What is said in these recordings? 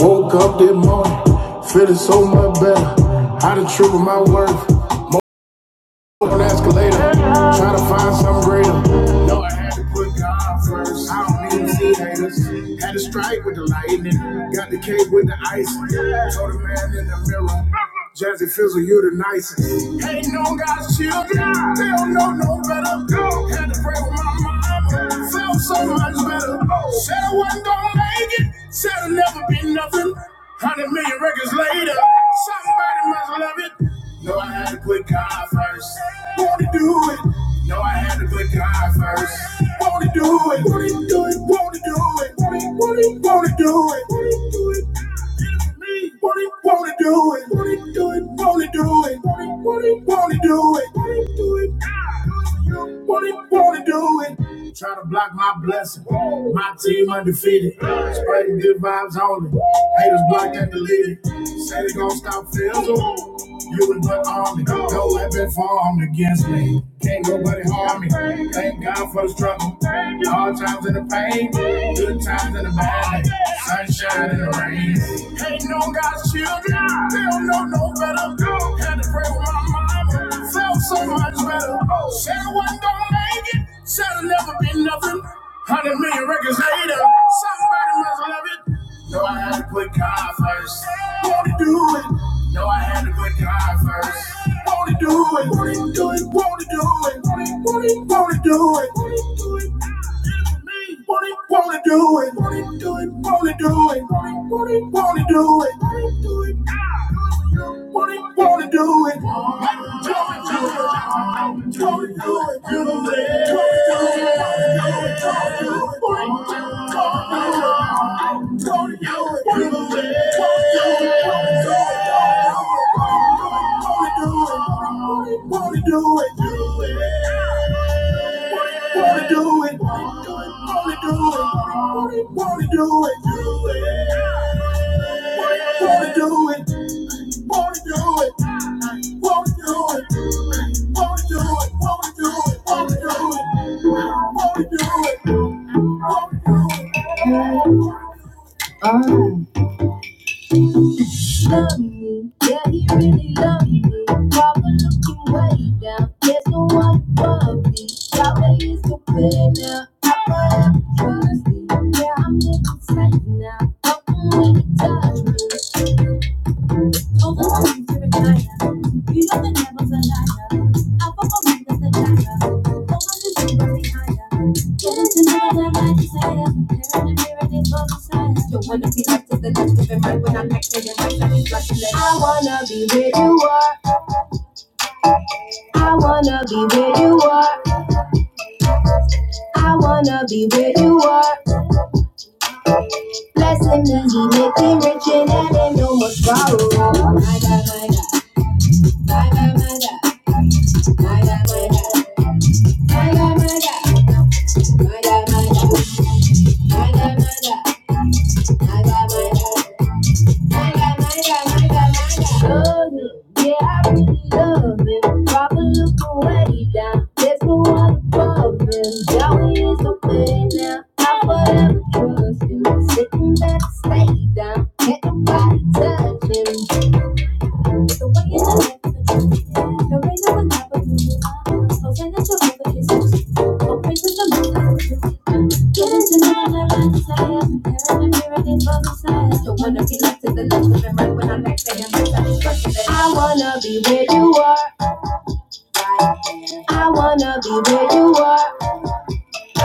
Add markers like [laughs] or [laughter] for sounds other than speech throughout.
Woke up this morning, feeling so much better. How to triple my worth up an escalator, trying to find something greater. No, I had to put God first. I don't need to see haters. Had to strike with the lightning, got the cake with the ice. Told the man in the mirror, Jazzy Fizzle, you the nicest. Ain't no God's children, they don't know no better. Had to pray with my mama, felt so much better. Said I wasn't gonna make it, said I'd never be nothing. Hundred million records later, somebody must love it. No, I had to put God first. Wanna do it. No, I had to put God first. Wanna do it. Wanna do it. Wanna do it. Wanna, wanna, wanna do it. Wanna do it. Me. Wanna, wanna do it. Wanna do it. Wanna do it. Wanna, wanna, wanna do it. Wanna do it. What it wanna do it? Try to block my blessing. My team undefeated. Spreading good vibes only. Haters blocked and deleted. Say they gon' stop fizzle. You and my army. No weapon formed against me. Can't nobody harm me. Thank God for the struggle. Hard times and the pain. Good times and the bad. Sunshine and the rain. Ain't no God's children. They don't know no better. Had to pray with my mama. I felt so much better. Oh, said one don't make it, said it'll never be nothing. Hundred million records later, somebody must love it. No, I had to put God first. Won't he do it? No, I had to put God first. Won't he do it? Won't he do it? Won't he do it? Won't he, won't he, won't he do it? Won't he do it? What it wanna do it, what it do it, wanna do it, what it wanna do it, what it do it, what it wanna do it, what it do it, do it, do it, do it, Wanna do it, wanna do it, wanna do it, wanna do it, do it. Wanna do it, wanna do it, wanna do it, wanna do it, wanna do it, wanna do it, wanna do it, wanna do it. love me. Yeah, he really loves me. Papa looking way down. There's no one above me. Yahweh is the winner. Papa, I'm trusty. Yeah, I'm living safe now. I'm when you touch me. Over the lines of Regina, you know the devil's a liar. Up on the mind of the liar, over the river behind her. Get into the world of my desire, there the mirror they call Messiah. Don't wanna be left to the left of him right when I'm next to him, right side is rushing left. I wanna be where you are, I wanna be where you are, I wanna be where you are. Blessing is he make me rich and that ain't no more sorrow. My God, my God, my God, my God, my God, my God. Stay down, can't nobody touch him. Don't wanna be left to the left of right when I'm back saying I wanna be where you are. I wanna be where you are. I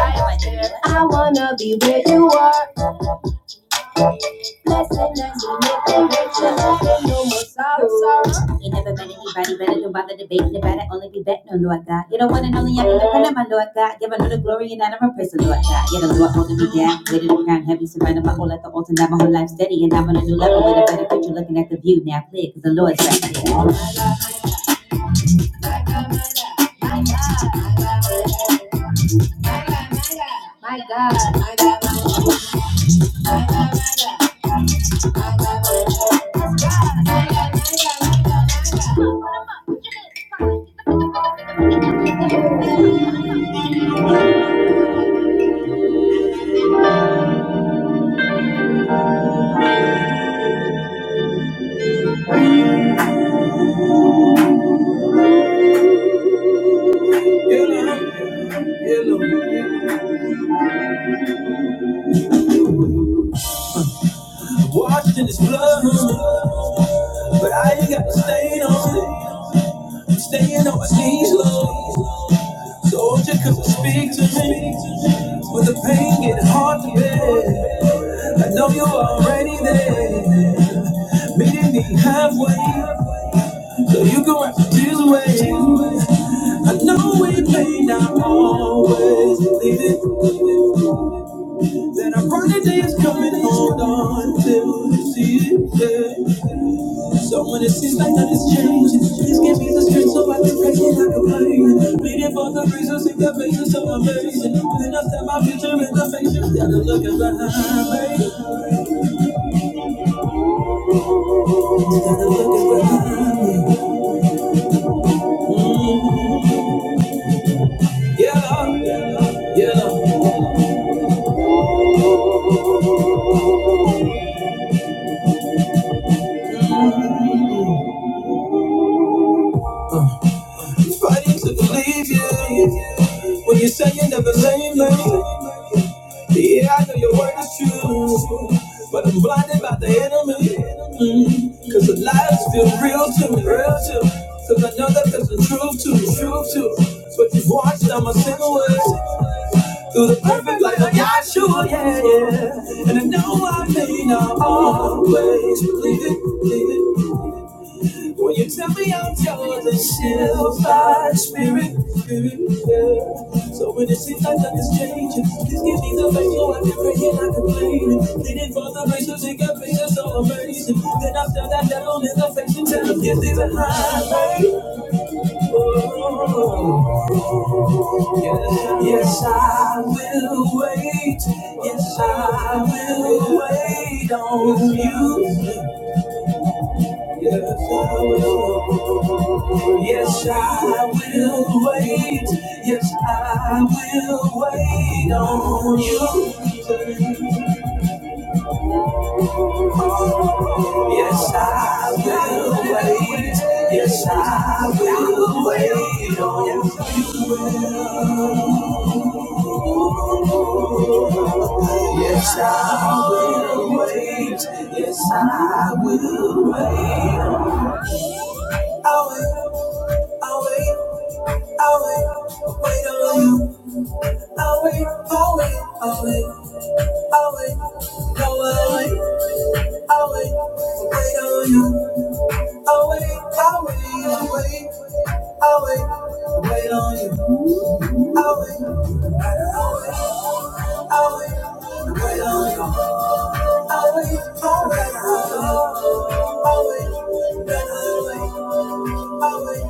wanna be where you are. Blessing and we nothing but your love no more sorrow. sorrow. Ain't never met anybody better, don't bother debating about it, only be betting on Lord God. You're the one and only I can depend on my Lord God. Give another glory and honor and praise the Lord God. You're the Lord holding me down, weighted the crown heavy, surrounded my whole life, the altar, now my whole life steady, and I'm on a new level with a better picture, looking at the view now clear, cause the Lord's right there. Washed in his blood, but I ain't got the stain on it. Staying on my knees, Lord. Soldier couldn't speak to me. With the pain getting hard to bear. I know you're already there. Meeting me halfway. So you can wrap the tears away. I know we may not always believe it. That a brighter day is coming, hold on till you see it. Yeah. So when it seems like nothing's changing, please give me the strength so I can break it like a plane. Bleeding for the reasons in your face is so amazing. When I set my future in the face, you gotta look behind me. You gotta look behind me. Mm. Yeah, yeah, yeah. Mm. Uh. Fighting to believe you when you say you never blame me. Yeah, I know your word is true, but I'm blinded by the enemy. Mm, Cause the lies feel real to me, real to me. Cause I know that there's a truth to it, truth to it. But you've watched, I'm a single with through the perfect life of Yahshua, yeah, yeah. And I know I may not always believe it, believe it. When you tell me I'm yours, it's still my spirit. spirit, yeah. So when it seems like nothing's changing, please give me the faith so I can pray and I can complain. Pleading for the grace to take a picture so amazing. Then I feel that devil in the face and tell him, get thee behind me. leave it high. Oh, yeah. Yes, I will wait. Yes, I will wait on you. Yes, I will. Yes, I will wait. Yes, I will wait on you. Yes, I will wait. Yes, I will wait on you. Yes, I will wait. Yes, I will wait. I'll wait. I'll wait. I'll wait. Wait on you. I'll wait. I'll wait. I'll wait. I'll wait. No, I'll wait. I'll wait, wait on you. I'll wait, I'll wait, I'll wait. I'll wait, wait on you. I'll wait, I'll wait, wait on you. I'll wait, I'll wait, I'll wait, then I'll wait. I'll wait,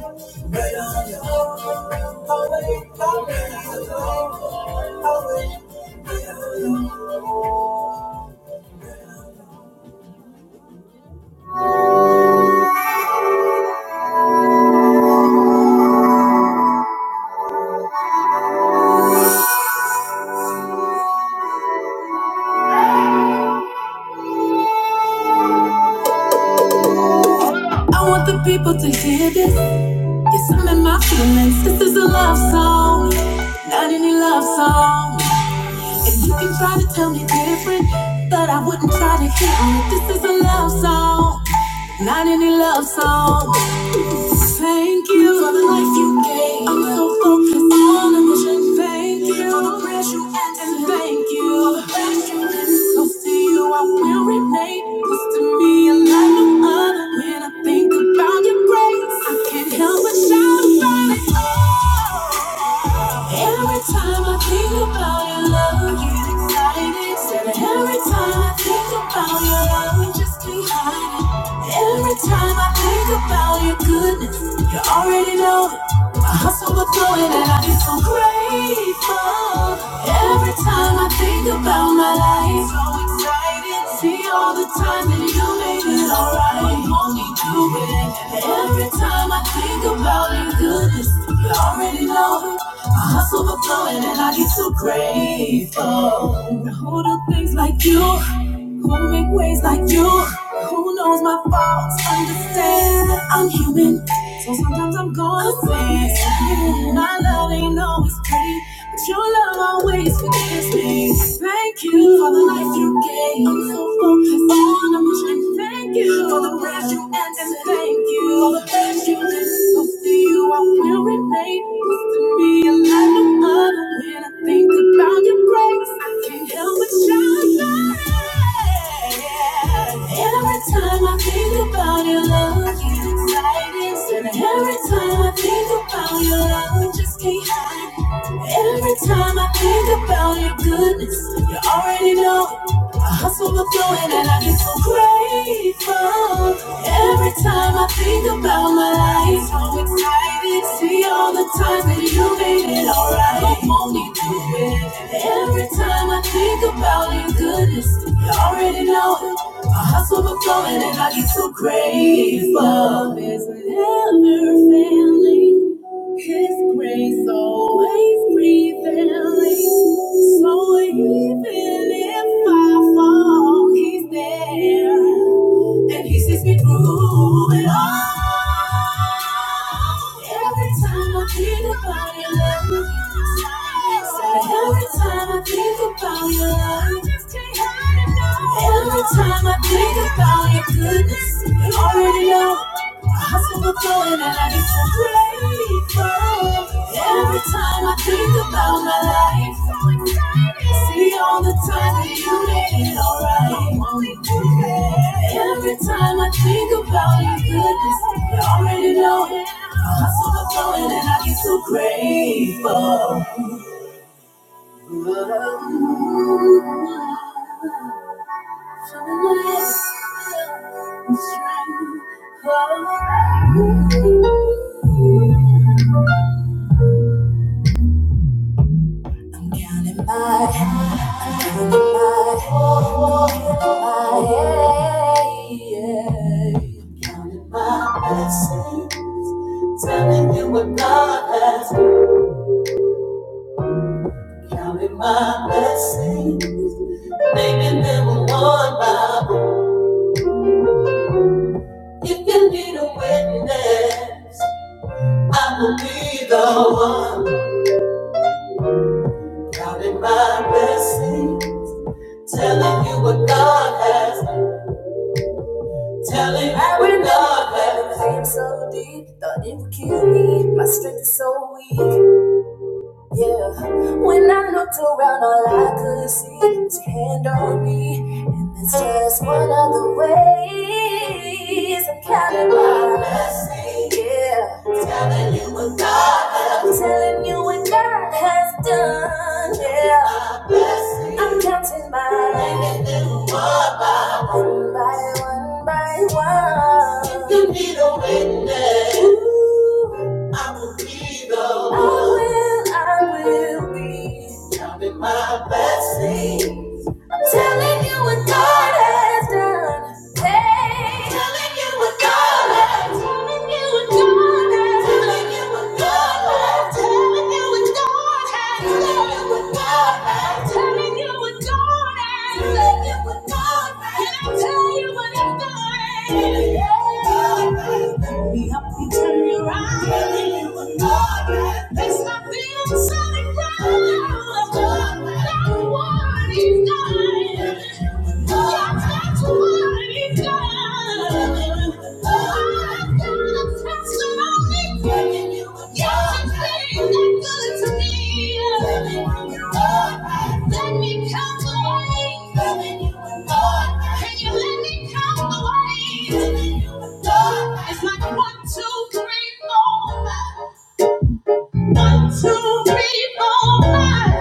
wait on you. I'll wait, I'll wait, I'll wait. I'll wait, wait on you. I want the people to hear this. Yes, I'm in my feelings. This is a love song, not any love song. And you can try to tell me different, but I wouldn't try to hit on it. This is a love song, not any love song. would just be hiding. Every time I think about your goodness, you already know it. My hustle will throw it, and I be so grateful. Every time I think about my life, so excited. See all the time that you made it alright. Only you, baby. Every time I think about your goodness, you already know it. My hustle overflowing and I get so grateful. Who do things like you? Who make waves like you? Who knows my faults? Understand that I'm human. So sometimes I'm gonna sin. My love ain't always pretty, but your love always forgives me. Thank you for the life you gave. I'm so focused on a Thank you for the breath you answered. Thank you for the breath so Every time I think about your love, you excite And every time I think about your love, just can't hide. Every time time I think about your goodness, you already know. I hustle but flowing and I get so grateful. Every time I think about my life, so excited. See all the times that you made it alright. I'm only doing it. Every time I think about your goodness, you already know it. I hustle but flowing and I get so grateful. Love is never failing. His grace always prevailing. So even if I fall, He's there. And He sees me through it all. Every time I think about Your love, every time I think about Your love, every time I think about Your goodness, You already know. my heart's overflowing, and I get so grateful. Every time I think about my life, see all the time that you made it alright. Every time I think about your goodness, you already know it. My soul is flowing and I get so grateful. Counting my, my, my Counting my blessings, telling you what God has. Counting my blessings, naming them one by one. If you need a witness, I will be the one. Counting my blessings, telling you what God has. Telling you I what remember God has. the pain so deep, thought it would kill me. My strength is so weak. Yeah, when I looked around, all I could see was your hand on me, and that's just one of the ways I'm counting my blessings. Yeah, telling you what God loves, telling you what you need a witness. I will be the counting my blessings. Turn your eyes. Telling you what God has. There's nothing inside of God. God, God, what is God? It's like one, two, three, four, five. One, two, three, four, five.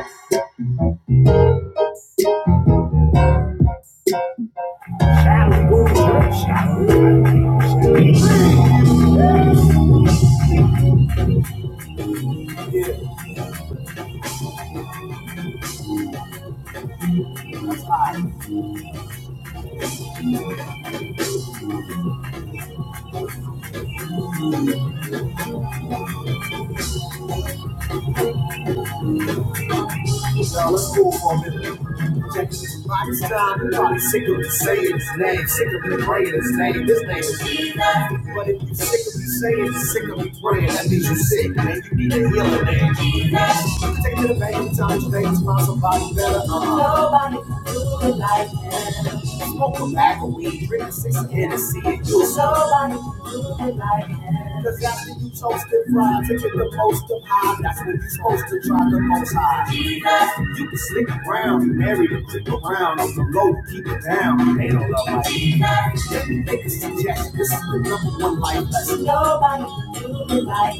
most high. Jesus. You can slick around, be married, and click around. On the low, keep it down. They don't love like Jesus. Yet they can make a suggestion. This is the number one life lesson. Nobody can do it like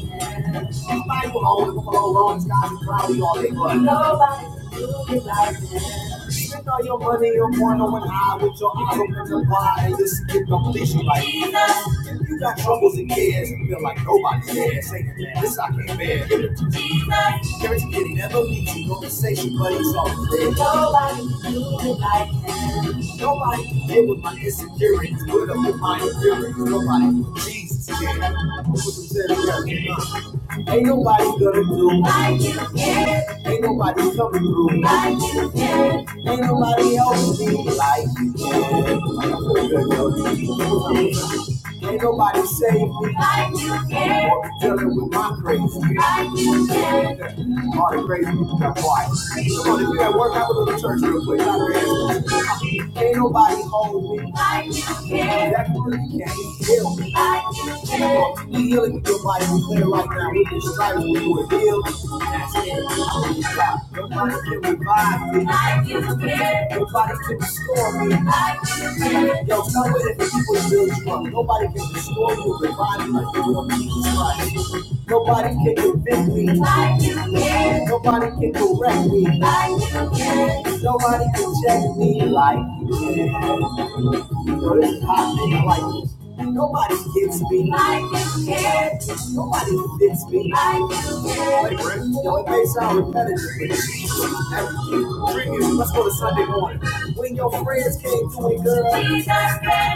this. Nobody will hold it, flow, rolling skies and cloudy all they want. Nobody can do it like this. Spend all your money on one on one eye with your eyes open to wide and listen to completion like Jesus. If you got troubles and cares and feel like nobody cares, say, man, this I can't bear. Give it to Jesus. Gary did never leave you gonna but he's all there. Nobody do me like him. Nobody can deal with my insecurities, put up with my inferiors. Nobody, Jesus can. Ain't nobody gonna do like you can. Ain't nobody coming through like you can. Ain't nobody else me like you. can. Ain't nobody save me. Like you can. Or be dealing with my crazy. Like you can. All the crazy people got quiet. Come on, if you at work, have a little church real quick. Ain't nobody hold me. Like you can. That really can't heal me. Like you can. You healing with your body. We clear right now. We can strive. We will heal. That's it. I'm going to Stop. Nobody can revive me. I give a Nobody can restore me. I give a Yo, come with it if you was real drunk. Nobody can restore you or revive you like the Lord Jesus Christ. Nobody can convict me. I give a Nobody can correct me. I give a Nobody can check me like you can. Girl, it's hot like this. Nobody gets me like you can. Nobody fits me like you can. Yo, it may sound repetitive. Hey, Let's go to Sunday morning. When your friends came to it, girl.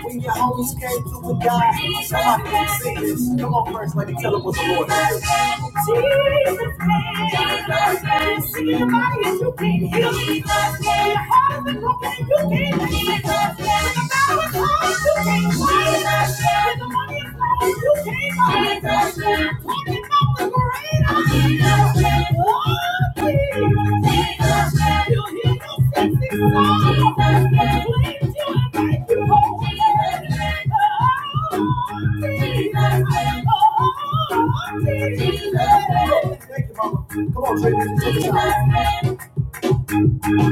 When your homies came to it, God. Somebody can sing Jesus. Come on, first lady, tell them what the Lord is. Jesus came. Jesus came. See your body and you can't heal. Jesus came. Your heart is broken and you can't fix it. Jesus came. The battle is hard, you can't fight it. Jesus came. The money is low, you can't buy it. Jesus came. Talking about the great I am. Jesus came. Oh, Jesus. Jesus came. You'll hear your sexy song. Jesus came. Cleanse you and make you whole. Jesus came. Oh, Jesus. Thank you, Come on, Trey.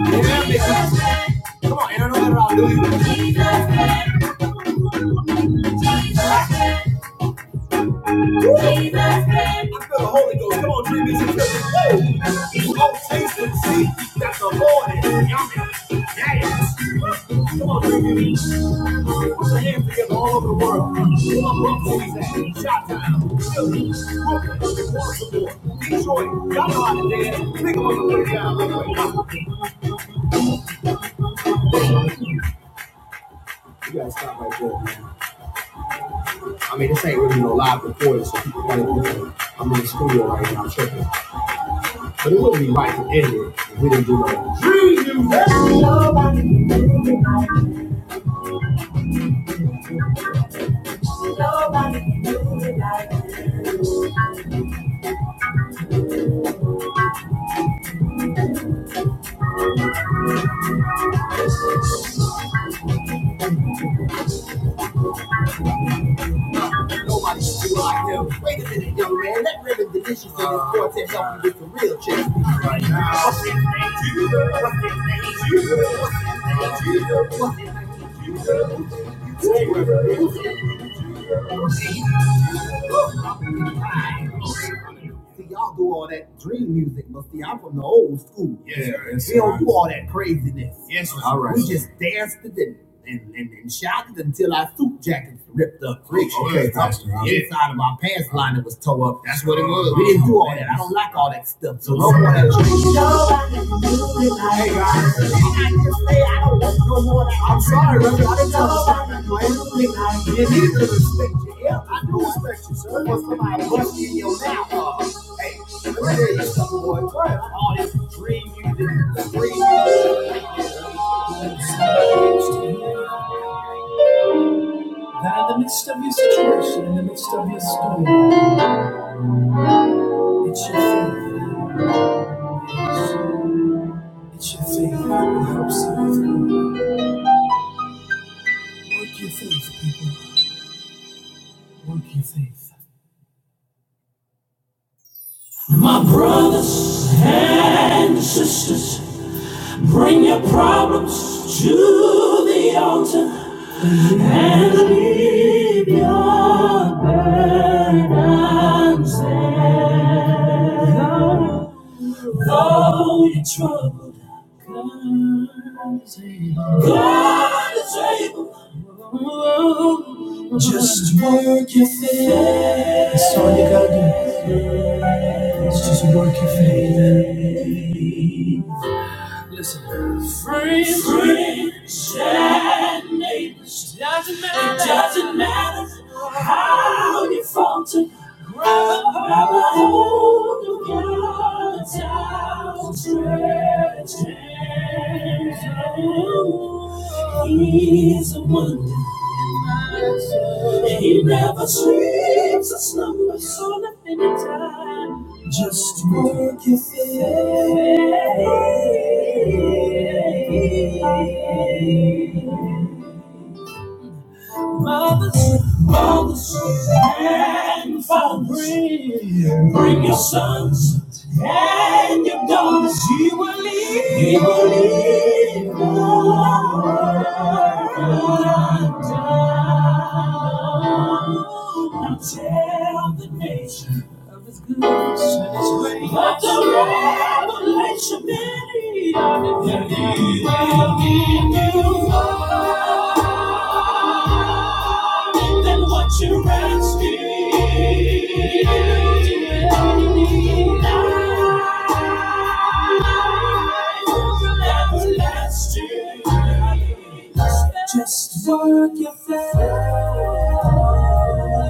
Yeah, Come on, Aaron, don't let her out, I feel the Holy Ghost. Come on, Trey, Missy. Woo! Go taste and see the word movies. Shout to Troy. Y'all know how to dance. Pick 'em up and put it down You gotta stop right there. I mean, this ain't really no live recording, so people gotta do that. I'm in the studio right now, tripping. But it wouldn't be right and ignorant if we didn't do no. You are him. Wait a minute, young man. That rhythm division for your quartet help you with the real check. Right now. What's his name? Jesus. What's his name? Jesus. What's his name? Jesus. What's his name? Jesus. Stay with us. See, y'all do all that dream music, but see, I'm from the old school. Yeah, we don't do all that craziness. Yes, all right. We just danced to the Okay, okay. yeah, that's what it was. We didn't do all that. I don't like so no more that That in the midst of your situation, in the midst of your storm, it's your faith. Faith will help save those people. Your faith. My brothers and sisters, bring your problems to the altar and leave your burdens there. Though your troubles Turn the table. Oh, Just work your faith. That's all you gotta do. It's just work your faith. Listen. Free, free, share, neighbors. It Doesn't matter. It doesn't matter how you falter. Grab a grab a hold of God's outstretched hand. He's a wonder. He never sleeps a slumber so nothing in time. Just work your faith mothers, mothers and fathers. Bring, bring your sons and your daughters. He will lead. He will lead. the world down. Now tell the nation of his goodness and his grace. Let the revelation be of the day. He will give you life than what you're asking. Just work your faith.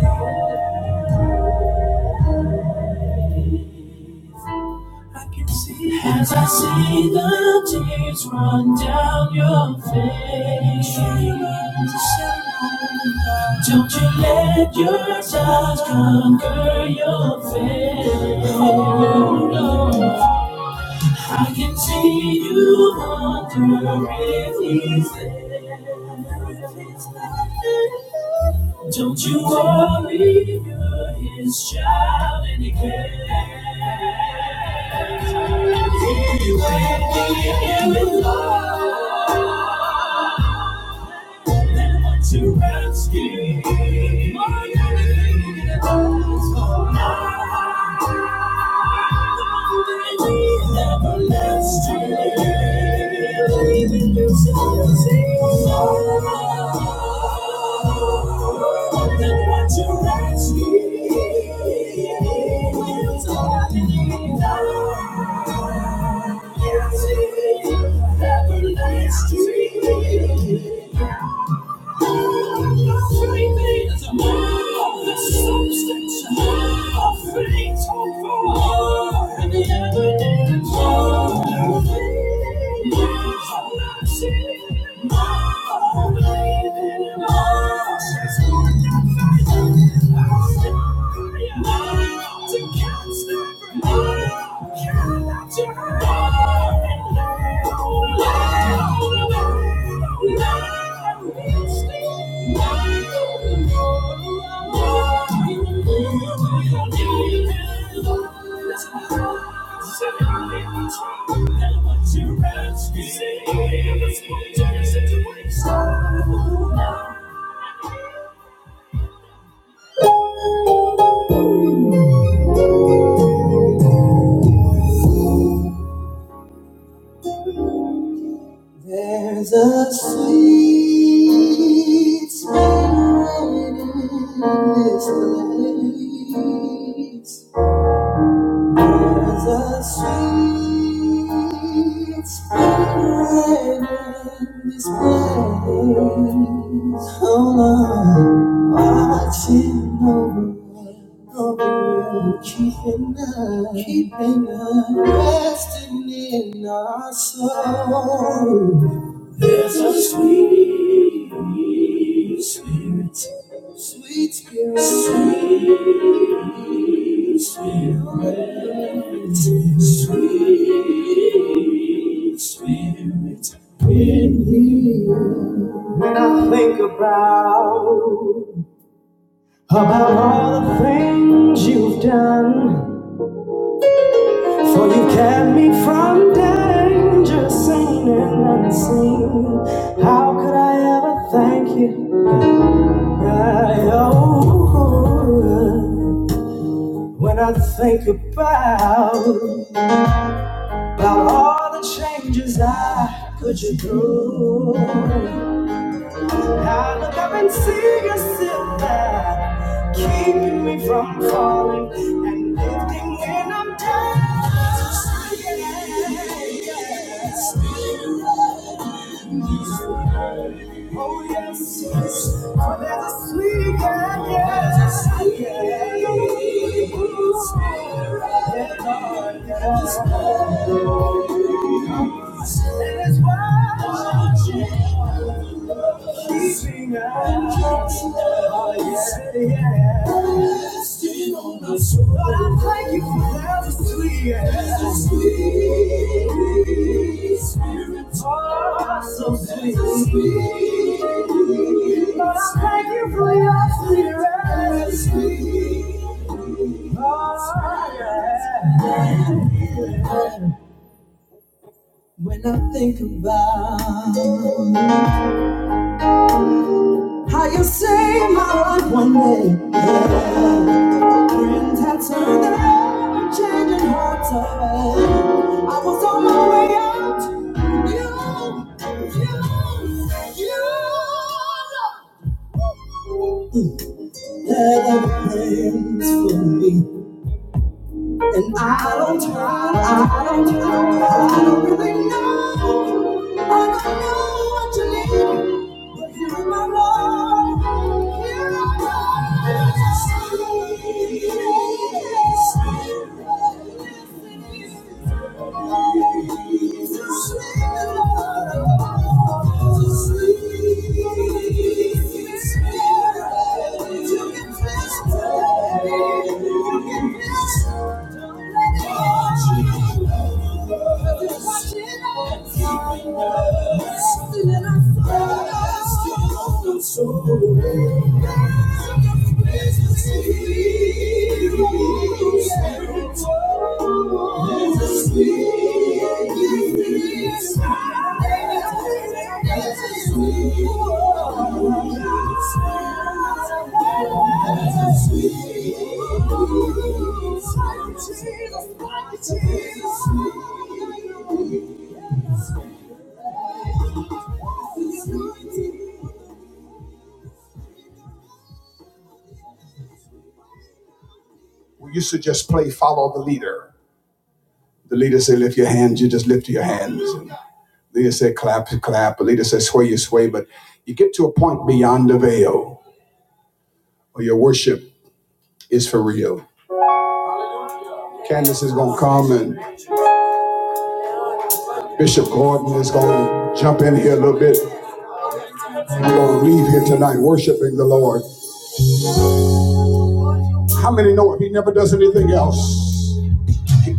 I can see as I see the tears run down your face. Don't you let your sighs conquer your faith. Oh, no. I can see you wonder if he's there. Don't you worry, you're his child and he cares. He will be in love and want to rescue. My everything in the world is for now. Everlasting. everlasting Faith is the substance of things hoped for, and the evidence of things not seen. Oh, believe in him. Oh, she's born that faith. Oh, to cast every Say, I'm a small town, such a waste. There's a sweet spirit in this place. There's a sweet spirit in this place. Oh, Lord, watching over, over, keeping us, keeping us, resting in our soul. There's a sweet spirit, sweet spirit, sweet spirit, sweet spirit in me. When I think about about all the things you've done. For you kept me from danger, seen and unseen. How could I ever thank you? I owe when I think about about all the changes I put you through. I look up and see you sit there, keeping me from falling and lifting when I'm down. Oh yes, yes, for there's a sweet God, yes, yes. Ooh, yes, Lord, yes. And it's wild. Keeping out. Oh, yeah, yeah. Skin on my soul. I thank you for that sweet, yeah. sweet spirit. Oh, so sweet. So sweet. But I thank you for your spirit. Sweet. Oh, yeah. Came out once and I was on my I don't try, I don't try, I don't really know, but I know what you need. Thank you. Jesus, Jesus. Jesus. We used to just play follow the leader. The leader said, lift your hands. You just lift your hands. And the leader said, clap, clap. The leader said, sway, you sway. But you get to a point beyond the veil where your worship is for real. Candace is going to come and Bishop Gordon is going to jump in here a little bit. We're going to leave here tonight worshiping the Lord. How many know if he never does anything else?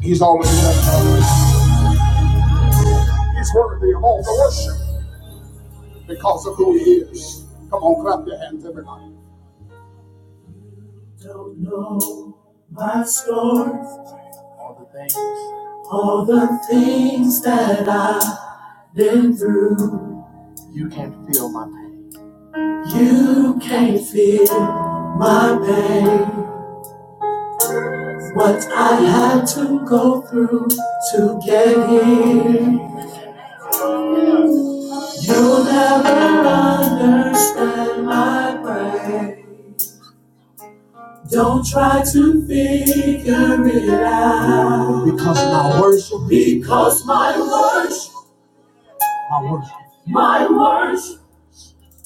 He's always done He's worthy of all the worship because of who he is. Come on, clap your hands, everybody. things that I do. You can't feel my pain. You can't feel my pain. What I had to go through to get here. And I pray. Don't try to figure it out. Because my worship. Because my worship. My worship. My worship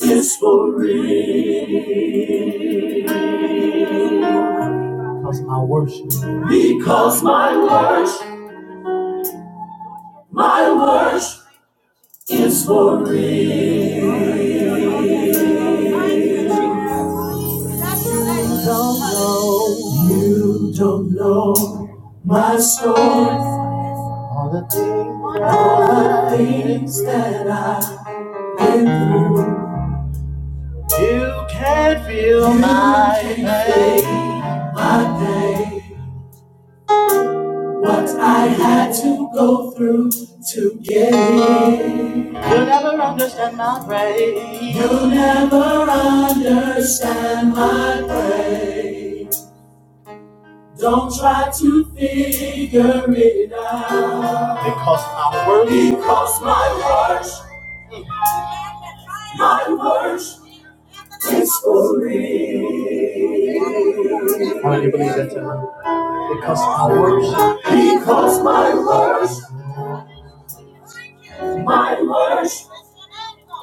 is for real. Because my worship. Because my worship. My worship. All the things you can not feel my pain. You don't understand my praise. You'll never understand my praise. Don't try to figure it out. Because my worth. Because my worth. My worth is for real. How do you believe that? Tara? Because my worth. My worth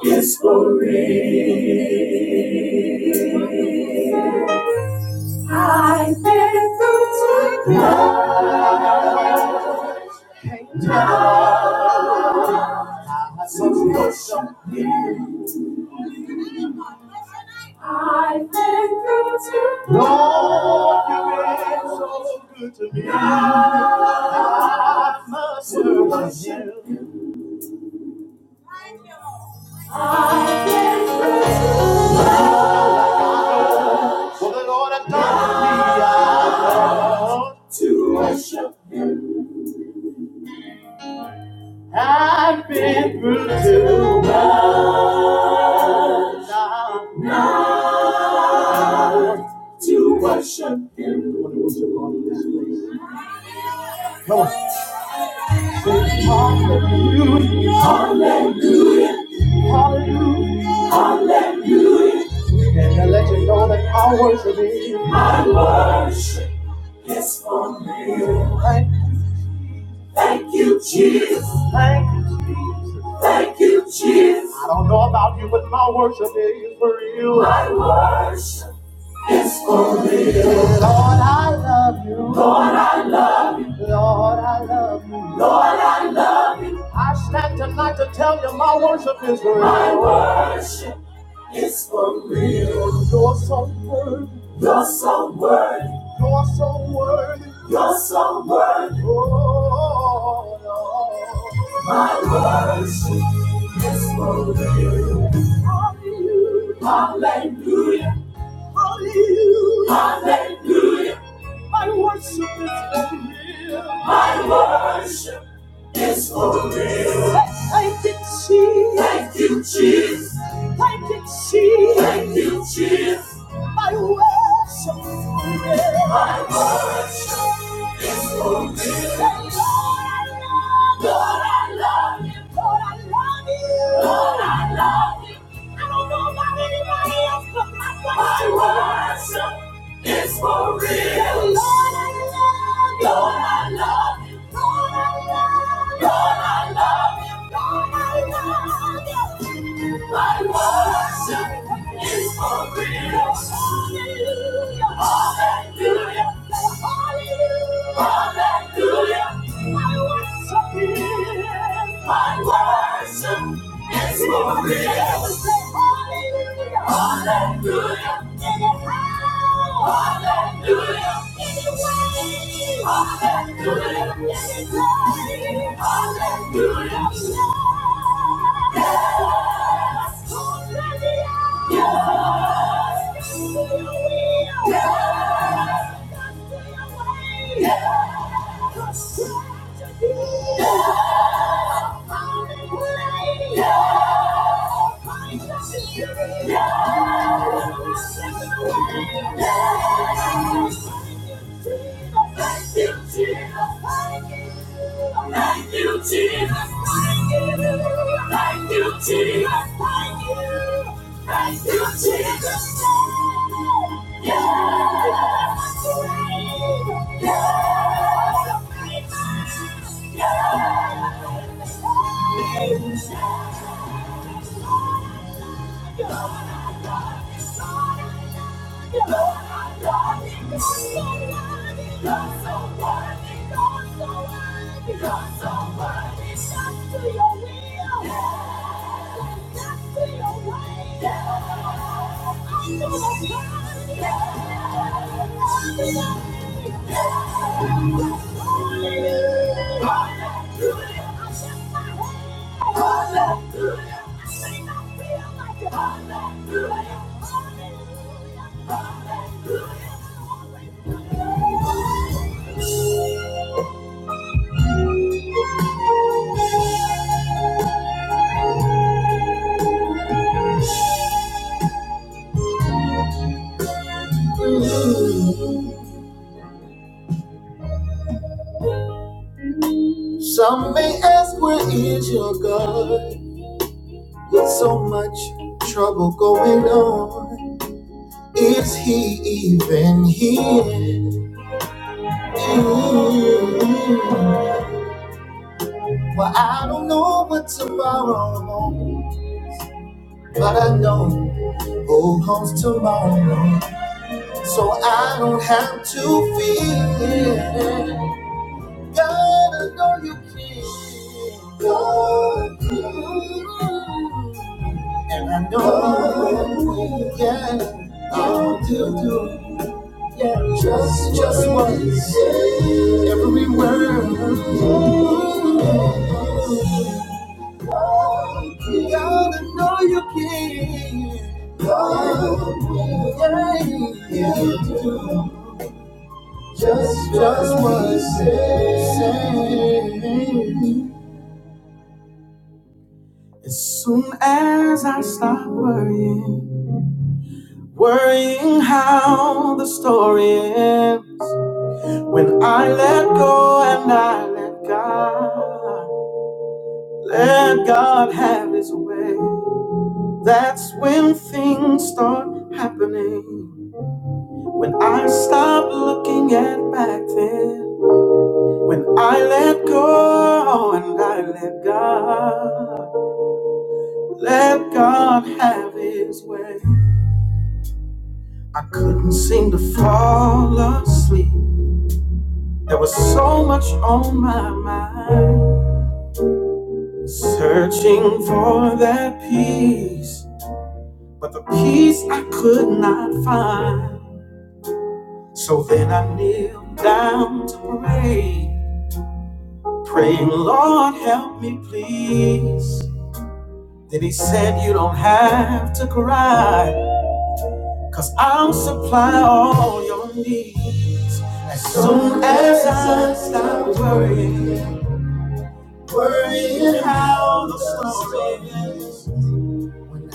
is for real. I've been through to love. I've been, I've been to worship. Come on. Hallelujah, hallelujah. And I let you know that I worship you. Thank you, Jesus. Thank you. Thank you, Jesus. I don't know about you, but my worship is for you. My worship. It's for real. Lord, I love you. Lord, I love you. Lord, I love you. Lord, I love you. I stand tonight to tell you my worship is real. My worship is for real. You're so worthy. You're so worthy. You're so worthy. You're so worthy. Oh, Lord. My worship is for real. Hallelujah. Hallelujah. Hallelujah. Hallelujah. My worship is for real. My worship is for real. Thank you, Jesus. Thank you, Jesus. Thank you, Jesus. Thank you, Jesus. My worship is for real. My worship is for real. Lord, I love you. Lord, I love you. Lord, I love you. Lord, I love you. I don't know about anybody else, but my worship. My worship. It's for real. Yeah, Lord, I love you. Lord, I love you. Lord, I love you. Lord, I love you. My worship is for real. Hallelujah. Hallelujah. Hallelujah. Hallelujah. My worship my worship is for real. Hallelujah. Hallelujah. Hallelujah. Hallelujah. Yes. Yes. Yes. Yes. Yes. Thank you, Jesus. Thank you, Jesus. Thank you. Thank you, Jesus. Yeah. Yeah. Yeah. Some may ask, where is your God? With so much trouble going on, is he even here? Well, I don't know what tomorrow holds, but I know who holds tomorrow, so I don't have to fear. God, I know you care. God, and I know, yeah, I'll do. Just, just once. Every word. You Gotta know you can. Yeah, yeah. you do. Just, just once. As soon as I stop worrying, worrying how the story ends, when I let go and I let God. Let God have his way. That's when things start happening. When I stop looking at back then. When I let go and I let God. Let God have his way. I couldn't seem to fall asleep. There was so much on my mind. Searching for that peace. But the peace I could not find. So then I kneel down to pray, praying, Lord, help me, please. Then he said, You don't have to cry, cause I'll supply all your needs. As soon as I stop worrying, worrying how the story ends,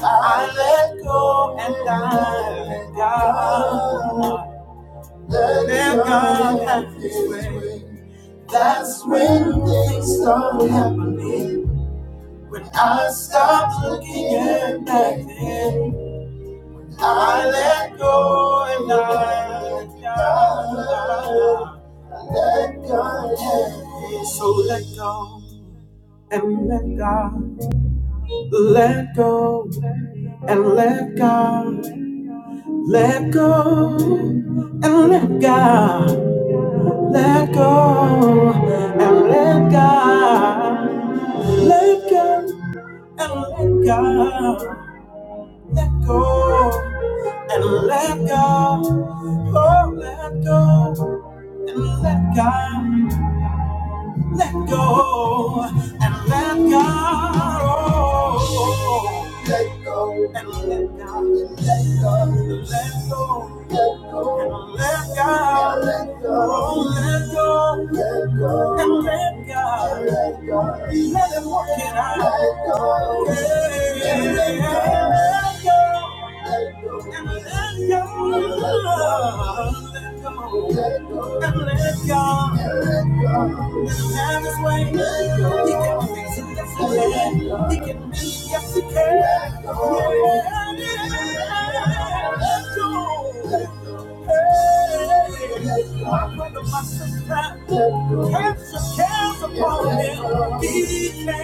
I let go and I let God, let God have his way. That's when things start happening. When I stopped looking at back then, I let go and I let God. Let God have it. So let go and let God. Let go and let God. Let go and let God. Let go and let God. Let go. and let go. let go and let go. Oh, let go and let go let go and let God. go. Let go and let God. Let go. Let go. Let go. And let God. Let go. Oh, let go. Let go. And let God. Let God. Let him work it out. Let go. Yeah. And let God. Let go. Let go. And let go. Let go. Let go. And let God. Have his way. He can fix it, yes he can. He can mend it, yes he can. Yeah, yeah. Let go. Hey. My brother, my sister, cancer your cares upon him. He can. And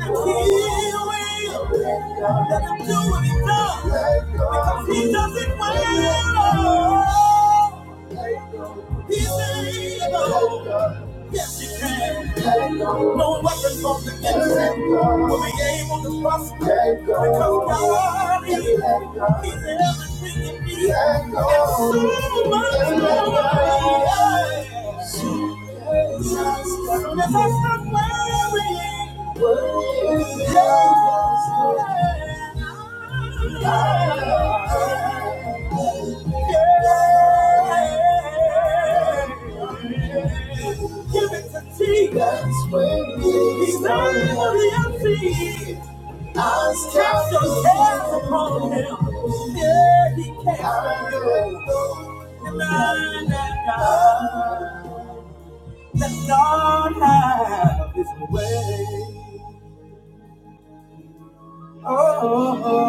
he will. Let him do what he does. Because he does it well. He's able. Yes, he can. No weapon formed against him will be the prosper. Because God is he's everything. And so much more. Soon as I stop worrying, yeah, yeah, yeah. Give it to Jesus. He's worthy of the empty. Eyes Cast your cares upon him. Yeah, he cares for you. And I, and I, let God have his way. Oh,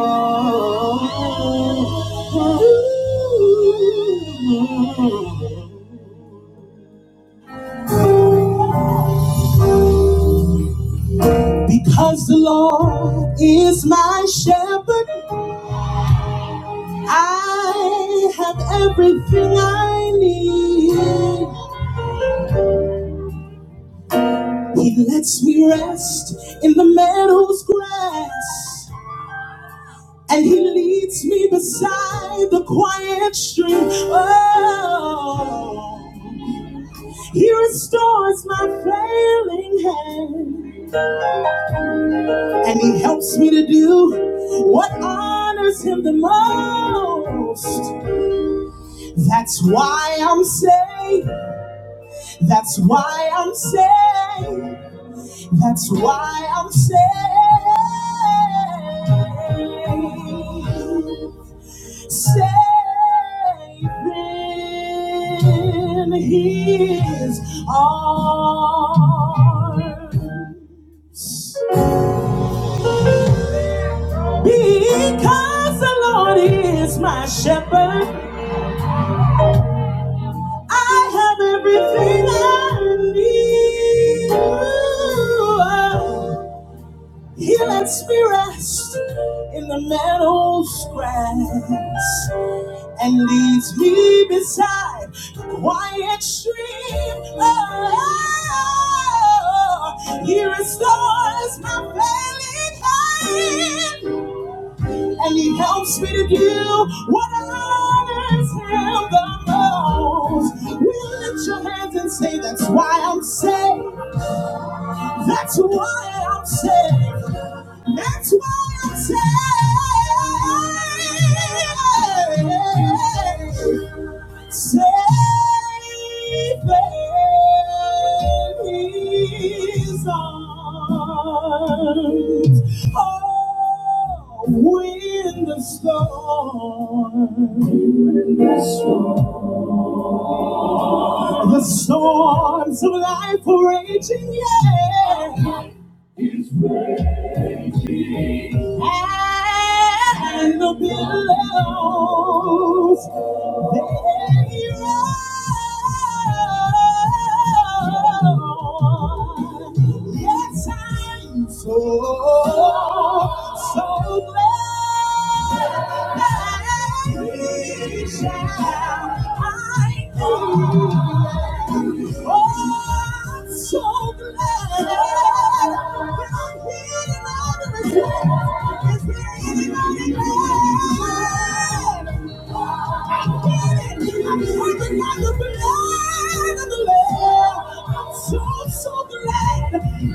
Because the Lord is my shepherd. I have everything I need. He lets me rest in the meadow's grass, and He leads me beside the quiet stream. Oh, He restores my failing hand, and He helps me to do what honors Him the most. That's why I'm saved. That's why I'm saved. That's why I'm saved. Saved in His arms. Because the Lord is my shepherd, I have everything I need. Lets me rest in the meadow's grass. Leads me by extreme love. He restores my failing mind. And he helps me do what I was say. That's why I'm saved. That's why I'm saved. Saved in His arms. Oh, when the storm, the storms of life are raging, yeah. And the billows, they roll. Yes, I'm so, so glad they shall I am. Oh, I'm so glad that I'm here. in all of this. Is there anyone? else? I'm I'm I'm I've I've I've the the the blood of the lamb. I'm so so glad that you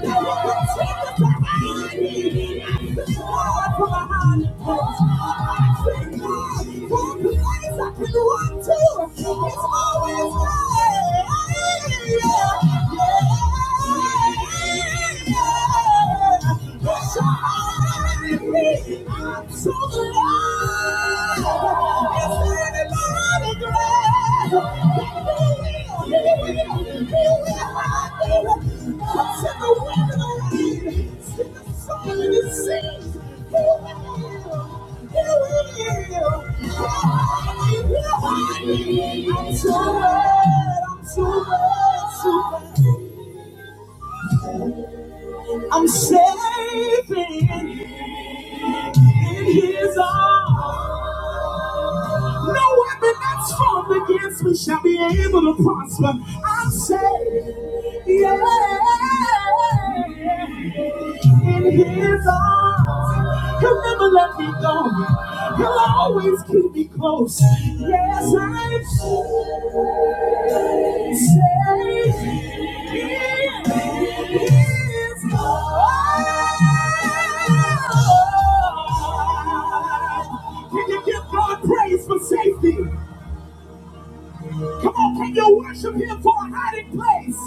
to my hand. I thank God for the place I can run to. It's always there. Yeah. yeah, yeah. It's always I'm so glad, I'm so glad. so I'm safe in, in his arms. No weapon that's formed against me shall be able to prosper. I'm safe, yeah, in his arms. He'll never let me go. He'll always keep me close. Yes, I'm safe. Can you give God praise for safety? Come on, can you worship Him for a hiding place?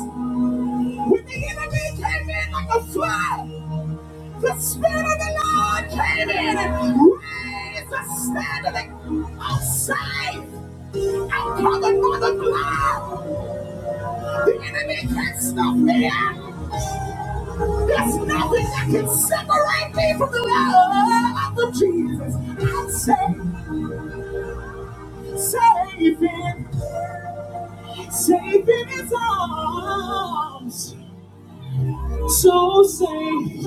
When the enemy came in like a flood, the Spirit of the Lord came in and raised the standard of safe. I'm covered by the blood. The enemy can't stop me. There's nothing that can separate me from the love of Jesus. I'm saved, saved in, saved in His arms. So saved,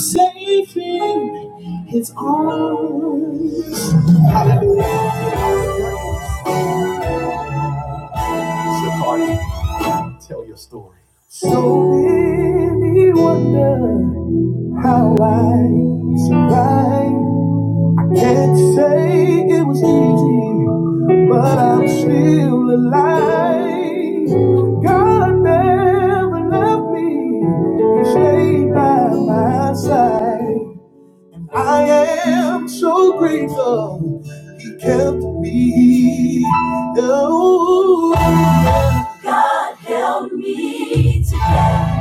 saved in His arms. Can't say it was easy. still alive. God never left me. He stayed by my side. I am so grateful He kept me. Oh. God held me together,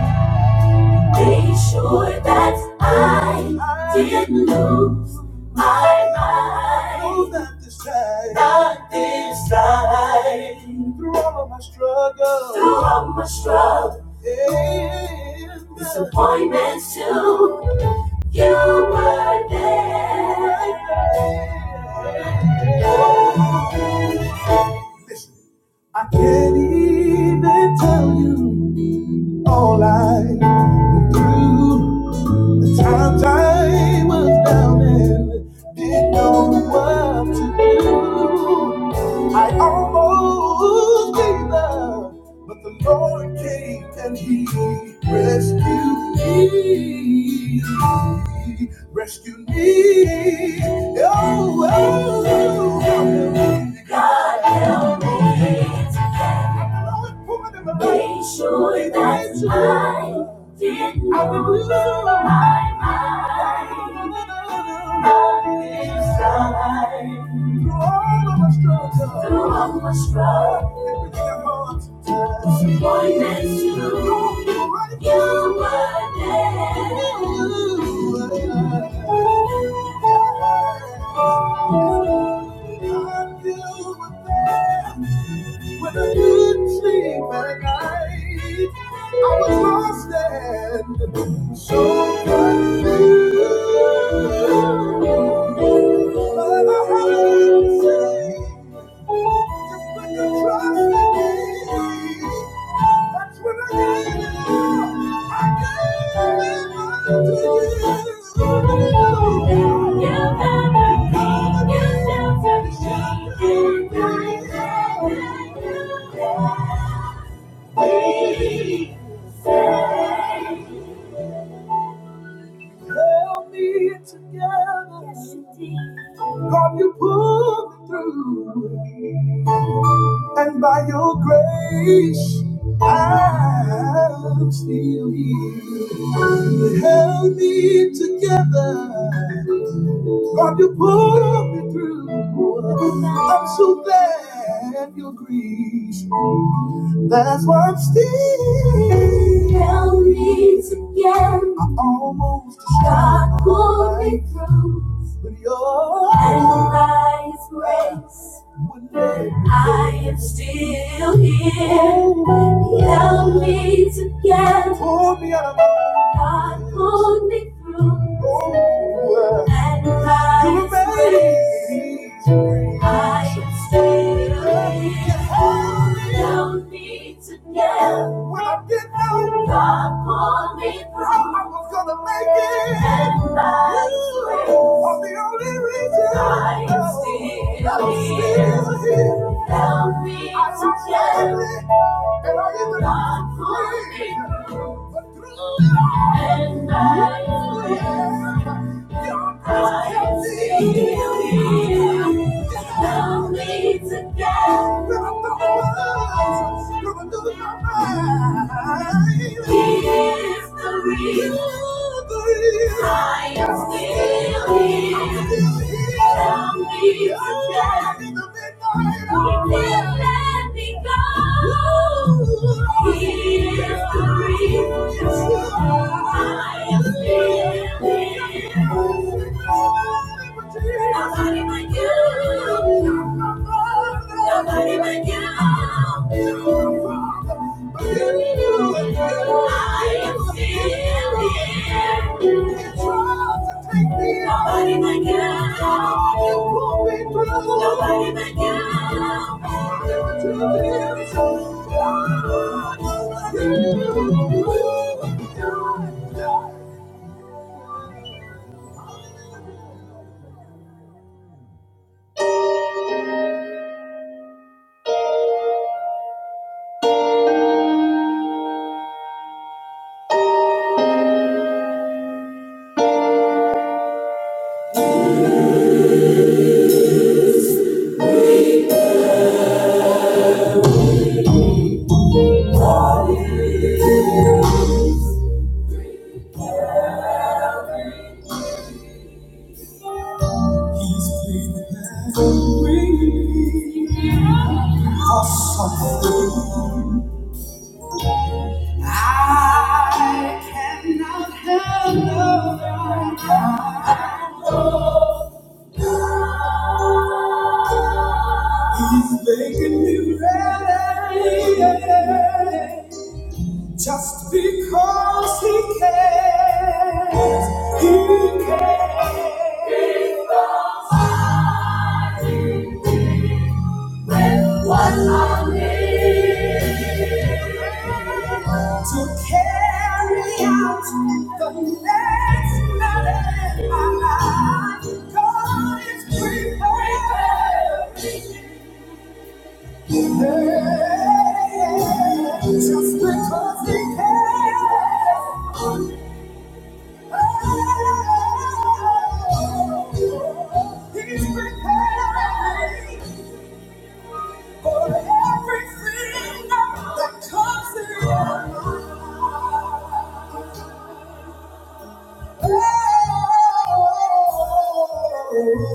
made sure that I didn't lose my mind. Oh, not this time. all of my struggles. Through all my struggles. And disappointments too. You were there. I can't even tell you all I know. Times I was down and didn't know what to do. I almost gave up, but the Lord came and He rescued me. Rescued me. Oh, oh, oh. Made sure that I didn't lose my mind. My through all my struggles, pointless you, you were there. When I didn't sleep at night, I was lost and so confused. But I had to say. Just when you trust in me, that's when I gave it all. I gave it all to you. You covered me, you sheltered me, And I know that you sheltered me. Held me together, Yes, you and by your grace, I'm still here. held me together. God, you pulled me through. I'm so glad you agreed. That's what still held me together. I almost God pulled me through. But your and by His grace, I am still here. He held me together. God pulled me through. And by His grace, I am still here. He held me together. God pulled me through. I was breaking. And by His grace, are the only reason I am still I'm still here. still here. Help me I to tried everything, and I even God pulled me through. But through it all, and by His grace, Your grace I am grace still kept me. still here. Help me to get. through the going to lose my mind. He is the reason I am still here. I'm still here. Some need to stay. He didn't let me go. He is the reason I am still here. Nobody but you. Nobody like you. I am still here. Nobody like you. Nobody like you. I cannot handle He's making me ready just because he cares. He cares. and What I need to carry out the next level in my life. God is prepared. Yeah, just because He can. Oh, He's prepared. For everything that comes in my life.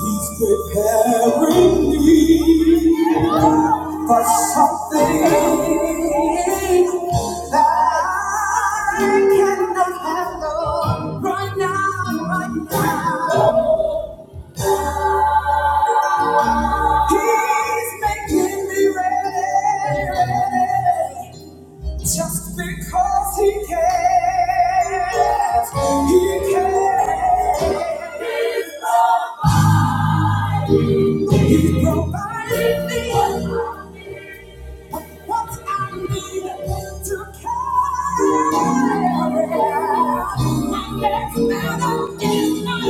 He's preparing me for something that I cannot handle right now, right now. He's making me ready. ready. Just because he cares, he cares. He provided me with what I need to carry. My next battle in my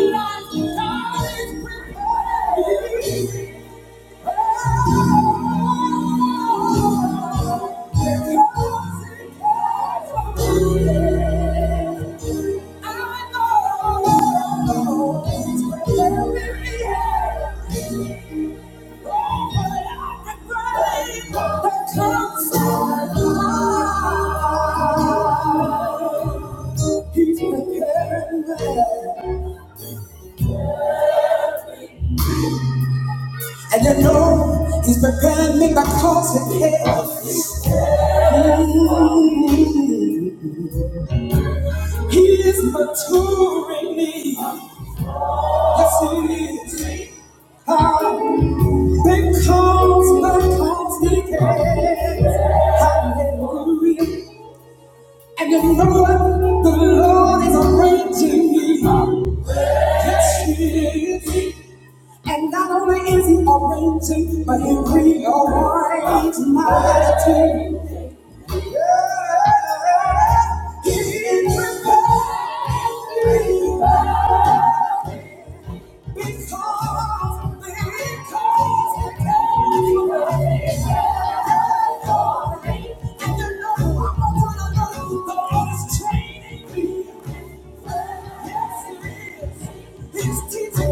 life, God is prepared. And you know he's preparing me because he cares. He is maturing me. Yes, he is. Ah, because, because he cares. Hallelujah. And you know what? The Lord is arranging me. Yes, He is. And not only is He arranging, but He rearranges my attitude. Yeah. He prepares me. Teaching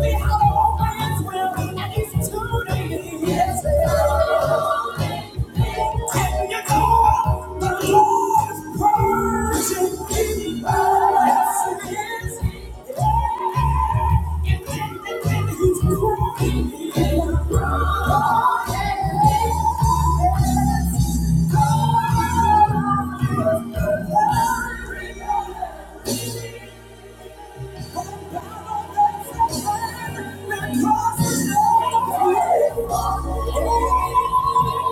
me how to open his will, and he's tuning. Yes, Lord. Can you call the Lord's Persian people? Yes, it is. And then, and then he's crying. Oh, yes, God. Because he knows.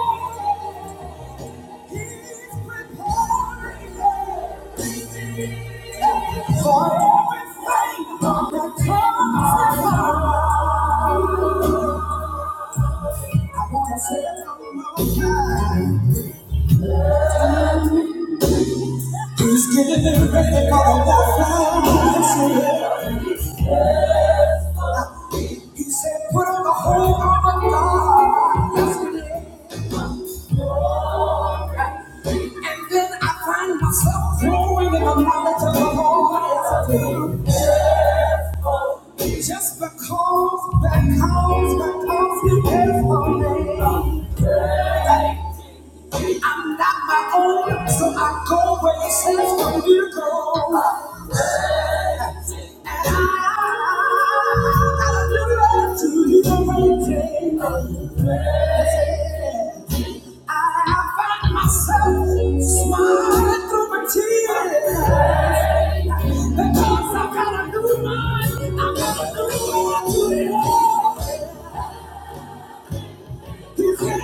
For everything that comes to mind. He said, put on the whole armor of God. Yes, he did. And then I find myself growing in the knowledge of the Lord. Yes, I did. Just because, because, because he cares for me, I'm not my own, so I go where he says for me to go. Because I got a new mind, I got a new heart to live. Thank you.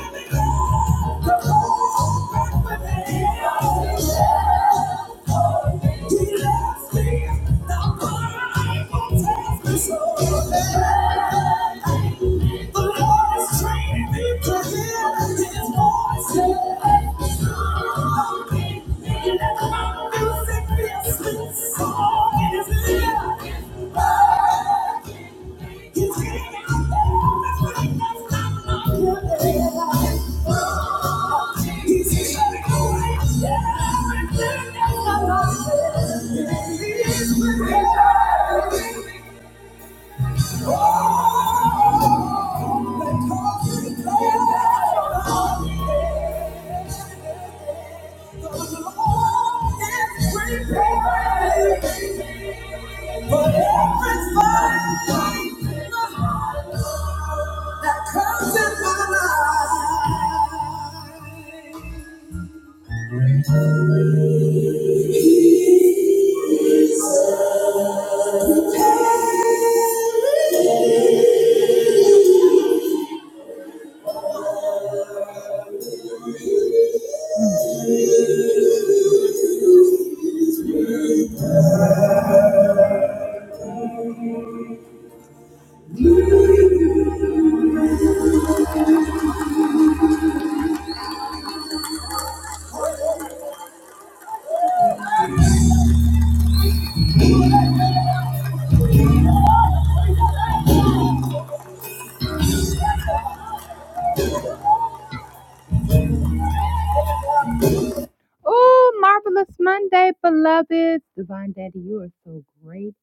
Monday, beloved.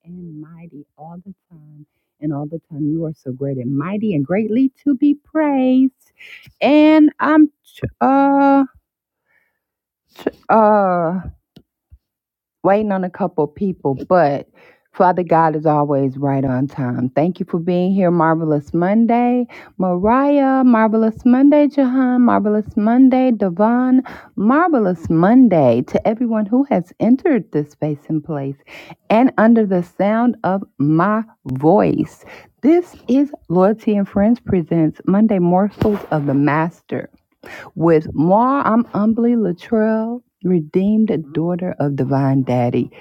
and mighty all the time. And all the time, you are so great and mighty and greatly to be praised. And I'm, uh, uh, waiting on a couple of people, but Father God is always right on time. Thank you for being here, Marvelous Monday. Mariah, Marvelous Monday, Jahan, Marvelous Monday, Devon, Marvelous Monday to everyone who has entered this space and place and under the sound of my voice. This is Loyalty and Friends Presents Monday Morsels of the Master. With more, I'm humbly Latrell, redeemed daughter of divine daddy,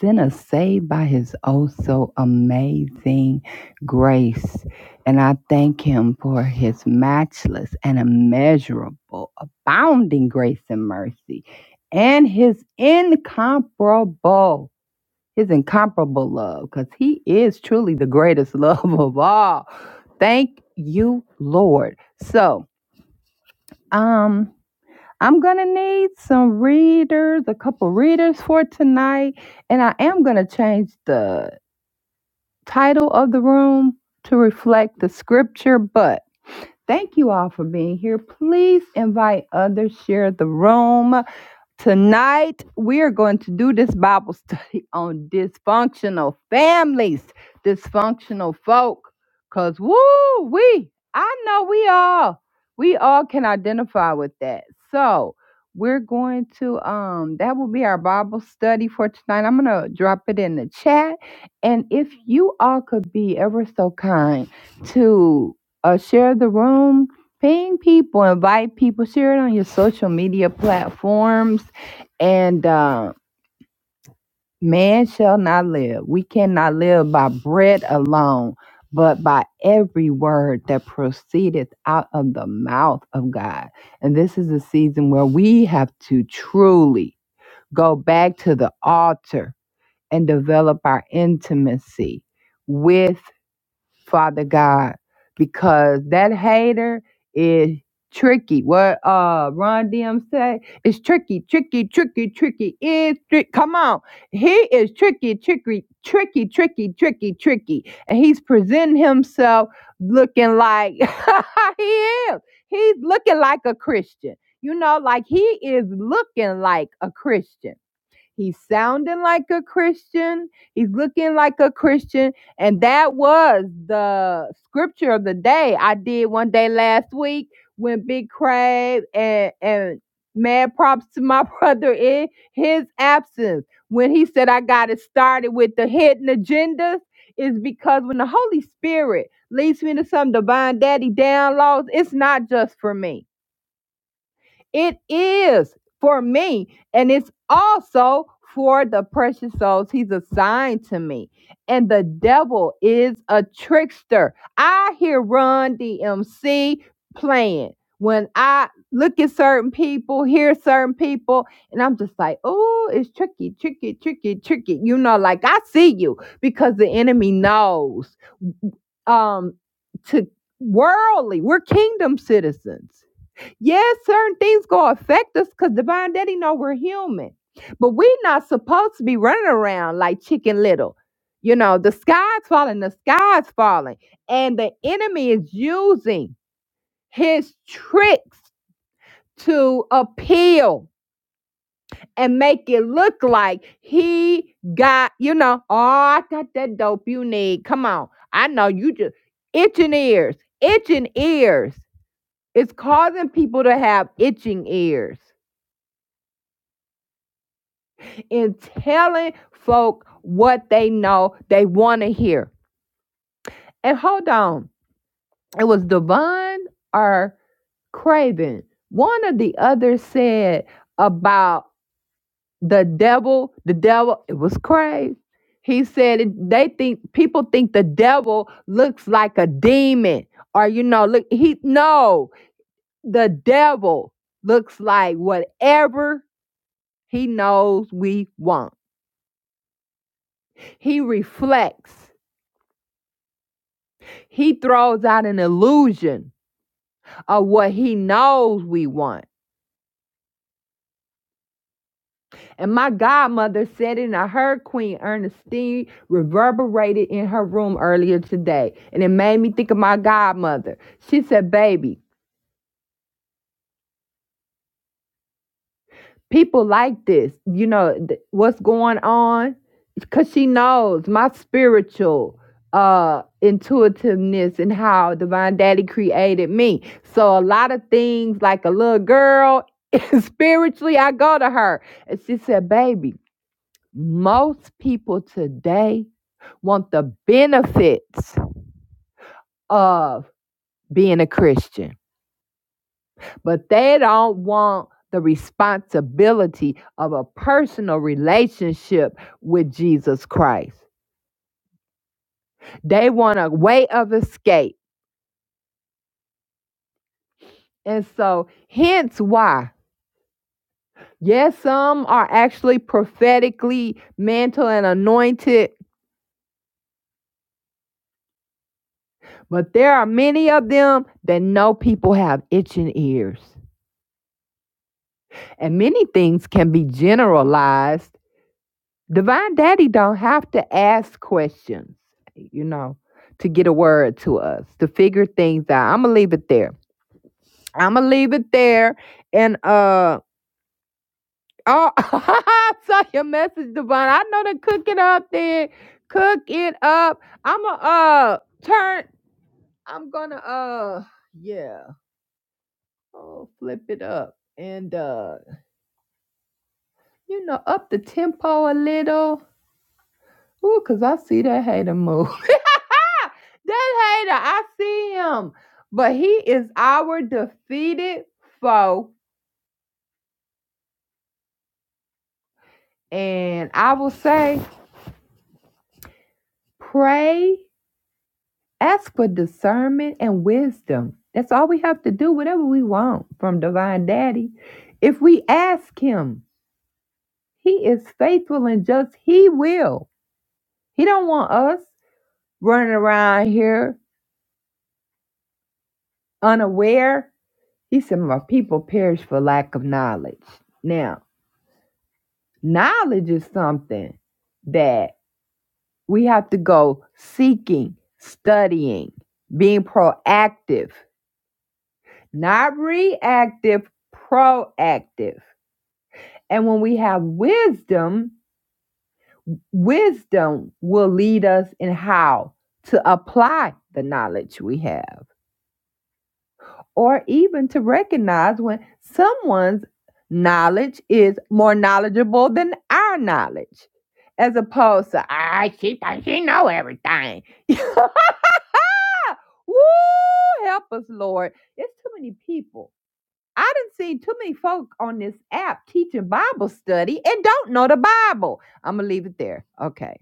sinner saved by his oh so amazing grace. And I thank him for his matchless and immeasurable, abounding grace and mercy, and his incomparable, his incomparable love, because he is truly the greatest [laughs] love of all. Thank you, Lord. So, um, I'm going to need some readers, a couple readers for tonight. And I am going to change the title of the room to reflect the scripture. But thank you all for being here. Please invite others, share the room. Tonight, we are going to do this Bible [laughs] study on dysfunctional families, dysfunctional folk. Because, woo, we, I know we all, we all can identify with that. So, we're going to, um, that will be our Bible study for tonight. I'm going to drop it in the chat. And if you all could be ever so kind to uh, share the room, ping people, invite people, share it on your social media platforms, and uh, man shall not live. We cannot live by bread alone, but by every word that proceedeth out of the mouth of God. And this is a season where we have to truly go back to the altar and develop our intimacy. With Father God, because that hater is tricky. What uh Ron DM say? It's tricky, tricky, tricky, tricky. It's tricky. Come on. He is tricky, tricky, tricky, tricky, tricky, tricky. And he's presenting himself looking like [laughs] he is. He's looking like a Christian. You know, like he is looking like a Christian He's sounding like a Christian. He's looking like a Christian. And that was the scripture of the day I did one day last week when Big Crave and, and mad props to my [laughs] brother in his absence. When he said I got it started with the hidden agendas, is because when the Holy Spirit leads me to some divine daddy downloads, it's not just for me. It is for me, and it's also for the precious souls he's assigned to me. And the devil is a trickster. I hear Run DMC playing when I look at certain people, hear certain people, and I'm just like, oh, it's tricky, tricky, tricky, tricky. You know, like I see you because the enemy knows um, to worldly, we're kingdom citizens Yes, certain things gonna affect us because divine daddy know we're human. But we not supposed to be running around like chicken little. You know, the sky's falling, the sky's falling. And the enemy is using his tricks to appeal and make it look like he got, you know, oh, I got that dope you need. Come on. I know you just itching ears, itching ears. It's causing people to have itching ears in telling folk what they know they want to hear. And hold on, it was Devon or Craven. One or the other said about the devil, the devil, it was Crave. He said it- they think people think the devil looks like a demon or you know look he no the devil looks like whatever he knows we want. He reflects. He throws out an illusion of what he knows we want. And my godmother said it, and I heard Queen Ernestine reverberated in her room earlier today. And it made me think of my godmother. She said, Baby, people like this you know th- what's going on because she knows my spiritual uh intuitiveness and how divine daddy created me so a lot of things like a little girl [laughs] spiritually i go to her and she said baby most people today want the benefits of being a christian but they don't want the responsibility of a personal relationship with Jesus Christ. They want a way of escape. And so, hence why, yes, some are actually prophetically mantle and anointed, but there are many of them that know people have itching ears. And many things can be generalized Divine Daddy don't have to ask questions, you know, to get a word to us, to figure things out. I'ma leave it there. I'ma leave it there. And uh oh [laughs] I saw your message, Divine. I know to cook it up there. Cook it up. I'ma uh turn I'm gonna uh yeah. Oh flip it up and uh you know up the tempo a little. Ooh, cause I see that hater move. [laughs] That hater, I see him. But he is our defeated foe. And I will say, pray, ask for discernment and wisdom. That's all we have to do, whatever we want from Divine Daddy. If we ask him, he is faithful and just. He will. He don't want us running around here unaware. He said, My people perish for lack of knowledge. Now. Knowledge is something that we have to go seeking, studying, being proactive, not reactive, proactive. And when we have wisdom, wisdom will lead us in how to apply the knowledge we have. or even to recognize when someone's knowledge is more knowledgeable than our knowledge, as opposed to I she thinks she know everything. [laughs] Woo! Help us, Lord. It's too many people. I didn't see too many folk on this app teaching Bible study and don't know the Bible. I'm gonna leave it there. Okay,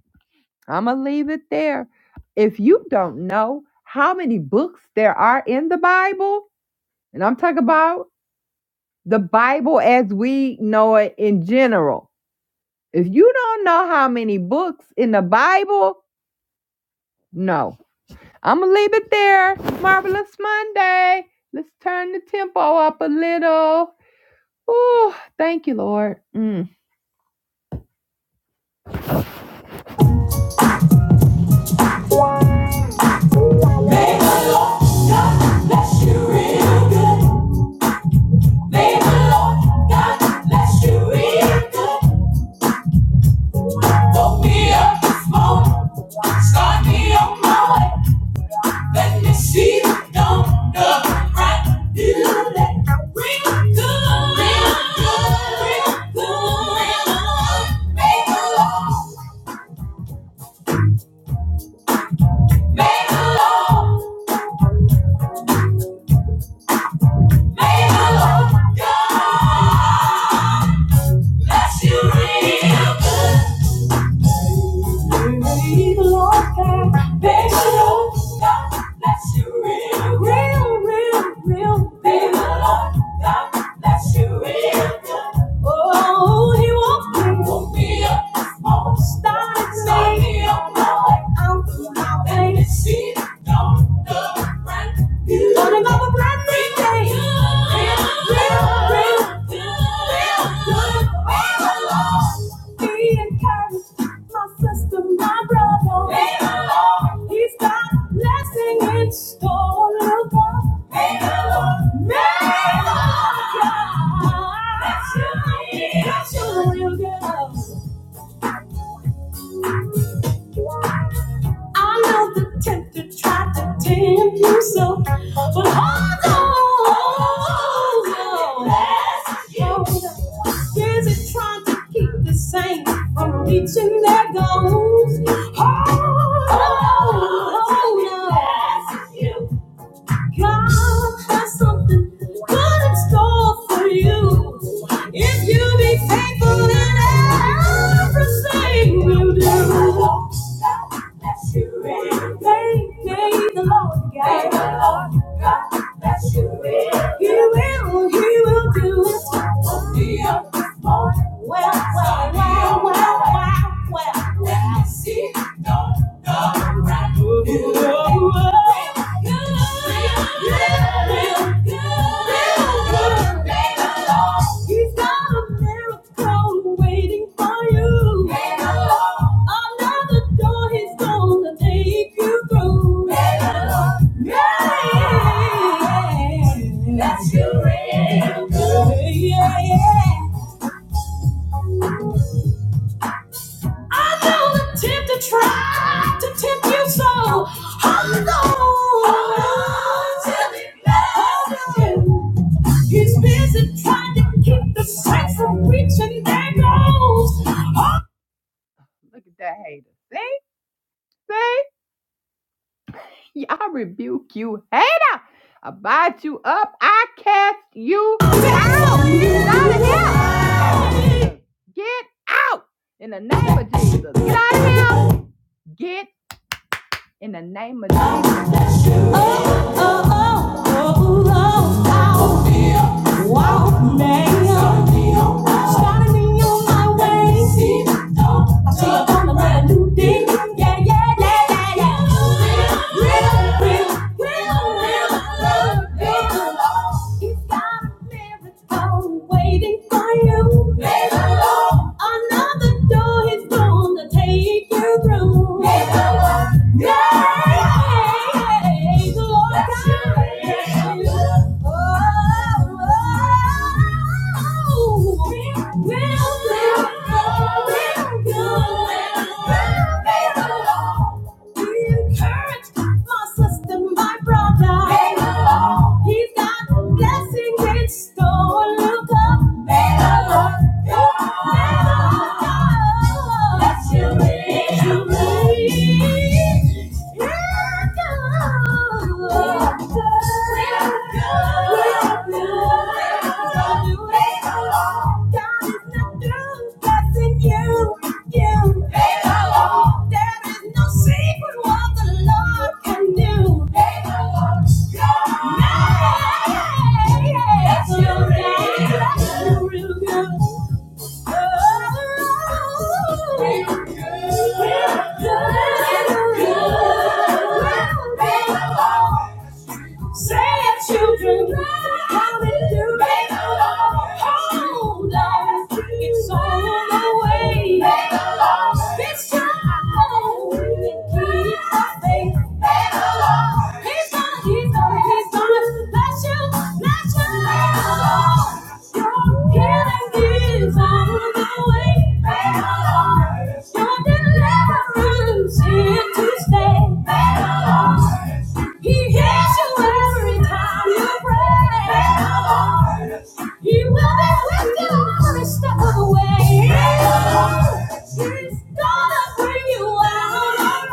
I'm gonna leave it there. If you don't know how many books there are in the Bible, and I'm talking about the Bible as we know it in general. If you don't know how many books in the Bible, no. I'm going to leave it there. Marvelous Monday. Let's turn the tempo up a little. Ooh, thank you, Lord. Mm. May the Lord God bless you real good. May the Lord God bless you real good. Woke me up this morning. Start me on my way. Let me see the dawn of bright new day. Real good, Make good, real good. May the Lord, may the Lord, may the Lord God bless you real good. See, don't look right. Don't that's your real girl. I know the tempter tried to tempt you so, but hold on. Hold on. Is it trying to keep the saint from reaching their goals? Hold on. Hold on. God has something good in store for you. If you be faithful in everything you do. Bless you in. May, may the Lord guide May the Lord God bless you in. He will, he will do it. Be up this morning. Well, well, well, well, well, well, well. He's got a miracle waiting for you. Another door he's gonna take you through. Yeah. That's your real. Yeah, yeah. I know the tempter tried to tempt you so. Hold on. Hold on till it matters. Hold He's busy trying to keep the saints from reaching their goals. Look at that hater. See? See? Yeah, I rebuke you, hater. I bite you up. I cast you out. Get out of here. Get out. In the name of Jesus. Get out of here. Get in the name of Jesus. Oh, oh, oh, oh, oh, wow. Wow, man. Starting me on my way. I see you on the brand new day. Yeah, yeah, yeah, yeah, yeah. Real, real, real, real, real, real. It's got a miracle waiting for you. Hello. Another door is gonna take you through. Hello. Yeah. The Lord guides you. Oh, oh, oh. Will, will, will, will, will, will, will. We encourage my sister, my brother. May He's got blessings in store. Look up. May the Lord. May the you. Bless you. Bless you. We're Good. We're good. We're good. Say it, children. Hallelujah. Hold on. It's all the way. It's time to keep our faith. He's gonna, he's gonna, he's gonna bless you, bless you. live. You're getting given. He's gonna bring you out alright.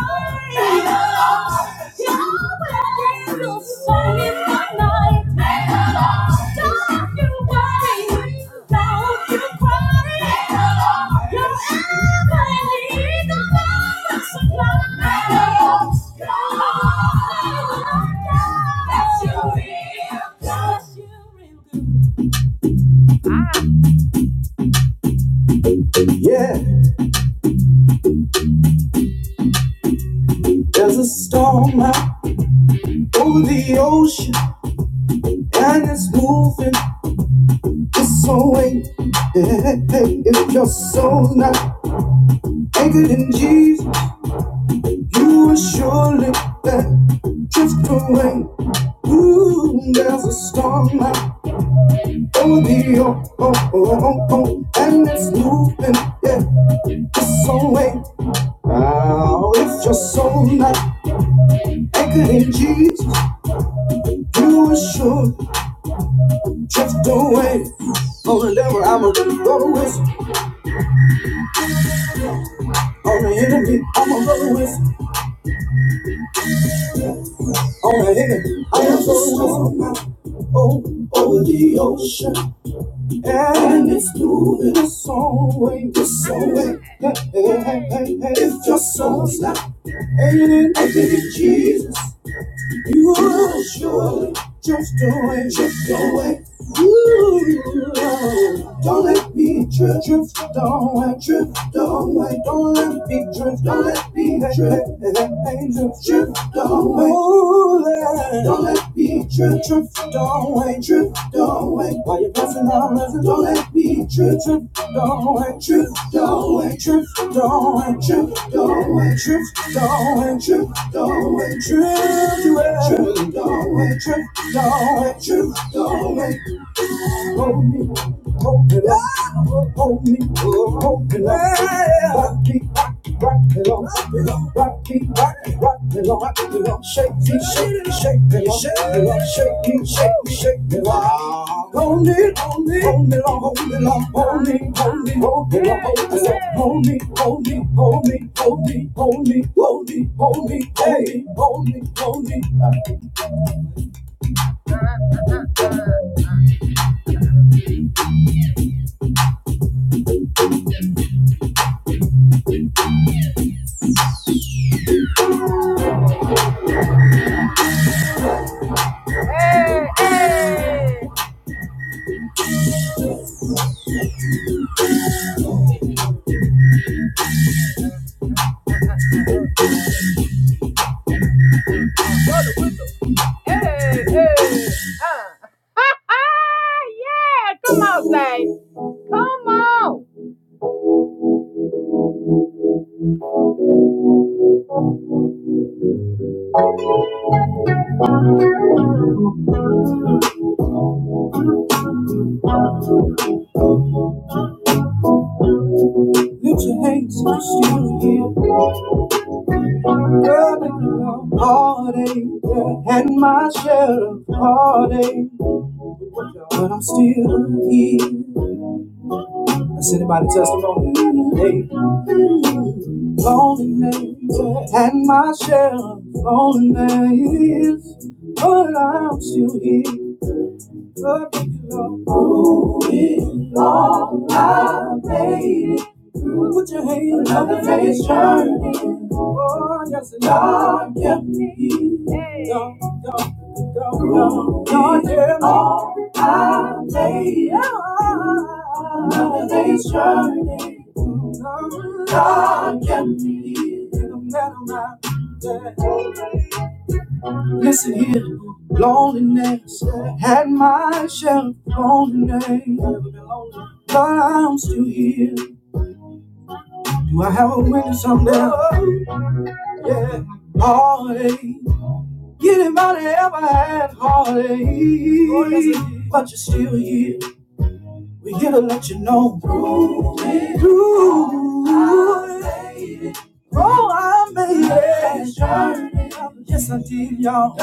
Yeah, over the ocean and if it's so way, hey, hey, if your soul's not anchored in you, then stop. Now you just don't go with on the enemy. I'm a go with on the enemy. I am so. oh over the ocean and it's moving us away, this away. Hey, hey, hey, hey, hey. If your soul's not and I Jesus, you will surely drift away, drift away. You don't let me drift, drift, don't drift not Don't let me drift. Don't let me drift. Angels drift away. Ooh, yeah. Don't let me drift. Drift away. Drift away. While you're passing out, listen. Don't let me drift. Drift away. Drift don't wait, Drift away. Drift don't wait, Drift away. Drift don't wait, Drift away. Drift don't wait, Drift away. Drift don't wait on me, hold it up, on me, hold it up, rock it, rock it, rock it on, rock it, rock it, rock it on, rock it on, shake it, shake it, shake it on, shake it on, shake it, shake it, shake it on, hold it, hold it, hold it on, hold it on, hold it, hold it, hold it on, hold it on, hold it, hold it, hold it, hold it, hold it, hold it, hold it, hold it, hold it, hold it, hold it. [laughs] yeah, come on, Zay. Come on. Lift your hands and still here. Girl, if you know heartache, yeah, had my share of heartache, but I'm still here. That's anybody testimony. Hey, loneliness, yeah, had my share of loneliness, but I'm still here. Girl, if you know, yeah, put your hands on the face, turn. Yes, Lord, give me Lord, give all the day. Another day's journey. Lord, give me no matter my Listen here, loneliness had my share of loneliness. But I'm still here. Do I have a window someday? Yeah, heartache. Get him out of ever half-hearted. But you're still here. We here to let you know. Through it, through it. Oh, I made it. Yes, I did, y'all.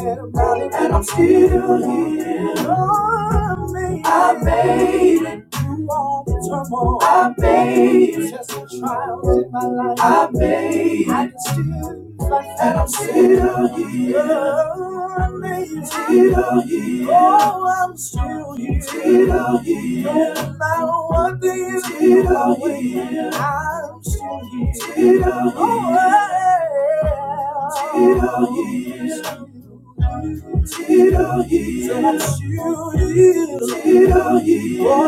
And I'm still here. I made it through all the turmoil. I made it. Tests and trials in my life. I made it. I can still fight. And I'm still here. I made it. Still here. Oh, I'm still here. Still here. No matter what the enemy Still here. I'm still here. Still here. Oh, yeah. Still here. Oh,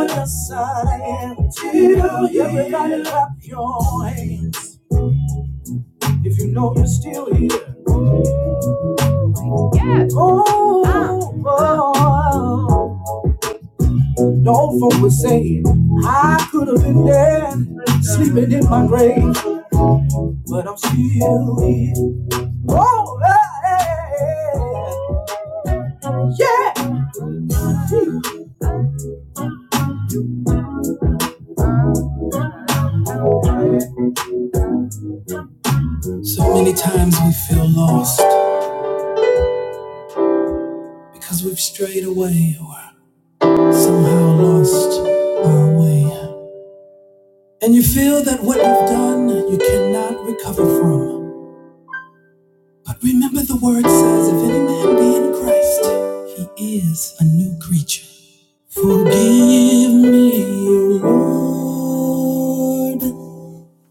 yes, I am. Everybody clap your hands if you know you're still here. Oh, oh, oh. the folk was saying, I could have been there, sleeping in my grave, but I'm still here. Oh, hey, yeah. So many times we feel lost because we've strayed away. Or somehow lost our way. And you feel that what you've done you cannot recover from. But remember the word says, if any man be in Christ, he is a new creature. Forgive me, O Lord.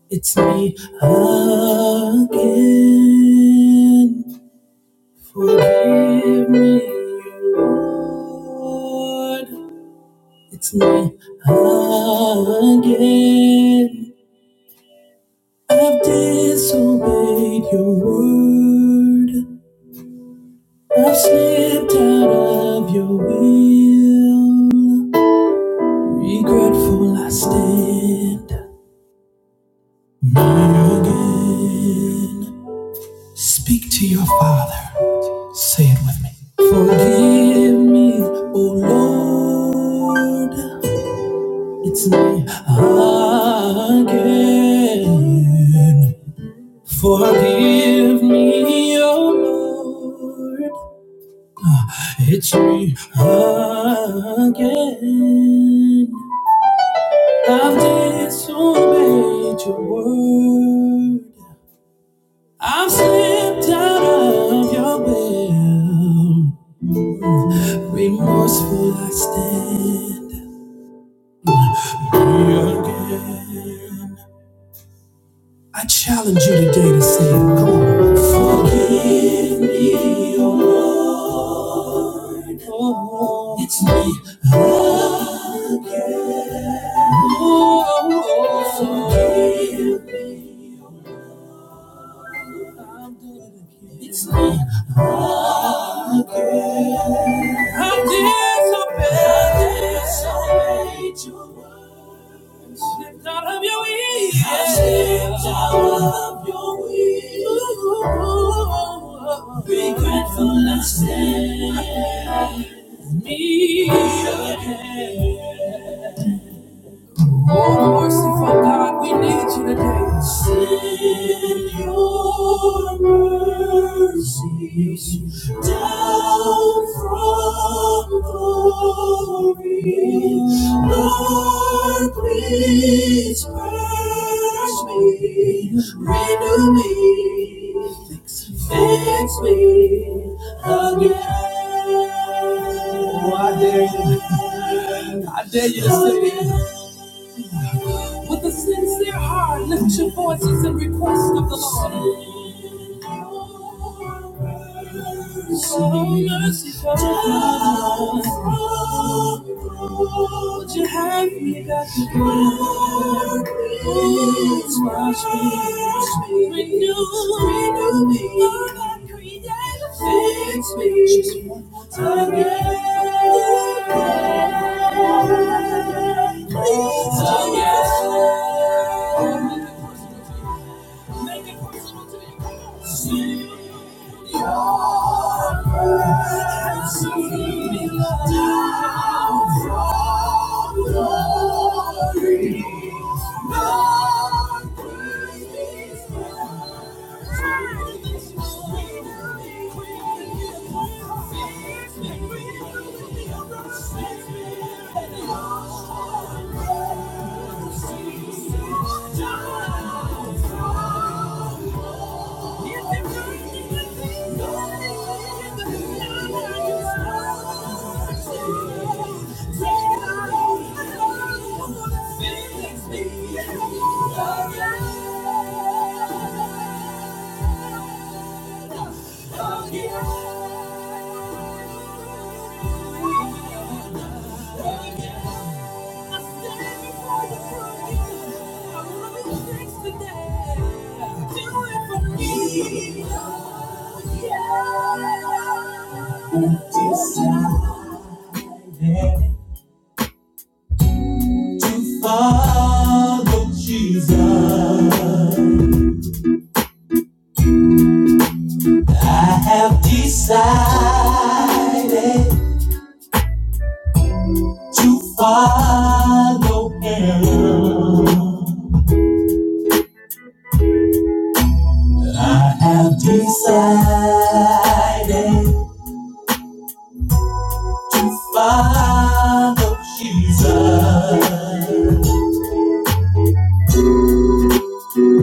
It's me again. Forgive me, O Lord. It's me again. I've disobeyed your word. I've slipped out of your will. Regretful I stand. New again. Speak to your father. Say it with me. Forgive me, O Lord. It's me again. Forgive me, oh Lord, it's me again. I've disobeyed your word. I've slipped out of your will. Remorseful I stand here again. I challenge you today to say it. Come on. Forgive me, oh Lord. Oh, it's me again. Oh, forgive me. I'm doing it again. It's me again. I disobeyed. I disobeyed you. Slipped out of your wheel. I slipped out of your wheel. Regretful I stand. Me again. Oh, merciful God, we need you today. Send your mercies down from glory. Lord, please purge me, renew me, fix me again. Oh, I dare you. I dare you to sing it. With a sincere heart, lift your voices in request of the Lord. Oh, merciful God, would you have me back? Please wash me, renew, renew me, all that created, fix me Just one more time. again. Please again. Make it personal to you. Come on. See your mercy down from glory. Lord, praise Thank you. Oh yeah. To follow Jesus, I have decided to follow Him. I have decided to follow Jesus.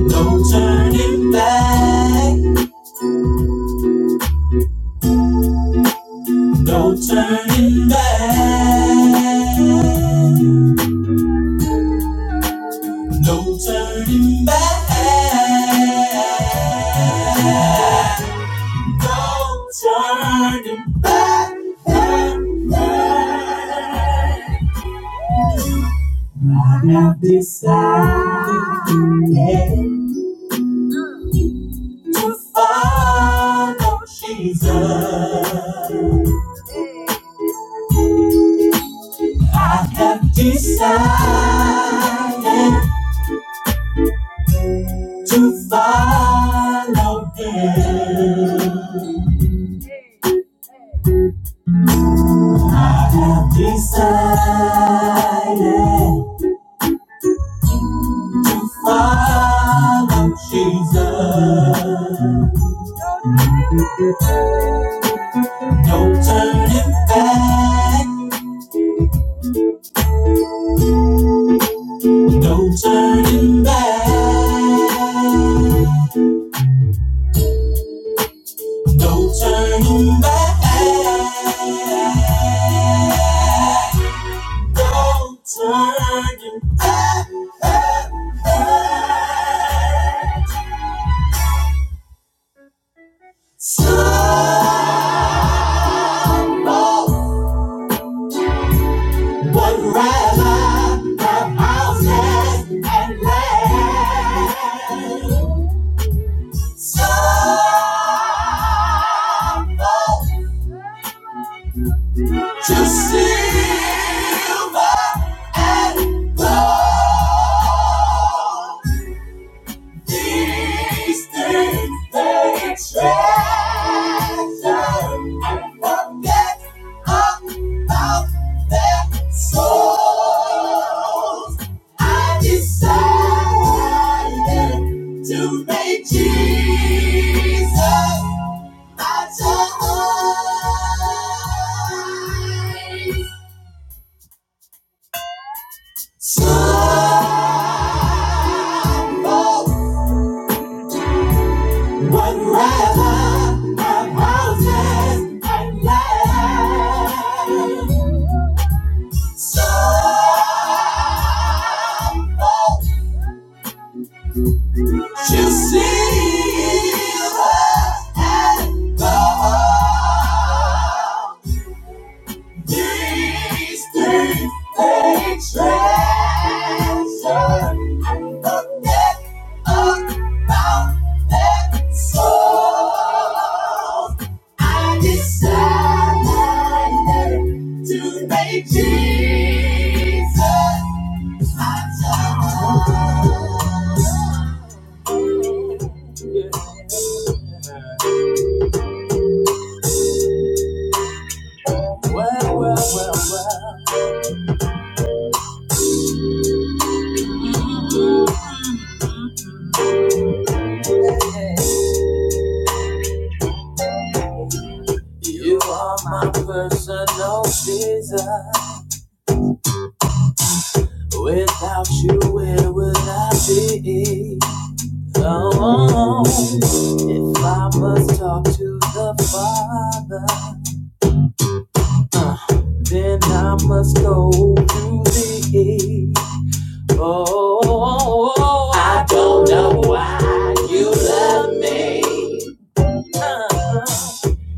Don't turn it back. Don't turn it back. Don't turn it back. Don't turn it back. Decided. follow Jesus. Don't turn it back. Don't turn it back. Don't turn it back. Just see. To make Jesus my joy. Sorrow One river and mountains and land. Some folk choose silver and gold. Tasty a treasure and forget about that soul. I decided to make Jesus my Lord. Well, well, well, well, you are my personal Jesus. Without you, where would I be? Oh, if I must talk to the Father, uh, then I must go to thee. Oh, I don't know why you love me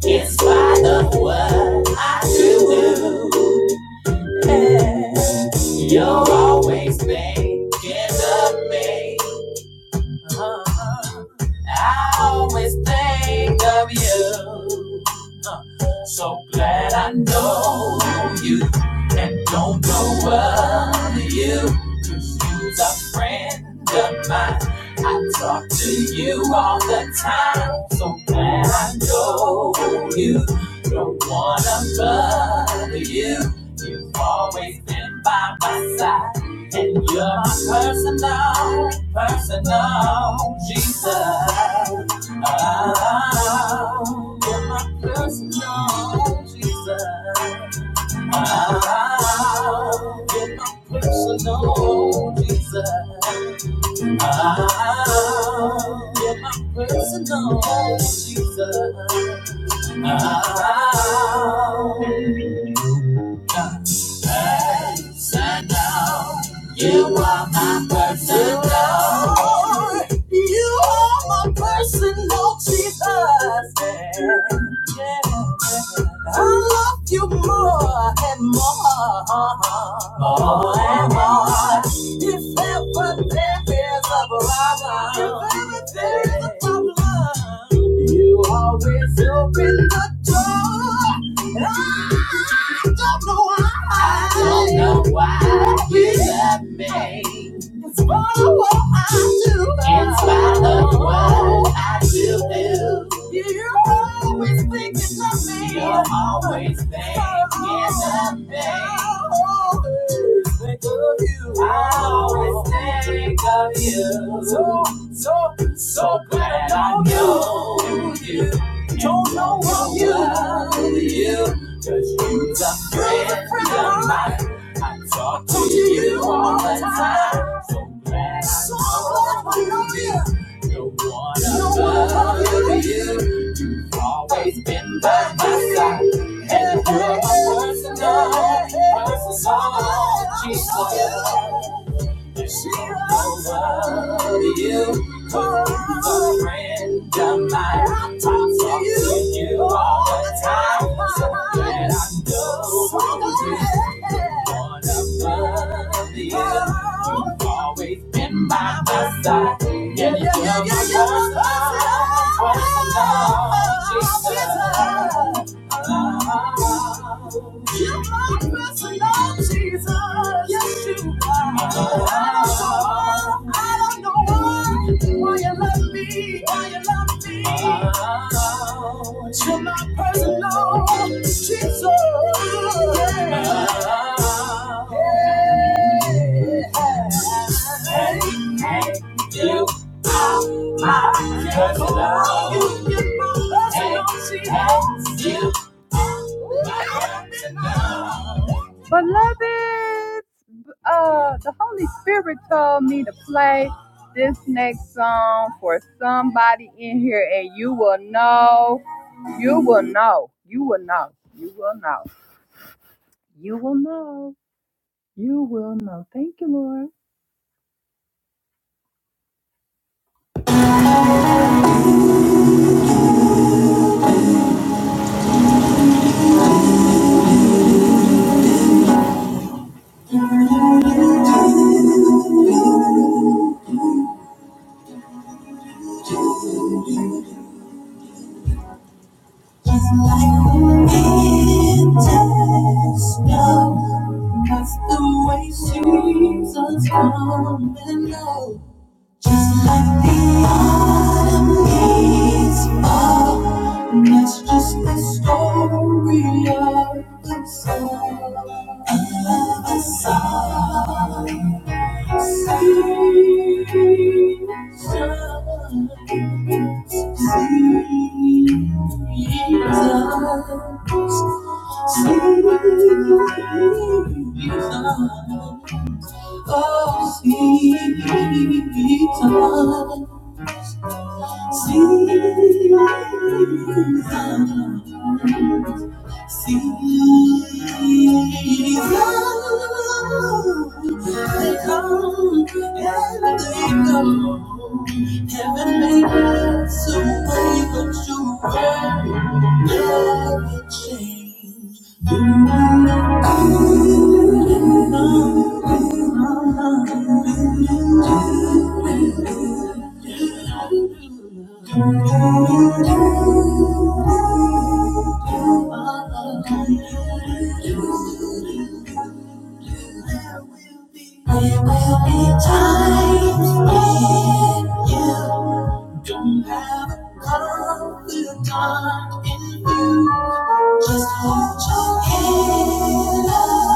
in spite of what I do. Yeah. You're always thinking of me. Uh-huh. I always think of you. Uh, So glad I know you and don't know of you. Cause you's a friend of mine. I talk to you all the time. So glad I know you. Don't wanna bother you. You've always been by my side. And you're my personal, personal Jesus. Oh, you're my personal Jesus. Oh, you're my personal Jesus. Oh, you're my personal Jesus. Oh, Person, oh, You are my personal. You are my personal Jesus. Yeah. I love you more and more. More and more. If ever there is a problem, if ever there is a problem, you always open the door. Ah! I don't know why. I don't know why you love me. In spite of what I do. In spite of what I do. You're always thinking of me. You're always thinking of me think of you. I always think of you. So, so, so glad I know you. Don't know of you. Love you. Cause you're the friend of mine. I talk to you all the time. So, no one above you. You've always been by my side. And you're my personal, personal Jesus over you. Cause a friend of mine. I talk to you all the time. So glad I know you. one to love you. You've always been by my side. And you're my first love. First love, Jesus. You are risen, Lord Jesus. Yes, you are. I don't know, I don't know why, why you love me, why you love me. But you're my personal Jesus. Yeah. Yeah. Hey, hey, you. I Just love you. You know She hates you. Beloved, uh, the Holy Spirit told me to play this next song for somebody in here, and you will know, you will know, you will know, you will know, you will know, you will know. Thank you, Lord. Just know, that's the way Jesus come and low. Just like the autumn leaves fall, that's just the story of the soul. And the song seasons, seasons. Heaven made me, yeah. Have come the dark and you just hold your head up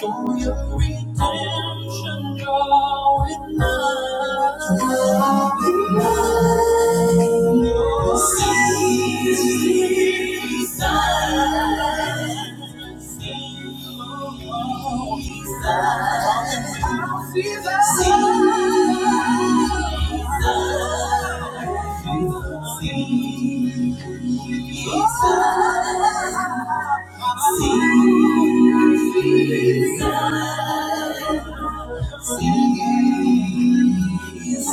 for your redemption draw it nigh. Draw it see No season. Sing, sing, sing, sing, you just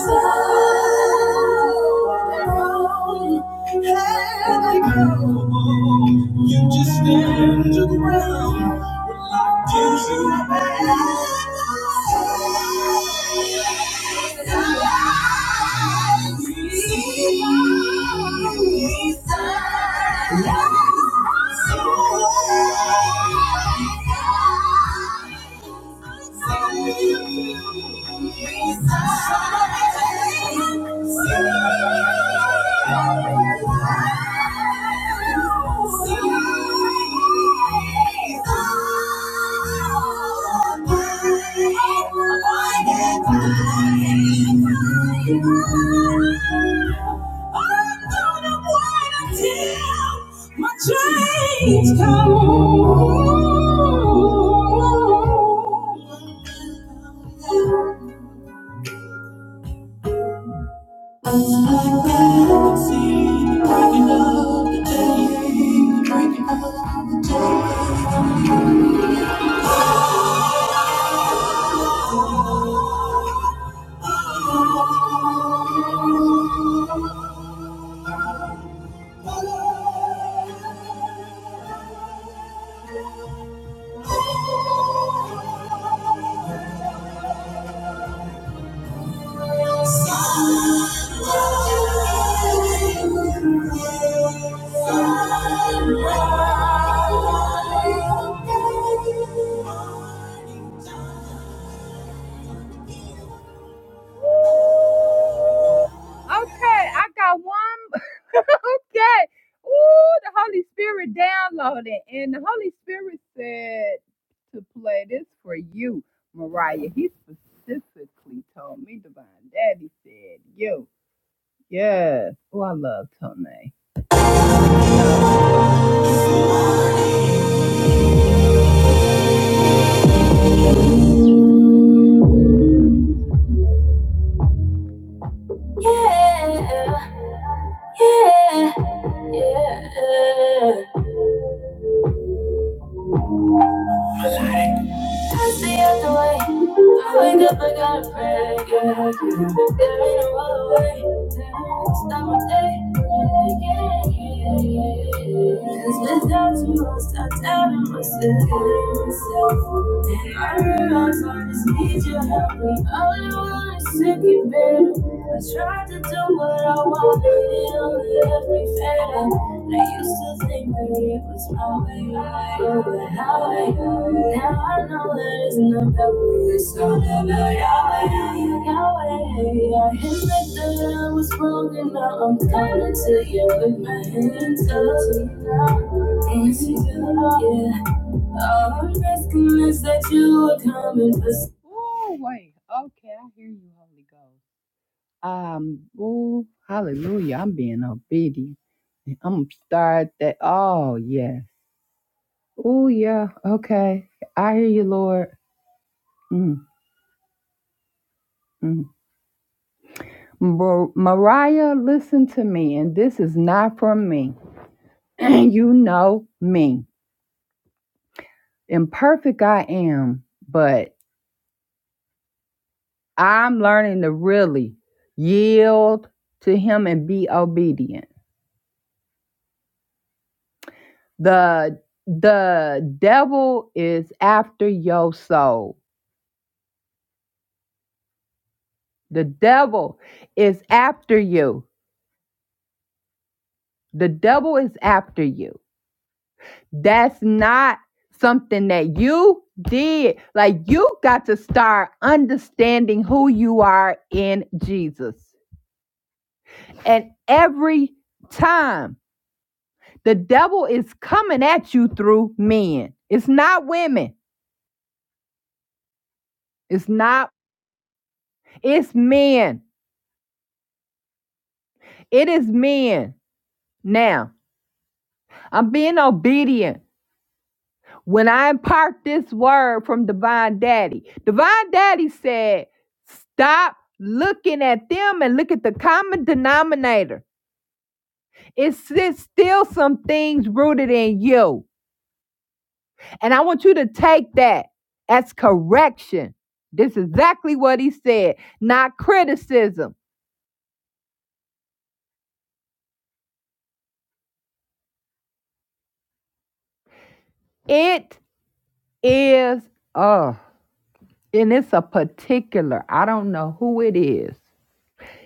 stand your ground when life gives you a back. Change come. Okay, I got one. [laughs] okay. Ooh, the Holy Spirit downloaded. And the Holy Spirit said to play this for you, Mariah. He specifically told me, Divine Daddy said, you. Yes. Oh, I love Tone. Yeah, yeah, yeah. Pass me out the way. I wake up, I gotta pray. Yeah, yeah. There ain't no other way. Stop my day. Yeah, yeah, yeah. 'Cause without you, I start doubting myself. And I realize I just need your help. And all I wanna say take it better. I tried to do what I wanted, it only left me fatter. I used to think that it was my way, but how I now I know that it's not that way. It's all about Yahweh, Yahweh. I admit that I was wrong, and now I'm coming to you with my hands up. Hands up, yeah. All I'm asking is that you would come and visit. Oh, wait. Okay, I hear you, Holy Ghost. Um, ooh, hallelujah. I'm being obedient. I'm going to start that. Oh, yes. Oh, yeah. Okay. I hear you, Lord. Mm, mm. Mar- Mariah, listen to me, and this is not from me. [clears throat] you know me. Imperfect I am, but. I'm learning to really yield to him and be obedient. The the devil is after your soul. The devil is after you. The devil is after you. That's not something that you did. Like you got to start understanding who you are in Jesus. And every time The devil is coming at you through men. It's not women. It's not, it's men. It is men. Now, I'm being obedient. When I impart this word from Divine Daddy, Divine Daddy said, stop looking at them and look at the common denominator. It's it's still some things rooted in you. And I want you to take that as correction. This is exactly what he said, not criticism. It is uh and it's a particular, I don't know who it is.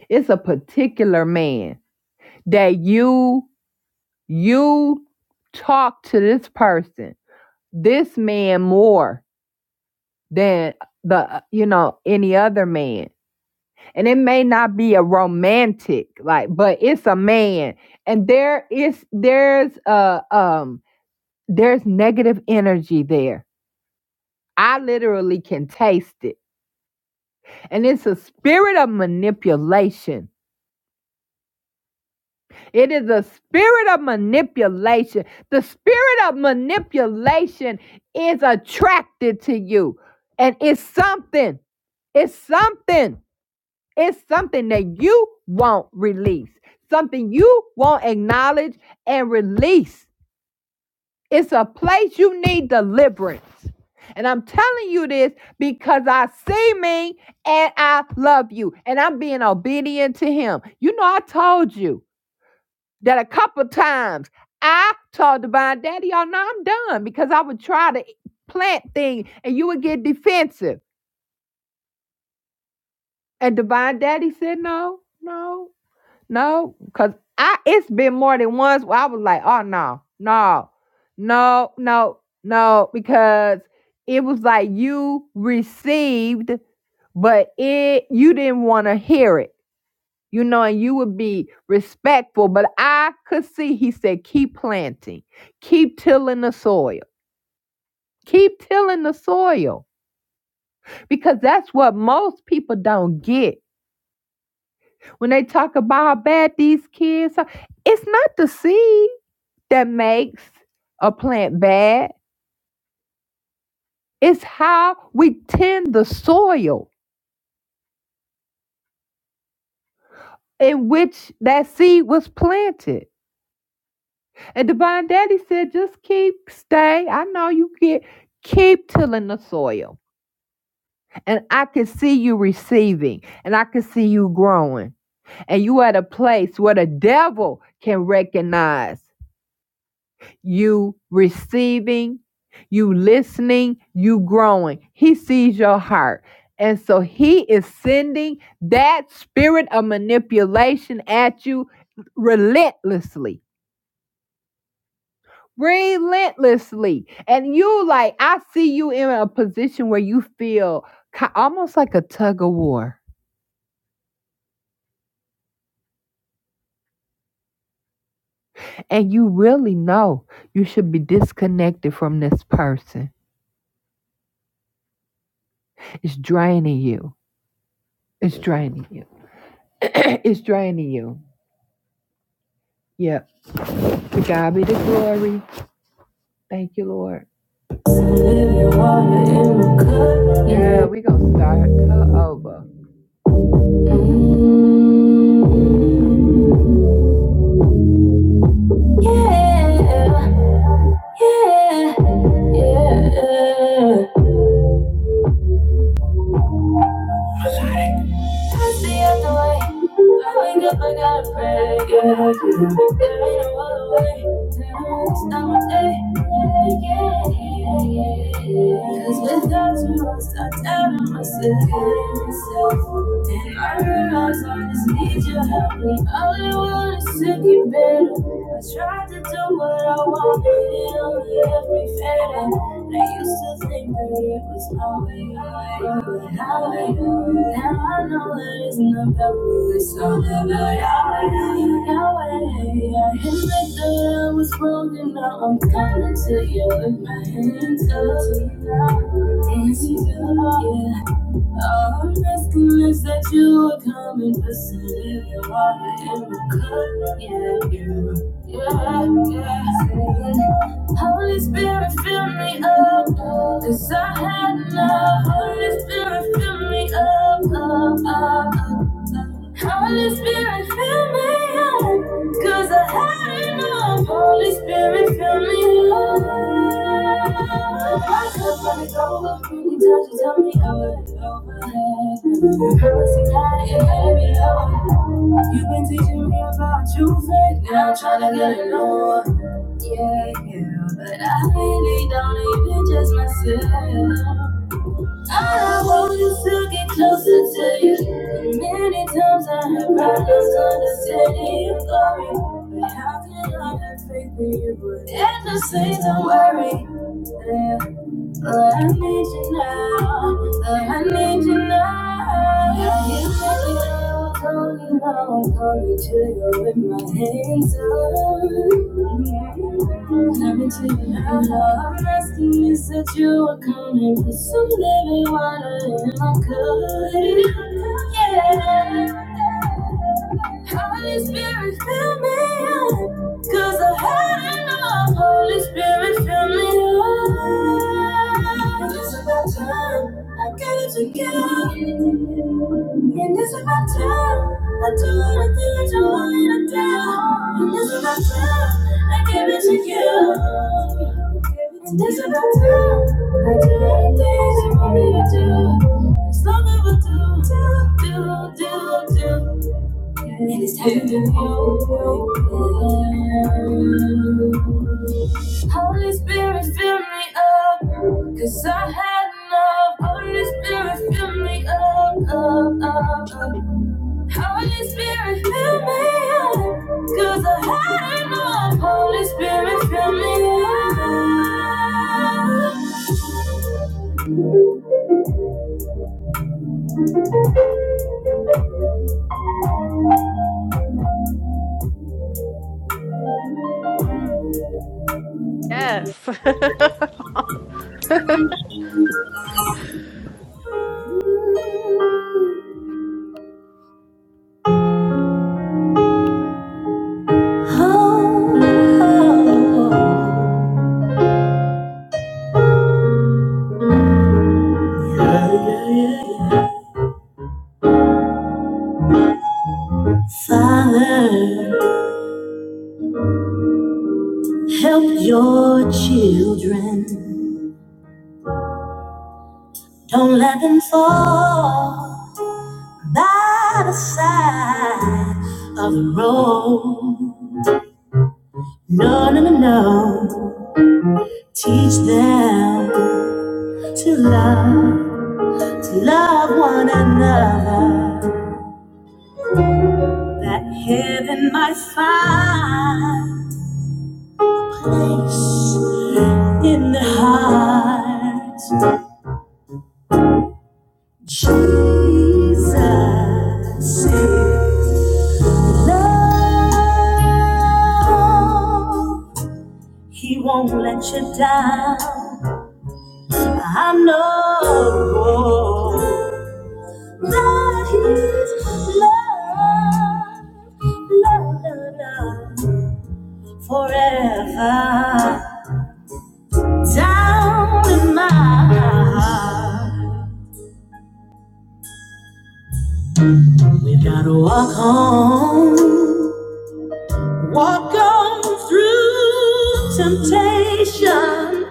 It's a particular man that you you talk to this person, this man more than the you know any other man. And it may not be a romantic like but it's a man and there is there's uh um there's negative energy there. I literally can taste it And it's a spirit of manipulation. It is a spirit of manipulation. The spirit of manipulation is attracted to you. And it's something, it's something, it's something that you won't release, something you won't acknowledge and release. It's a place you need deliverance. And I'm telling you this because I see me and I love you and I'm being obedient to him. You know, I told you that a couple of times I told Divine Daddy, y'all know I'm done because I would try to plant things and you would get defensive. And Divine Daddy said, no, no. No, cause I it's been more than once where I was like, oh no, no, no, no, no, because it was like you received, but it you didn't want to hear it, you know, and you would be respectful. But I could see he said, keep planting, keep tilling the soil, keep tilling the soil, because that's what most people don't get When they talk about how bad these kids are, it's not the seed that makes a plant bad. It's how we tend the soil in which that seed was planted. And Divine Daddy said, just keep stay. I know you get keep tilling the soil. And I can see you receiving and I can see you growing. And you at a place where the devil can recognize. you receiving, you listening, you growing. He sees your heart. And so he is sending that spirit of manipulation at you relentlessly. Relentlessly. And you like I see you in a position where you feel almost like a tug of war. And you really know you should be disconnected from this person. It's draining you. It's draining you. [clears throat] it's draining you. Yeah. To God be the glory. Thank you, Lord. yeah. Girl, we gonna start her over. Mm, yeah, yeah, yeah. I see out the way. I wake up, I gotta pray. Yeah, yeah. There ain't no other way. It's not my day. Yeah, yeah, yeah. Cause without you, I start doubting myself. hating myself. And I realize I just need your help. And all I want is to get better. I tried to do what I wanted, it only left me fed up. I used to think that it was my way, but how I know, Now I know that it's not about me, it's all about Yahweh, Yahweh. I admit that I was wrong, and now I'm coming to you with my hands up. Dancing, yeah. All I'm asking is that you will come and listen if you want it in the cup. Yeah, yeah, yeah, yeah. Holy Spirit, fill me up, cause I had enough. Holy Spirit, fill me up, up, up, up. Holy Spirit, fill me up, cause I had enough. Holy Spirit, fill me up. My cup runneth over, many times you tell me over and over. Mercy, God, it had me low. You've been teaching me about you, faith, now I'm trying to get it on. Yeah, yeah, but I really don't even trust myself. I want is to get closer to you. And many times I have problems understanding your glory. But how can I not faith in you? And just say, don't worry. Yeah. But I need you now. But I need you now. You make me feel lonely, now I'm coming to you with my hands up. Coming to you now. I'm asking you that you are coming with some living water in my cup. Yeah. Holy Spirit, fill me up. Cause I had enough. Holy Spirit, fill me up. And It's about time I get it together. And it's about time I do the things you want me to do. And it's about time I give it to you. And it's about time I do the things you want me to do. It's all I will do, do, do, do. Yes, it's time to open. Holy Spirit, fill me up, 'cause I had enough. Holy Spirit, fill me up, up, up, up. Holy Spirit, fill me up, 'cause I had enough. Holy Spirit, fill me up. Yes. [laughs] oh, oh. oh. Father, help your children. Don't let them fall by the side of the road. No, no, no, no. Teach them to love, to love one another. That heaven might find place in the heart. Jesus is love. He won't let you down. I know that He's love, love, love, love forever. Down in my heart, we gotta walk on, walk on through temptation.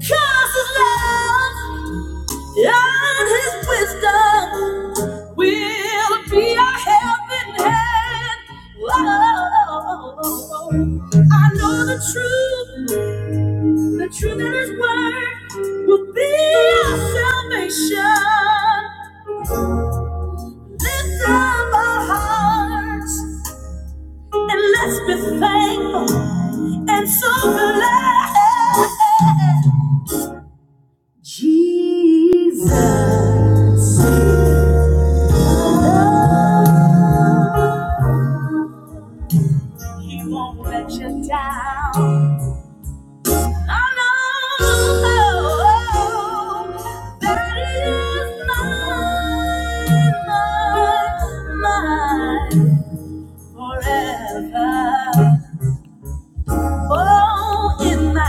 Cause His love. And his wisdom will be our helping hand. Oh, I know the truth, the truth in his word will be our salvation. Lift up our hearts and let's be thankful and so glad. Jesus. He won't let you down. No, no, no. that is mine, mine, mine forever. Oh, in my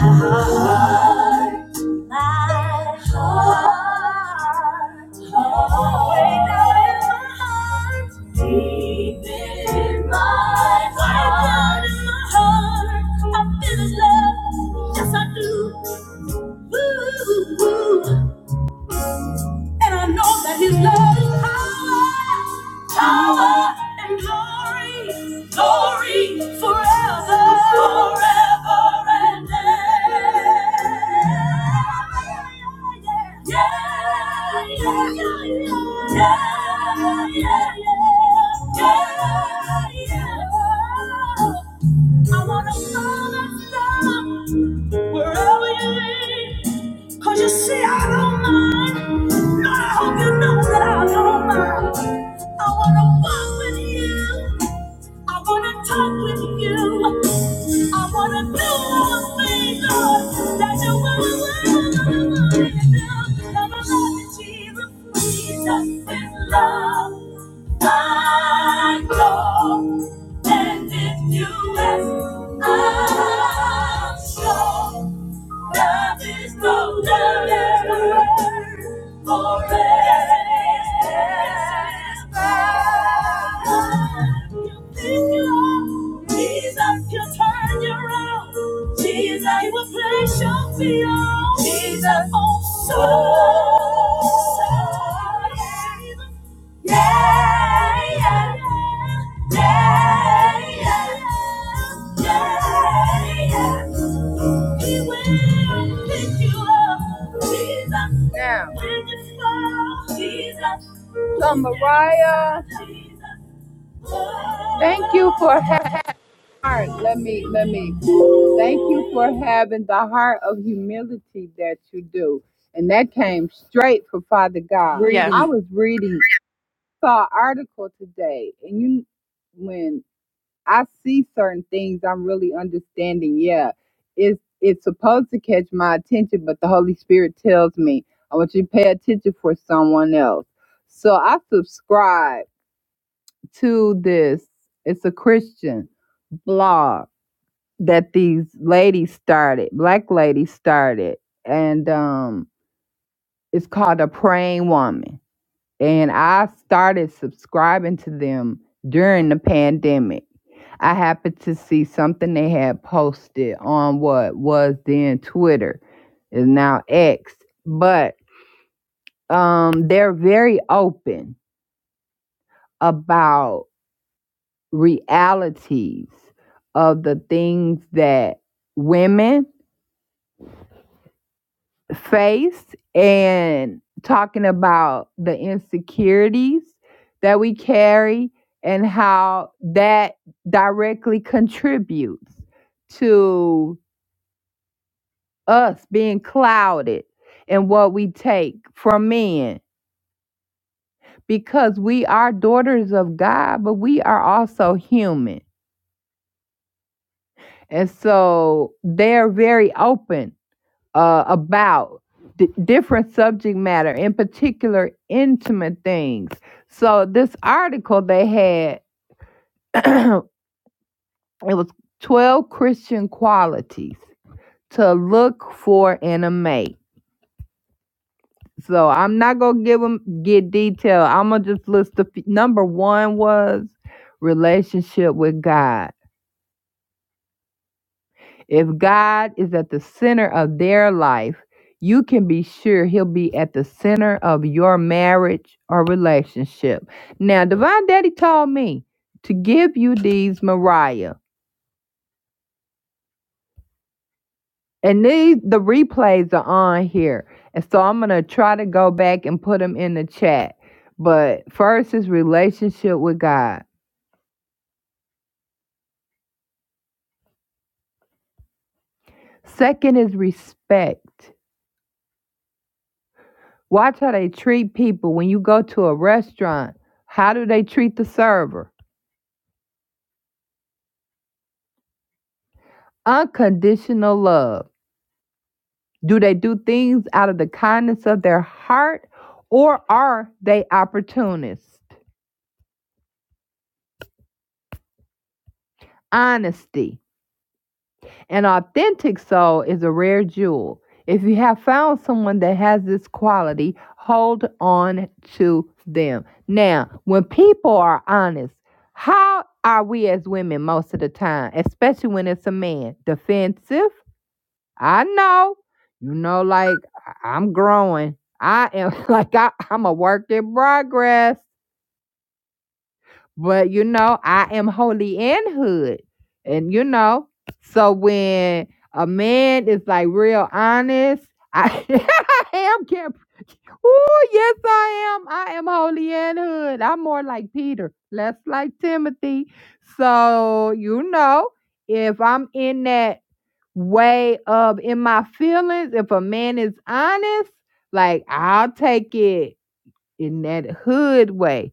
heart, my heart, oh, deep in my heart, I feel love, yes I do. Ooh, and I know that his love is power, power and glory, glory forever, forever and ever. Yeah, yeah, yeah, yeah, yeah, yeah, yeah. I wanna follow in love wherever you lead, 'cause you see, I don't mind. Lord, I hope you know that I don't mind. I wanna walk with you. I wanna talk with you. I wanna do all the things, Lord, that you want to do. Now, my Lord Jesus, Jesus is love. My God, and if you ask, I'm sure. Love is no longer forever. you you're think you are Jesus, you turn you around. Jesus, you will place your feet on. Jesus, oh, so. Yeah, yeah, yeah, yeah, yeah, yeah. He will pick you up, Jesus. Now. When you fall, Jesus. Summer, right? Thank you for having yes. heart. Let me let me thank you for having the heart of humility that you do. And that came straight from Father God. I was reading saw an article today, and you, when I see certain things, I'm really understanding. Yeah, it's it's supposed to catch my attention, but the Holy Spirit tells me I want you to pay attention for someone else. So I subscribe to this. It's a Christian blog that these ladies started, black ladies started, and um, it's called a praying woman and I started subscribing to them during the pandemic. I happened to see something they had posted on what was then Twitter, is now X, but um, they're very open about realities of the things that women face and talking about the insecurities that we carry and how that directly contributes to us being clouded in what we take from men because we are daughters of God, but we are also human. And so they're very open uh, about d- different subject matter, in particular, intimate things. So, this article they had, [clears throat] it was 12 Christian qualities to look for in a mate. So, I'm not going to give them get detail. I'm going to just list the f- number one was relationship with God. If God is at the center of their life, you can be sure he'll be at the center of your marriage or relationship. Now, Divine Daddy told me to give you these Mariah. And these the replays are on here. And so I'm gonna try to go back and put them in the chat. But first is relationship with God. Second is respect. Watch how they treat people when you go to a restaurant. How do they treat the server? Unconditional love. Do they do things out of the kindness of their heart or are they opportunists? Honesty. An authentic soul is a rare jewel. If you have found someone that has this quality, hold on to them. Now, when people are honest, how are we as women most of the time, especially when it's a man? Defensive, I know, you know, like I- I'm growing. I am [laughs] like I, I'm a work in progress, but you know, I am holy in hood. And you know, so when a man is like real honest, I, [laughs] I am camp. Oh, yes, I am. I am holy in hood. I'm more like Peter, less like Timothy. So, you know, if I'm in that way of in my feelings. If a man is honest, like I'll take it in that hood way.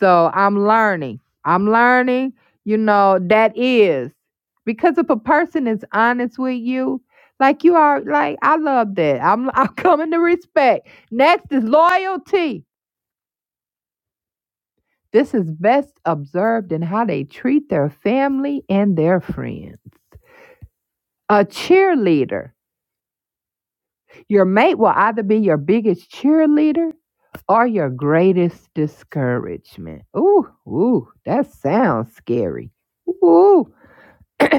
So I'm learning. I'm learning, you know, that is because if a person is honest with you, like you are like, I love that. I'm [laughs] I'm coming to respect. Next is loyalty. This is best observed in how they treat their family and their friends. A cheerleader Your mate will either be your biggest cheerleader or your greatest discouragement. Ooh, ooh, that sounds scary. Ooh. [laughs]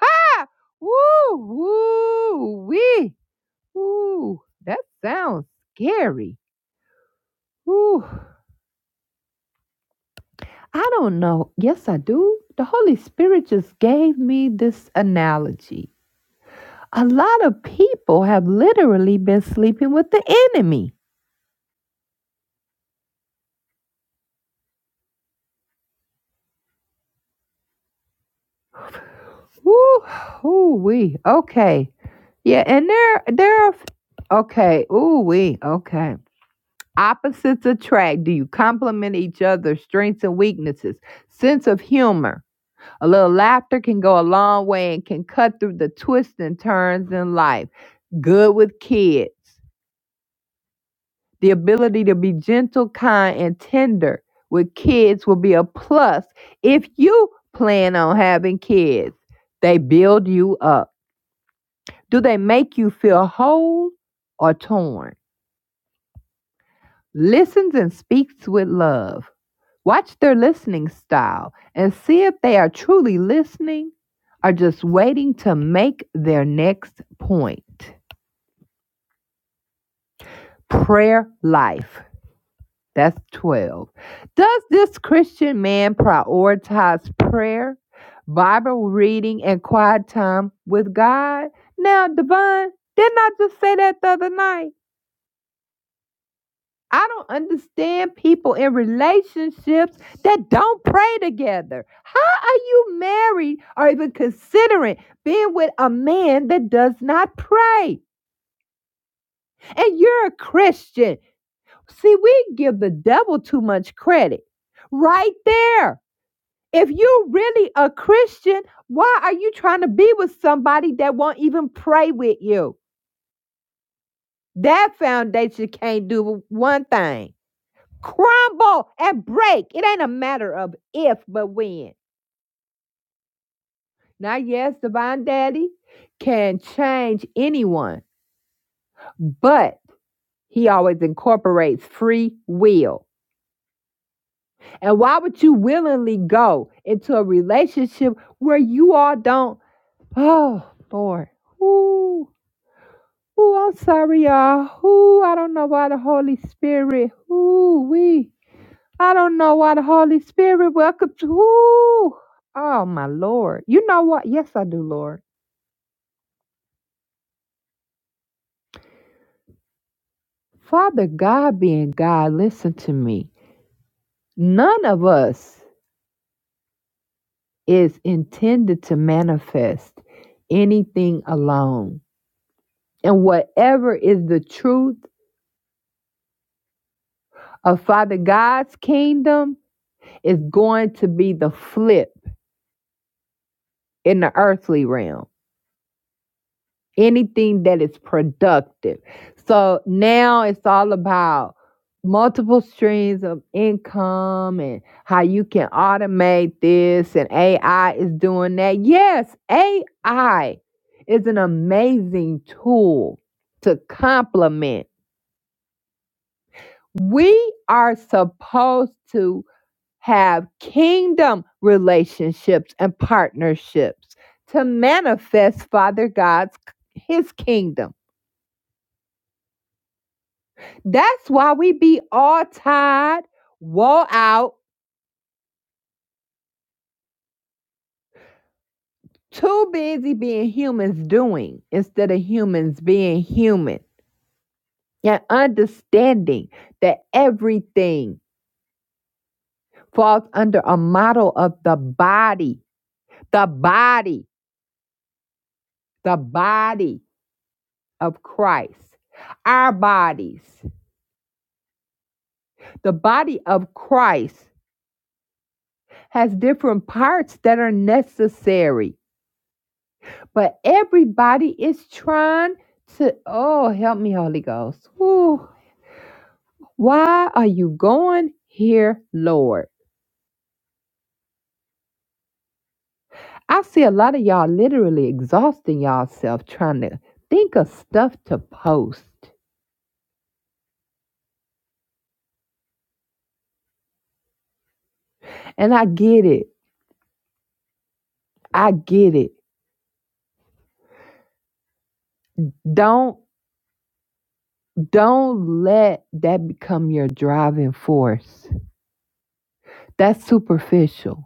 [coughs] Ooh, ooh, wee. Ooh, that sounds scary. Ooh, I don't know. Yes, I do. The Holy Spirit just gave me this analogy. A lot of people have literally been sleeping with the enemy. Woo, ooh wee. Okay. Yeah, and there there are okay, ooh wee, okay. Opposites attract. Do you complement each other's strengths and weaknesses? Sense of humor. A little laughter can go a long way and can cut through the twists and turns in life. Good with kids. The ability to be gentle, kind, and tender with kids will be a plus if you plan on having kids. They build you up Do they make you feel whole or torn? Listens and speaks with love. Watch their listening style and see if they are truly listening or just waiting to make their next point. Prayer life. That's 12. Does this Christian man prioritize prayer, Bible reading, and quiet time with God? Now, Devon, didn't I just say that the other night? I don't understand people in relationships that don't pray together. How are you married or even considering being with a man that does not pray? And you're a Christian. See, we give the devil too much credit right there. If you're really a Christian, why are you trying to be with somebody that won't even pray with you? That foundation can't do one thing. crumble and break. It ain't a matter of if, but when. Now, yes, Divine Daddy can change anyone, but he always incorporates free will. And why would you willingly go into a relationship where you all don't? Oh, Lord. Ooh, ooh, I'm sorry, y'all. Ooh, I don't know why the Holy Spirit. Ooh, we. I don't know why the Holy Spirit welcome to. Ooh, oh my Lord. You know what? Yes, I do, Lord. Father God being God, listen to me. None of us is intended to manifest anything alone. And whatever is the truth of Father God's kingdom is going to be the flip in the earthly realm. anything that is productive. So now it's all about multiple streams of income and how you can automate this and AI is doing that. Yes, AI is an amazing tool to complement. We are supposed to have kingdom relationships and partnerships to manifest Father God's his kingdom. That's why we be all tired, wore out, too busy being humans doing instead of humans being human and understanding that everything falls under a model of the body, the body, the body of Christ. Our bodies, the body of Christ has different parts that are necessary But everybody is trying to, oh, help me, Holy Ghost. Whew. Why are you going here, Lord? I see a lot of y'all literally exhausting y'allself trying to think of stuff to post. And I get it. I get it. Don't don't let that become your driving force. That's superficial.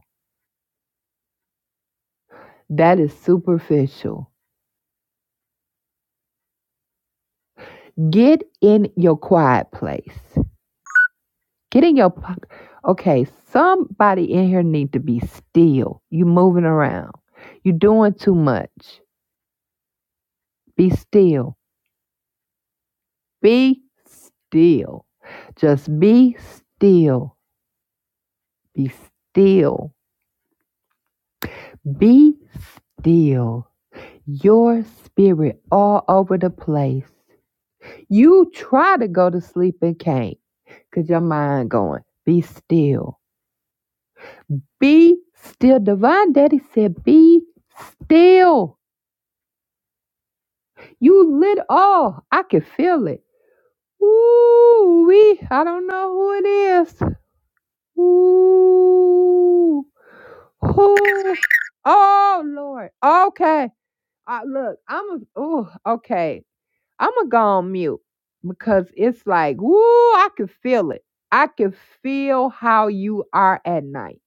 That is superficial. Get in your quiet place. Get in your pocket. Okay, somebody in here need to be still. You moving around. You doing too much. Be still. Be still. Just be still. Be still. Be still. Your spirit all over the place. You try to go to sleep and can't because your mind going. Be still. Be still. Divine Daddy said, be still. You lit. Oh, I can feel it. Ooh, we. I don't know who it is. Ooh, who? Oh Lord. Okay. I, look, I'm. a- Ooh, okay. I'm gonna go on mute because it's like, ooh, I can feel it. I can feel how you are at night,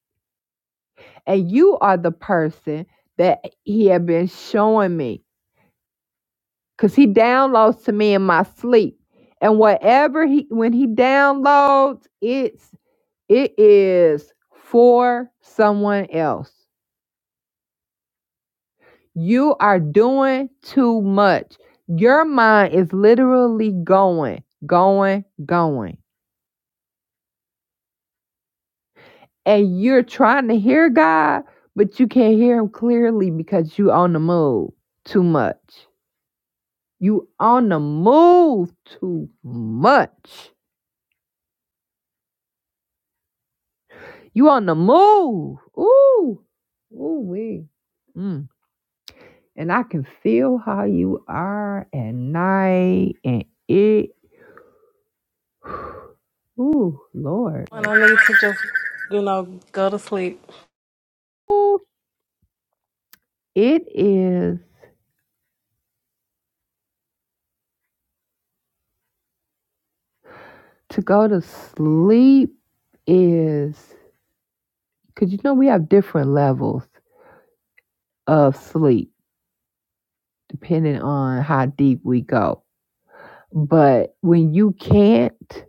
and you are the person that he had been showing me. because he downloads to me in my sleep and whatever he when he downloads it's it is for someone else you are doing too much your mind is literally going going going and you're trying to hear god but you can't hear him clearly because you on the move too much you on the move too much You on the move. Ooh. Ooh wee. Mm. And I can feel how you are at night and it [sighs] Ooh, Lord. Well, I Ooh, it is to go to sleep is because you know we have different levels of sleep depending on how deep we go. But when you can't,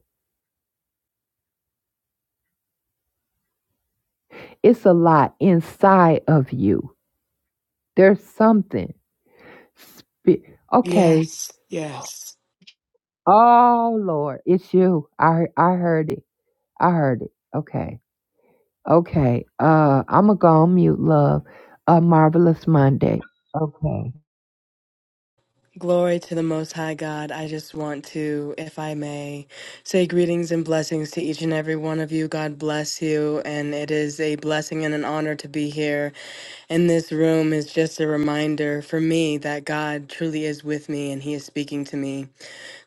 it's a lot inside of you. There's something. Spe- okay. Yes, yes. Oh Lord, it's you. I he- I heard it. I heard it. Okay. Okay. Uh, I'm gonna go on mute, love. A marvelous Monday. Okay. Glory to the Most High God. I just want to, if I may, say greetings and blessings to each and every one of you. God bless you. And it is a blessing and an honor to be here. And this room is just a reminder for me that God truly is with me and He is speaking to me.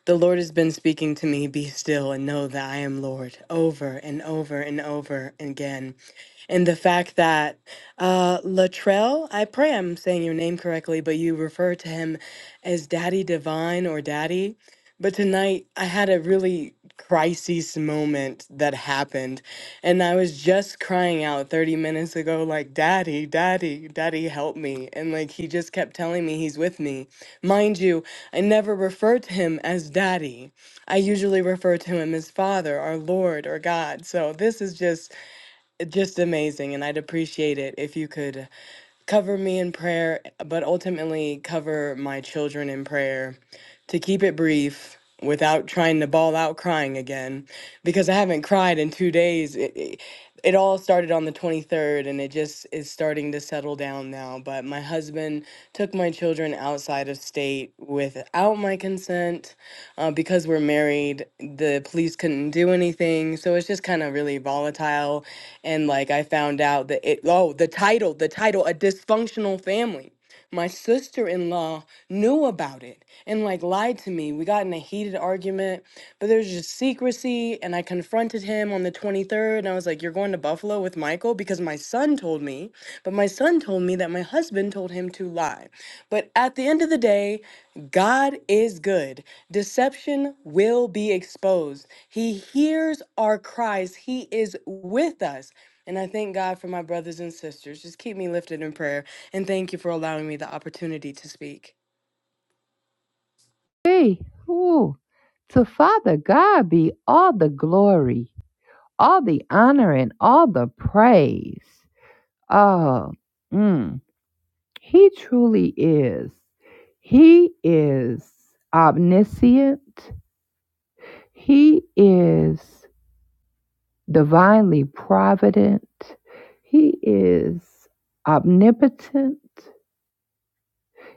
The Lord has been speaking to me, be still and know that I am Lord, over and over and over again. and the fact that uh, Latrell, I pray I'm saying your name correctly, but you refer to him as Daddy Divine or Daddy. But tonight I had a really crisis moment that happened, and I was just crying out 30 minutes ago, like, Daddy, Daddy, Daddy, help me. And like, he just kept telling me he's with me. Mind you, I never refer to him as Daddy. I usually refer to him as Father, our Lord, or God. So this is just just amazing. And I'd appreciate it if you could cover me in prayer, but ultimately cover my children in prayer to keep it brief without trying to ball out crying again because I haven't cried in two days. It, it, it all started on the 23rd and it just is starting to settle down now. But my husband took my children outside of state without my consent uh, because we're married, the police couldn't do anything. So it's just kind of really volatile. And like I found out that it, oh, the title, the title, A Dysfunctional Family. My sister in law knew about it and like lied to me. We got in a heated argument, but there's just secrecy. And I confronted him on the 23rd and I was like, You're going to Buffalo with Michael? Because my son told me, but my son told me that my husband told him to lie. But at the end of the day, God is good. Deception will be exposed. He hears our cries, He is with us. And I thank God for my brothers and sisters. Just keep me lifted in prayer. And thank you for allowing me the opportunity to speak. Hey, ooh, to Father God be all the glory, all the honor, and all the praise. Oh. mm, He truly is. He is omniscient. He is. divinely provident. He is omnipotent.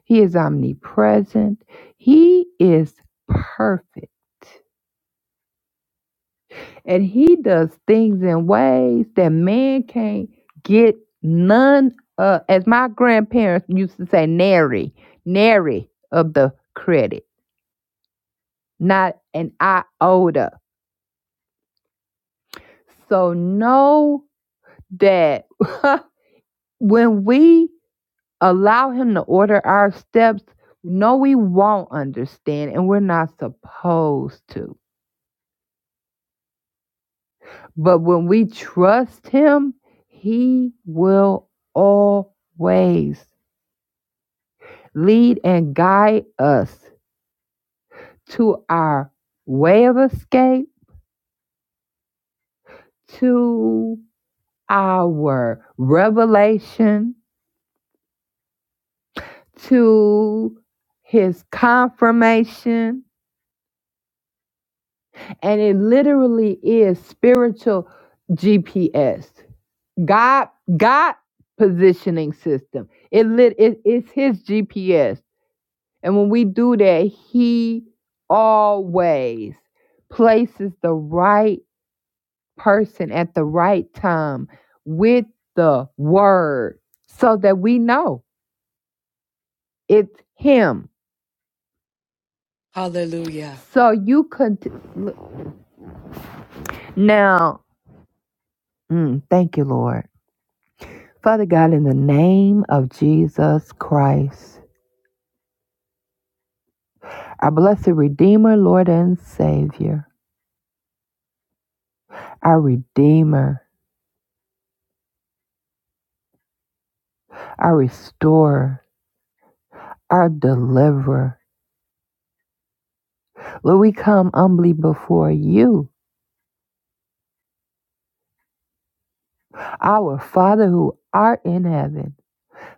He is omnipresent. He is perfect. And he does things in ways that man can't get none of. As my grandparents used to say, nary, nary of the credit, not an iota. So know that [laughs] when we allow him to order our steps. No, we won't understand, and we're not supposed to. But when we trust him, he will always lead and guide us to our way of escape, to our revelation, to his confirmation. And it literally is spiritual GPS God God positioning system. It lit it, it's his GPS. And when we do that, he always places the right person at the right time with the word so that we know it's him. Hallelujah. So you could look- now, mm, thank you, Lord. Father God, in the name of Jesus Christ. Our blessed Redeemer, Lord and Savior, our Redeemer, our Restorer, our Deliverer. Lord, we come humbly before you, our Father who art in heaven,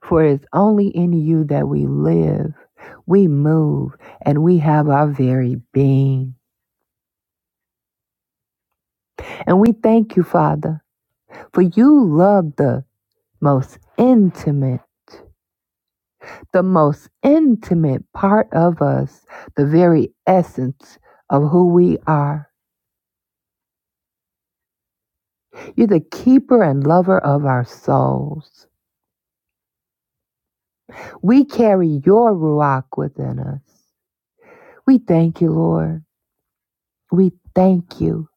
for it's only in you that we live, we move, and we have our very being. And we thank you, Father, for you love the most intimate. the most intimate part of us, the very essence of who we are. You're the keeper and lover of our souls. We carry your Ruach within us. We thank you, Lord. We thank you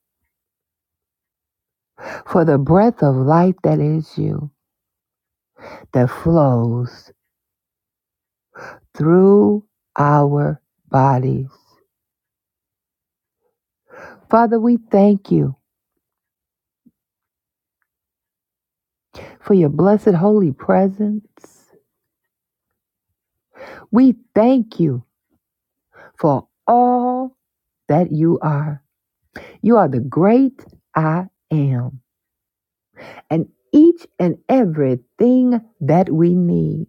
for the breath of life that is you, that flows through our bodies. Father, we thank you for your blessed holy presence. We thank you for all that you are. You are the great I am. And each and everything that we need.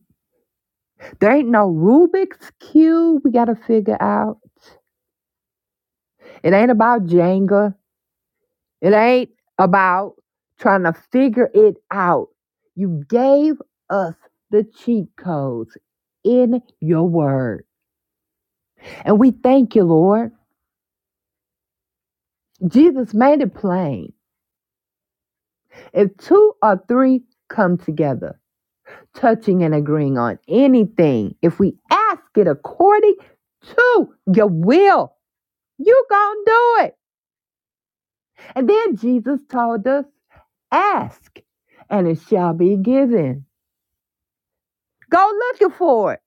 There ain't no Rubik's Cube we got to figure out. It ain't about Jenga. It ain't about trying to figure it out. You gave us the cheat codes in your word. And we thank you, Lord. Jesus made it plain. If two or three come together, touching and agreeing on anything. If we ask it according to your will, you gonna do it. And then Jesus told us, ask and it shall be given. Go looking for it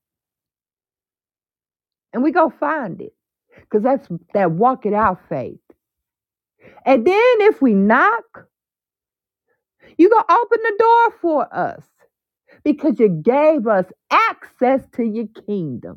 and we go find it. Because that's that walk it out faith. And then if we knock, you gonna open the door for us because you gave us access to your kingdom.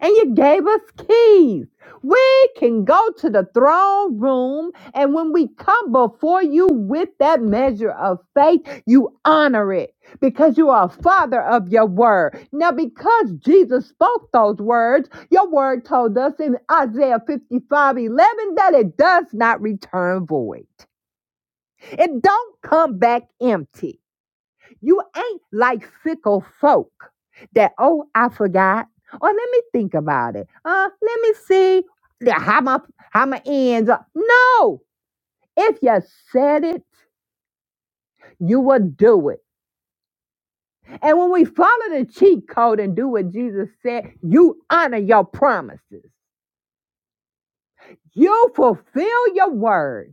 and you gave us keys. We can go to the throne room, and when we come before you with that measure of faith, you honor it because you are a father of your word. Now, because Jesus spoke those words, your word told us in Isaiah 55 11 that it does not return void, it don't come back empty. You ain't like fickle folk that, oh, I forgot. Or let me think about it. Uh, let me see the- how my how my ends up. No, if you said it, you will do it. And when we follow the cheat code and do what Jesus said, you honor your promises. You fulfill your word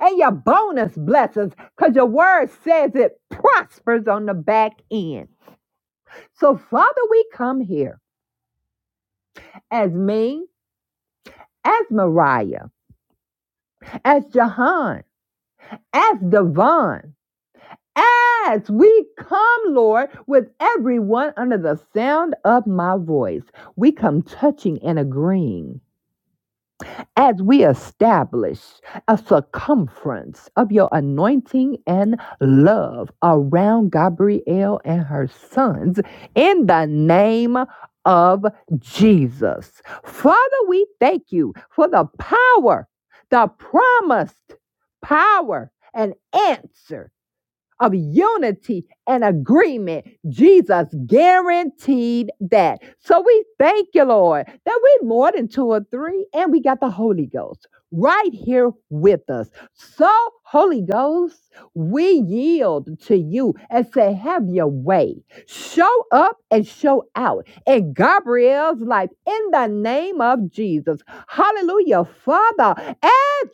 and your bonus blessings because your word says it prospers on the back end. So, Father, we come here as me. as Mariah, as Jahan, as Devon, as we come, Lord, with everyone under the sound of my voice. We come touching and agreeing as we establish a circumference of your anointing and love around Gabrielle and her sons in the name of Jesus. Father, we thank you for the power, the promised power and answer of unity and agreement. Jesus guaranteed that. So we thank you, Lord, that we're more than two or three, and we got the Holy Ghost right here with us. So, Holy Ghost, we yield to you and say, Have your way. Show up and show out in Gabriel's life in the name of Jesus. Hallelujah, Father.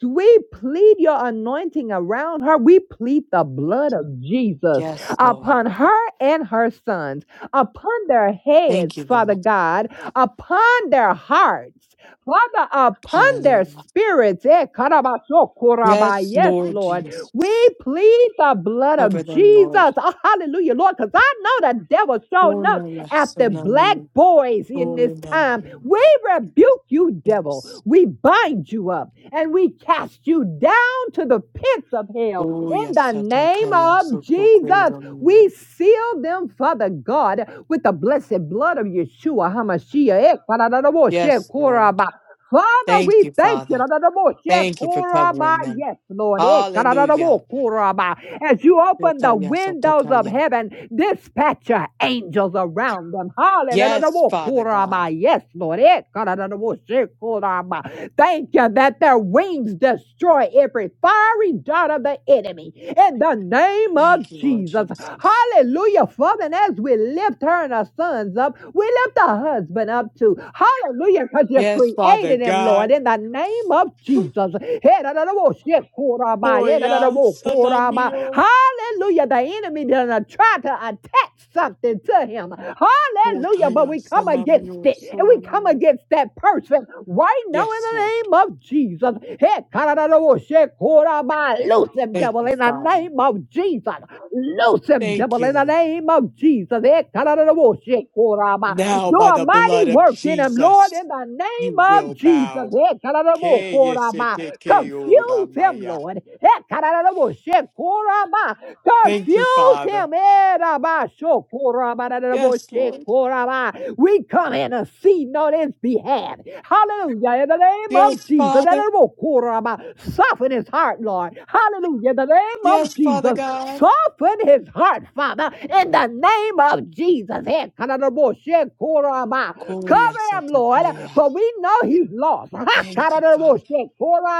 Yes, we plead your anointing around her. We plead the blood of Jesus Yes, Lord. upon her and her sons, upon their Thank heads, you, Father Lord. God, upon their hearts. Father, upon their Hallelujah. spirits. Eh, karabaso, koraba. Yes, Yes, Lord Lord. We Jesus. plead the blood of Cover them, Jesus. Lord. Oh, hallelujah, Lord, because I know the devil showing up after black boys in this time. We rebuke you, devil. Yes, We bind you up and we cast you down to the pits of hell Oh, in the yes, name Satakaya, of Jesus. We Sotokoyomia. seal them, Father God, with the blessed blood of Yeshua HaMashiach. Eh, Yes, Lord. Father, Thank we you, thank you. Father. Thank you for covering them. Yes, Lord. Eh, Hallelujah. As you open the Yotaya windows of Satakaya. heaven, dispatch your angels around them. Yes, Hallelujah. Father God. Yes, Lord. Eh, Thank you that their wings destroy destroy every fiery dart of the enemy in the name of Thank you, Lord Jesus. Jesus. Hallelujah, Father. And as we lift her and her sons up, we lift the husband up too. Hallelujah, because you Yes, Father created him, Lord, God. in the name of Jesus. Koya Sanamio. Hallelujah. The enemy didn't try to attach something to him. Hallelujah. But Kotaya we come against Sanamio it and we come Solomio. against that person right now now in Yes, the Lord. name of Jesus. Hey, karadadawoshe, koraba, Loose him, Thank devil, you, in the Father. name of Jesus. Loose him, Thank devil, you, in the Lord. name of Jesus. Hey, karadadawoshe, koraba. Now, Do by a the mighty blood of work in him, Lord, Jesus, in the you name of will Jesus. bow. Hey, karadadabo, koraba. Confuse him, K-E-S-E-T-K-O-R-A-M-A-Y-A. Lord. Hey, karadadawoshe, koraba. Thank you, Confuse Father. him. Hey, rabasho, koraba, Yes, dadadaboshe, Lord. koraba. We come in a seen on his behalf. Hallelujah. In the name of Yes, Jesus. That Father. it will Soften his heart, Lord. Hallelujah. In the name Yes, of Father Jesus. God. Soften his heart, Father. In the name of Jesus. Hey, Kadadaboshe, Koraba. Cover him, Lord, Ko-ya-sa-ta-pa-ya. for we know he's lost. Ha, Thank you, Father. Kadadaboshe,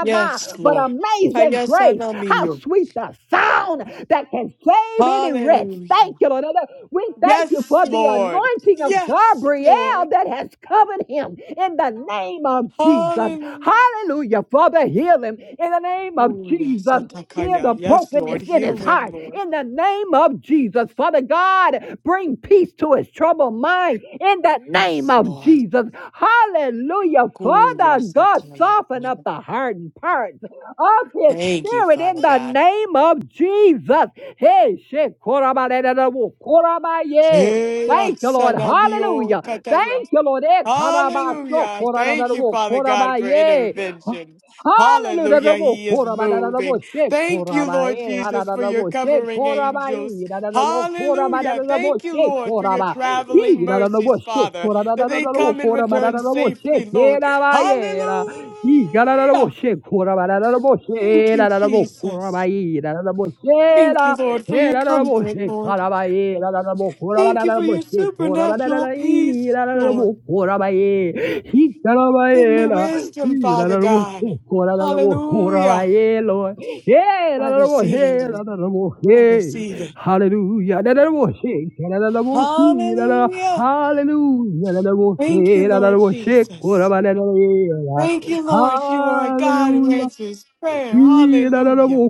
Yes, But Lord. amazing grace. How Kaya-sa-na-mi-yo. sweet the sound that can save any wretch. Thank Hallelujah. you, Lord. We thank you Yes, for the the Lord. anointing of Yes, Gabriel Lord. that has covered him in the name of Jesus. Hallelujah. Hallelujah. Father, heal him in the name of Jesus. Heal Ko-ya-sa-ta-ka-ya. the Yes, brokenness Lord. in Heal his him, heart Lord. in the name of Jesus. Father God, bring peace to his troubled mind in the name Yes, of Lord. Jesus. Hallelujah. Father God, Ko-ya-sa-ta-ya. soften up the hardened parts of his Thank you, spirit in Father the God. name of Jesus. Hey, shit, Korabadadadabu, korabaye. Yeah, Thank you, Lord. sanamio Hallelujah. kataya. Thank you, Lord. Ekarabasho, Hallelujah. Thank you, koradadadabu, Father God, for korabaye. intervention. Hallelujah. Hallelujah. Dadadabu, He is korabadadadabu, moving. she, Thank you, Lord korabaye, Jesus, for your dadadabu, she, covering angels. korabaye, dadadabu, Hallelujah. korabadadadabu, Thank you, she, Lord, for your koraba. He, traveling dadadabu, mercies, she, Father, that they koradadadadabu, come and return korabadadadabu, she, safely, Lord. kerabaye, da. He, dadadabu, Hallelujah. she, korabadadadabu, Thank she, you, dadadabu, Jesus. korabaye, he da da da bo she Thank you, la Lord, for he your da da da bo comfort, she Lord. kara ba e da da da bo kora ba Thank da you da for bo your she kora ba da da supernatural da e peace, da da da Lord. bo kora ba e he da da ba Give e me la wisdom, he da Father da da bo she God. kora da da bo kora ba Hallelujah. e lo he da I da da bo receive it, he da Lord. da da bo I he receive it. hallelujah da da da bo she da da da bo he da da Hallelujah. hallelujah da da bo Thank you, she da da da Lord bo she kora Jesus. ba da da e la Thank you, Lord. You are a God who hallelujah answers prayer. Ee, da, Hallelujah.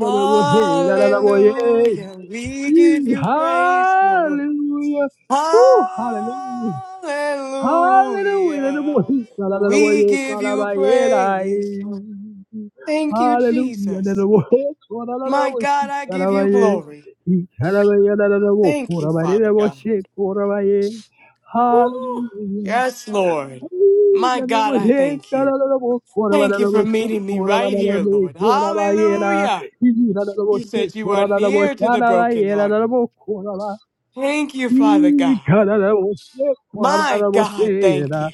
Hallelujah. We give you praise, Lord. Hallelujah. hallelujah. Hallelujah. Da, da, bo, Hallelujah. he, We ye, da, give da, you ba, ye, da, ye. praise, Lord. Thank you, Hallelujah. Da, da, Jesus. bo, he, ko, da, da, da, My bo, she, God, I da, da, give ba, you ye. glory. He, da, da, ba, ye, da, da, da, bo, Thank ko, you, da, ba, ye, Father da, bo, God. she, ko, da, ba, ye. Woo! Hallelujah. Yes, Lord. My God, I thank you. Thank you for meeting me right here, Lord. Hallelujah. You said you are near to the brokenhearted. Thank you, Father God. My God, thank you.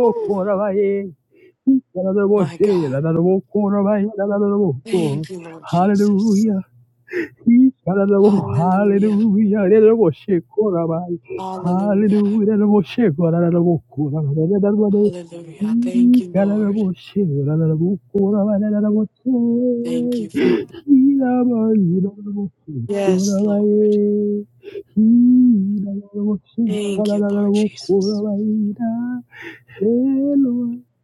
Woo! My God, thank you, Lord Jesus. Hallelujah. Hallelujah. Hallelujah. Hallelujah. Hallelujah. Thank you, Lord. Thank you, Father. Yes, Lord. Thank you, Lord Jesus. Hallelujah.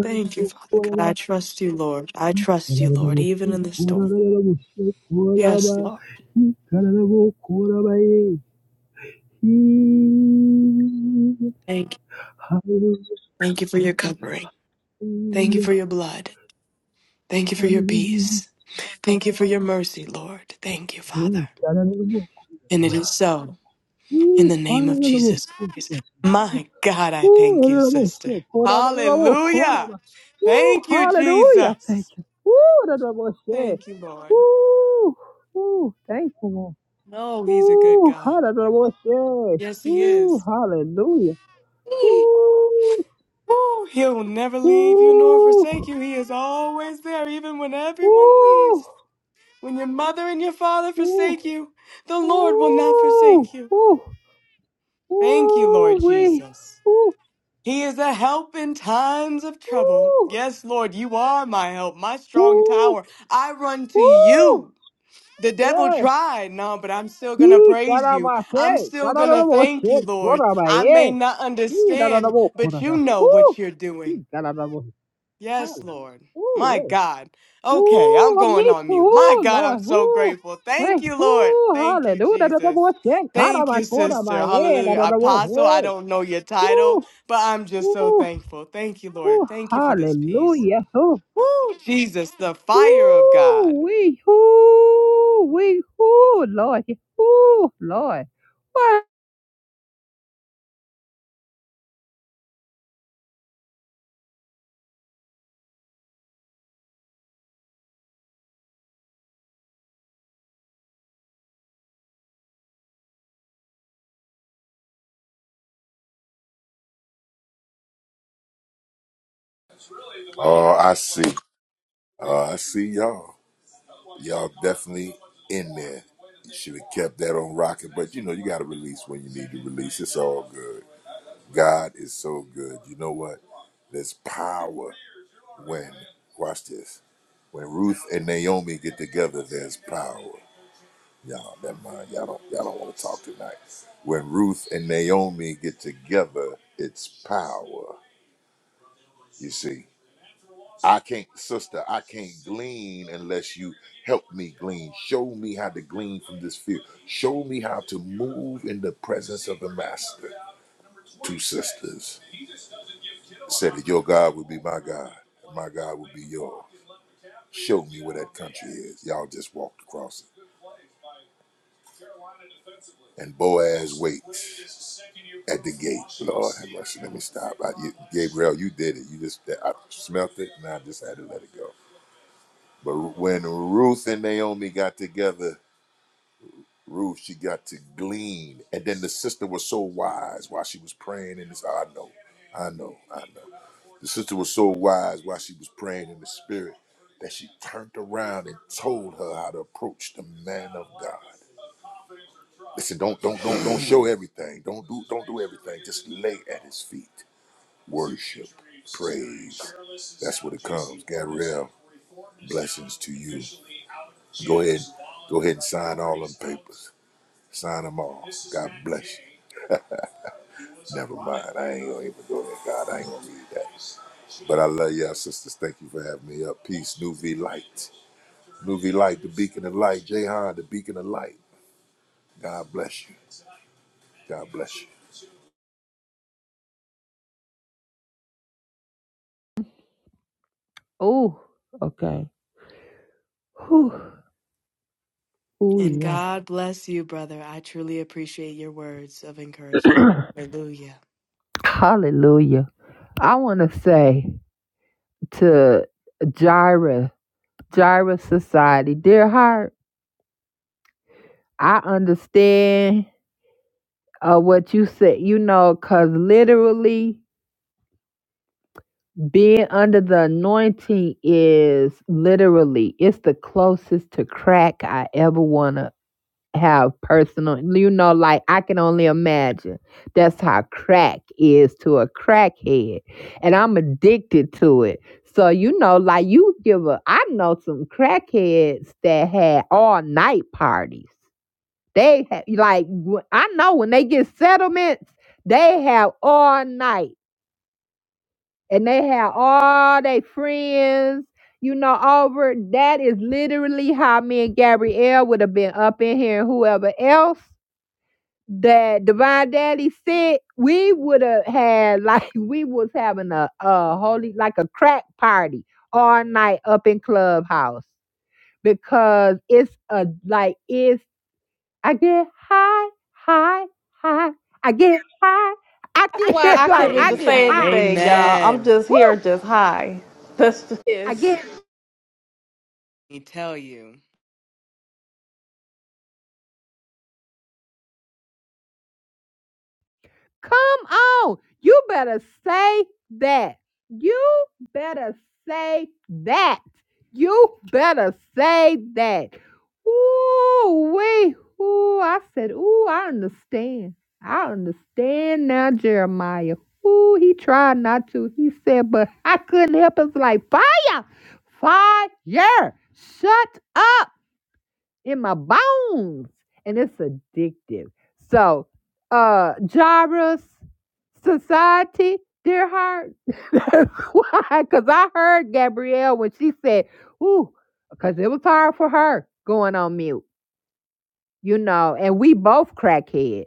Thank you, Father God. I Hello. trust you, Lord. I trust you, Lord, Kararaboshe even in the storm. koraraboshe Yes, koraba Lord. hi kararabo korabaye hi Thank you. hallelujah Thank you for your covering. Thank you for your blood. Thank you for your hallelujah peace. Thank you for your mercy, Lord. Thank you, he Father. Hallelujah! And it is so in Ooh, the hallelujah Ooh, name of Hallelujah! Jesus Christ. My God, I thank you, sister. Hallelujah! Hallelujah. Hallelujah! Ooh, Thank you, hallelujah thank Jesus. you Ooh, Hallelujah! Thank you, Lord. Ooh, ooh thank you Lord. No, he's a good Ooh, God. hallelujah Yes, he Ooh, is. hallelujah Woo, Woo, he'll never leave you nor woo, forsake you. He is always there, even when everyone woo, leaves. When your mother and your father woo, forsake you, the Lord will not woo, forsake you. woo, Thank you, woo, Lord wee, Jesus. woo, He is a help in times of trouble. woo, Yes, Lord, you are my help, my strong woo, tower. I run to woo. you. The devil Yeah. tried, no, but I'm still going to He praise you. I'm karamahe, still going to kararabo thank she you, Lord. I may korabaye. not He understand, rarabo but you korara. know Woo. what you're doing. He kararabo. Yes, Hallelujah. Lord. Woo, My yeah. God. Okay, I'm Ooh, going me on too. mute. My Ooh, God, I'm Lord. so Ooh. grateful. Hey, Thank you, Lord. ooh, Thank you, hallelujah. Da, da, da, Jesus. boy, shit. Out of Thank my you, corner, sister. my head. Da, Hallelujah. da, da, boy, Apostle, I hey. don't know your title, Ooh, but I'm just so ooh, thankful. Thank you, Lord. ooh, Thank you for this peace. hallelujah. Ooh, Woo, Jesus, the fire of God. ooh, we, ooh, we, ooh, Lord. Ooh, Lord. What? Oh, I see. Oh, I see y'all. Y'all definitely in there. You should have kept that on rocket, but you know, you got to release when you need to release. It's all good. God is so good. You know what? There's power when, watch this, when Ruth and Naomi get together, there's power. Y'all, never mind. Y'all don't, y'all don't want to talk tonight. When Ruth and Naomi get together, it's power. You see? I can't, sister, I can't glean unless you help me glean. Show me how to glean from this field. Show me how to move in the presence of the master. Two sisters said that your God would be my God, and my God would be yours. Show me where that country is. Y'all just walked across it. And Boaz waits at the gate. Lord have mercy. Let me stop. I, you, Gabriel, you did it. You just I smelt it and I just had to let it go. But when Ruth and Naomi got together, Ruth, she got to glean. And then the sister was so wise while she was praying in this. I know, I know, I know. The sister was so wise while she was praying in the spirit that she turned around and told her how to approach the man of God. Listen, don't don't don't don't show [sighs] everything. Don't do don't do everything. Just lay at his feet. Worship. Praise. That's what it comes. Gabrielle, blessings to you. Go ahead. Go ahead and sign all them papers. Sign them all. God bless you. Never mind. I ain't gonna even go there. God, I ain't gonna read that. But I love y'all, sisters. Thank you for having me up. Peace. New V Light. New V Light, the beacon of light. Jehan, the beacon of light. God bless you. God bless you. Ooh, okay. Ooh, ooh, And yeah. God bless you, brother. I truly appreciate your words of encouragement. Hallelujah. [clears throat] hallelujah. I want to say to Gyra, Gyra Society, dear heart. I understand uh, what you said, you know, because literally being under the anointing is literally, it's the closest to crack I ever want to have personal. You know, like I can only imagine that's how crack is to a crackhead. And I'm addicted to it. So, you know, like you give a, I know some crackheads that had all night parties They ha- like wh- I know when they get settlements, they have all night and they have all their friends, you know, over. That is literally how me and Gabrielle would have been up in here and whoever else that Divine Daddy said we would have had like [laughs] we was having a, a holy like a crack party all night up in Clubhouse because it's a like it's I get high, high, high. I get high. I get [laughs] like couldn't I even get say high. anything, y'all. I'm Amen. just Woo! here, just high. That's just I it. get Let me tell you. Come on. You better say that. You better say that. You better say that. Ooh, wait. Ooh, I said, ooh, I understand. I understand now, Jeremiah. Ooh, he tried not to. He said, but I couldn't help it. It's like fire. Fire. Shut up in my bones and it's addictive so uh gyrus society dear heart [laughs] that's why because i heard gabrielle when she said ooh because it was hard for her going on mute you know, and we both crackheads.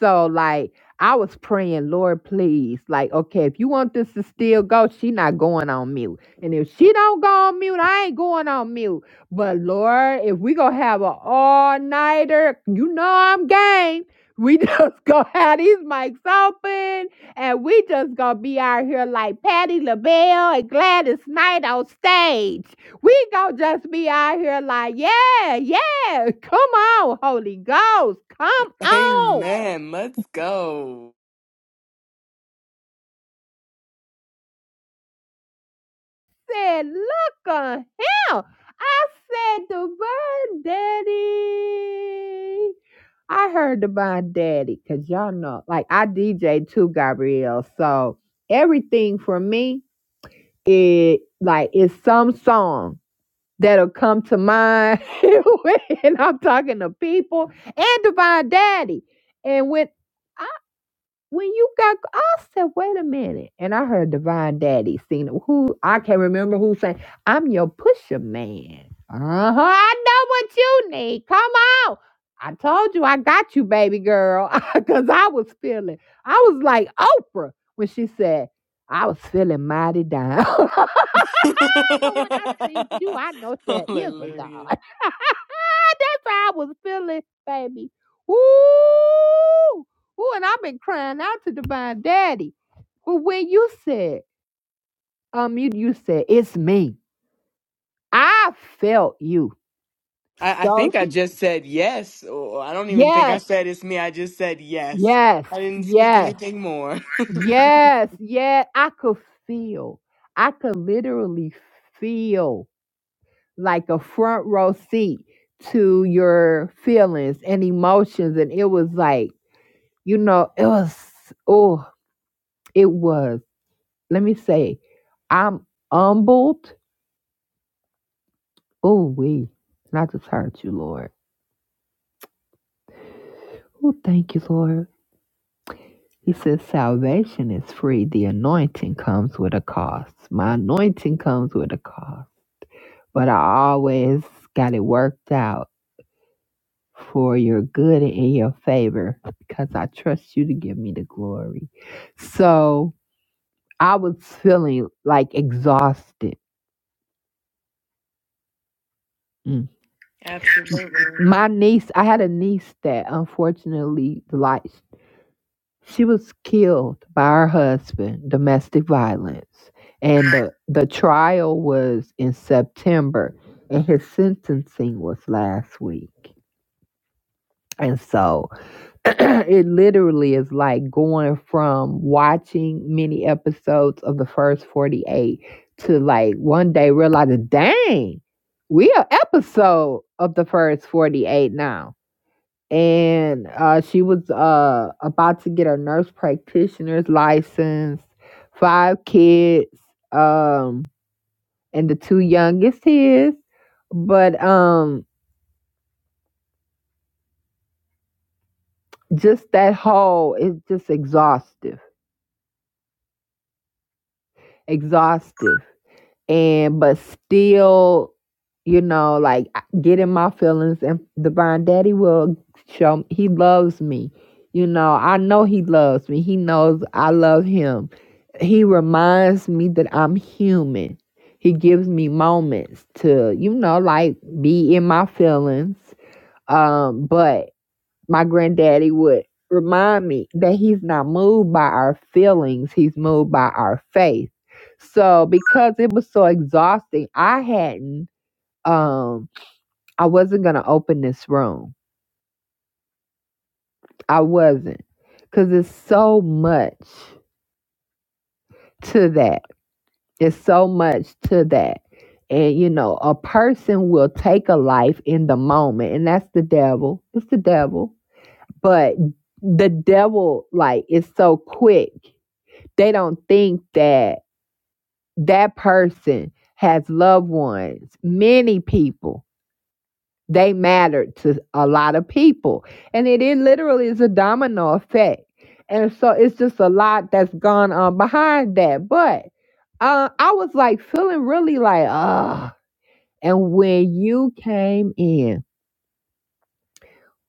So like I was praying, Lord, please, like, okay, if you want this to still go, she not going on mute. And if she don't go on mute, I ain't going on mute. But Lord, if we gonna have an all-nighter, you know I'm game. We [laughs] just gonna have these mics open and we just gonna be out here like Patti LaBelle and Gladys Knight on stage. We gonna just be out here like, yeah, yeah. Yes, come on, Holy Ghost. Come on. Amen. Let's go. Said, look on him. I said, Divine Daddy. I heard Divine Daddy because y'all know, like, I DJ too, Gabrielle. So everything for me, it like it's some song that'll come to mind [laughs] when I'm talking to people and Divine Daddy. And when when you got, I said, wait a minute. And I heard Divine Daddy sing it. Who I can't remember who sang, I'm your pusher man. Uh-huh. I know what you need. Come on. I told you I got you, baby girl. [laughs] Cause I was feeling, I was like Oprah when she said, I was feeling mighty down. [laughs] But when I see you, I [laughs] know there is a God. [laughs] Hallelujah. That's how I was feeling, baby. Ooh, ooh, and I've been crying out to Divine Daddy. But when you said, um, you you said it's me. I felt you I, I so think I deep. just said yes, or I don't even think I Yes, said it's me. I just said yes. yes, I didn't speak yes, anything more. [laughs] yes, yes. I could feel. I could literally feel. like a front row seat to your feelings and emotions. And it was like, you know, it was, oh, it was, let me say, I'm humbled. Oh, we, and I just heard you, Lord. Oh, thank you, Lord. He says, salvation is free. The anointing comes with a cost. My anointing comes with a cost. But I always got it worked out for your good and in your favor because I trust you to give me the glory. So I was feeling like exhausted. Mm. Absolutely. My niece, I had a niece that unfortunately, like, she was killed by her husband, domestic violence. And the, the trial was in September, and his sentencing was last week. And so, [clears throat] it literally is like going from watching many episodes of the first 48 to like one day realizing, dang, we are episode of the first 48 now. And uh, she was uh, about to get her nurse practitioner's license, five kids, um, and the two youngest his. But um, just that whole, it's just exhaustive, exhaustive and but still, you know, like I- get in my feelings. And Divine Daddy will show he loves me. You know, I know he loves me. He knows I love him. He reminds me that I'm human. He gives me moments to, you know, like be in my feelings. Um, but my granddaddy would remind me that he's not moved by our feelings, he's moved by our faith. So because it was so exhausting, I hadn't um I wasn't gonna open this room. I wasn't. Cause it's so much to that. It's so much to that. And you know, a person will take a life in the moment, and that's the devil. It's the devil. But the devil, like, is so quick they don't think that that person has loved ones, many people. They matter to a lot of people. And it, it literally is a domino effect. And so it's just a lot that's gone on behind that. But uh, I was like feeling really like, ah. And when you came in,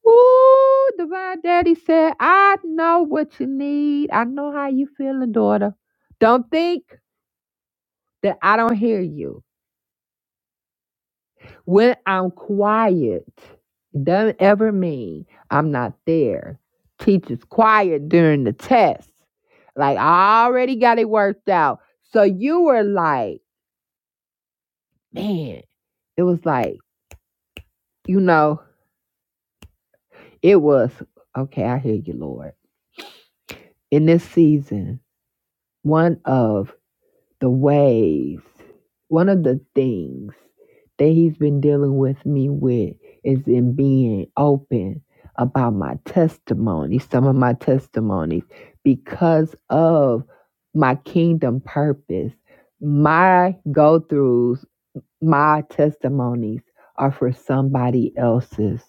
ooh, Divine Daddy said, I know what you need. I know how you feeling, daughter. Don't think that I don't hear you When I'm quiet, it doesn't ever mean I'm not there. Teacher's quiet during the test. Like I already got it worked out. So you were like, man, it was like, you know, it was okay, I hear you, Lord. In this season, one of the ways. One of the things that he's been dealing with me with is in being open about my testimony, some of my testimonies, because of my kingdom purpose. My go throughs, my testimonies are for somebody else's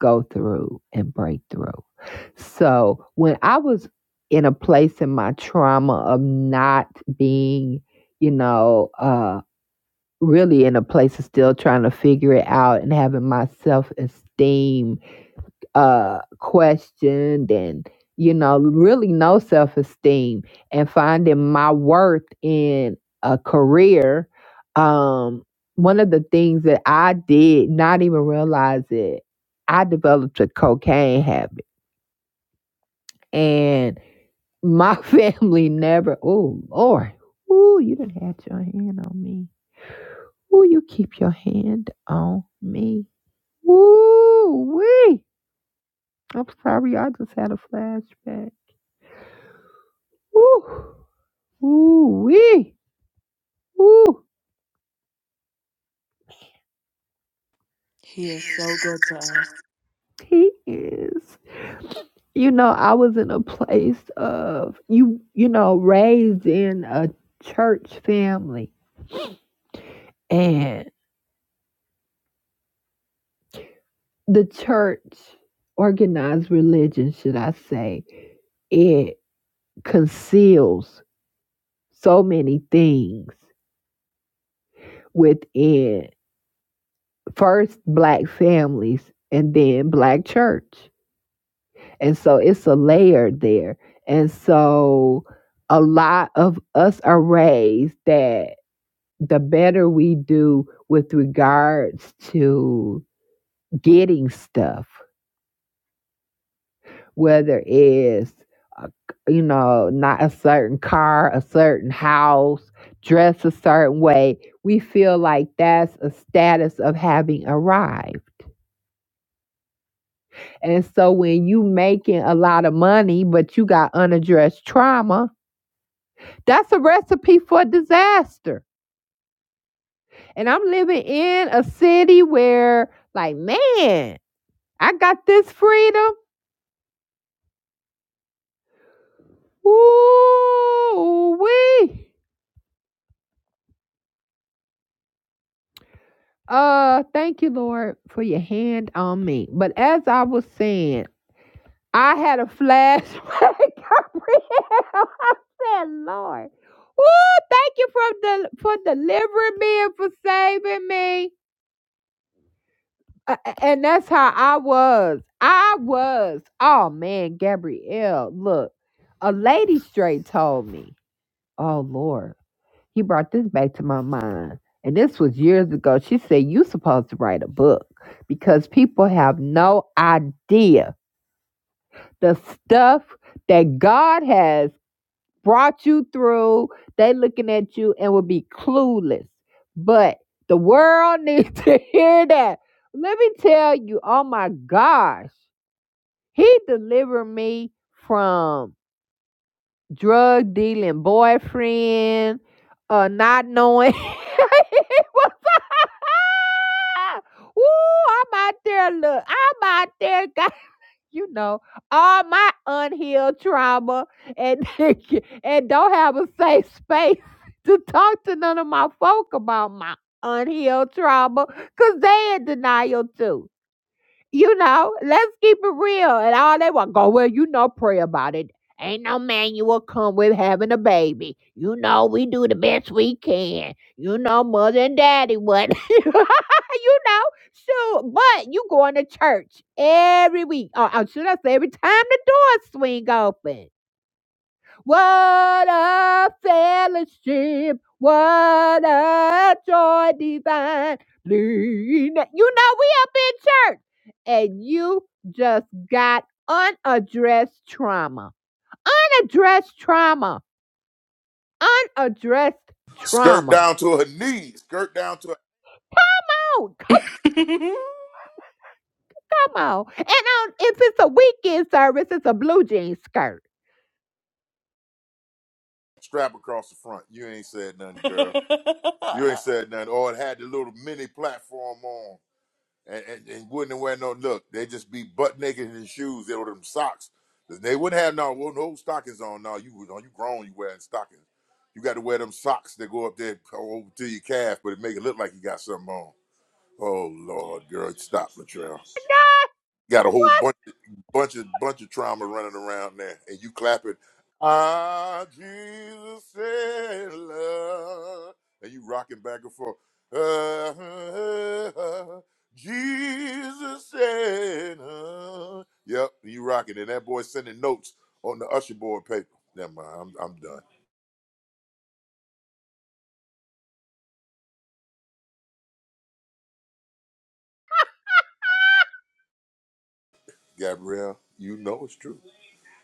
go through and break through. So when I was in a place in my trauma of not being, you know, uh, really in a place of still trying to figure it out and having my self esteem uh questioned and you know really no self-esteem and finding my worth in a career um one of the things that i did not even realize it i developed a cocaine habit and my [laughs] family never oh lord ooh, you didn't have your hand on me Ooh, you keep your hand on me Ooh, wee. I'm sorry, I just had a flashback. Woo! Ooh wee! Ooh, He is so good to us. he is. You know, I was in a place of you. You know, raised in a church family, and the church organized religion, should I say, it conceals so many things within first black families and then black church. And so it's a layer there. And so a lot of us are raised that the better we do with regards to getting stuff, whether it's, uh, you know, not a certain car, a certain house, dress a certain way, we feel like that's a status of having arrived. And so when you making a lot of money, but you got unaddressed trauma, That's a recipe for disaster. And I'm living in a city where, like, man, I got this freedom. Ooh, wee. Uh, thank you, Lord, for your hand on me. But as I was saying, I had a flashback. [laughs] I said, Lord, ooh, thank you for del- for delivering me and for saving me. A- and that's how I was. I was. Oh man, Gabrielle, look, a lady straight told me. Oh Lord, he brought this back to my mind, and this was years ago. She said you supposed to write a book because people have no idea the stuff that God has brought you through. They looking at you and will be clueless. But the world [laughs] needs to hear that. Let me tell you, oh my gosh, he delivered me from drug dealing boyfriend, uh, not knowing [laughs] he was [laughs] Woo, I'm out there. Look, I'm out there. [laughs] guys you know, all my unhealed trauma and [laughs] and don't have a safe space [laughs] to talk to none of my folk about my unhealed trauma because they in denial too. You know, let's keep it real. And all they want go, well, you know, pray about it. Ain't no manual come with having a baby. You know, we do the best we can. You know, mother and daddy what [laughs] you know. So but you going to church every week. Or, or should I say every time the doors swing open. What a fellowship. What a joy divine. You know, we up in church and you just got unaddressed trauma. Unaddressed trauma. Unaddressed Skirt trauma. down to her knees. Skirt down to her Oh, come on. And um, if it's a weekend service, it's a blue jean skirt. strap across the front. You ain't said nothing, girl. You ain't said nothing. Or it had the little mini platform on. and, and, and wouldn't wear no look. They just be butt naked in their shoes. They were them socks. They wouldn't have no well, no stockings on. No, you was on you grown. You wearing stockings. You got to wear them socks that go up there over to your calf, but it make it look like you got something on. Oh Lord, girl, stop, Latrell. God, Got a whole what? bunch, bunch of, bunch of trauma running around there, and you clapping. Ah, Jesus said, love, and you rocking back and forth. Ah, Jesus said, uh, yep, you rocking, and that boy sending notes on the usher board paper. Never mind, I'm, I'm done. Gabrielle, you know it's true.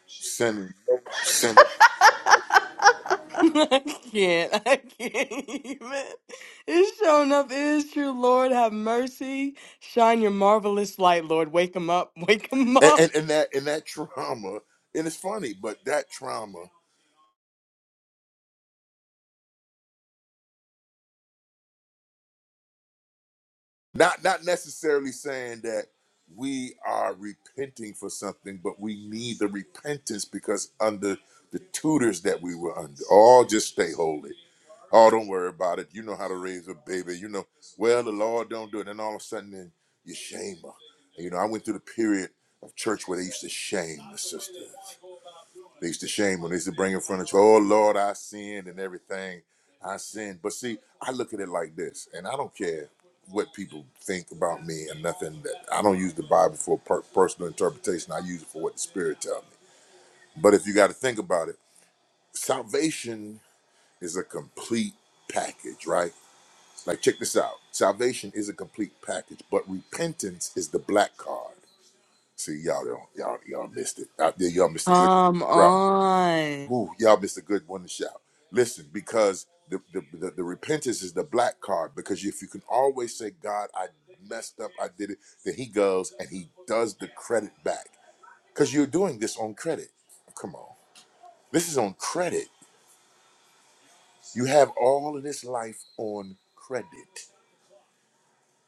Sending notes on the [laughs] usher board [laughs] I can't. I can't even. It's showing up. It is true. Lord, have mercy. Shine your marvelous light, Lord. Wake him up. [laughs] Wake him paper, and, up. and, and that, and that trauma, and it's funny, but that trauma. Not not necessarily saying that we are repenting for something, but we need the repentance because under the tutors that we were under, all just stay holy. oh, don't worry about it. You know how to raise a baby. You know, well, the Lord don't do it. And all of a sudden, then you shame her. And, you know, I went through the period of church where they used to shame the sisters. They used to shame when they used to bring in front of you, oh Lord, I sinned and everything. I sinned. But see, I look at it like this, and I don't care what people think about me or nothing. That I don't use the Bible for per- personal interpretation. I use it for what the Spirit tells me. But if you got to think about it, salvation is a complete package, right? Like, check this out. Salvation is a complete package, but repentance is the black card. See, y'all don't, y'all, y'all missed it. Out there, y'all missed a good, Come right? on. Ooh, y'all missed a good one to shout. Listen, because the, the, the, the repentance is the black card. Because if you can always say, God, I messed up, I did it, then he goes and he does the credit back. Because you're doing this on credit. Come on. This is on credit. You have all of this life on credit.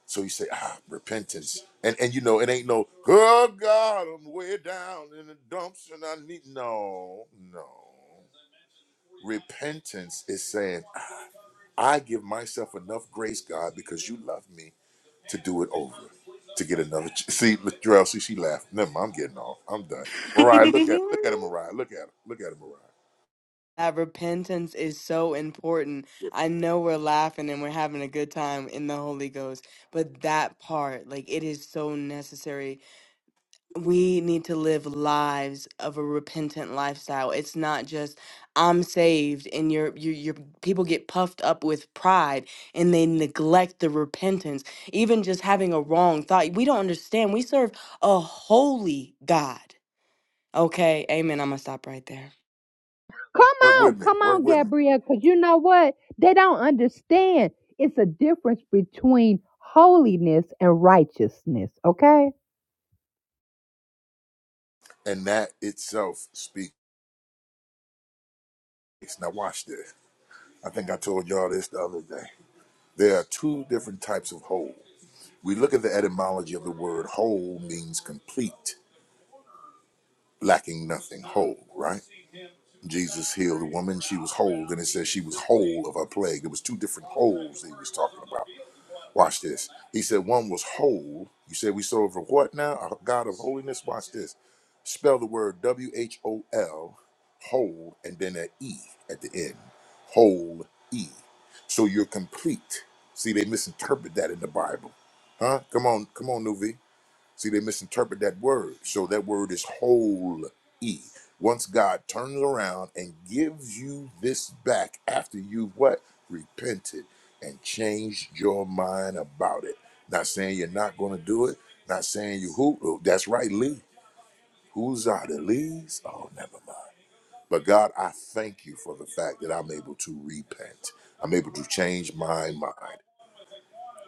So you say, ah, repentance. And and you know, it ain't no, oh God, I'm way down in the dumps and I need no, no. Repentance is saying. I give myself enough grace, God, because you love me to do it over, to get another. Ch- see, Latrell, see, she laughed. Never mind, I'm getting off. I'm done. Mariah, look at look at [laughs] her, Mariah. Look at her. Look at her, Mariah. that repentance is so important. I know we're laughing and we're having a good time in the Holy Ghost, but that part, like, it is so necessary. We need to live lives of a repentant lifestyle. It's not just I'm saved, and your your your people get puffed up with pride and they neglect the repentance. Even just having a wrong thought, we don't understand. We serve a holy God. Okay, Amen. I'm gonna stop right there. Come Work on, with me. come Work on, with me. Gabrielle, because you know what? They don't understand. It's a difference between holiness and righteousness, okay? And that itself speaks. Now watch this. I think I told y'all this the other day. There are two different types of whole. We look at the etymology of the word whole means complete, lacking nothing, whole, right? Jesus healed a woman. She was whole. Then it says she was whole of her plague. It was two different wholes that he was talking about. Watch this. He said one was whole. You said we serve a what now? A God of holiness. Watch this. Spell the word W H O L, whole, and then an E at the end. Whole E. So you're complete. See, they misinterpret that in the Bible. Huh? Come on, come on, Nuvi. See, they misinterpret that word. So that word is whole e. Once God turns around and gives you this back after you've what? Repented and changed your mind about it. Not saying you're not going to do it. Not saying you who. oh, That's right, Lee. Who's out of Lee's? Oh, never mind. But God, I thank you for the fact that I'm able to repent. I'm able to change my mind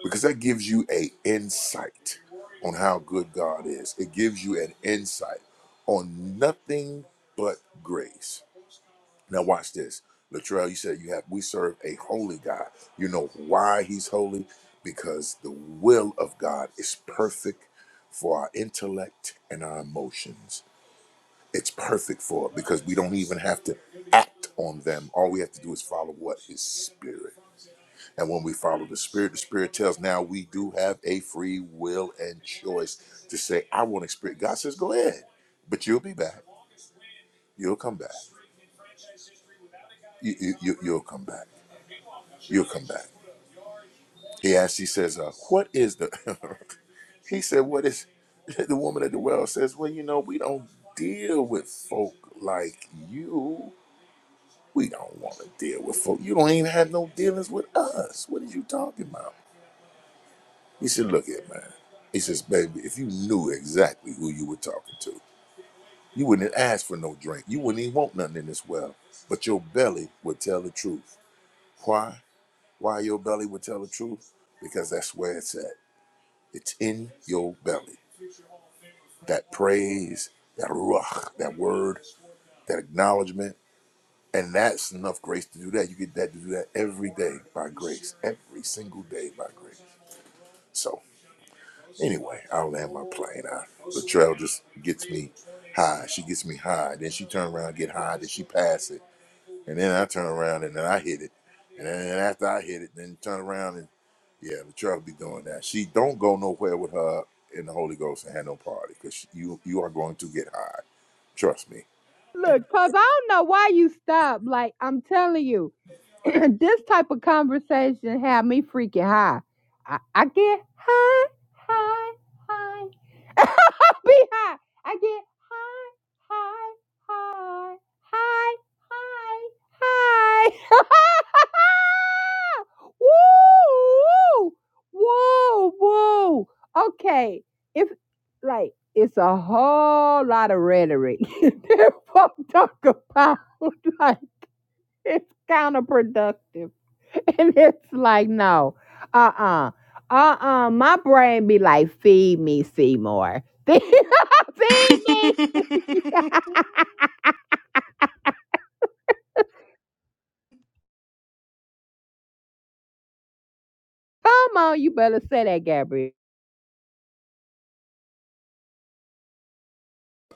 because that gives you a insight on how good God is. It gives you an insight on nothing but grace. Now watch this. Latrell, you said you have we serve a holy God. You know why he's holy? Because the will of God is perfect for our intellect and our emotions. It's perfect for it because we don't even have to act on them. All we have to do is follow what his spirit. And when we follow the Spirit, the Spirit tells now we do have a free will and choice to say, I want to experience. God says, go ahead, but you'll be back. You'll come back. You, you, you, you'll come back. You'll come back. He asks, he says, uh, what is the, [laughs] he said, what is, [laughs] the woman at the well says, well, you know, we don't deal with folk like you. We don't want to deal with folk. You don't even have no dealings with us. What are you talking about? He said, Look here, man. He says, Baby, if you knew exactly who you were talking to, you wouldn't ask for no drink. You wouldn't even want nothing in this well. But your belly would tell the truth. Why? Why your belly would tell the truth? Because that's where it's at. It's in your belly. That praise, that ruach, that word, that acknowledgement. And that's enough grace to do that. You get that to do that every day by grace, every single day by grace. So Anyway, I land my plane. I, Latrell just gets me high. She gets me high. Then she turn around, get high. Then she pass it, and then I turn around and then I hit it, and then after I hit it, then turn around and yeah, Latrell be doing that. She don't go nowhere with her in the Holy Ghost and have no party because you you are going to get high. Trust me. And Look, cause I don't know why you stopped. Like I'm telling you, [clears throat] this type of conversation had me freaking high. I, I get high, high, high. [laughs] I be high. I get high, high, high, high, high, high. [laughs] woo, woo, whoa, whoa. Okay, if like it's a whole lot of rhetoric [laughs] that folk talk about. [laughs] like it's counterproductive, [laughs] and it's like no, uh uh-uh. uh, My brain be like, feed me, Seymour. [laughs] feed me. [laughs] Come on, you better say that, Gabrielle.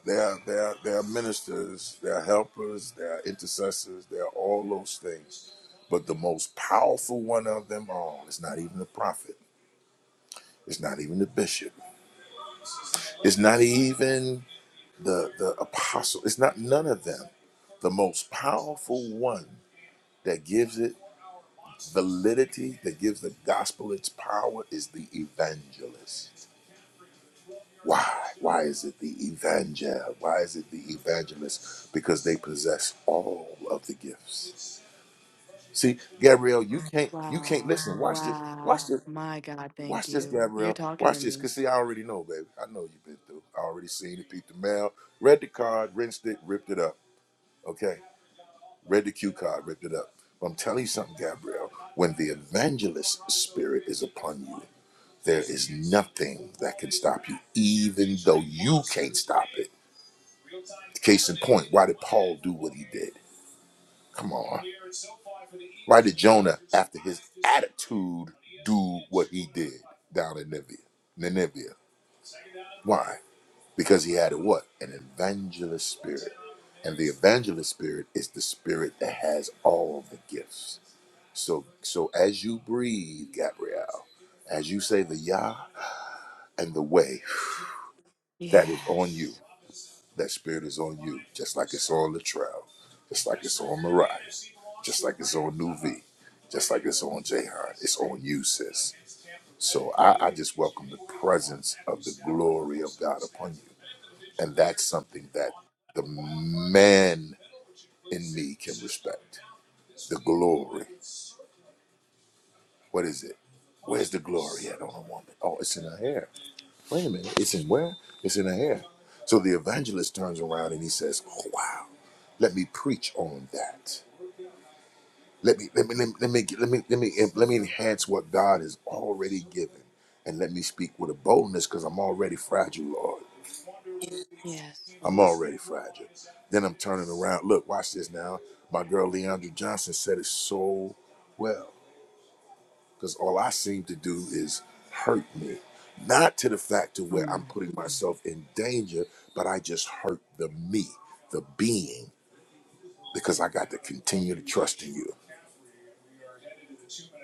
There are, there are, they are ministers, there are helpers, there are intercessors, there are all those things. But the most powerful one of them all is not even a prophet. It's not even the bishop. It's not even the the apostle. It's not none of them. The most powerful one that gives it validity, that gives the gospel its power, is the evangelist. Why? Why is it the evangel? Why is it the evangelist? Because they possess all of the gifts. See, Gabrielle, you can't you can't Wow. listen. Watch this. Watch Wow. this. My God, thank Watch this, you. You're Gabrielle. talking to Watch this. me. Cause see, I already know, baby. I know you've been through. I already seen it, peeped the mail, read the card, rinsed it, ripped it up. Okay. Read the cue card, ripped it up. But I'm telling you something, Gabrielle. When the evangelist spirit is upon you, there is nothing that can stop you, even though you can't stop it. Case in point, why did Paul do what he did? Come on. Why did Jonah, after his attitude, do what he did down in Nineveh? Nineveh. Why? because he had a what? An evangelist spirit. And the evangelist spirit is the spirit that has all the gifts. So so as you breathe, Gabrielle, as you say the Yah and the way, that is on you. Yes. That spirit is on you, just like it's on Latrell, just like it's on Mariah, just like it's on New V, just like it's on Jahan. It's on you, sis. So I, I just welcome the presence of the glory of God upon you And that's something that the man in me can respect. The glory. What is it? Where's the glory at on a woman? Oh, it's in her hair. Wait a minute. It's in where? It's in her hair. So the evangelist turns around and he says, oh, wow, let me preach on that. Let me let me let me let me let me let me, let me enhance what God has already given, and let me speak with a boldness because I'm already fragile, Lord. Yes, I'm Lord. already fragile. Then I'm turning around. Look, watch this now. My girl Leandra Johnson said it so well. Because all I seem to do is hurt me. Not to the fact of Come where I'm on. putting myself in danger, but I just hurt the me, the being, because I got to continue to trust in you.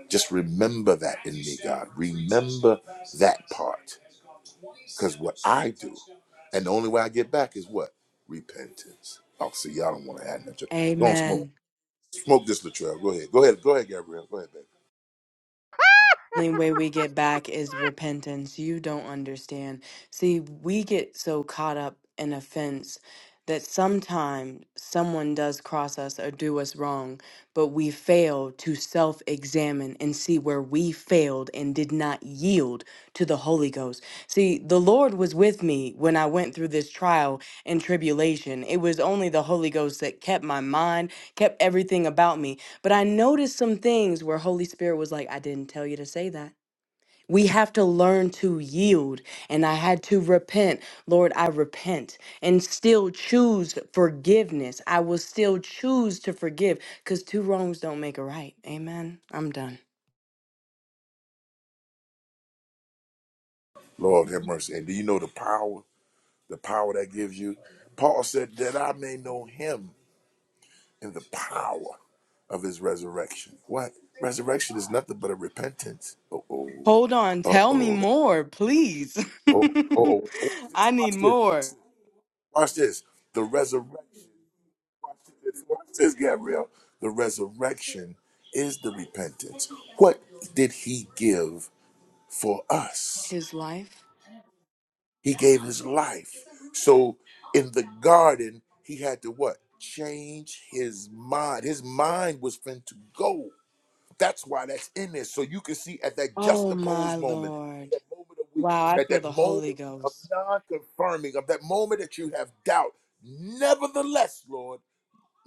Just remember that in me, God. Remember that part. Because what I do, and the only way I get back is what? Repentance. Oh, see, y'all don't want to add nothing. Go and smoke Amen. Smoke this, Latrell. Go ahead. Go ahead. Go ahead, Gabrielle. Go ahead, baby. only way we get back is repentance. You don't understand. See, we get so caught up in offense that sometimes someone does cross us or do us wrong, but we fail to self examine and see where we failed and did not yield to the Holy Ghost. See, the Lord was with me when I went through this trial and tribulation. It was only the Holy Ghost that kept my mind, kept everything about me. But I noticed some things where Holy Spirit was like, I didn't tell you to say that. We have to learn to yield. And I had to repent. Lord, I repent and still choose forgiveness. I will still choose to forgive because two wrongs don't make a right. Amen. I'm done. Lord have mercy. And do you know the power, the power that gives you? Paul said that I may know him in the power of his resurrection. What? Resurrection is nothing but a repentance. Uh oh. Hold on. Uh Tell me oh. more, please. Oh oh. Watch [laughs] this. I need Watch this. Watch more. this. Watch this. The resurrection. Watch this. Watch this, Gabrielle. The resurrection is the repentance. What did he give for us? His life. He gave his life. So in the garden, he had to what? Change his mind. His mind was meant to go. That's why that's in there. So you can see at that Oh, my juxtaposed moment, at Lord. that moment of Wow. weakness, I at feel that the Holy moment of Ghost. non confirming, of that moment that you have doubt. Nevertheless, Lord,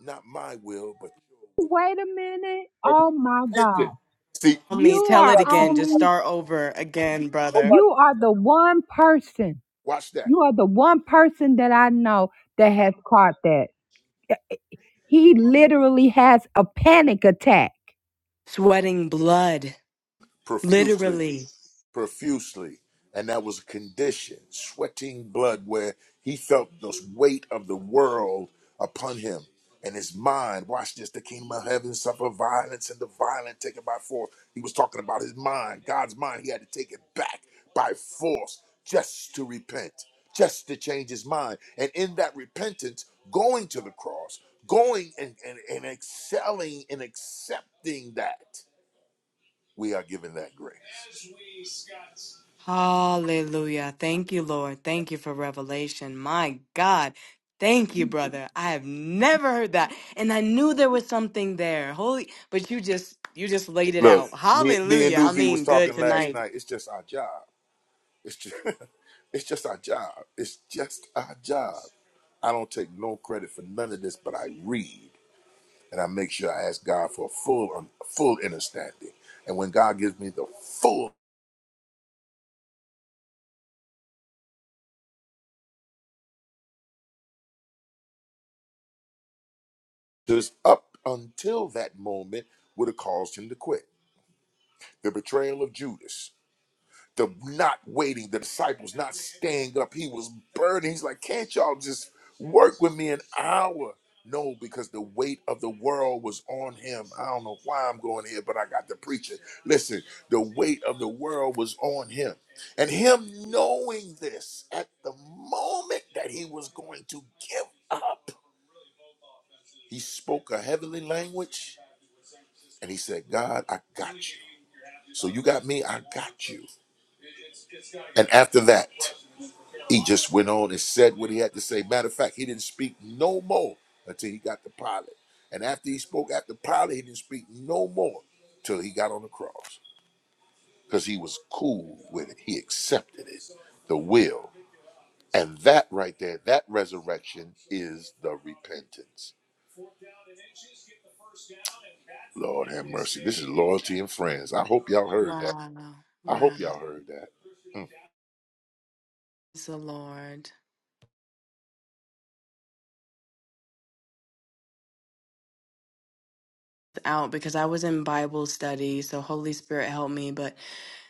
not my will, but your Wait a minute. Oh my will. Repentance. God, See, Tell you me, see, tell are it nobody, see, again. Just nobody only ever start taught over that. again, brother. Nobody you ever are the taught that. one person Watch that You are the one person that I know that has caught that. He literally has a panic attack. Sweating blood, profusely. literally. profusely, and that was a condition, sweating blood, where he felt the weight of the world upon him. And his mind, watch this, the kingdom of heaven suffer violence and the violent taken by force. He was talking about his mind, God's mind. He had to take it back by force just to repent, just to change his mind. And in that repentance, going to the cross, going and, and, and excelling and accepting that, we are given that grace. Hallelujah. Thank you, Lord. Thank you for revelation. My God. Thank you, brother. I have never heard that. And I knew there was something there. Holy, but you just you just laid it Look, out. me, me and Hallelujah. I Nuvi was mean, good talking last tonight. night. It's just our job. It's just, [laughs] it's just our job. It's just our job. I don't take no credit for none of this, but I read and I make sure I ask God for a full, um, full understanding. And when God gives me the full, just up until that moment would have caused him to quit. The betrayal of Judas. the not waiting, the disciples not staying up. He was burning. He's like, can't y'all just work with me an hour? No, because the weight of the world was on him. I don't know why I'm going here, but I got to preach it. Listen, the weight of the world was on him. And him knowing this at the moment that he was going to give up, he spoke a heavenly language and he said, God, I got you. So you got me, I got you. And after that, he just went on and said what he had to say. Matter of fact, he didn't speak no more until he got to Pilate. And after he spoke after Pilate, he didn't speak no more till he got on the cross because he was cool with it. He accepted it, the will. And that right there, that resurrection is the repentance. Lord have mercy. This is loyalty and friends. I hope y'all heard that. Wow. I Wow. hope y'all heard that. Mm. Praise the Lord. Out because I was in Bible study, so Holy Spirit help me, but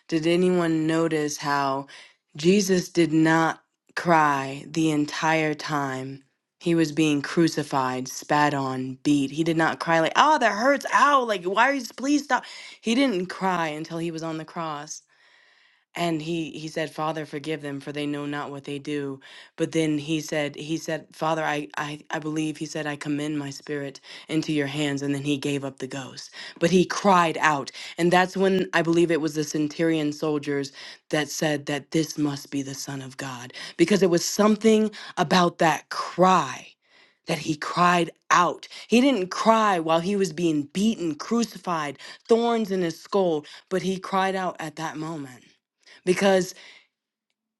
Did anyone notice how Jesus did not cry the entire time he was being crucified, spat on, beat? He did not cry like, oh, that hurts, ow, like, why are you, please stop. He didn't cry until he was on the cross and he he said father forgive them for they know not what they do but then he said he said father I, I i believe he said i commend my spirit into your hands and then he gave up the ghost but he cried out and that's when i believe it was the centurion soldiers that said that this must be the son of god because it was something about that cry that he cried out. He didn't cry while he was being beaten, crucified, thorns in his skull, but he cried out at that moment because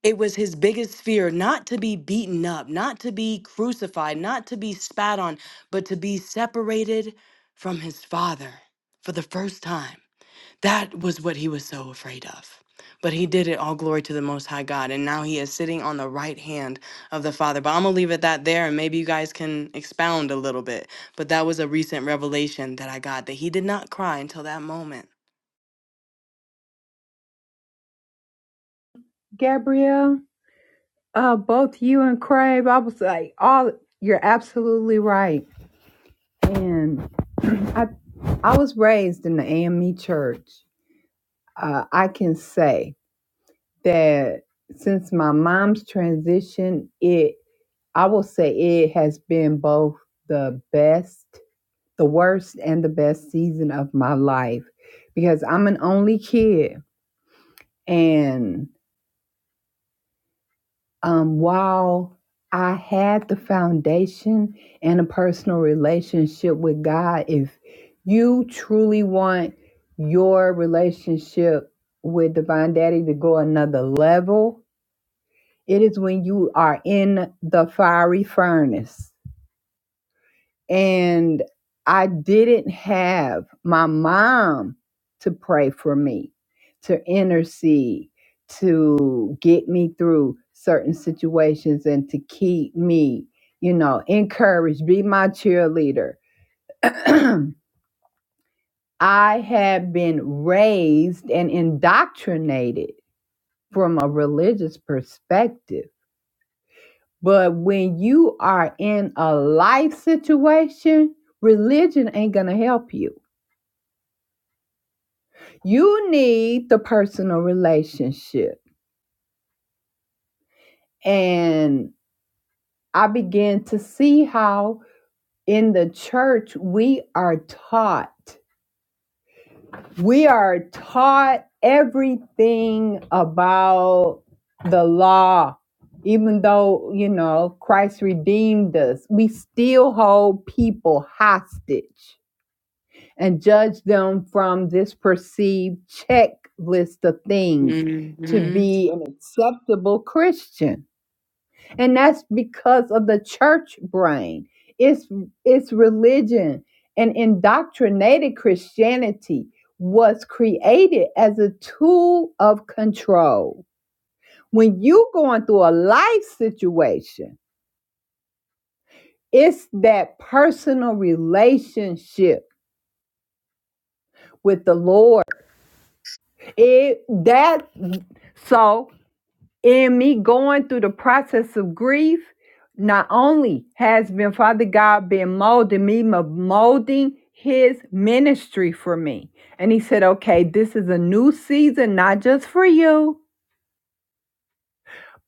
it was his biggest fear not to be beaten up, not to be crucified, not to be spat on, but to be separated from his father for the first time. That was what he was so afraid of. But he did it all glory to the Most High God. And now he is sitting on the right hand of the Father. But I'm going to leave it that there and maybe you guys can expound a little bit. But that was a recent revelation that I got that he did not cry until that moment. Gabrielle, uh, both you and Crave, I was like, all you're absolutely right. And [clears throat] I, I was raised in the AME church. Uh, I can say that since my mom's transition, it, I will say it has been both the best the worst and the best season of my life because I'm an only kid. And um, while I had the foundation and a personal relationship with God, if you truly want your relationship with Divine Daddy to go another level, it is when you are in the fiery furnace and I didn't have my mom to pray for me, to intercede, to get me through certain situations and to keep me, you know, encouraged, be my cheerleader. [clears throat] I had been raised and indoctrinated from a religious perspective. But when you are in a life situation, religion ain't going to help you You need the personal relationship. And I began to see how in the church we are taught. We are taught everything about the law. Even though, you know, Christ redeemed us, we still hold people hostage and judge them from this perceived checklist of things to hmm be an acceptable Christian. and that's because of the church brain it's it's religion and indoctrinated christianity was created as a tool of control when you going through a life situation it's that personal relationship with the lord it that so in me going through the process of grief, not only has been Father God been molding me, but molding his ministry for me. And he said, okay, this is a new season, not just for you,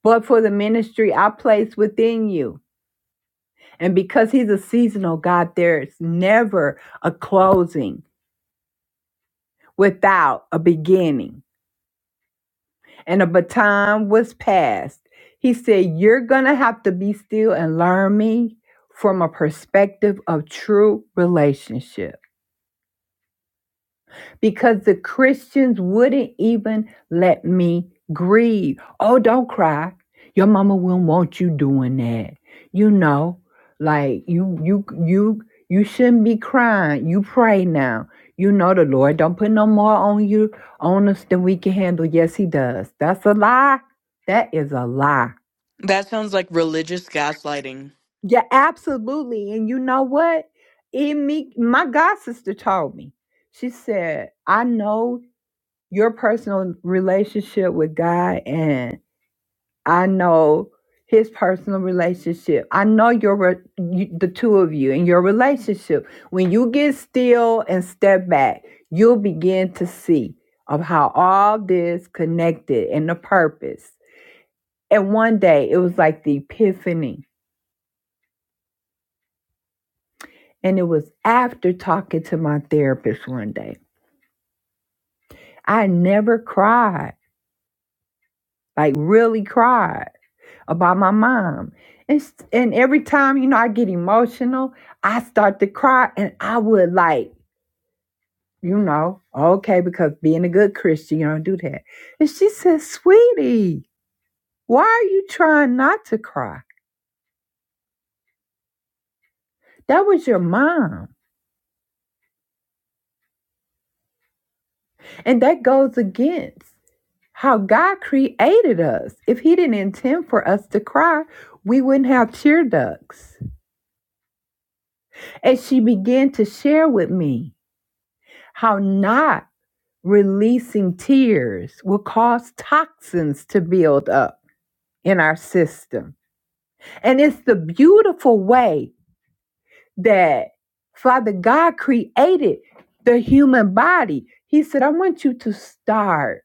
but for the ministry I place within you. And because he's a seasonal God, there's never a closing without a beginning. and a baton was passed. He said, You're going to have to be still and learn me from a perspective of true relationship because the Christians wouldn't even let me grieve. Oh, don't cry. Your mama will not want you doing that. You know, like you you you you shouldn't be crying. You pray now. You know the Lord don't put no more on you on us than we can handle. Yes, he does. That's a lie. That is a lie. That sounds like religious gaslighting. Yeah, absolutely. And you know what? It me my god sister told me. She said, I know your personal relationship with God and I know his personal relationship. I know your re- you, the two of you and your relationship. When you get still and step back, you'll begin to see of how all this connected and the purpose. And one day it was like the epiphany. And it was after talking to my therapist one day. I never cried, like really cried about my mom. And, and every time, you know, I get emotional, I start to cry and I would like, you know, okay, because being a good Christian, you don't do that. And she said, Sweetie, why are you trying not to cry? That was your mom. And that goes against how God created us. If He didn't intend for us to cry, we wouldn't have tear ducts. And she began to share with me how not Releasing tears will cause toxins to build up in our system. And it's the beautiful way that Father God created the human body. He said, I want you to start.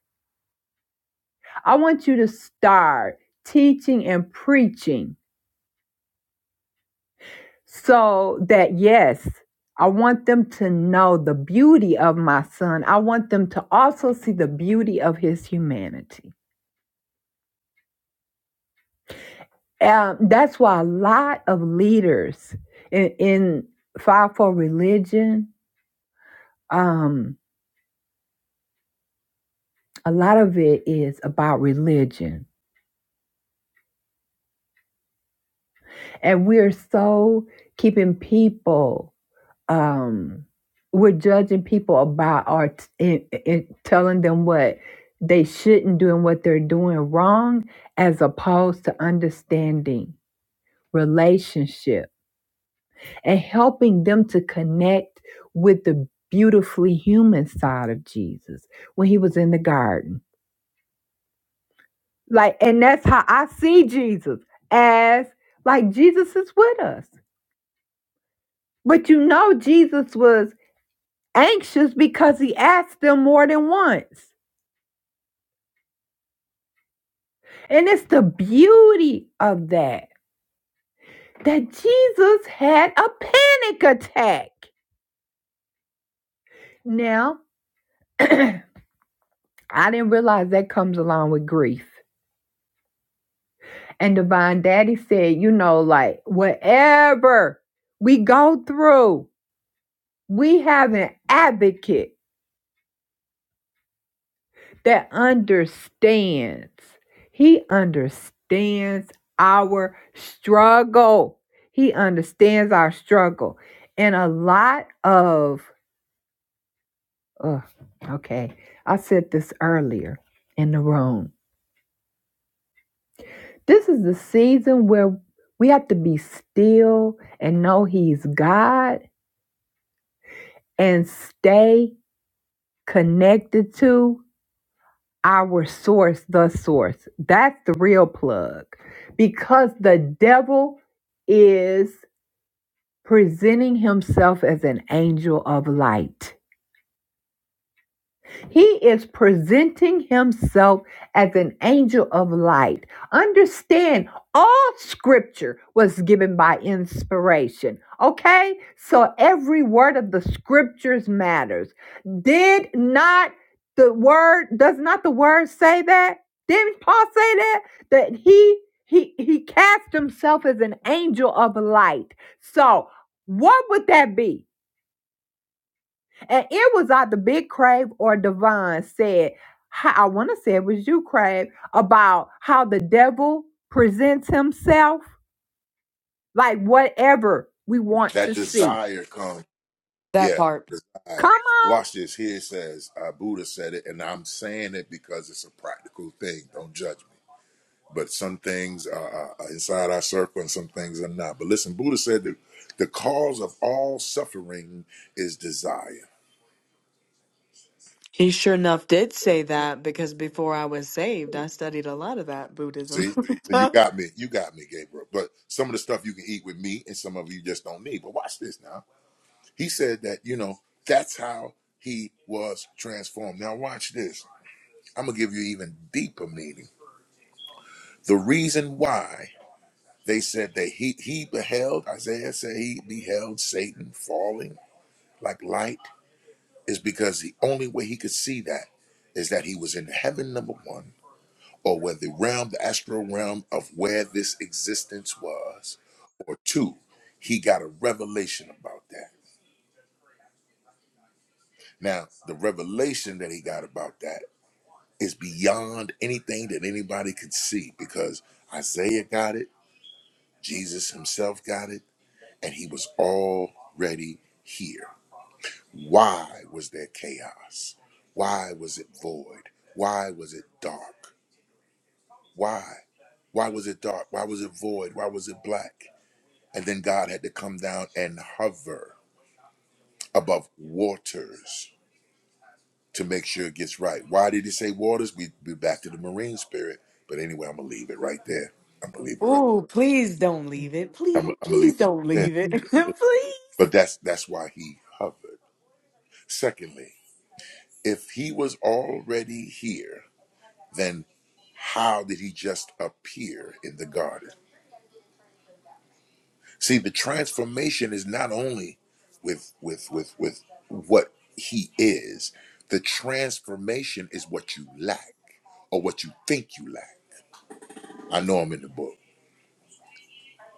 I want you to start teaching and preaching so that, yes, I want them to know the beauty of my son. I want them to also see the beauty of his humanity. Um, that's why a lot of leaders in, in file for religion, um, a lot of it is about religion, and we're so keeping people. Um, we're judging people about our t- in, in telling them what they shouldn't do and what they're doing wrong, as opposed to understanding relationship. and helping them to connect with the beautifully human side of Jesus when he was in the garden. Like, and that's how I see Jesus as like Jesus is with us. But you know, Jesus was anxious because he asked them more than once. And it's the beauty of that, that Jesus had a panic attack. Now, [clears throat] I didn't realize that comes along with grief. And Divine Daddy said, you know, like whatever we go through, we have an advocate that understands. He understands our struggle. He understands our struggle. And a lot of, ugh, okay, I said this earlier in the room. This is the season where we have to be still and know He's God and stay connected to our source, the source. That's the real plug because the devil is presenting himself as an angel of light. He is presenting himself as an angel of light. Understand, all scripture was given by inspiration. Okay? So every word of the scriptures matters. Did not the word, does not the word say that? Didn't Paul say that? That he he he cast himself as an angel of light. So what would that be? And it was either Big Crave or Devon said, how, I want to say it was you, Crave, about how the devil presents himself like whatever we want That to see. desire comes. That Yeah, part. desire. Come on, Watch this. Here it says, uh, Buddha said it, and I'm saying it because it's a practical thing. Don't judge me. But some things are are inside our circle and some things are not. But listen, Buddha said that the cause of all suffering is desire. He sure enough did say that because before I was saved, I studied a lot of that Buddhism. See, so you [laughs] got me, you got me, Gabriel. But some of the stuff you can eat with meat, and some of you just don't need. But watch this now. He said that you know that's how he was transformed. Now watch this. I'm gonna give you even deeper meaning. The reason why they said that he he beheld Isaiah said he beheld Satan falling like light is because the only way he could see that is that he was in heaven number one or where the realm, the astral realm of where this existence was, or two, he got a revelation about that. Now, the revelation that he got about that is beyond anything that anybody could see because Isaiah got it, Jesus himself got it, and he was already here. Why was there chaos? Why was it void? Why was it dark? Why? Why was it dark? Why was it void? Why was it black? And then God had to come down and hover above waters to make sure it gets right. Why did he say waters? We be back to the marine spirit. But anyway, I'm gonna leave it right there. I'm gonna leave it right. Ooh, please don't leave it. I'm, Please, I'm gonna leave please it don't right there. leave it. [laughs] please. But that's that's why he hovered. Secondly, if he was already here, then how did he just appear in the garden? See, the transformation is not only with with with with what he is. The transformation is what you lack or what you think you lack. I know I'm in the book.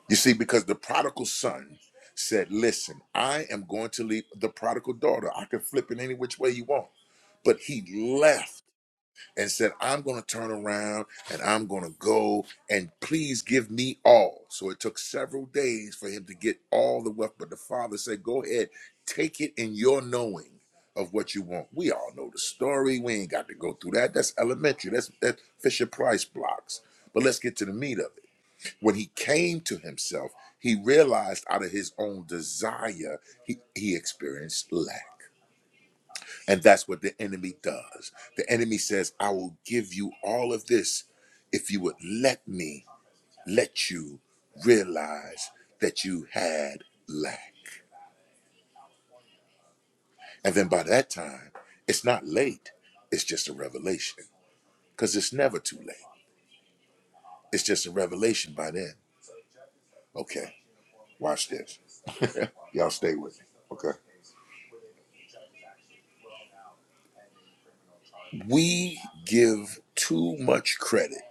You see, because the prodigal son said, "Listen, I am going to leave the prodigal daughter. I can flip it any which way you want." But he left and said, I'm going to turn around and I'm going to go and please give me all. So it took several days for him to get all the wealth. But the father said, Go ahead, take it in your knowing of what you want. We all know the story. We ain't got to go through that. That's elementary. That's that Fisher Price blocks. But let's get to the meat of it. When he came to himself, he realized out of his own desire, he, he experienced lack. And that's what the enemy does. The enemy says, I will give you all of this if you would let me let you realize that you had lack. And then by that time, it's not late, it's just a revelation because it's never too late. It's just a revelation by then. Okay, watch this. [laughs] Y'all stay with me. Okay. We give too much credit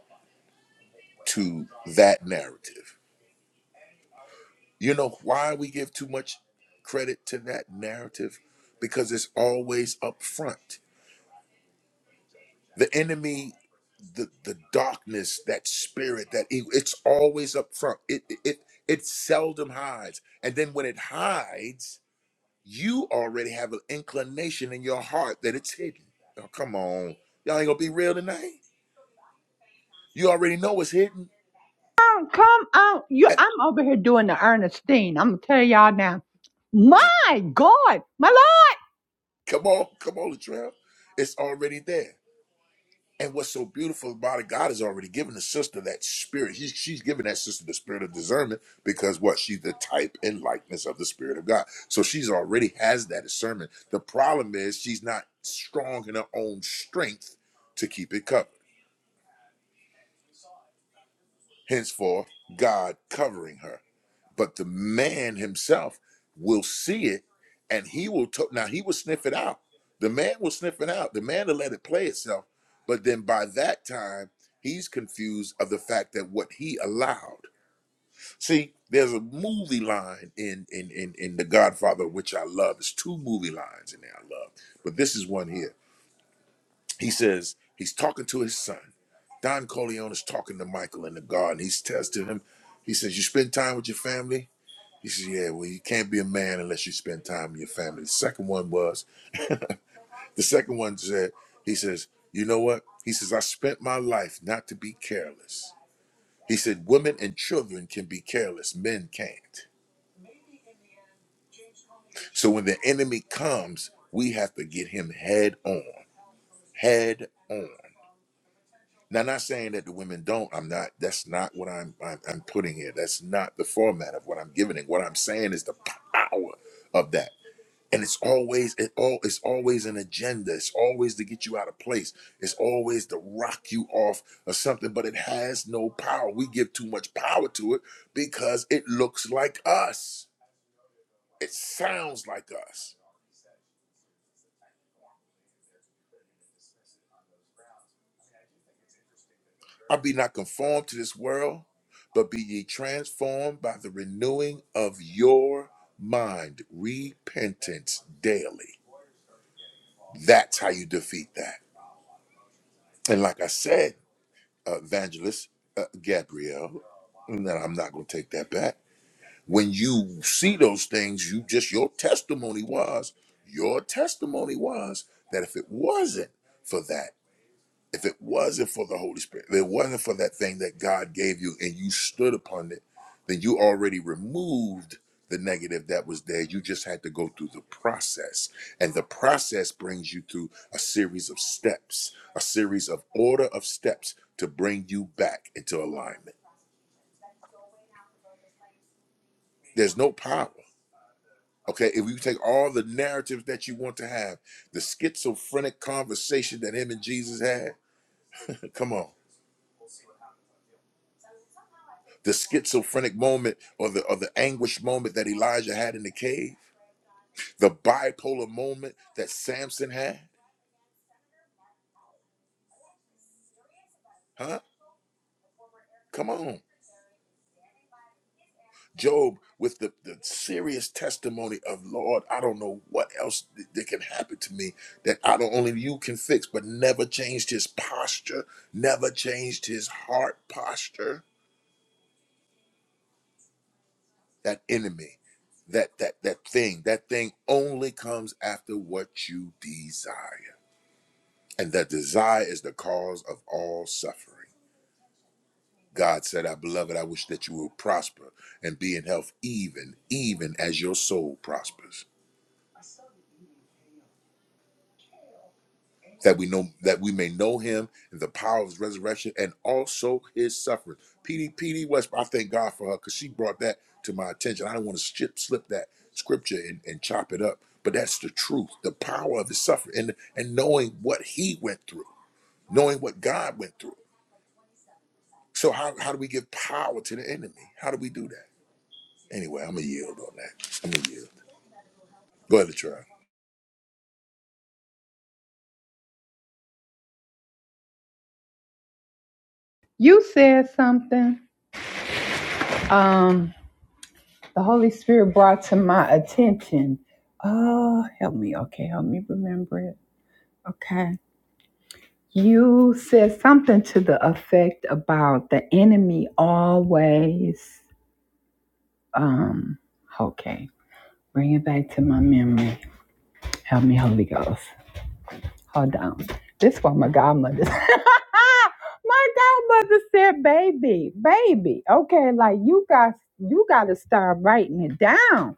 to that narrative You know why we give too much credit to that narrative? Because it's always up front. The enemy, the the darkness, that spirit, that evil, it's always up front. It it it it seldom hides. And then when it hides, you already have an inclination in your heart that it's hidden. Oh, come on. Y'all ain't gonna be real tonight. You already know it's hidden. come on, come on. You, Eh, I'm over here doing the Ernestine. I'm going to tell y'all now. My God, my Lord. Come on, come on, Latrell. It's already there. And what's so beautiful about it, God has already given the sister that spirit. He, she's given that sister the spirit of discernment because what? She's the type and likeness of the spirit of God. So she's already has that discernment. The problem is she's not strong in her own strength to keep it covered. henceforth God covering her. But the man himself will see it and he will, to- now he will sniff it out. The man will sniff it out. The man will let it play itself. But then by that time, he's confused of the fact that what he allowed. See, there's a movie line in in in, in The Godfather, which I love. There's two movie lines in there I love, but this is one here he says he's talking to his son. Don Corleone is talking to Michael in the garden. He's testing him. He says, You spend time with your family? He says, Yeah, well, you can't be a man unless you spend time with your family. The second one was, the second one said, He says, You know what? He says, I spent my life not to be careless. He said, Women and children can be careless, men can't. So when the enemy comes, we have to get him head on. Head on. Now, I'm not saying that the women don't. I'm not. That's not what I'm. I'm, I'm putting here. That's not the format of what I'm giving it. What I'm saying is the power of that. And it's always it all. It's always an agenda. It's always to get you out of place. It's always to rock you off or something. But it has no power. We give too much power to it because it looks like us. It sounds like us. I be not conformed to this world, but be ye transformed by the renewing of your mind, repentance daily. That's how you defeat that. And like I said, evangelist uh, Gabrielle, and then I'm not going to take that back. When you see those things, you just your testimony was your testimony was that if it wasn't for that. If it wasn't for the Holy Spirit, if it wasn't for that thing that God gave you and you stood upon it, then you already removed the negative that was there. You just had to go through the process. And the process brings you through a series of steps, a series of order of steps to bring you back into alignment. There's no power. Okay, if you take all the narratives that you want to have, the schizophrenic conversation that him and Jesus had, [laughs] come on the schizophrenic moment or the or the anguish moment that Elijah had in the cave, the bipolar moment that Samson had. Huh? Come on. Job with the, the serious testimony of Lord, I don't know what else th- that can happen to me that I don't only you can fix, but never changed his posture, never changed his heart posture. That enemy, that that that thing, that thing only comes after what you desire. and that desire is the cause of all suffering. God said, I beloved, I wish that you would prosper and be in health even, even as your soul prospers. That we know that we may know him in the power of his resurrection and also his suffering. PD PD West, I thank God for her because she brought that to my attention. I don't want to skip slip that scripture and, and chop it up. But that's the truth, the power of his suffering and, and knowing what he went through, knowing what God went through. So how, how do we give power to the enemy? How do we do that? Anyway, I'm gonna yield on that. I'm gonna yield. Go ahead, Latrell. You said something um, the Holy Spirit brought to my attention. Oh, help me. Okay, help me remember it. Okay You said something to the effect about the enemy always. Um, okay, bring it back to my memory. Help me, Holy Ghost. Hold on. This one, my godmother. [laughs] my godmother said, "Baby, baby, okay, like you got." You got to start writing it down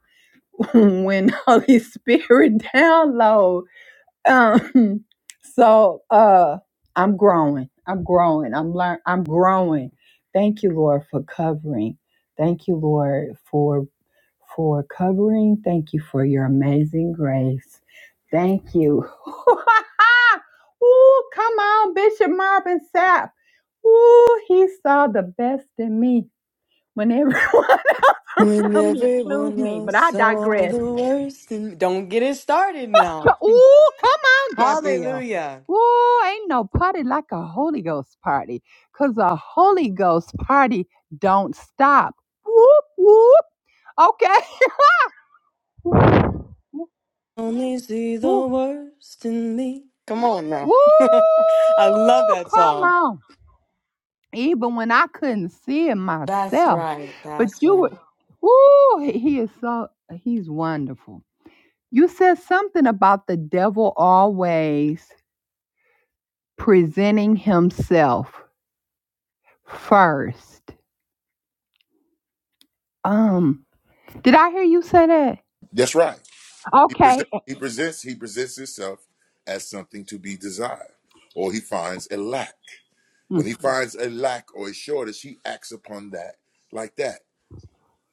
[laughs] when Holy Spirit [laughs] download. Um, [laughs] so uh, I'm growing. I'm growing. I'm learn. I'm growing. Thank you, Lord, for covering. Thank you, Lord, for for covering. Thank you for your amazing grace. Thank you. [laughs] Ooh, come on, Bishop Marvin Sapp. Ooh, he saw the best in me when everyone [laughs] else When around me includes everyone me. But else I saw digress. the worst in Don't get it started now. Ooh, come on, [laughs] Gabrielle. Hallelujah. Ooh, ain't no party like a Holy Ghost party, 'cause a Holy Ghost party don't stop. Whoop, whoop. Okay. [laughs] Whoop, whoop, Only see the whoop. worst in me. Come on now. [laughs] I love Woo, that Come song. on. Even when I couldn't see it That's myself. right. But That's you right. were Woo, he he is so he's wonderful. You said something about the devil always presenting himself. first. Um, did I hear you say that? That's right. He Okay. presents, he presents, he presents himself as something to be desired, or he finds a lack. When Mm, he finds a lack or a shortage, he acts upon that like that.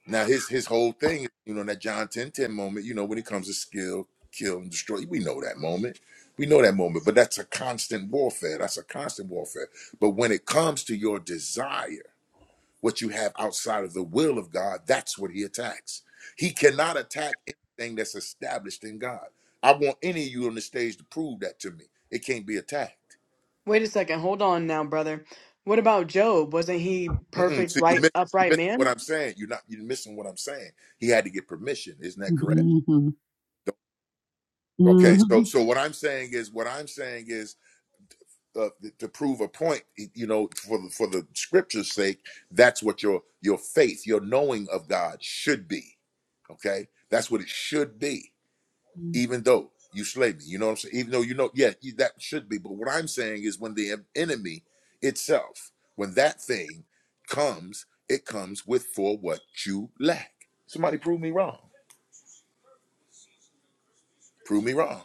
Now his his whole thing, you know, that John 10 10 moment, you know, when it comes to skill, kill, and destroy, we know that moment. We know that moment, but that's a constant warfare. That's a constant warfare. But when it comes to your desire. what you have outside of the will of God, that's what he attacks. He cannot attack anything that's established in God. I want any of you on the stage to prove that to me. It can't be attacked. Wait a second. Hold on now, brother. What about Job? Wasn't he Mm-mm. perfect, So you right, miss you upright miss what man? I'm saying. You're not you're missing what I'm saying. He had to get permission. Isn't that correct? mm, Okay. So so what I'm saying is what I'm saying is uh, th- to prove a point. You know, for the for the scripture's sake, that's what your your faith, your knowing of God should be. Okay, that's what it should be. mm, even though you slay me. You know what I'm saying? Even though you know, yeah, that should be. But what I'm saying is when the enemy itself, when that thing comes, it comes with for what you lack. Somebody prove me wrong. Prove me wrong.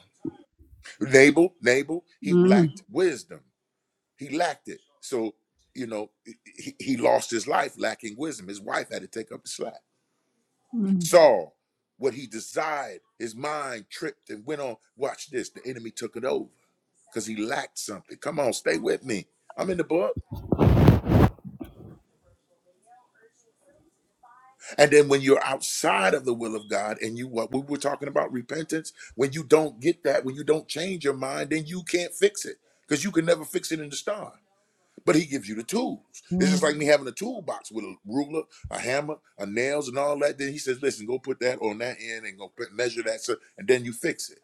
Nabal, Nabal, he mm, lacked wisdom. He lacked it. So, you know, he, he lost his life lacking wisdom. His wife had to take up the slack. mm, Saul, what he desired, his mind tripped and went on. Watch this. The enemy took it over because he lacked something. Come on, stay with me. I'm in the book. And then when you're outside of the will of God and you what we were talking about repentance, when you don't get that, when you don't change your mind, then you can't fix it because you can never fix it in the start. But he gives you the tools. It's just like me having a toolbox with a ruler, a hammer, a nails, and all that. Then he says, "Listen, go put that on that end and go measure that, so, and then you fix it."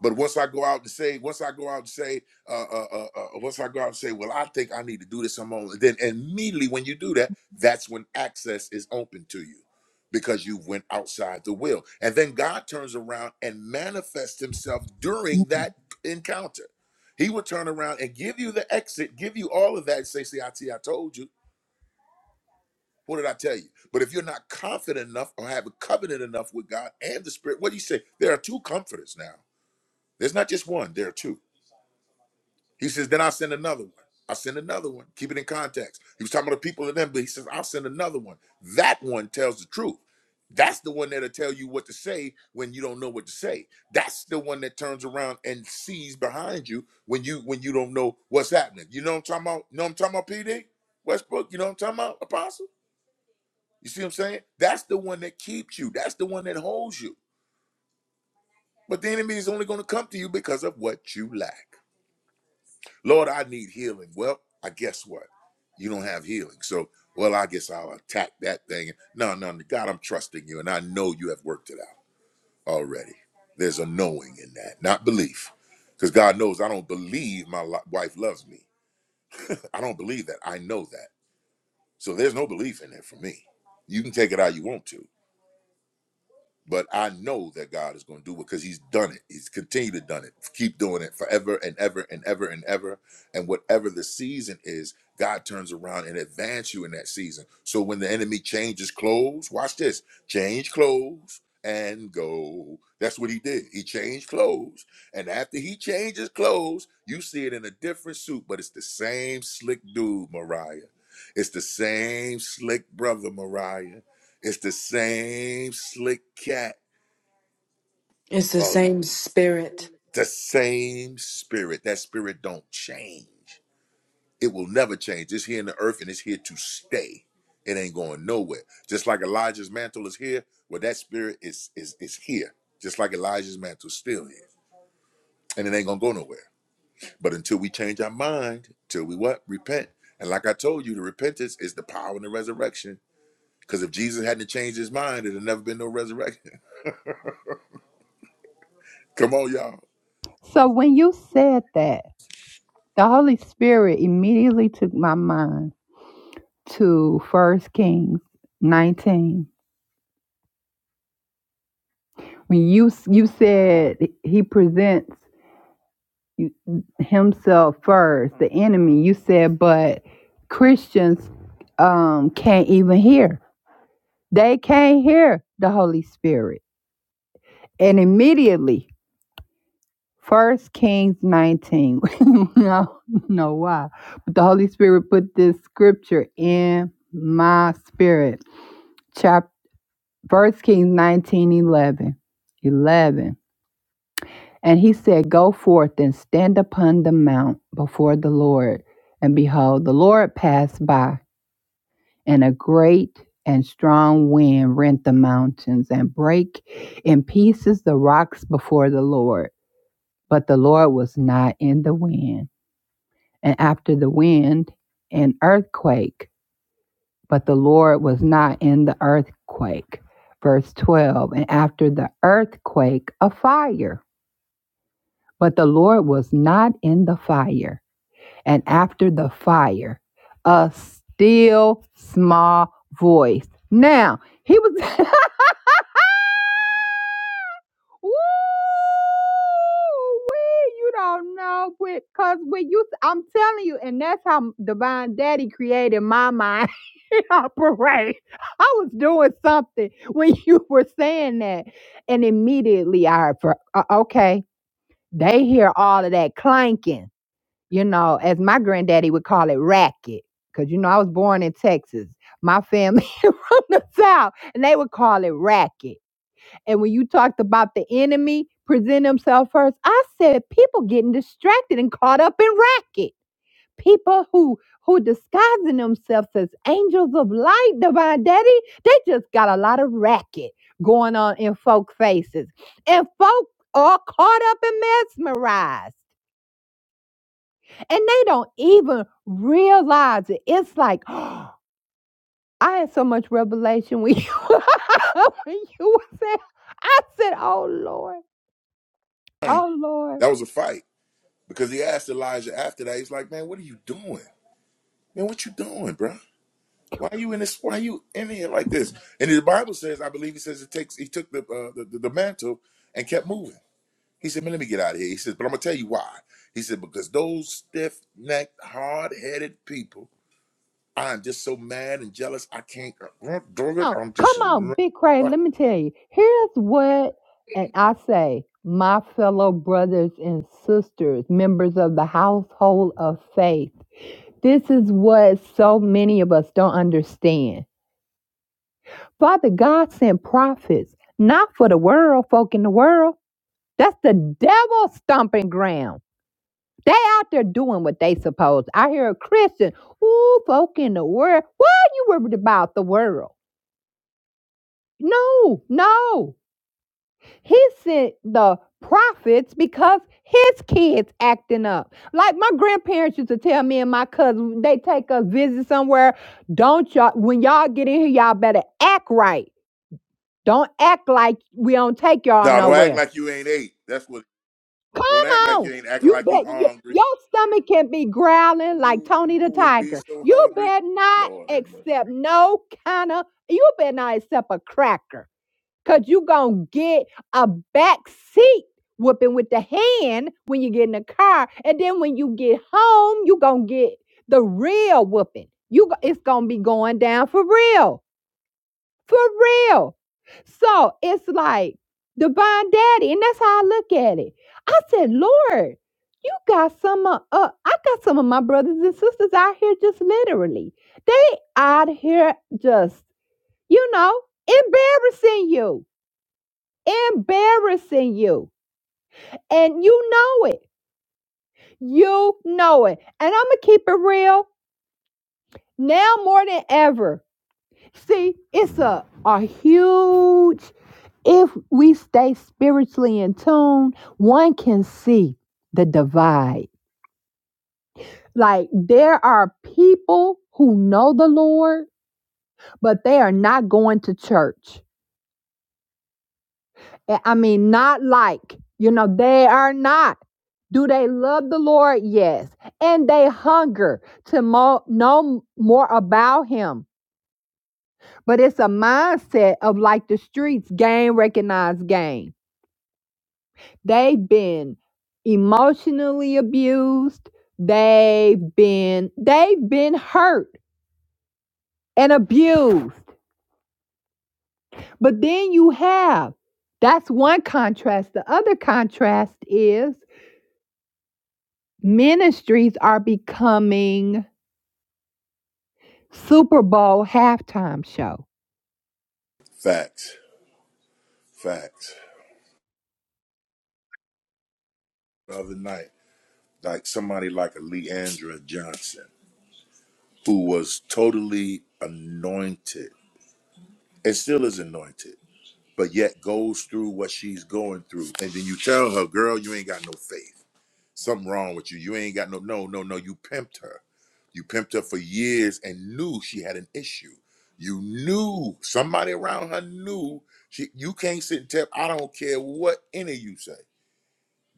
But once I go out and say, once I go out and say, uh, uh, uh, uh, uh, once I go out and say, well, I think I need to do this on my own. Then immediately when you do that, that's when access is open to you because you went outside the will. And then God turns around and manifests himself during mm. that encounter. He will turn around and give you the exit, give you all of that and say, see, I, see, I told you. What did I tell you? But if you're not confident enough or have a covenant enough with God and the Spirit, what do you say? There are two comforters now. There's not just one, there are two He says, then I'll send another one. I'll send another one. Keep it in context. He was talking about the people of them, but he says, I'll send another one. That one tells the truth. That's the one that'll tell you what to say when you don't know what to say. That's the one that turns around and sees behind you when you when you don't know what's happening. You know what I'm talking about? You know what I'm talking about, PD? Westbrook, you know what I'm talking about, Apostle? You see what I'm saying? That's the one that keeps you. That's the one that holds you. But the enemy is only going to come to you because of what you lack. Lord, I need healing. Well, I guess what? You don't have healing. So, well, I guess I'll attack that thing. No, no, no. God, I'm trusting you, and I know you have worked it out already. There's a knowing in that, not belief. Because God knows I don't believe my li- wife loves me. I don't believe that. I know that. So there's no belief in it for me. You can take it how you want to. but I know that God is going to do it because He's done it. He's continued to done it. Keep doing it forever and ever and ever and ever. And whatever the season is, God turns around and advance you in that season. So when the enemy changes clothes, watch this: change clothes and go. That's what he did. He changed clothes, and after he changes clothes, you see it in a different suit, but it's the same slick dude, Mariah. It's the same slick brother, Mariah. It's the same slick cat, It's the same spirit. the same spirit. That spirit don't change. It will never change. It's here in the earth and it's here to stay. It ain't going nowhere. Just like Elijah's mantle is here, well, that spirit is is is here. Just like Elijah's mantle is still here. And it ain't gonna go nowhere. But until we change our mind, till we what? Repent. And like I told you, the repentance is the power and the resurrection. Because if Jesus hadn't changed his mind, it'd have never been no resurrection. [laughs] Come on, y'all. So when you said that, the Holy Spirit immediately took my mind to First Kings 19. When you you said he presents you- himself first, the enemy, you said, but Christians um, can't even hear. They can't hear the Holy Spirit. And immediately, First Kings 19. [laughs] no, no, why? But the Holy Spirit put this scripture in my spirit. Chapter First Kings 19, 11. eleven. And he said, Go forth and stand upon the mount before the Lord. And behold, the Lord passed by and a great and strong wind rent the mountains and break in pieces the rocks before the Lord. But the Lord was not in the wind. And after the wind, an earthquake. But the Lord was not in the earthquake. Verse 12 And after the earthquake, a fire. But the Lord was not in the fire. And after the fire, a still small voice. Now, he was [laughs] Woo! You don't know because when you, I'm telling you, and that's how Divine Daddy created my mind [laughs] operate. I was doing something [laughs] when you were saying that, and immediately I, for, uh, okay, they hear all of that clanking, you know, as my granddaddy would call it, racket, because you know I was born in Texas. My family [laughs] from the south, and they would call it racket and when you talked about the enemy present himself first, I said people getting distracted and caught up in racket. People who who disguising themselves as angels of light, divine daddy, they just got a lot of racket going on in folk faces. And folk are caught up and mesmerized. And they don't even realize it. It's like, [gasps] I had so much revelation when you, [laughs] when you were saying, I said, oh Lord, oh Lord. That was a fight. Because he asked Elijah after that, he's like, Man, what are you doing? Man, what you doing, bro? Why are you in this? Why are you in here like this? And the Bible says, I believe he says it takes he took the uh, the, the, mantle and kept moving. He said, Man, let me get out of here. He says, But I'm gonna tell you why. He said, Because those stiff necked, hard headed people, I'm just so mad and jealous. I can't do it. on, I'm come just on, now. Big Cray. Let me tell you. Here's what, and I say, my fellow brothers and sisters, members of the household of faith. This is what so many of us don't understand. Father God sent prophets, not for the world, folk in the world. That's the devil stomping ground. They out there doing what they supposed. I hear a Christian, ooh, folk in the world. What you worried about the world? No, no. He sent the prophets because his kids acting up. Like my grandparents used to tell me and my cousins, they take us visit somewhere. Don't y'all when y'all get in here, y'all better act right. Don't act like we don't take y'all Don't act nowhere. like you ain't ate. That's what. Come Don't act like you on. ain't acting You like you bet y- hungry. your stomach can be growling like You Tony you the would be Tiger. so You hungry. better not Lord have mercy. accept no kind of you better not accept a cracker because you're going to get a back seat whooping with the hand when you get in the car. And then when you get home, you're going to get the real whooping. You, it's going to be going down for real, for real. So it's like divine daddy. And that's how I look at it. I said, Lord, you got some of, uh, I got some of my brothers and sisters out here just literally. They out here just, you know, embarrassing you embarrassing you. And you know it. You know it. And I'm going to keep it real now more than ever. See, it's a, a huge, if we stay spiritually in tune, one can see the divide. Like there are people who know the Lord, but they are not going to church. Eh, I mean, not like, you know, they are not. Do they love the Lord? Yes. And they hunger to mo- know more about Him. But it's a mindset of like the streets, game, recognize game. They've been emotionally abused. They've been they've been hurt and abused. But then you have that's one contrast. The other contrast is Ministries are becoming Super Bowl halftime show. Facts. Facts. The other night, like somebody like a Leandra Johnson, who was totally anointed and still is anointed, but yet goes through what she's going through. And then you tell her, girl, you ain't got no faith. Something wrong with you. You ain't got no, no, no, no. You pimped her. You pimped her for years and knew she had an issue. You knew somebody around her knew she, you can't sit and tell, I don't care what any of you say.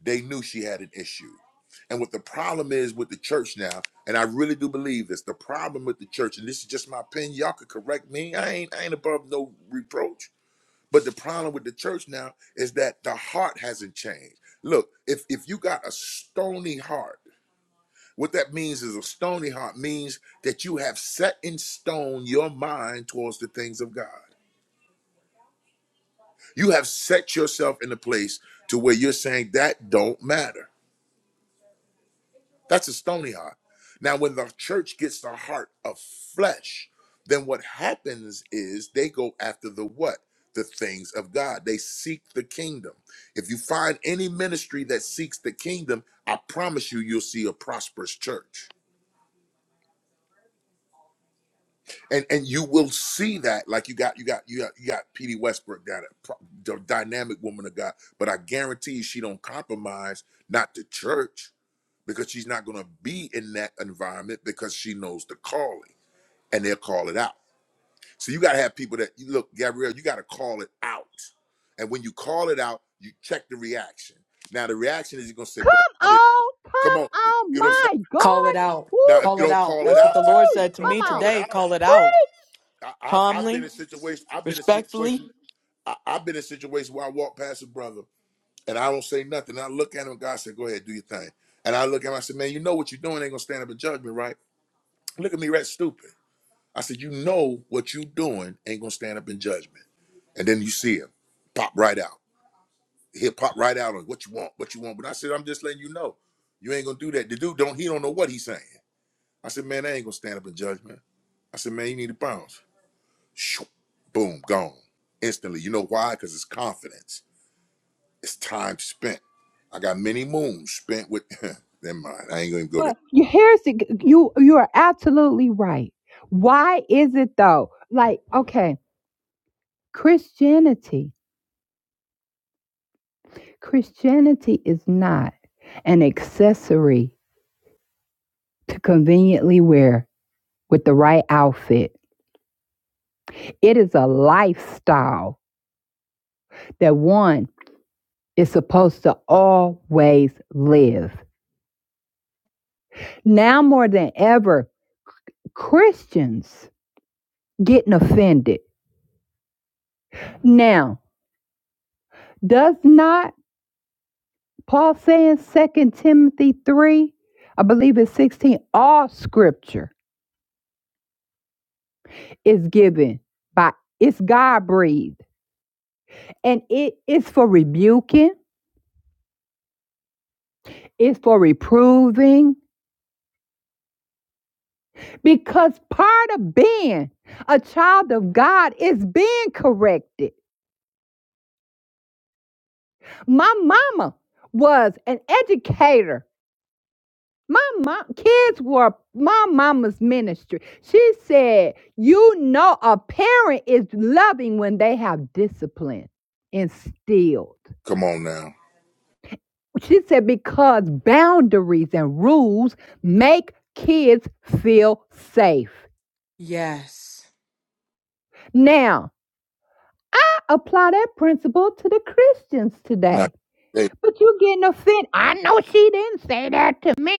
they knew she had an issue. And what the problem is with the church now, and I really do believe this, the problem with the church, and this is just my opinion, y'all could correct me. I ain't I ain't above no reproach. But the problem with the church now is that the heart hasn't changed. Look, if if you got a stony heart, what that means is a stony heart means that you have set in stone your mind towards the things of God. You have set yourself in a place to where you're saying that don't matter. That's a stony heart. Now, when the church gets the heart of flesh, then what happens is they go after the what? The things of God. They seek the kingdom. If you find any ministry that seeks the kingdom, I promise you, you'll see a prosperous church. And and you will see that, like you got you got you got you got P.D. Westbrook, got a pro- the dynamic woman of God. But I guarantee you, she don't compromise not the church because she's not going to be in that environment because she knows the calling. and they'll call it out. So you got to have people that you look, Gabrielle, you got to call it out. And when you call it out, you check the reaction. Now the reaction is you're gonna say, Come bro, I didn't on, come on. come You on, know what I'm saying? my Call God. it out. Woo, Now if Call you it don't out. call it That's what out, the watch it. Lord woo, if said to you don't me come call on. it today. out, Call it out. I, I've I've been Calmly, in situations, I've been in respectfully. situations, I, I've been in situations where I walk past a brother and I don't say nothing. And I look at him, God said, Go ahead, do your thing. And I look at him, I said, Man, you know what you're doing, ain't gonna stand up in judgment, right? Look at me, that's stupid. I said, you know what you doing ain't gonna stand up in judgment. And then you see him pop right out. He'll pop right out on what you want, what you want. But I said, I'm just letting you know, you ain't gonna do that. The dude don't he don't know what he's saying. I said, man, I ain't gonna stand up in judgment. I said, man, you need to bounce. Shoo, boom, gone instantly. You know why? Because it's confidence. It's time spent. I got many moons spent with. [laughs] Never mind. I ain't gonna even go there. But you- here's the, you you are absolutely right. Why is it though? Like, okay. Christianity. Christianity is not an accessory to conveniently wear with the right outfit. It is a lifestyle that one is supposed to always live. Now more than ever, Christians getting offended. Now, does not Paul say in Second Timothy 3, I believe it's 16, all scripture is given by it's God breathed and it is for rebuking, it's for reproving, because part of being a child of God is being corrected. My mama was an educator. My mom, kids were my mama's ministry. She said, You know, a parent is loving when they have discipline instilled. Come on now. She said, Because boundaries and rules make kids feel safe. Yes. Now, I apply that principle to the Christians Not. today. Hey. But you're getting offended. I know she didn't say that to me.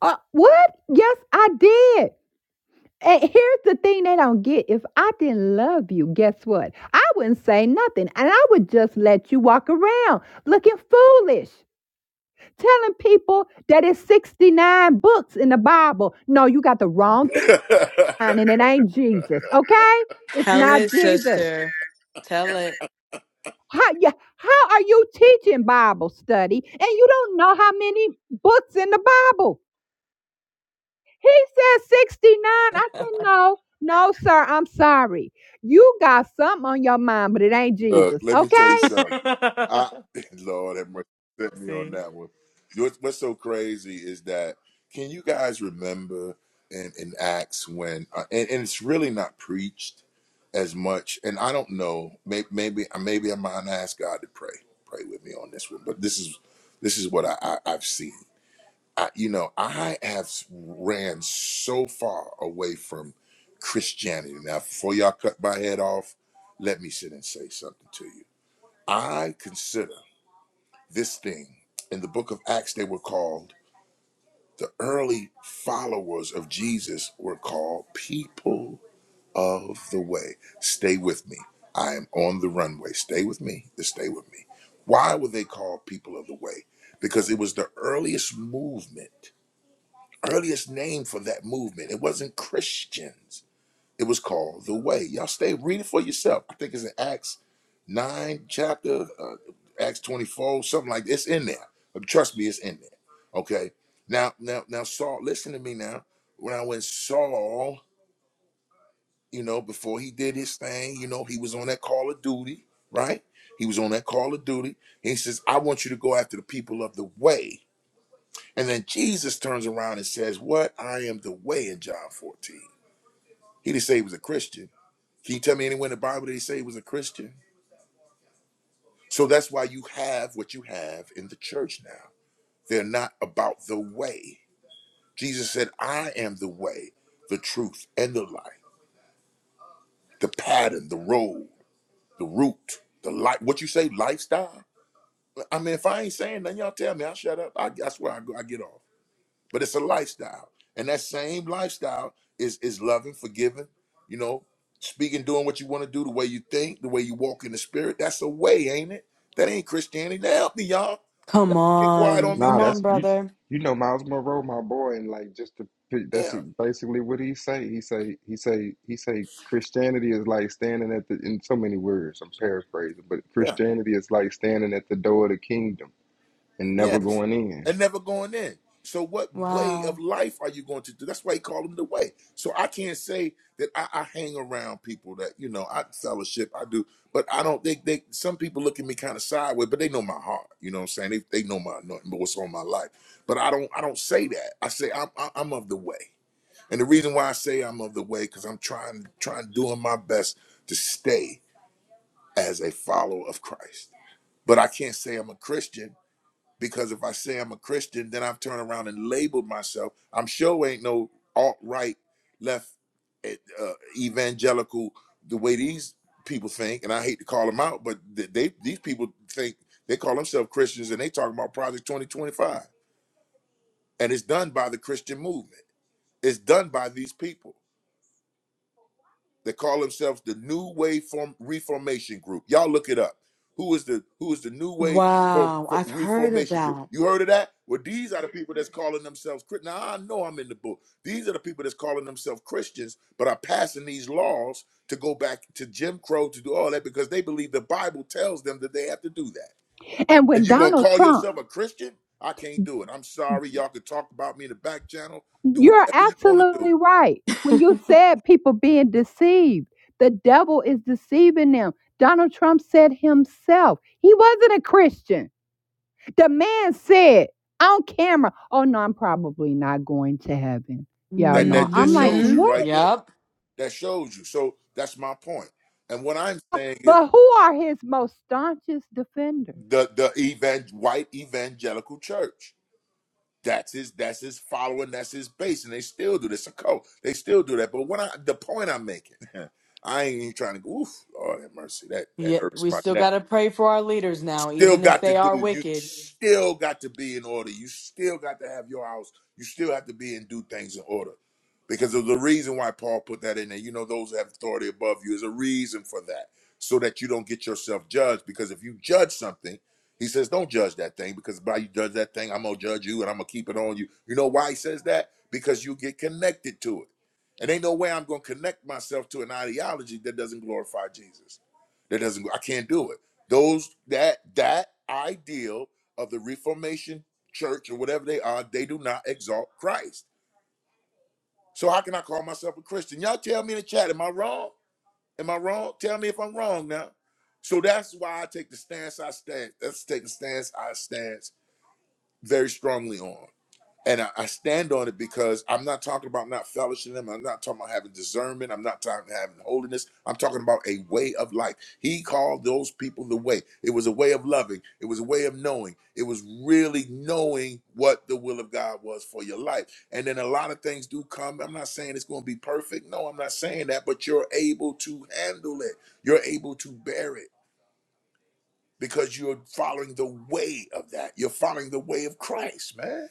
Uh, what? Yes, I did. And here's the thing they don't get. If I didn't love you, guess what? I wouldn't say nothing. And I would just let you walk around looking foolish, telling people that it's 69 books in the Bible. No, you got the wrong thing, and it ain't [laughs] Jesus, okay? It's Tell not it, Jesus. sister. Tell it. How you, how are you teaching Bible study and you don't know how many books in the Bible? He said 69. I said, no, no, sir, I'm sorry. You got something on your mind, but it ain't Look, Jesus, let me tell you okay? something. I [laughs] [laughs] Lord have mercy, set me on See? that one. You know what's so crazy is that can you guys remember in, in Acts when uh, and, and it's really not preached as much. And I don't know. Maybe maybe uh, maybe I'm gonna ask God to pray. Pray with me on this one. But this is this is what I, I I've seen. I, you know, I have ran so far away from Christianity. Now, before y'all cut my head off, let me sit and say something to you I consider this thing in the book of Acts, they were called the early followers of Jesus were called people of the way. Stay with me. I am on the runway. Stay with me. Just stay with me. Why were they called people of the way? Because it was the earliest movement, earliest name for that movement. It wasn't Christians. It was called The Way. Y'all stay, read it for yourself. I think it's in Acts 9, chapter, uh, Acts 24, something like that. It's in there. Uh, Trust me, it's in there. Okay. Now, now, now, Saul, listen to me now. When I went Saul, you know, before he did his thing, you know, he was on that call of duty, right? He was on that call of duty. He says, I want you to go after the people of the way. And then Jesus turns around and says, What? I am the way in John 14. He didn't say he was a Christian. Can you tell me anyone in the Bible they say was a Christian? So that's why you have what you have in the church now. They're not about the way. Jesus said, I am the way, the truth, and the life, the pattern, the road, the route, the life. What you say, lifestyle? I mean, if I ain't saying nothing, y'all tell me, I'll shut up. I, that's where I go. I get off. but it's a lifestyle and that same lifestyle is is loving forgiving you know speaking doing what you want to do the way you think the way you walk in the spirit that's a way ain't it that ain't christianity now help me y'all Come get quiet on. on me Nah, Come now on, that's you. brother. You know Miles Monroe, my boy, and like just to pick- that's yeah basically what he say. He say he say he say Christianity is like standing at the in so many words. I'm paraphrasing, but yeah Christianity is like standing at the door of the kingdom and never Yes. going in. And never going in. So what way of Wow. life are you going to do? That's why he called them the way. So I can't say that I, I hang around people that, you know, I fellowship, I do, but I don't think they some people look at me kind of sideways, but they know my heart. You know what I'm saying? They, they know my anointing, but what's on my life. But I don't I don't say that. I say I'm I- I'm of the way. And the reason why I say I'm of the way, because I'm trying trying doing my best to stay as a follower of Christ. But I can't say I'm a Christian because if I say I'm a Christian, then I've turned around and labeled myself. I'm sure ain't no alt right, left, eh, uh, evangelical the way these people think. And I hate to call them out, but they these people think they call themselves Christians and they talk about Project 2025. And it's done by the Christian movement. It's done by these people. They call themselves the New Way Form Reformation Group. Y'all look it up. Who is the Who is the New Way for, Wow. for I've heard of Reformation Group? that. You heard of that? Well, these are the people that's calling themselves. Chri- Now I know I'm in the book. These are the people that's calling themselves Christians, but are passing these laws to go back to Jim Crow to do all that because they believe the Bible tells them that they have to do that. And And when you gonna Donald call Trump, yourself a Christian? I can't do it. I'm sorry. Y'all can talk about me in the back channel. Do you're whatever you want to absolutely do. right. When you said people being deceived, the devil is deceiving them. Donald Trump said himself, he wasn't a Christian. The man said on camera, Oh, no, I'm probably not going to heaven. [laughs] Y'all That know. that I'm just like, shows hmm you What? right there Yep. that shows you. So that's my point. And what I'm saying is But who are his most staunchest defenders? the the evang- white evangelical church. That's his that's his following, that's his base, and they still do this. A cult. They still do that. But what I the point I'm making, [laughs] I ain't even trying to go, oof, Lord have mercy. That that Yeah, hurts we my still got to pray for our leaders now, still even if got to they are do. You wicked. still got to be in order. You still got to have your house. You still have to be and do things in order. Because of the reason why Paul put that in there, you know, those who have authority above you is a reason for that, so that you don't get yourself judged. Because if you judge something, he says, don't judge that thing, because by you judge that thing, I'm gonna judge you and I'm gonna keep it on you. You know why he says that? Because you get connected to it. And ain't no way I'm gonna connect myself to an ideology that doesn't glorify Jesus. That doesn't. I can't do it. Those that that ideal of the Reformation church or whatever they are, they do not exalt Christ. So how can I call myself a Christian? Y'all tell me in the chat, am I wrong? Am I wrong? Tell me if I'm wrong now. So that's why I take the stance I stand. That's take the stance I stance very strongly on. And I, I stand on it because I'm not talking about not fellowshiping them. I'm not talking about having discernment. I'm not talking about having holiness. I'm talking about a way of life. He called those people the way. It was a way of loving. It was a way of knowing. It was really knowing what the will of God was for your life. And then a lot of things do come. I'm not saying it's going to be perfect. No, I'm not saying that, but you're able to handle it. You're able to bear it because you're following the way of that. You're following the way of Christ, man.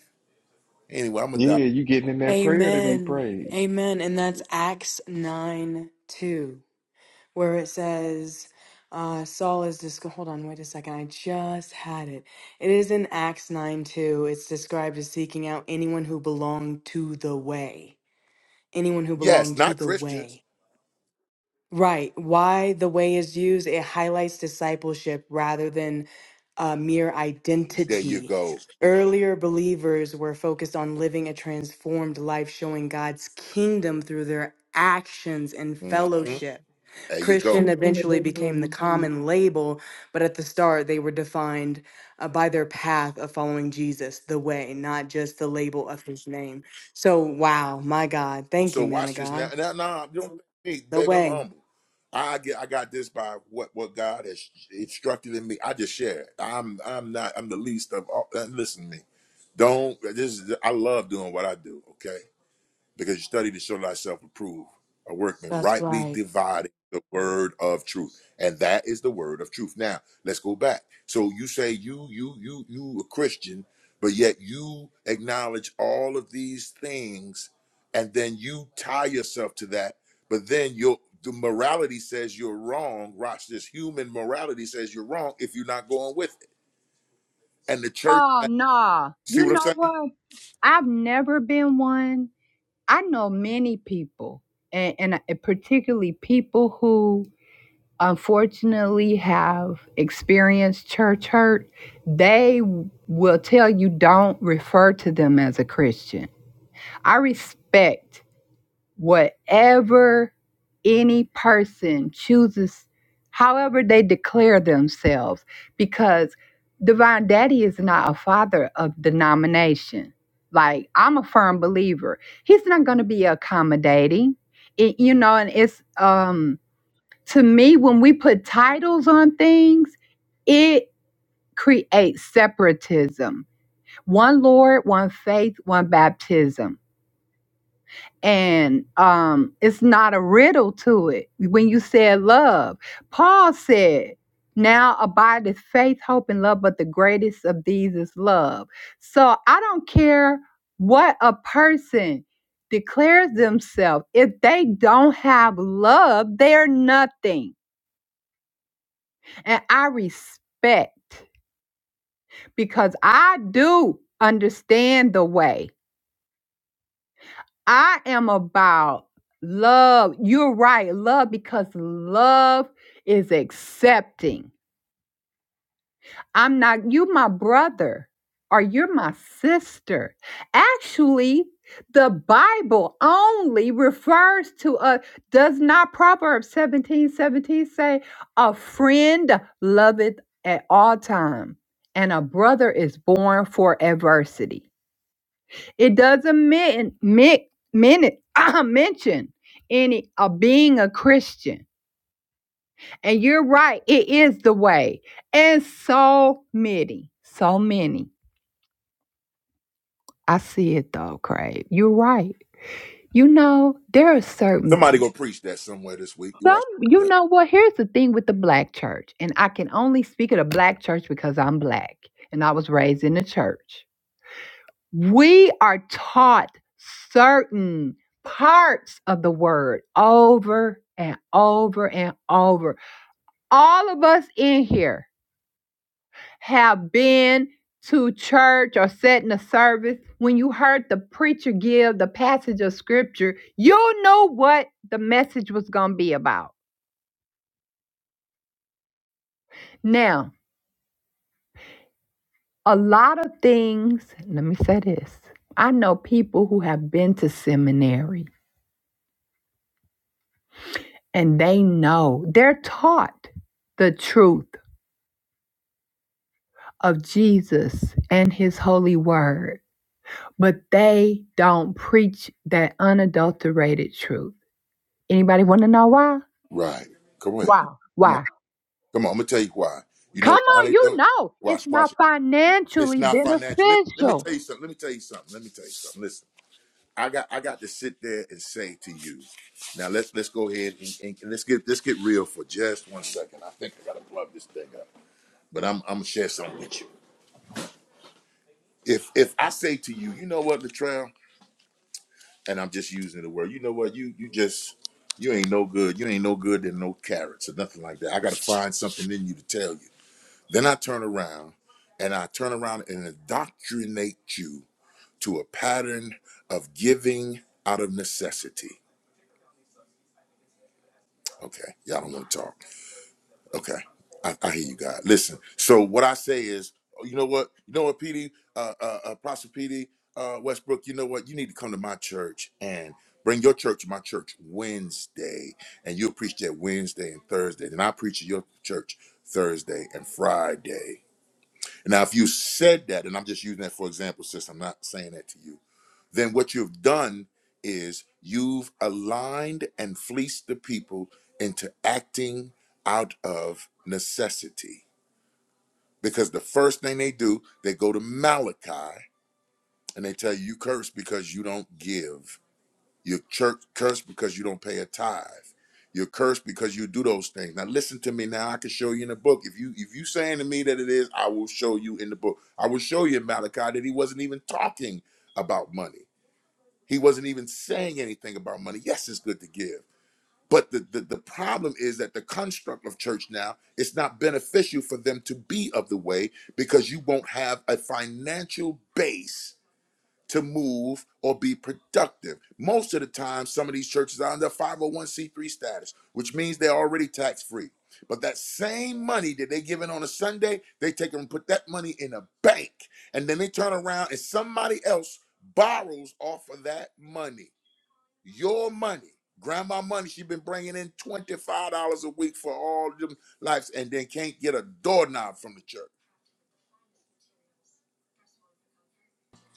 Anyway, I'm gonna die Yeah, you getting in that prayer that he Amen. prayed. Amen. And that's Acts 9 2, where it says, uh, Saul is this. Hold on, wait a second. I just had it. It is in Acts 9 2. It's described as seeking out anyone who belonged to the way. Anyone who Yes, belonged to not the Christians. way. Right. Why the way is used, it highlights discipleship rather than uh, mere There you identity. go. Earlier believers were focused on living a transformed life, showing God's kingdom through their actions and Mhm. fellowship. There you go. Christian eventually became the common label, but at the start, they were defined uh, by their path of following Jesus, the way, not just the label of his name. So, wow, my God. Thank So you, man of watch this now. God. Now, nah, you don't me, The baby. I'm way. humble. I get, I got this by what what God has instructed in me. I just share. it. I'm, I'm not, I'm the least of all. uh, Listen to me. Don't. This is. I love doing what I do. Okay. because you study to show thyself approved, a workman That's rightly right. dividing the word of truth. And that is the word of truth. Now, let's go back. So you say you, you, you, you a Christian, but yet you acknowledge all of these things, and then you tie yourself to that, but then your the morality says you're wrong. Watch this human morality says you're wrong if you're not going with it. And the church Oh, no, see You what I'm know saying? what? I've never been one. I know many people, and, and uh, particularly people who unfortunately have experienced church hurt. They will tell you don't refer to them as a Christian. I respect whatever any person chooses, however they declare themselves, because Divine Daddy is not a father of denomination. Like, I'm a firm believer. He's not going to be accommodating. It- you know, and it's um, to me, when we put titles on things, it creates separatism. One Lord, one faith, one baptism and um it's not a riddle to it when you said love paul said now abideth faith hope and love but the greatest of these is love so i don't care what a person declares themselves if they don't have love they're nothing and i respect because i do understand the way I am about love. You're right. Love because love is accepting. I'm not, you my brother or you're my sister. Actually, the Bible only refers to a, does not Proverbs 17 17 say, a friend loveth at all time, and a brother is born for adversity. It doesn't men, men, men, [clears throat] uh, mention any of being a Christian. And you're right, it is the way. And so many, so many. I see it though, Craig. You're right. You know, there are certain Somebody gonna preach that somewhere this week. You some watch you know what, here's the thing with the black church, and I can only speak of the black church because I'm black and I was raised in the church we are taught certain parts of the word over and over and over. All of us in here have been to church or sat in a service when you heard the preacher give the passage of scripture, you know what the message was going to be about. Now, a lot of things, let me say this. I know people who have been to seminary and they know they're taught the truth of Jesus and his holy word but they don't preach that unadulterated truth anybody want to know why Right. Come on. why Come on. why Come on. I'm gonna tell you why. You come know why on they you don't? know it's Watch, not watch. it. It's financially not financial. Let, let me beneficial tell you something. Let me tell you something. Let me tell you something. Listen, I got I got to sit there and say to you. Now let's let's go ahead and, and, and let's get let's get real for just one second. I think I gotta plug this thing up. But I'm I'm gonna share something with you. If if I say to you, you know what, Latrell, and I'm just using the word, you know what, you you just you ain't no good. You ain't no good than no carrots or nothing like that. I gotta find something in you to tell you Then I turn around and I turn around and indoctrinate you to a pattern of giving out of necessity. Okay, y'all don't want to talk. Okay, I, I hear you guys. Listen, so what I say is, oh, you know what? You know what, PD, uh, uh, uh, Prosper PD, uh, Westbrook, you know what? You need to come to my church and bring your church to my church Wednesday, and you'll preach that Wednesday and Thursday. Then I preach at your church Thursday and Friday Now, if you said that, and I'm just using that for example, sis, I'm not saying that to you, then what you've done is you've aligned and fleeced the people into acting out of necessity. Because the first thing they do, they go to Malachi and they tell you, you curse because you don't give. You're chur- cursed because you don't pay a tithe. You're cursed because you do those things. Now listen to me. Now I can show you in the book. If you if you saying to me that it is, I will show you in the book. I will show you in Malachi that he wasn't even talking about money. He wasn't even saying anything about money. Yes, it's good to give. But the, the, the problem is that the construct of church now it's not beneficial for them to be of the way because you won't have a financial base to move or be productive. Most of the time, some of these churches are under 501c3 status, which means they're already tax free. But that same money that they're giving on a Sunday, they take and put that money in a bank. And then they turn around and somebody else borrows off of that money. Your money. Grandma money, she has been bringing in $25 a week for all them lives and then can't get a doorknob from the church.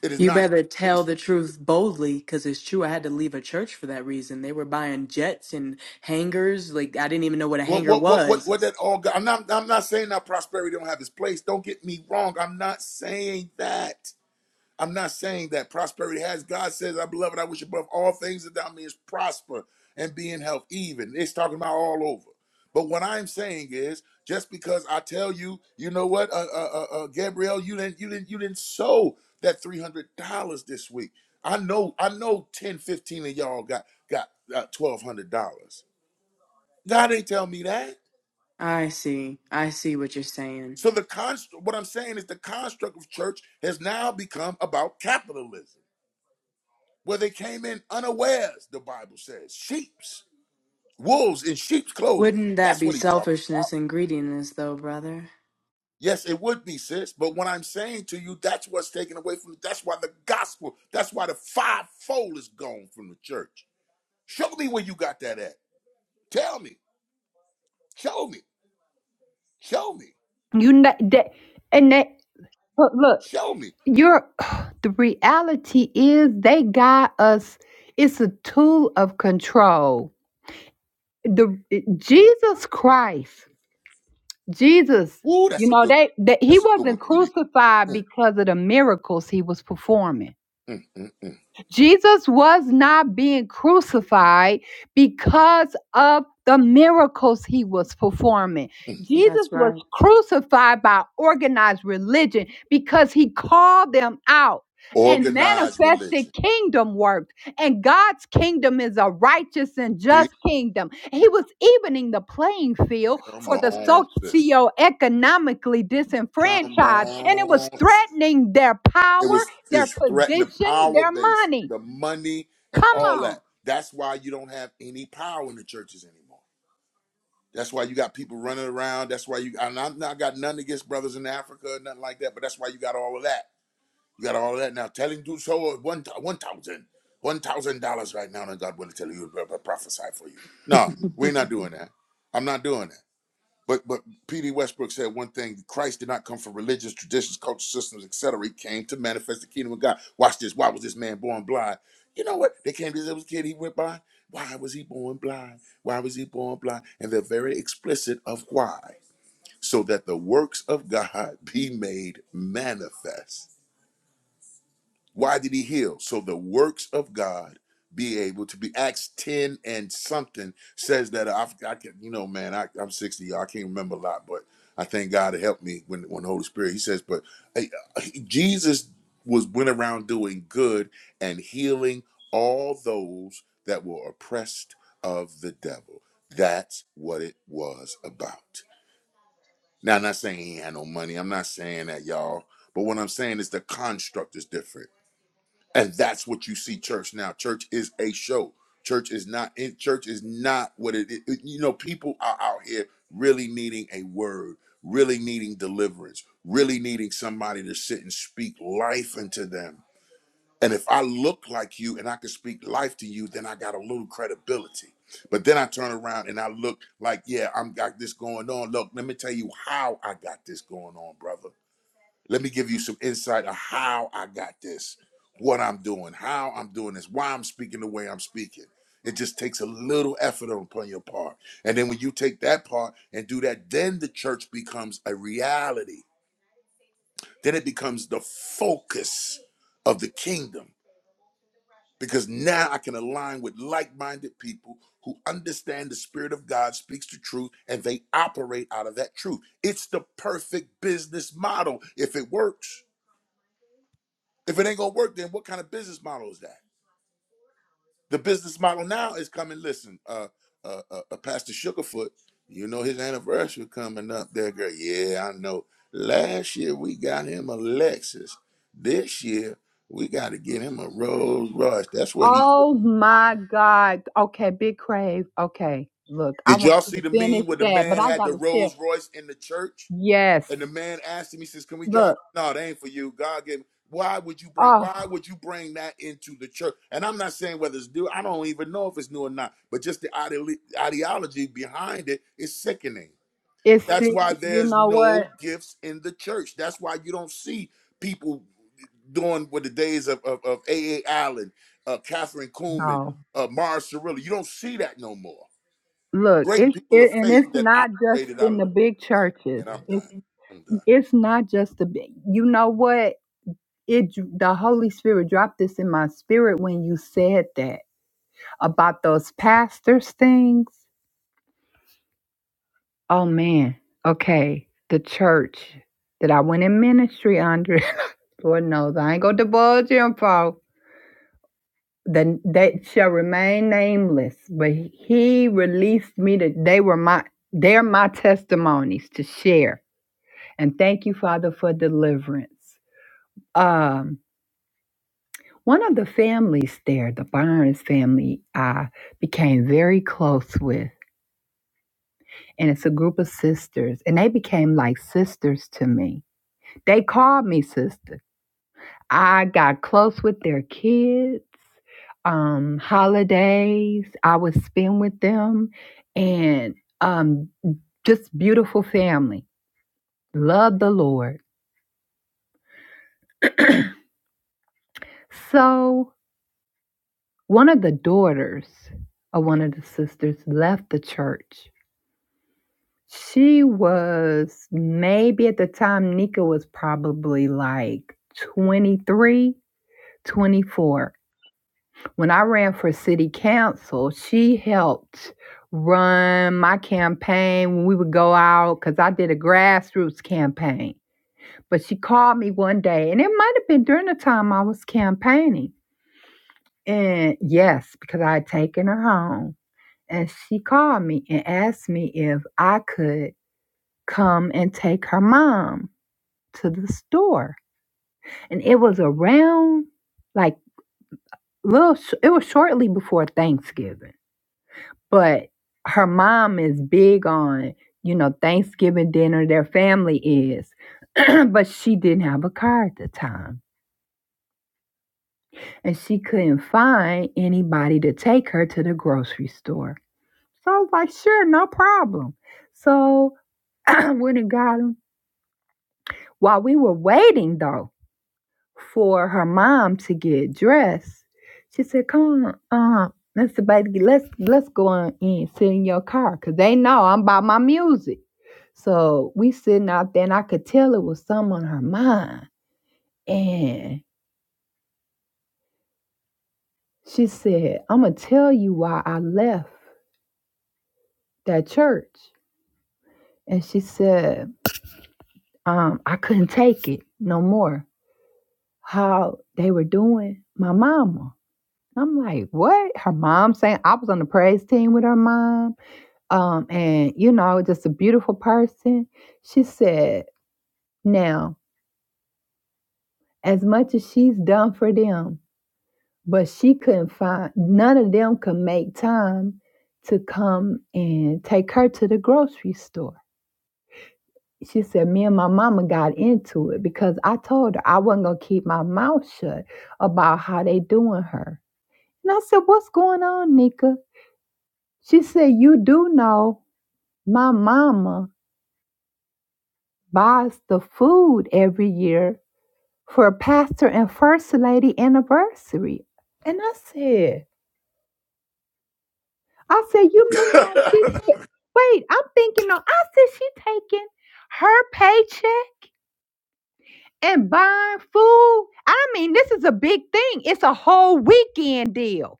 It is You not better tell the truth boldly because it's true. I had to leave a church for that reason. They were buying jets and hangars. Like, I didn't even know what a What hangar what what what was. what that all got? I'm not I'm not saying that prosperity don't have its place. Don't get me wrong. I'm not saying that. I'm not saying that prosperity has. God says, "I beloved, I wish above all things that thou mayest prosper and be in health." Even it's talking about all over. But what I'm saying is, just because I tell you, you know what, uh, uh, uh, uh, Gabrielle, you didn't you didn't you didn't sow that three hundred dollars this week. I know I know 10 15 of y'all got got uh, twelve hundred dollars. God ain't tell me that. I see. I see what you're saying. So the const- what I'm saying is the construct of church has now become about capitalism, where they came in unawares, the Bible says. Sheeps, wolves in sheep's clothing. Wouldn't that That's be what he's talking about. selfishness and greediness, though, brother? Yes, it would be, sis, but what I'm saying to you, that's what's taken away from that's why the gospel, that's why the fivefold is gone from the church. Show me where you got that at. Tell me. Show me. Show me. you know that and that look look, Show me. you're [sighs] the reality is they got us it's a tool of control the Jesus Christ Jesus, Woo, you that's a know, good they, that he that's a good one, wasn't PD. crucified Mm, because of the miracles he was performing. mm, mm, mm. Jesus was not being crucified because of the miracles he was performing. Jesus That's was right. crucified by organized religion because he called them out and Organized religion. manifested kingdom work. And God's kingdom is a righteous and See? just kingdom. He was evening the playing field Come for the on, sis. socioeconomically Come disenfranchised, and it was on. threatening their It power was their it's threatened the position, power their base, money. the money, and Come all on. that. That's why you don't have any power in the churches anymore. That's why you got people running around. That's why you and I'm not got nothing against brothers in Africa, nothing like that. But that's why you got all of that. You got all of that now. Telling do so at one one thousand one thousand dollars right now, and God will tell you, prophesy for you. No, we're not doing that. I'm not doing that. But but P.D. Westbrook said one thing: Christ did not come from religious traditions, culture systems, etc. He came to manifest the kingdom of God. Watch this. Why was this man born blind? You know what? They came to this kid. He went blind. Why was he born blind? Why was he born blind? And they're very explicit of why, so that the works of God [laughs] be made manifest. Why did he heal? So the works of God be able to be Acts 10 and something says that I, I can, you know, man, I, I'm 60. y'all. I can't remember a lot, but I thank God to help me when, when the Holy Spirit, he says, but hey, Jesus was went around doing good and healing all those that were oppressed of the devil. That's what it was about. Now, I'm not saying he had no money. I'm not saying that y'all, but what I'm saying is the construct is different and that's what you see church now. Church is a show. Church is not in church is not what it is. You know, people are out here really needing a word, really needing deliverance, really needing somebody to sit and speak life into them. And if I look like you and I can speak life to you, then I got a little credibility. But then I turn around and I look like, yeah, I'm got this going on. Look, let me tell you how I got this going on, brother. Let me give you some insight of how I got this, what I'm doing, how I'm doing this, why I'm speaking the way I'm speaking. It just takes a little effort upon your part. And then when you take that part and do that, then the church becomes a reality. Then it becomes the focus of the kingdom because now I can align with like minded people who understand the Spirit of God speaks the truth and they operate out of that truth. It's the perfect business model if it works. If it ain't gonna work, then what kind of business model is that? The business model now is coming. Listen, uh, uh, uh, uh Pastor Sugarfoot, you know his anniversary coming up there, girl. Yeah, I know. Last year we got him a Lexus. This year we got to get him a Rolls Royce. That's what he. said Oh he wanted. my God. Okay, Big Crave. Okay, look, I Did want y'all you see to the meme finish where the that, but man I had the gotta tell. Rolls Royce in the church? Yes. And the man asked him, he says, Can we drive? Look. No, that ain't for you. God gave why would you bring Oh, why would you bring that into the church? And I'm not saying whether it's new, I don't even know if it's new or not, but just the ideolo- ideology behind it is sickening. it's That's sick. why You there's know no what? gifts in the church. That's why you don't see people doing what the days of of, of A. A. Allen, uh, Catherine Kuhlman, No. uh, Mars Cirilli. You don't see that no more. Look, Great it's people of it, and faith it's that not just operated out in of the the big man, churches. man, I'm It's done. I'm done. it's not just the big. You know what? It the Holy Spirit dropped this in my spirit when you said that about those pastors things Oh man. Okay. The church that I went in ministry under, [laughs] Lord knows I ain't gonna divulge info. The that shall remain nameless. But he released me to they were my they're my testimonies to share. And thank you, Father, for deliverance. Um one of the families there, the Barnes family, I became very close with. And it's a group of sisters. And they became like sisters to me. They called me sister. I got close with their kids. Um, holidays I would spend with them, and um, just beautiful family. Love the Lord. So one of the daughters of one of the sisters left the church. She was maybe at the time Nika was probably like 23, twenty-four. when I ran for city council, she helped run my campaign when we would go out because I did a grassroots campaign. But she called me one day, and it might have been during the time I was campaigning. And yes, because I had taken her home. And she called me and asked me if I could come and take her mom to the store. And it was around like little, it was shortly before Thanksgiving But her mom is big on, you know, Thanksgiving dinner, their family is. [clears throat] but she didn't have a car at the time. And she couldn't find anybody to take her to the grocery store. So I was like, sure, no problem. So I [clears throat] went and got him. While we were waiting, though, for her mom to get dressed. She said, "Come on, um, let's somebody, let's let's go on in, sit in your car, cause they know I'm about my music." So we sitting out there, and I could tell it was something on her mind. And she said, "I'm gonna tell you why I left that church." And she said, um, "I couldn't take it no more. How they were doing my mama." I'm like, what? Her mom saying I was on the praise team with her mom um, and you know, just a beautiful person. She said, "Now, as much as she's done for them, but she couldn't find none of them could make time to come and take her to the grocery store." She said, "Me and my mama got into it because I told her I wasn't gonna keep my mouth shut about how they doing her." And I said, "What's going on, Nika?" She said, "You do know my mama buys the food every year for Pastor and First Lady anniversary. And I said, I said, you mean like she's [laughs] wait, I'm thinking no, I said she taking her paycheck and buying food. I mean, this is a big thing. It's a whole weekend deal.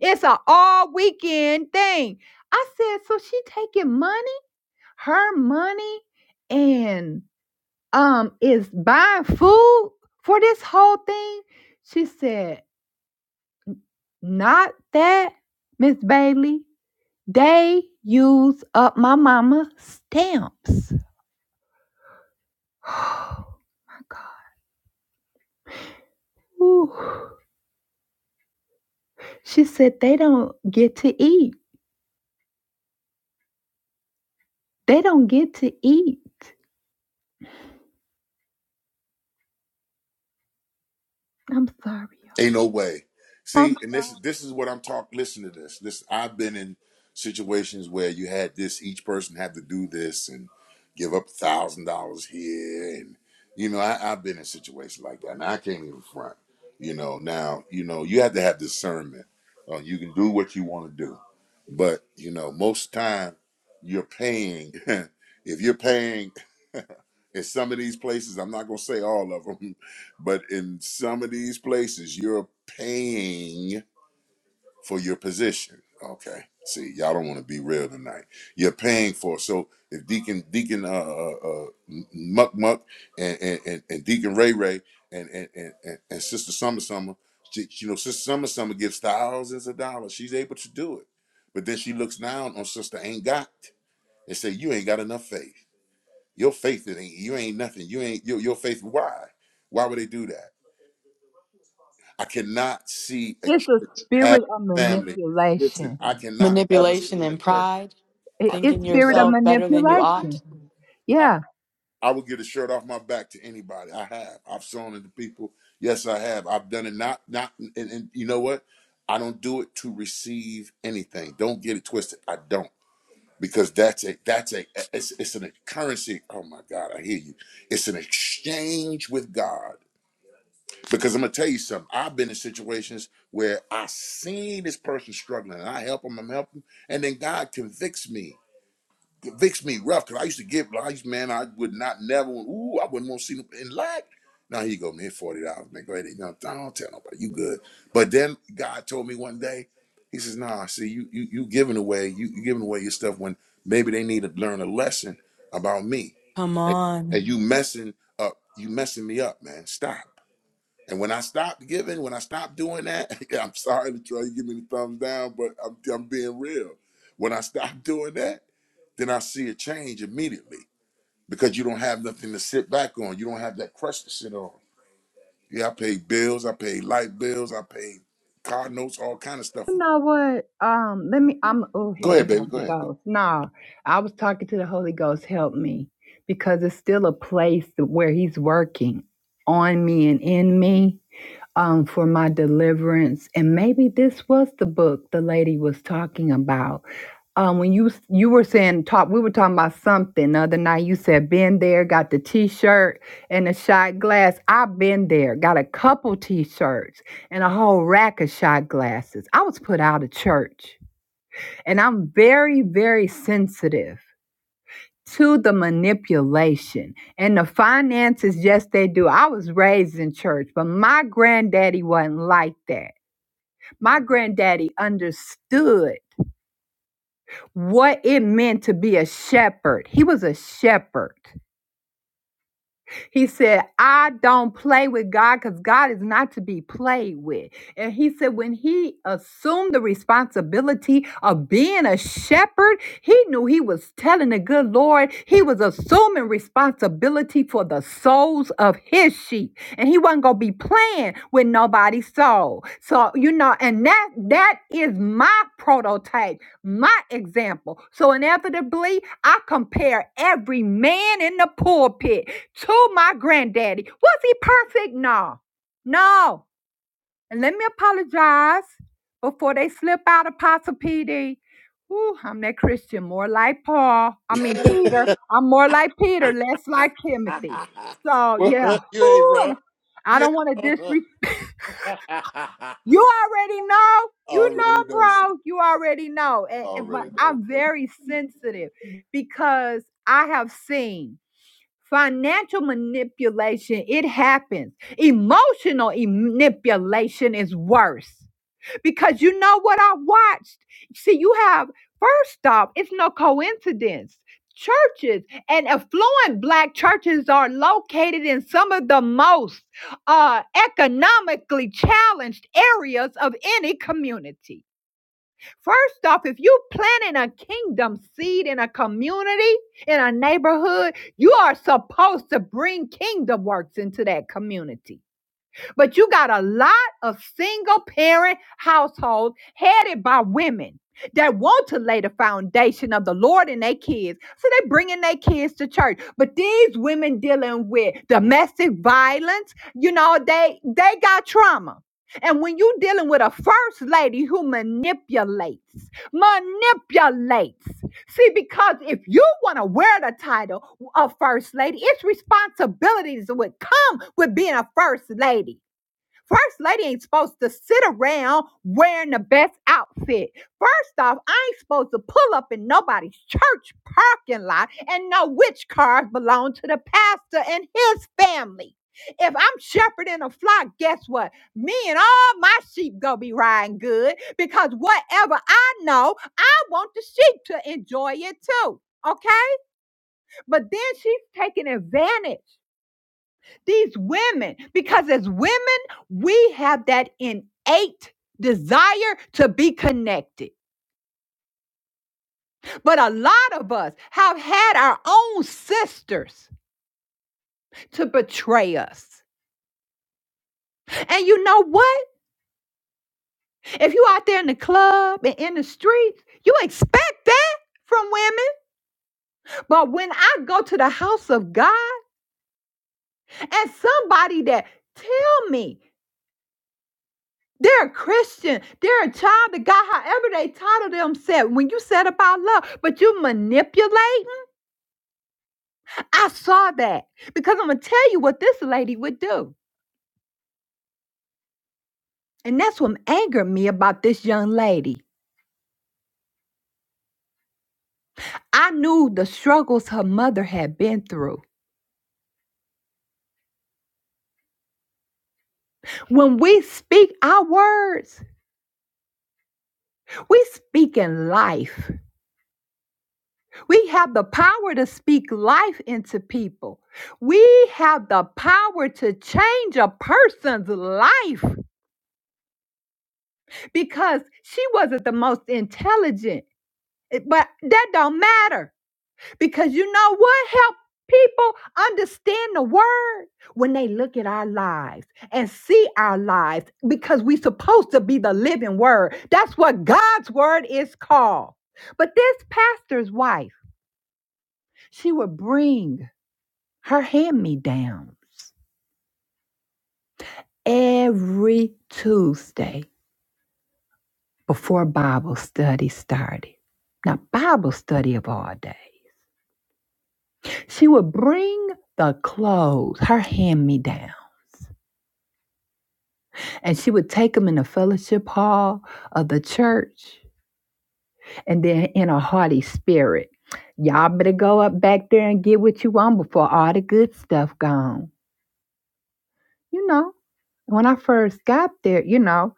It's a all weekend thing. I said, so she taking money, her money, and um is buying food for this whole thing. She said, Not that, Miss Bailey. They use up my mama's stamps. [sighs] Oh my God. Ooh. She said they don't get to eat. They don't get to eat. I'm sorry. Ain't no way. Um, See, and this this is what I'm talking. Listen to this. This I've been in situations where you had this. Each person had to do this and give up a thousand dollars here, and you know I, I've been in situations like that, and I can't even front. You know now you know you have to have discernment. Uh, you can do what you want to do, but you know most time you're paying. [laughs] if you're paying in some of these places i'm not going to say all of them [laughs] but in some of these places you're paying for your position okay see y'all don't want to be real tonight you're paying for it. so if deacon deacon uh, uh, uh M- muck muck and, and and and deacon ray ray and and and, and, and sister summer summer she- you know sister summer summer gives thousands of dollars she's able to do it but then she looks down on sister ain't got and say you ain't got enough faith your faith it ain't you ain't nothing. You ain't your your faith. Why? Why would they do that? I cannot see a It's a church having spirit of family. Listen, manipulation. I cannot ever see Manipulation in a and church. pride, I It- can It's thinking spirit of never yourself better than you church do ought. manipulation. that. Yeah. I, I would get a shirt off my back to anybody. I have. I've shown it to people. Yes, I have. I've done it. Not not. And, and you know what? I don't do it to receive anything. Don't get it twisted. I don't because that's a that's a it's it's an currency. Oh my God, I hear you. It's an exchange with God. Because I'm gonna tell you something. I've been in situations where I seen this person struggling, and I help them, I'm helping, and then God convicts me, convicts me rough. Cause I used to give, I used man, I would not never. Ooh, I wouldn't want to see them in lack. Now here you go, man, forty dollars, man. Go ahead, you know, I don't tell nobody. You good? But then God told me one day, He says, Nah, see, you you you giving away, you you giving away your stuff when maybe they need to learn a lesson about me, Come and on. you messing up, you messing me up, man. Stop. And when I stopped giving, when I stopped doing that, [laughs] I'm sorry to try to give me the thumbs down, but I'm, I'm being real. When I stopped doing that, then I see a change immediately because you don't have nothing to sit back on. You don't have that crutch to sit on. Yeah, I pay bills. I pay light bills. I pay car notes, all kind of stuff. You know what? Um, let me. I'm. Oh, Go help ahead, me, baby. Go Holy ahead. Ghost. No, I was talking to the Holy Ghost. Help me, because it's still a place where He's working on me and in me um, for my deliverance. And maybe this was the book the lady was talking about. Um, when you you were saying talk, we were talking about something the other night. You said been there, got the T-shirt and the shot glass. I've been there, got a couple T-shirts and a whole rack of shot glasses. I was put out of church, and I'm very very sensitive to the manipulation and the finances. Yes, they do. I was raised in church, but my granddaddy wasn't like that. My granddaddy understood what it meant to be a shepherd. He was a shepherd. He said, I don't play with God because God is not to be played with. And he said, when he assumed the responsibility of being a shepherd, he knew he was telling the good Lord, he was assuming responsibility for the souls of his sheep. And he wasn't going to be playing with nobody's soul. So, you know, and that that is my prototype, my example. So inevitably, I compare every man in the pulpit to my granddaddy. Was he perfect? No. No. And let me apologize before they slip out Apostle PD. Ooh, I'm that Christian, more like Paul. I mean Peter. I'm more like Peter, less like Timothy. [laughs] So well, yeah. [laughs] you ain't Ooh, wrong. and I You don't want to ain't wrong. disrespect. [laughs] You already know. You Already know, know. sis. bro. You already know. And, and- but Already know. I'm very sensitive because I have seen. Financial manipulation, it happens. Emotional manipulation is worse because you know what I watched? See, you have, first off, it's no coincidence. Churches and affluent black churches are located in some of the most uh, economically challenged areas of any community. First off, if you planting a kingdom seed in a community, in a neighborhood, you are supposed to bring kingdom works into that community. But you got a lot of single parent households headed by women that want to lay the foundation of the Lord in their kids. So they bringing their kids to church. But these women dealing with domestic violence, you know, they they got trauma. And when you dealing with a first lady who manipulates, manipulates. See, because if you want to wear the title of first lady, its responsibilities that would come with being a first lady. First lady ain't supposed to sit around wearing the best outfit. First off, I ain't supposed to pull up in nobody's church parking lot and know which cars belong to the pastor and his family. If I'm shepherding a flock, guess what? Me and all my sheep gonna be riding good because whatever I know, I want the sheep to enjoy it too. Okay? But then she's taking advantage these women because as women, we have that innate desire to be connected. But a lot of us have had our own sisters to betray us. And you know what? If you out there in the club and in the streets, you expect that from women. But when I go to the house of God and somebody that tell me They're a Christian. They're a child of God, however they title themselves. When you said about love, but you manipulating, I saw that because I'm going to tell you what this lady would do. And that's what angered me about this young lady. I knew the struggles her mother had been through. When we speak our words, we speak in life. We have the power to speak life into people. We have the power to change a person's life. because she wasn't the most intelligent. It- But that don't matter because you know what helped people understand the word when they look at our lives and see our lives because we supposed to be the living word. That's what God's word is called. But this pastor's wife, she would bring her hand-me-downs every Tuesday before Bible study started. Now, Bible study of all day. She would bring the clothes, her hand me down, and she would take them in the fellowship hall of the church and then in a hearty spirit. Y'all better go up back there and get what you want before all the good stuff gone. You know, when I first got there, you know.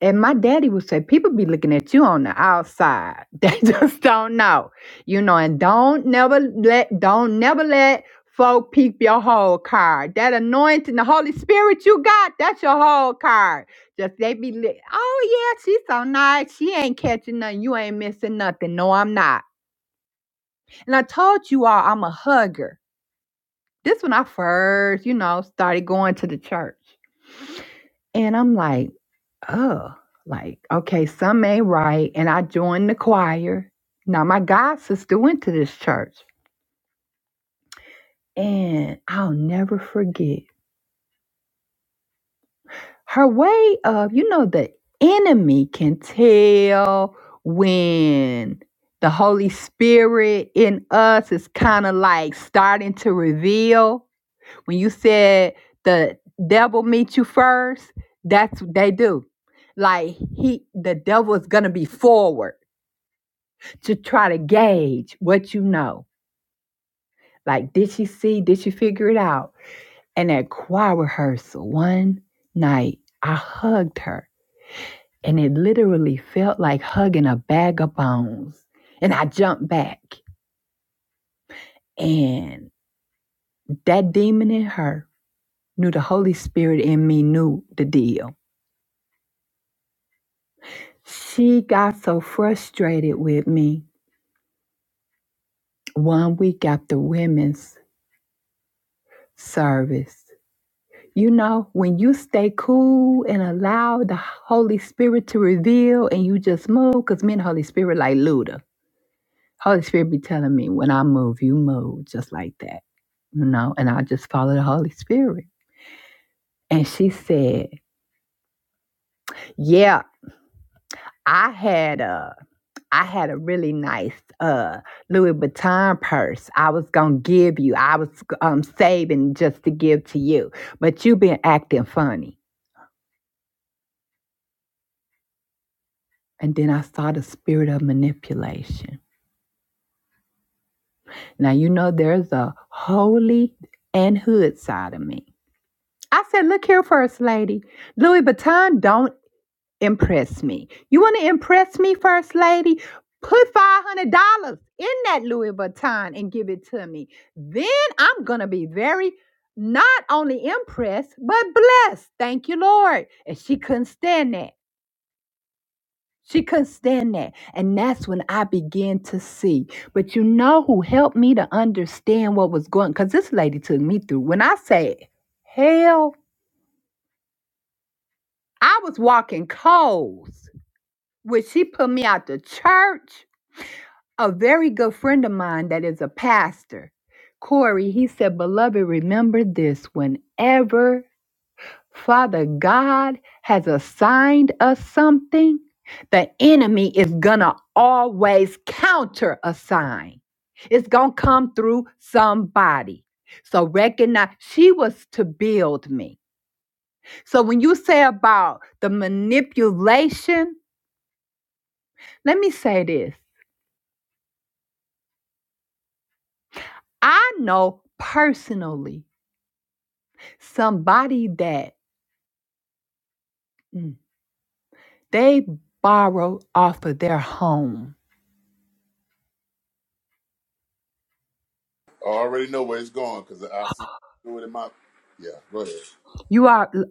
And my daddy would say, people be looking at you on the outside. [laughs] They just don't know. You know, and don't never let, don't never let folk peep your whole card. That anointing, the Holy Spirit you got, that's your whole card. Just they be li oh yeah, she's so nice. She ain't catching nothing. You ain't missing nothing. No, I'm not. And I told you all I'm a hugger. This when I first, you know, started going to the church. And I'm like, oh, like, okay, some may write. And I joined the choir. Now, my god sister went to this church, and I'll never forget her way of, you know, the enemy can tell when the Holy Spirit in us is kind of like starting to reveal. When you said the devil meet you first, that's what they do. Like he the devil is gonna be forward to try to gauge what you know. Like, did she see? Did she figure it out? And at choir rehearsal one night, I hugged her, and it literally felt like hugging a bag of bones. And I jumped back, and that demon in her knew the Holy Spirit in me knew the deal. She got so frustrated with me one week after women's service You know, when you stay cool and allow the Holy Spirit to reveal and you just move, because me and the Holy Spirit like Luda. Holy Spirit be telling me when I move, you move just like that, you know, and I just follow the Holy Spirit. And she said, Yeah, I had a I had a really nice uh Louis Vuitton purse. I was gonna give you. I was um saving just to give to you, but you been acting funny. And then I saw the spirit of manipulation Now, you know, there's a holy and hood side of me. I said, Look here, First Lady. Louis Vuitton don't impress me. You want to impress me, First Lady? Put $500 in that Louis Vuitton and give it to me. Then I'm going to be very not only impressed, but blessed. Thank you, Lord. And she couldn't stand that. She couldn't stand that. And that's when I began to see. But you know who helped me to understand what was going on? because this lady took me through. When I said hell, I was walking coals. When she put me out to church, a very good friend of mine that is a pastor, Corey, he said, Beloved, remember this whenever Father God has assigned us something, the enemy is going to always counter assign. It's going to come through somebody. So recognize she was to build me. So when you say about the manipulation, let me say this. I know personally somebody that mm, they borrow off of their home. I already know where it's going because I seen it do it in my. Yeah, go ahead. You are l-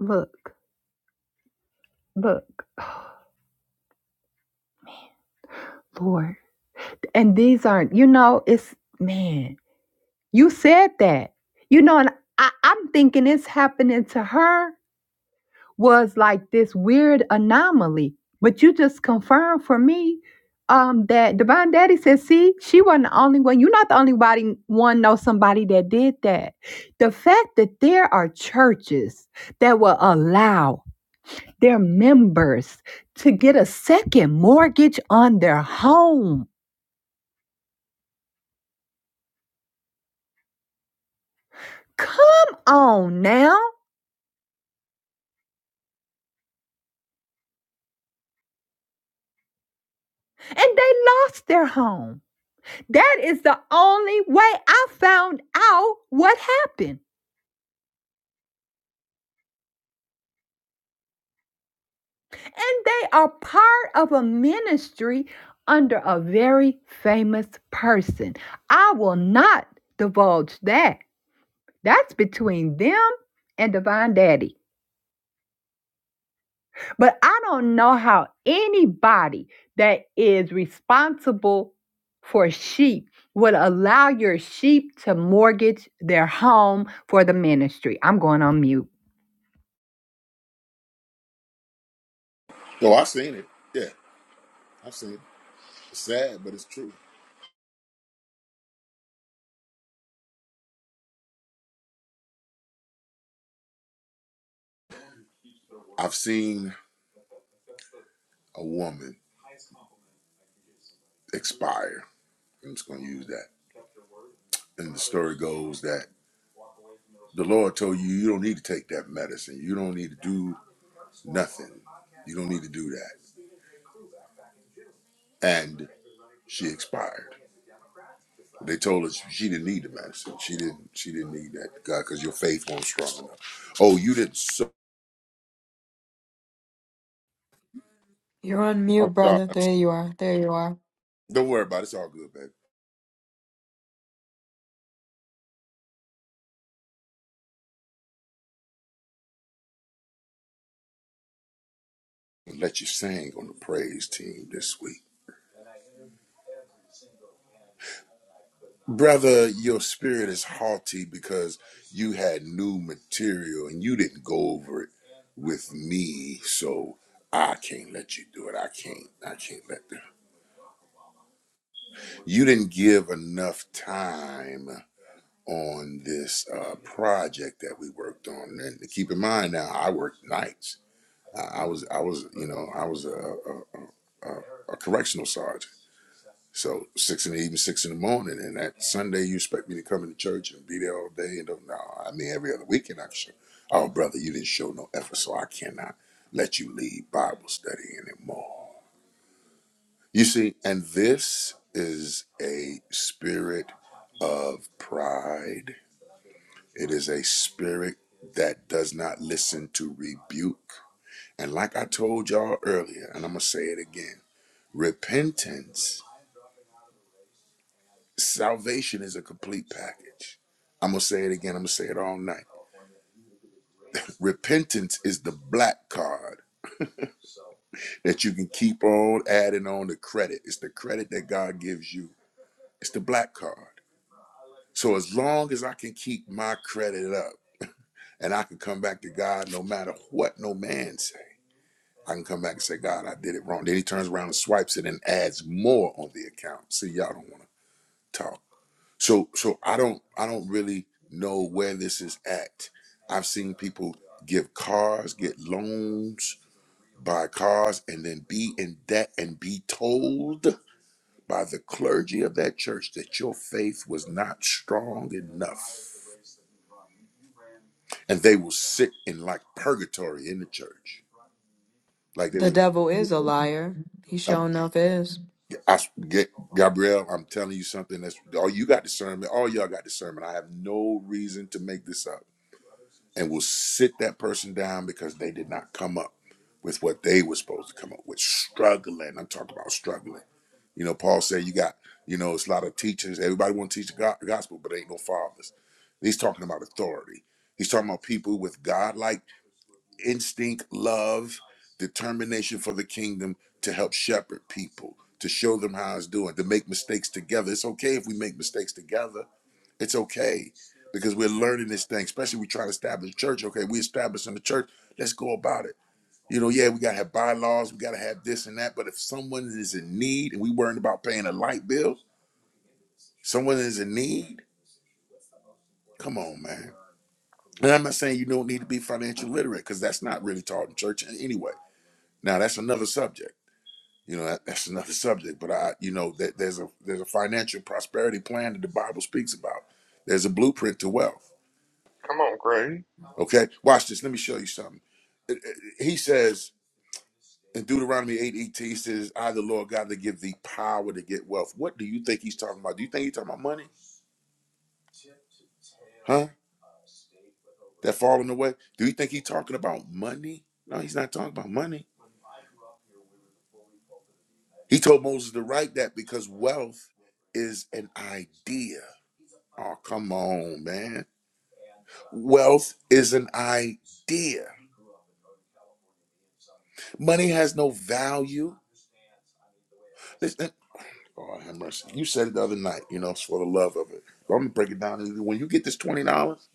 look, look. [sighs] Lord. And these aren't, you know, it's man, you said that. You know, and I, I'm thinking it's happening to her was like this weird anomaly. But you just confirmed for me um that Divine Daddy said, see, she wasn't the only one. You're not the only body one know somebody that did that. The fact that there are churches that will allow their members to get a second mortgage on their home Come on now. And they lost their home. That is the only way I found out what happened. And they are part of a ministry under a very famous person. I will not divulge that. That's between them and Divine Daddy. But I don't know how anybody that is responsible for sheep would allow your sheep to mortgage their home for the ministry. I'm going on mute. No, I've seen it. Yeah, I've seen it. It's sad, but it's true. I've seen a woman expire. I'm just going to use that. And the story goes that the Lord told you, you don't need to take that medicine. You don't need to do nothing. You don't need to do that. And she expired. They told us she didn't need the medicine. She didn't. She didn't need that, God, because your faith wasn't strong enough. Oh, you didn't. So, You're on mute, I'm sorry. brother. I'm sorry. There you are. There you are. Don't worry about it. It's all good, baby. and let you sing on the praise team this week. Brother, your spirit is haughty because you had new material and you didn't go over it with me, so I can't let you do it. I can't. I can't let them. You didn't give enough time on this uh, project that we worked on. And keep in mind now, I worked nights. I, I was, I was, you know, I was a, a, a, a correctional sergeant. So six in the evening, six in the morning, and that Sunday you expect me to come into church and be there all day and don't know. I mean, every other weekend I show. Oh, brother, you didn't show no effort, so I cannot let you lead Bible study anymore. You see, and this is a spirit of pride. It is a spirit that does not listen to rebuke. And like I told y'all earlier, and I'm gonna say it again, repentance. Salvation is a complete package. I'm going to say it again. I'm going to say it all night. Repentance is the black card that you can keep on adding on the credit. It's the credit that God gives you, it's the black card. So as long as I can keep my credit up and I can come back to God no matter what no man say, I can come back and say, God, I did it wrong. Then he turns around and swipes it and adds more on the account. See, y'all don't want to talk. so so i don't i don't really know where this is at i've seen people give cars get loans buy cars and then be in debt and be told by the clergy of that church that your faith was not strong enough and they will sit in like purgatory in the church like they The were devil is a liar. He i sure enough is. I get Gabrielle. I'm telling you something. That's all you got discernment. All y'all got discernment. I have no reason to make this up and will sit that person down because they did not come up with what they were supposed to come up with. Struggling. I'm talking about struggling. You know, Paul said you got, you know, it's a lot of teachers. Everybody want to teach the gospel, but ain't no fathers. He's talking about authority. He's talking about people with godlike instinct, love, determination for the kingdom to help shepherd people, to show them how it's doing, to make mistakes together. It's okay if we make mistakes together it's okay because we're learning this thing, especially we try to establish church. Okay, we establishing the church. Let's go about it. You know, yeah, we gotta have bylaws, we gotta have this and that. But if someone is in need and we worrying about paying a light bill, someone is in need. Come on, man. And I'm not saying you don't need to be financial literate because that's not really taught in church anyway. Now that's another subject. You know, that, that's another subject. But I, you know, that there's a there's a financial prosperity plan that the Bible speaks about. There's a blueprint to wealth Come on, Craig. Okay, watch this. Let me show you something. It- it- He says in Deuteronomy 8 18, he says, I, the Lord God, that give thee power to get wealth. What do you think he's talking about? Do you think he's talking about money? Huh? That falling away? Do you think he's talking about money? No, he's not talking about money. He told Moses to write that because wealth is an idea. Oh, come on, man. Wealth is an idea. Money has no value. Listen, Lord have mercy. You said it the other night, you know, it's for the love of it. But I'm gonna break it down. When you get this twenty dollars,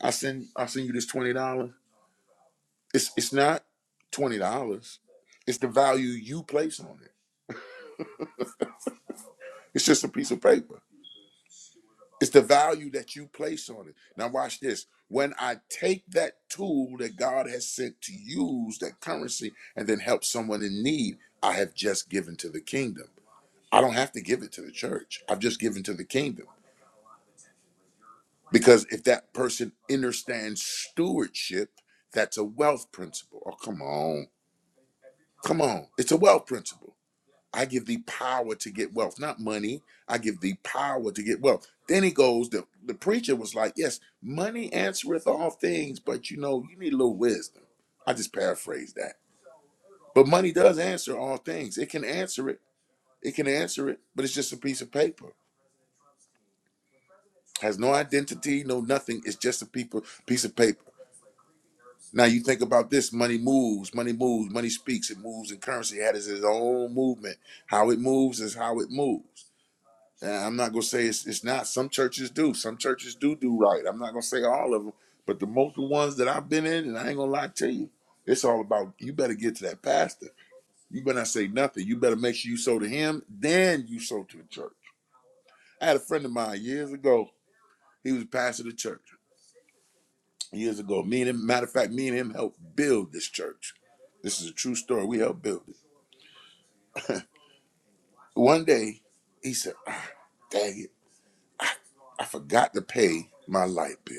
I send I send you this twenty dollars. It's it's not twenty dollars. It's the value you place on it. It's just a piece of paper. It's the value that you place on it. Now watch this. When I take that tool that God has sent to use that currency and then help someone in need, I have just given to the kingdom. I don't have to give it to the church. I've just given to the kingdom. Because if that person understands stewardship, that's a wealth principle. Oh, come on. Come on. It's a wealth principle. I give thee power to get wealth, not money. I give thee power to get wealth. Then he goes, the, the preacher was like, Yes, money answereth all things, but you know, you need a little wisdom. I just paraphrased that. But money does answer all things. It can answer it. It can answer it, but it's just a piece of paper. Has no identity, no nothing. It's just a people piece of paper. Now you think about this: money moves, money moves, money speaks. It moves in currency. It has its own movement. How it moves is how it moves. And I'm not gonna say it's, it's not. Some churches do. Some churches do do right. I'm not gonna say all of them, but the most of the ones that I've been in, and I ain't gonna lie to you, it's all about you. Better get to that pastor. You better not say nothing. You better make sure you sow to him, then you sow to the church. I had a friend of mine years ago. He was a pastor of the church. years ago. Me and him, matter of fact, me and him helped build this church. This is a true story. We helped build it. One day, he said, ah, "Dang it, I forgot to pay my light bill.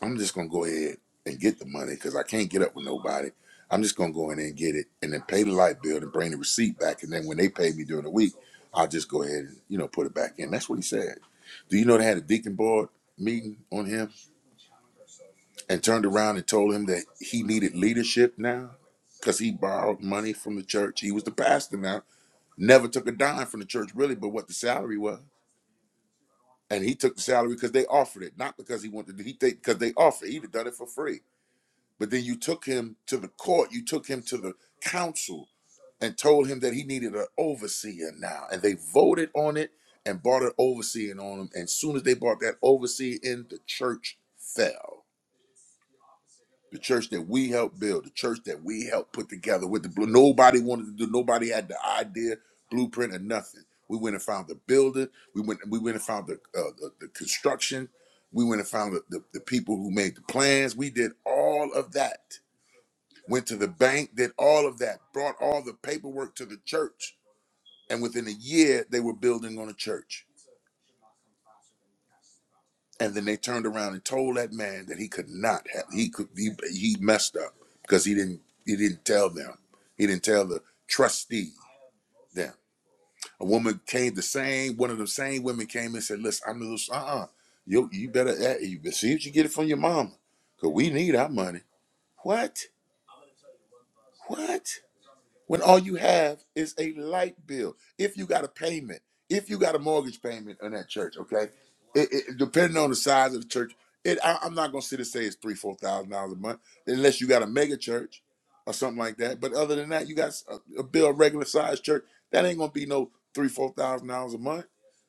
I'm just gonna go ahead and get the money because I can't get up with nobody. I'm just gonna go in there and get it, and then pay the light bill and bring the receipt back. And then when they pay me during the week, I'll just go ahead and you know put it back in." That's what he said. Do you know they had a deacon board meeting on him? and turned around and told him that he needed leadership now because he borrowed money from the church. He was the pastor now, never took a dime from the church really, but what the salary was. And he took the salary because they offered it, not because he wanted to. He take because they offered. He'd have done it for free. But then you took him to the court. You took him to the council and told him that he needed an overseer now. And they voted on it and brought an overseer on him. And as soon as they brought that overseer in, the church fell the church that we helped build, the church that we helped put together with the blue. Nobody wanted to do, nobody had the idea, blueprint, or nothing. We went and found the builder. We went, we went and found the, uh, the, the construction. We went and found the, the, the people who made the plans. We did all of that. Went to the bank, did all of that, brought all the paperwork to the church. And within a year, they were building on a church and then they turned around and told that man that he could not have he could he, he messed up because he didn't he didn't tell them he didn't tell the trustee them a woman came the same one of the same women came and said listen i'm loose uh-uh you you better eh, you see if you get it from your mama because we need our money what what when all you have is a light bill if you got a payment if you got a mortgage payment on that church okay it, it- depending on the size of the church it I, i'm not gonna sit and say it's three four thousand dollars a month unless you got a mega church or something like that but other than that you got a, a bill a regular sized church that ain't gonna be no three four thousand dollars a month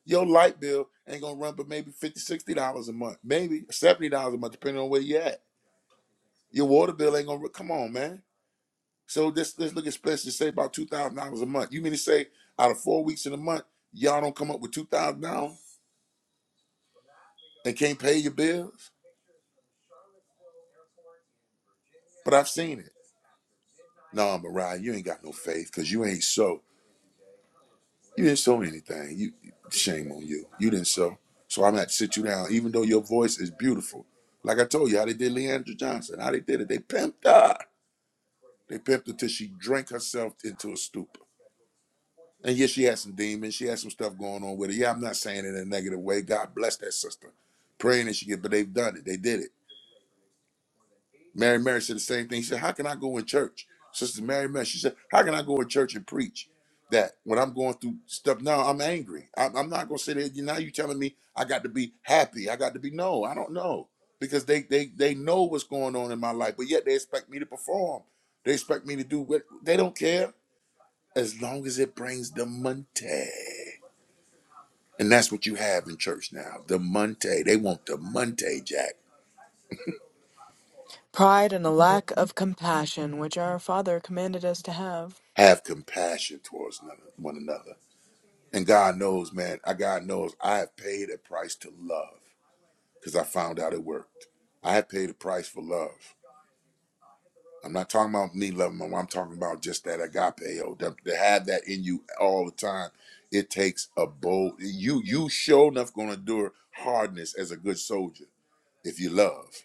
your light bill ain't gonna run but maybe 50, 60 dollars a month maybe 70 dollars a month depending on where you at your water bill ain't gonna come on man so let's let's look at specialists say about two thousand dollars a month. You mean to say out of four weeks in a month, y'all don't come up with two thousand dollars and can't pay your bills? But I've seen it. No, Mariah, you ain't got no faith because you ain't so. You didn't sow anything. You shame on you. You didn't sow. So I'm gonna have to sit you down, even though your voice is beautiful. Like I told you, how they did Leandra Johnson, how they did it. They pimped her. They pimped her till she drank herself into a stupor. And yes, she had some demons. She had some stuff going on with her. Yeah, I'm not saying it in a negative way. God bless that sister. Praying that she get, but they've done it. They did it. Mary Mary said the same thing. She said, How can I go in church? Sister Mary Mary, she said, How can I go in church and preach that when I'm going through stuff? Now I'm angry. I'm, I'm not gonna sit there. You now you telling me I got to be happy. I got to be no, I don't know. Because they they they know what's going on in my life, but yet they expect me to perform. They expect me to do what they don't care as long as it brings the money. And that's what you have in church now. The Monte. They want the Monte, Jack. pride and a lack of compassion, which our Father commanded us to have. Have compassion towards one another. And God knows, man, I God knows I have paid a price to love because I found out it worked. I have paid a price for love. I'm not talking about me loving my mom. I'm talking about just that agape. Oh, to, to have that in you all the time, it takes a bold. You you sure enough gonna endure hardness as a good soldier if you love.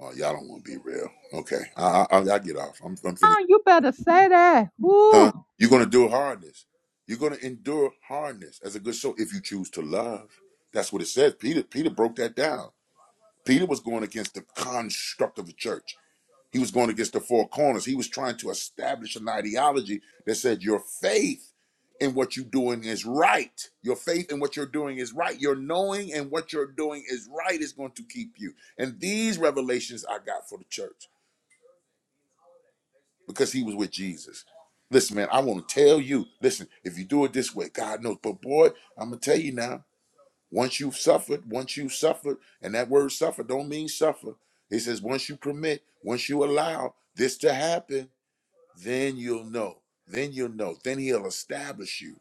Oh, y'all don't want to be real. Okay, I, I I get off. I'm, I'm finna Oh, you better say that. Huh? Woo. You're gonna do hardness. You're gonna endure hardness as a good soul if you choose to love. That's what it says. Peter Peter broke that down. Peter was going against the construct of the church. He was going against the four corners. He was trying to establish an ideology that said your faith in what you're doing is right. Your faith in what you're doing is right. Your knowing and what you're doing is right is going to keep you. And these revelations I got for the church because he was with Jesus. Listen, man, I want to tell you, listen, if you do it this way, God knows. But boy, I'm gonna tell you now, once you've suffered, once you've suffered, and that word suffer don't mean suffer. It says once you permit, once you allow this to happen, then you'll know. Then you'll know. Then he'll establish you.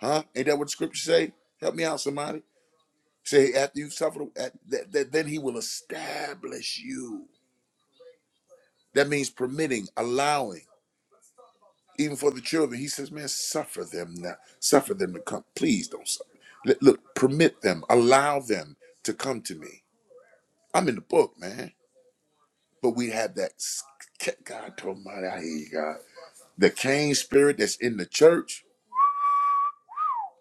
Huh? Ain't that what the scripture say? Help me out, somebody. Say after you've suffered, at, that, that, then he will establish you. That means permitting, allowing. even for the children. He says, man, suffer them now. Suffer them to come. Please don't suffer. Let- Look, permit them, allow them to come to me. I'm in the book, man. But we have that, s- God told me, I hear you, God. The Cain spirit that's in the church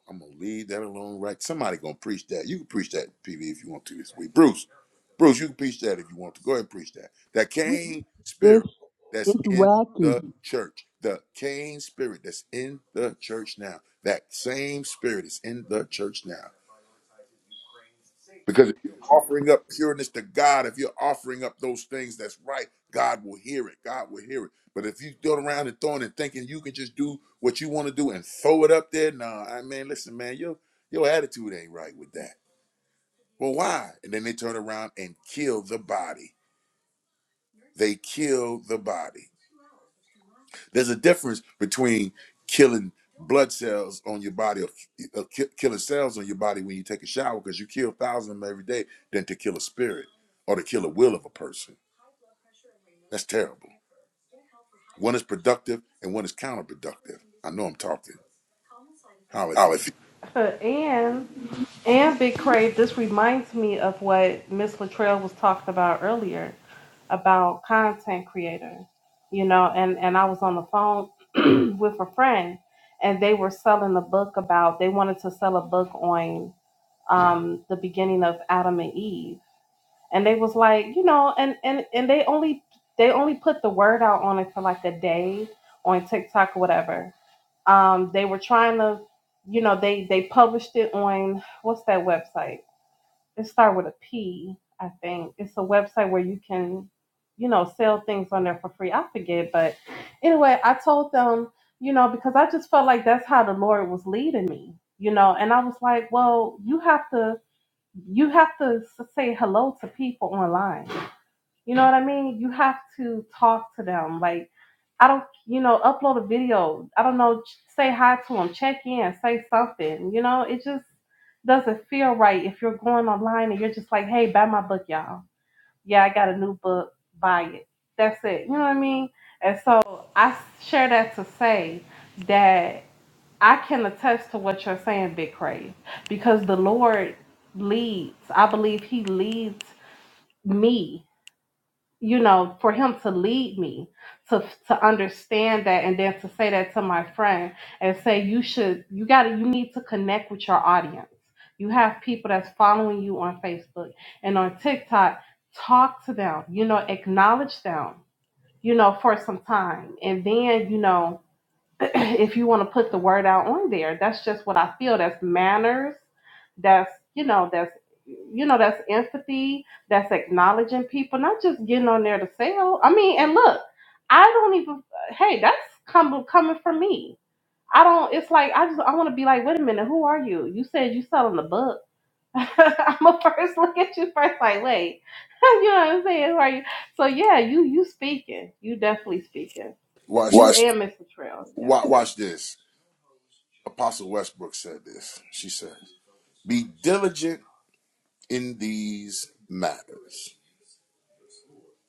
I'm gonna leave that alone. Right? Somebody gonna preach that. You can preach that, PV, if you want to this week. Bruce, Bruce, you can preach that if you want to. Go ahead and preach that. That Cain spirit It's that's it's in wacky. the church. The Cain spirit that's in the church now. That same spirit is in the church now. Because if you're offering up pureness to God, if you're offering up those things that's right, God will hear it. God will hear it. But if you go around and throwing and thinking you can just do what you want to do and throw it up there, nah, I mean, listen, man, your your attitude ain't right with that. Well, why? And then they turn around and kill the body. They kill the body. There's a difference between killing blood cells on your body or uh, ki- killing cells on your body when you take a shower because you kill thousands of them every day than to kill a spirit or to kill a will of a person. That's terrible. One is productive and one is counterproductive. I know I'm talking. How if you Olive. Uh, And and Big Crave, this reminds me of what Miss Latrell was talking about earlier about content creators. You know, and and I was on the phone [clears throat] with a friend, and they were selling a book about they wanted to sell a book on um, the beginning of Adam and Eve. and they was like you know and and and they only they only put the word out on it for like a day on tiktok or whatever um they were trying to you know they they published it on what's that website it started with a p i think it's a website where you can you know sell things on there for free i forget but anyway i told them you know because i just felt like that's how the lord was leading me you know and i was like well you have to you have to say hello to people online you know what I mean? You have to talk to them. Like, I don't, you know, upload a video. I don't know, ch- say hi to them, check in, say something. You know, it just doesn't feel right if you're going online and you're just like, hey, buy my book, y'all. Yeah, I got a new book, buy it. That's it. You know what I mean? And so I share that to say that I can attest to what you're saying, Big Crave, because the Lord leads. I believe He leads me you know, for him to lead me to to understand that and then to say that to my friend and say you should you gotta you need to connect with your audience. You have people that's following you on Facebook and on TikTok, talk to them, you know, acknowledge them, you know, for some time. And then, you know, [clears throat] if you want to put the word out on there that's just what i feel that's manners that's you know that's you know that's empathy that's acknowledging people not just getting on there to sell i mean and look i don't even hey that's come coming from me i don't it's like i just i want to be like wait a minute who are you you said you selling the book [laughs] i'm gonna first [laughs] look at you first like wait [laughs] you know what i'm saying who are you so yeah you you speaking you definitely speaking you Watch, Watch and mr trail yeah wa- watch this. Apostle Westbrook said this. She said, "Be diligent in these matters."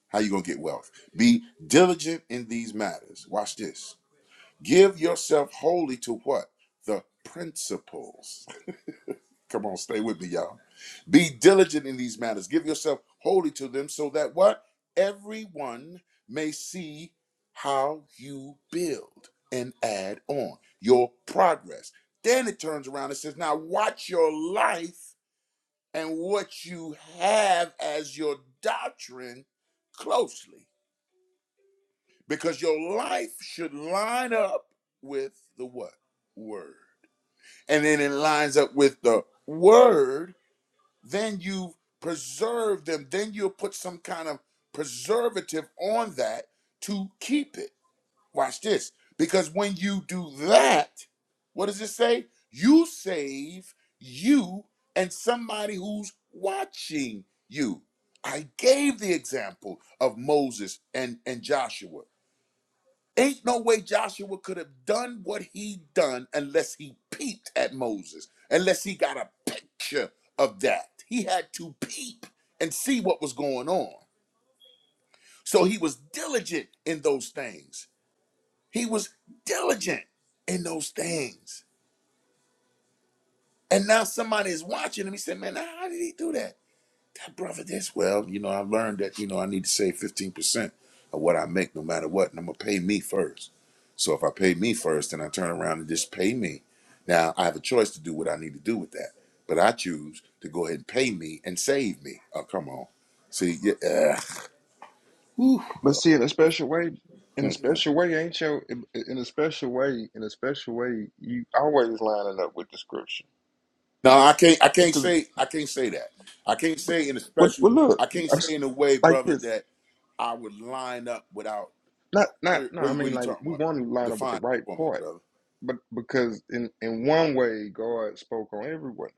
How you gonna get wealth? Be diligent in these matters. Watch this. Give yourself wholly to what? The principles. [laughs] Come on, stay with me, y'all. Be diligent in these matters. Give yourself wholly to them so that what? Everyone may see how you build and add on your progress. Then it turns around and says, Now watch your life and what you have as your doctrine closely because your life should line up with the what? Word. and then it lines up with the word, then you preserve them. Then you'll put some kind of preservative on that to keep it. Watch this. Because when you do that, what does it say? You save you and somebody who's watching you. I gave the example of Moses and, and Joshua. Ain't no way Joshua could have done what he done unless he peeped at Moses, unless he got a picture of that. He had to peep and see what was going on. So he was diligent in those things. He was diligent in those things. And now somebody is watching him. He said, Man, how did he do that? that brother this well you know i learned that you know i need to save 15% of what i make no matter what and i'm gonna pay me first so if i pay me first then i turn around and just pay me now i have a choice to do what i need to do with that but i choose to go ahead and pay me and save me oh come on see yeah uh, whew. But see, in a special way, in a Mm-mm. special way, ain't your in in a special way, in a special way, you always lining up with the scripture no i can't i can't because say i can't say that i can't say in a what? special Well, look, i can't I'm, say s- in a way like brother this. that i would line up without Not, spirit not, no. what, I what are mean, you like talking we about want to line up with define the it right for me part, brother but because in in one way, God spoke on everyone.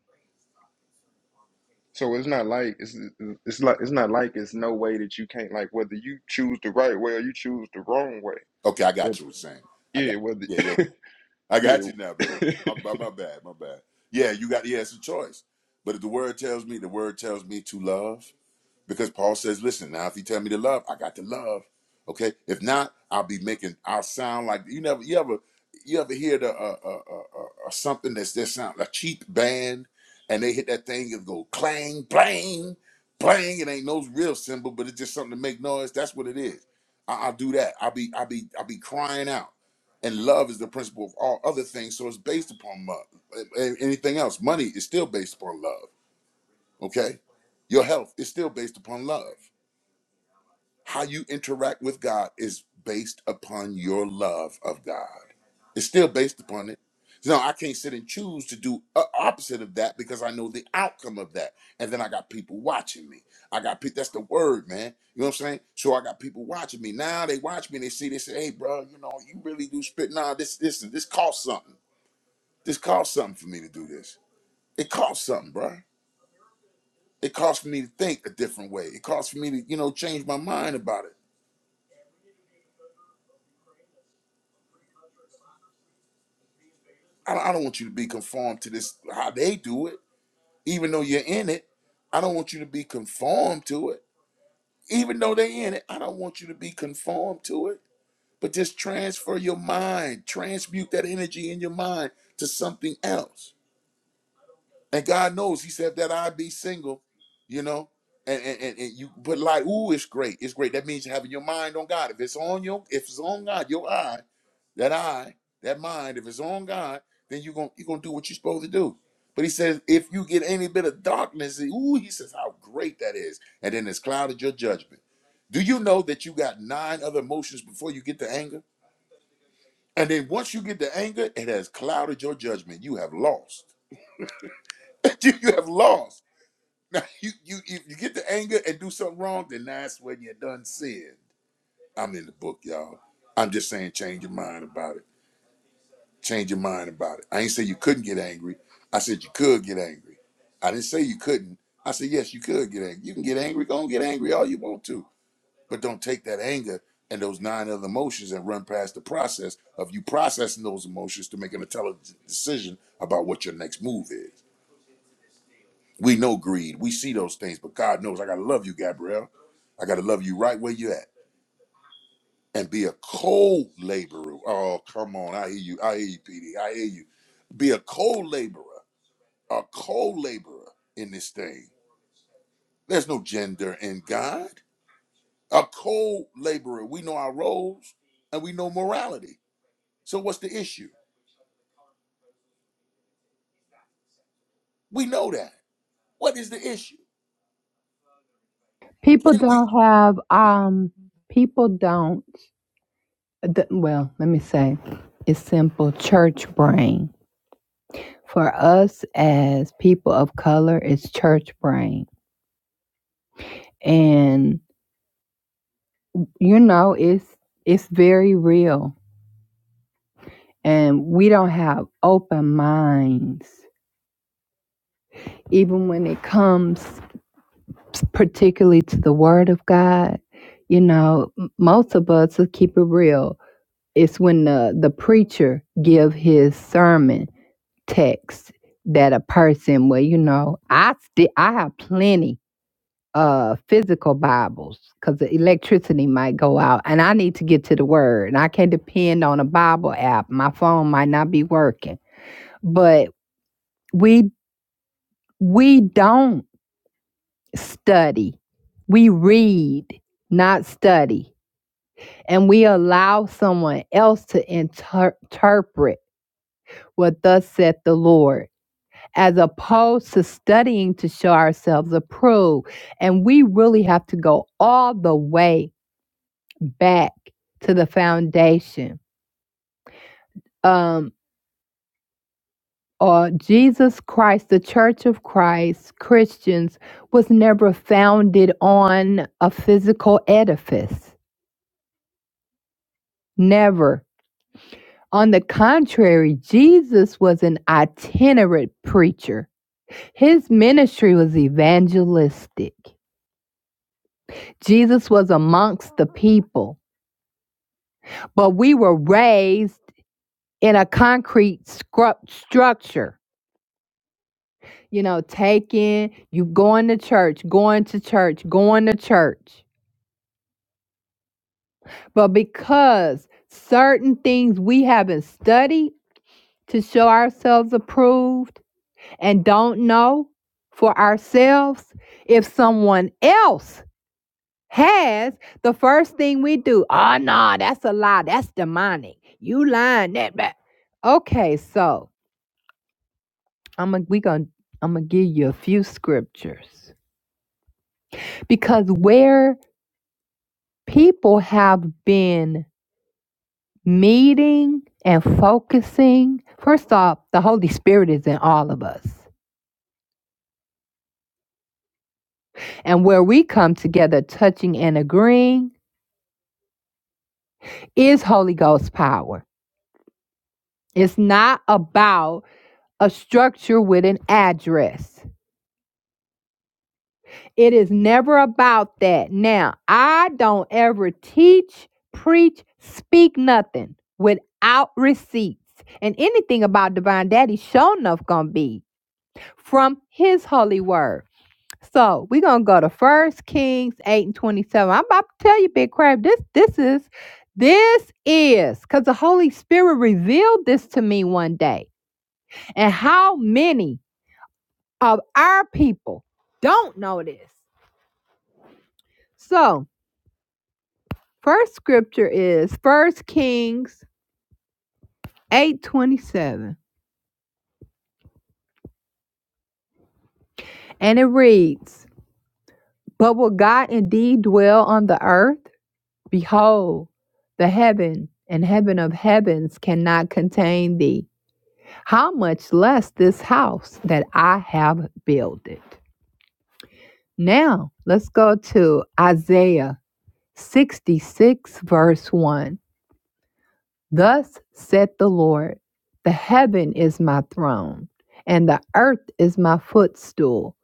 So it's not like it's it's like it's not like it's no way that you can't like whether you choose the right way or you choose the wrong way. Okay, I But got you. What you're saying? I got. yeah, whether Yeah, yeah. I [laughs] got yeah. you now, baby. [laughs] My, my, my bad. My bad. Yeah, you got. Yeah, it's a choice. But if the word tells me, the word tells me to love. Because Paul says, listen, now if you tell me to love, I got to love. Okay. If not, I'll be making, I'll sound like, you never, you ever, you ever hear the, uh, uh, uh, uh, uh, something that's that sound, a cheap band, and they hit that thing and go clang, blang, blang. It ain't no real symbol, but it's just something to make noise. That's what it is. I, I'll do that. I'll be, I'll be, I'll be crying out. And love is the principle of all other things. So it's based upon love. Anything else, money is still based upon love Okay? Your health is still based upon love. How you interact with God is based upon your love of God. It's still based upon it. Now, I can't sit and choose to do a- opposite of that because I know the outcome of that. And then I got people watching me. I got people, that's the word, man. You know what I'm saying? So I got people watching me. Now they watch me and they see, they say, hey, bro, you know, you really do spit. Nah, this, this, this costs something. This costs something for me to do this. It costs something, bro. It calls for me to think a different way. It calls for me to, you know, change my mind about it. I don't, I don't want you to be conformed to this how they do it, even though you're in it. I don't want you to be conformed to it, even though they are in it. I don't want you to be conformed to it. But just transfer your mind, transmute that energy in your mind to something else And God knows, He said that I'd be single, you know. And and, and, and you but like, ooh, it's great. It's great. That means you're having your mind on God. If it's on your if it's on God, your eye, that eye, that mind, if it's on God, then you're gonna you're gonna do what you're supposed to do. But he says, if you get any bit of darkness, ooh, he says, how great that is. And then it's clouded your judgment. Do you know that you got nine other emotions before you get to anger? And then once you get to anger, it has clouded your judgment. You have lost. [laughs] you have lost. Now [laughs] you you if you get the anger and do something wrong, then that's when you're done sinned. I'm in the book, y'all. I'm just saying change your mind about it. Change your mind about it. I ain't say you couldn't get angry. I said you could get angry. I didn't say you couldn't. I said yes, you could get angry. You can get angry, go and get angry all you want to. But don't take that anger and those nine other emotions and run past the process of you processing those emotions to make an intelligent decision about what your next move is. We know greed. We see those things, but God knows I gotta love you, Gabrielle. I gotta love you right where you at. And be a co-laborer. Oh, come on. I hear you. I hear you, PD. I hear you. Be a co-laborer, a co-laborer in this thing. There's no gender in God. A co-laborer. We know our roles and we know morality. So what's the issue? We know that. What is the issue? People Can we don't have um people don't the, well, let me say it's simple church brain. For us as people of color, it's church brain. and. you know it's it's very real and we don't have open minds even when it comes particularly to the word of god you know m- most of us will keep it real it's when the the preacher give his sermon text that a person well you know i still i have plenty uh physical bibles because the electricity might go out and i need to get to the word and i can't depend on a bible app my phone might not be working but we we don't study we read not study and we allow someone else to inter- interpret what thus saith the lord as opposed to studying to show ourselves approved and we really have to go all the way back to the foundation. Um, or Jesus Christ, the Church of Christ, Christians was never founded on a physical edifice. Never. On the contrary, Jesus was an itinerant preacher. His ministry was evangelistic. Jesus was amongst the people, but we were raised in a concrete scru- structure you know, taking, you going to church, going to church, going to church. But because certain things we haven't studied to show ourselves approved and don't know for ourselves, if someone else has, the first thing we do, oh no, that's a lie, that's demonic. You lying that back. Okay, so I'm a we gonna I'm gonna give you a few scriptures because where people have been meeting and focusing. First off, the Holy Spirit is in all of us. And where we come together, touching and agreeing, is Holy Ghost power. It's not about a structure with an address. It is never about that. Now, I don't ever teach, preach, speak nothing without receipts. And anything about Divine Daddy, sure enough, gonna be. from his holy word. So we're gonna go to first Kings 8 and 27. I'm about to tell you, Big Crab, this this is this is because the Holy Spirit revealed this to me one day. And how many of our people don't know this? So first scripture is first Kings 8 27, and it reads, But will God indeed dwell on the earth? Behold, the heaven and heaven of heavens cannot contain thee. How much less this house that I have builded. Now, let's go to Isaiah 66, verse 1. Thus saith the Lord, the heaven is my throne, and the earth is my footstool.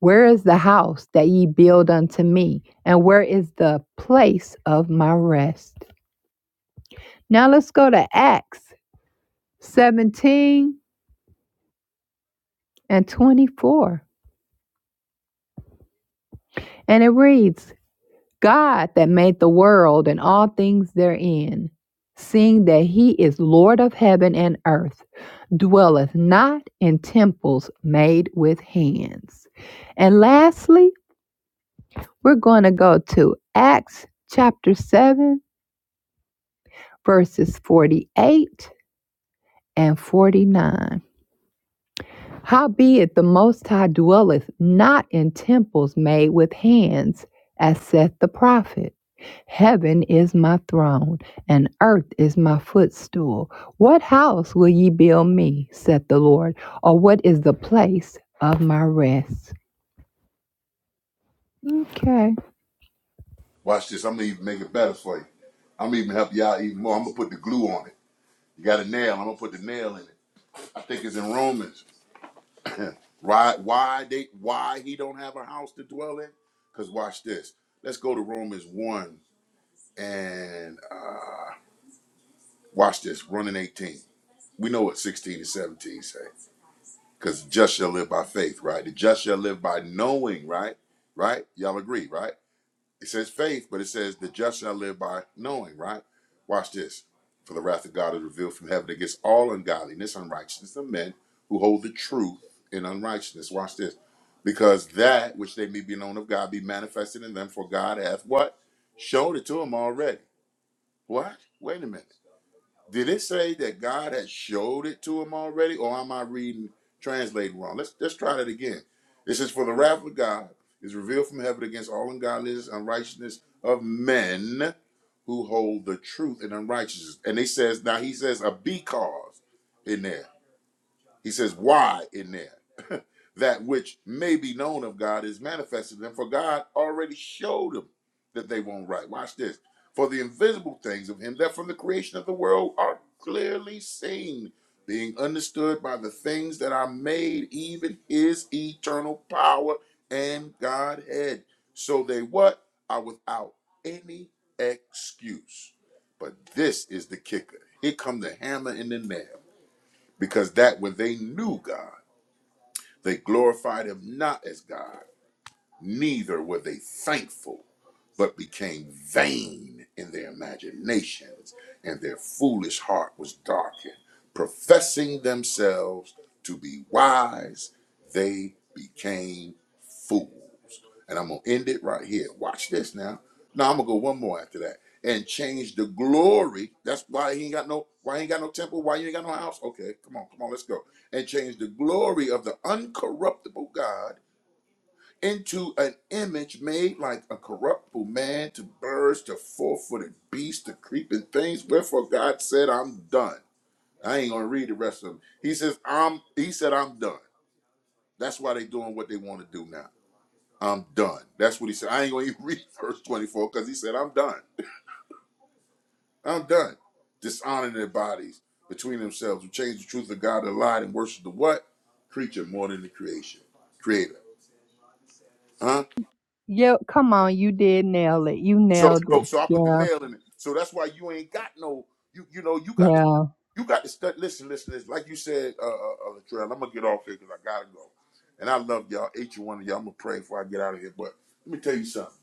Where is the house that ye build unto me, and where is the place of my rest? Now let's go to Acts 17 and 24. And it reads God that made the world and all things therein, seeing that he is Lord of heaven and earth, dwelleth not in temples made with hands. And lastly, we're going to go to Acts chapter 7, verses 48 and 49. Howbeit the Most High dwelleth not in temples made with hands, as saith the prophet. Heaven is my throne, and earth is my footstool. What house will ye build me, saith the Lord, or what is the place of my rest? Okay. watch this? I'm gonna even make it better for you. I'm gonna even help you all even more. I'm gonna put the glue on it. You got a nail. I'm gonna put the nail in it. I think it's in Romans. Why? Why they? Why he don't have a house to dwell in? Cause watch this. Let's go to Romans one and uh, watch this. Running 18. We know what 16 and 17 say. Cause just shall live by faith, right? The just shall live by knowing, right? Right? Y'all agree, right? It says faith, but it says the just shall live by knowing, right? Watch this. For the wrath of God is revealed from heaven against all ungodliness, unrighteousness of men who hold the truth in unrighteousness. Watch this. Because that which they may be known of God be manifested in them, for God hath what? Showed it to them already. What? Wait a minute. Did it say that God had showed it to him already, or am I reading translating wrong? Let's let's try that again. It says, "For the wrath of God is revealed from heaven against all ungodliness and unrighteousness of men who hold the truth in unrighteousness." And it says, now he says a because in there. He says, why in there? [laughs] that which may be known of God is manifested in them, for God already showed them that they won't write. Watch this. For the invisible things of him that from the creation of the world are clearly seen, being understood by the things that are made, even his eternal power and Godhead. So they what? Are without any excuse. But this is the kicker. Here come the hammer and the nail because that when they knew God, they glorified him not as God, neither were they thankful, but became vain in their imaginations, and their foolish heart was darkened. Professing themselves to be wise, they became fools. And I'm going to end it right here. Watch this now. Now I'm going to go one more after that and change the glory. That's why he ain't got no why he ain't got no temple, why you ain't got no house. Okay, come on, come on, let's go. And change the glory of the uncorruptible God into an image made like a corruptible man, to birds, to four footed beasts, to creeping things. Wherefore God said, I'm done. I ain't gonna read the rest of them. He says, I'm he said, I'm done. That's why they doing what they want to do now. I'm done. That's what he said. I ain't gonna [laughs] even read verse 24 because he said, I'm done. I'm done. Dishonoring their bodies between themselves, who change the truth of God to lie and worship the what? Creature more than the creation. Creator. Huh? Yeah, come on, you did nail it. You So nailed so it. so I put the Yeah, nail in it. So that's why you ain't got no you you know you got to yeah. you got to study. Listen, listen, listen. Like you said, uh, uh, uh, Latrell, I'm gonna get off here because I gotta go. And I love y'all. Each one of y'all, I'm gonna pray before I get out of here. But let me tell you something.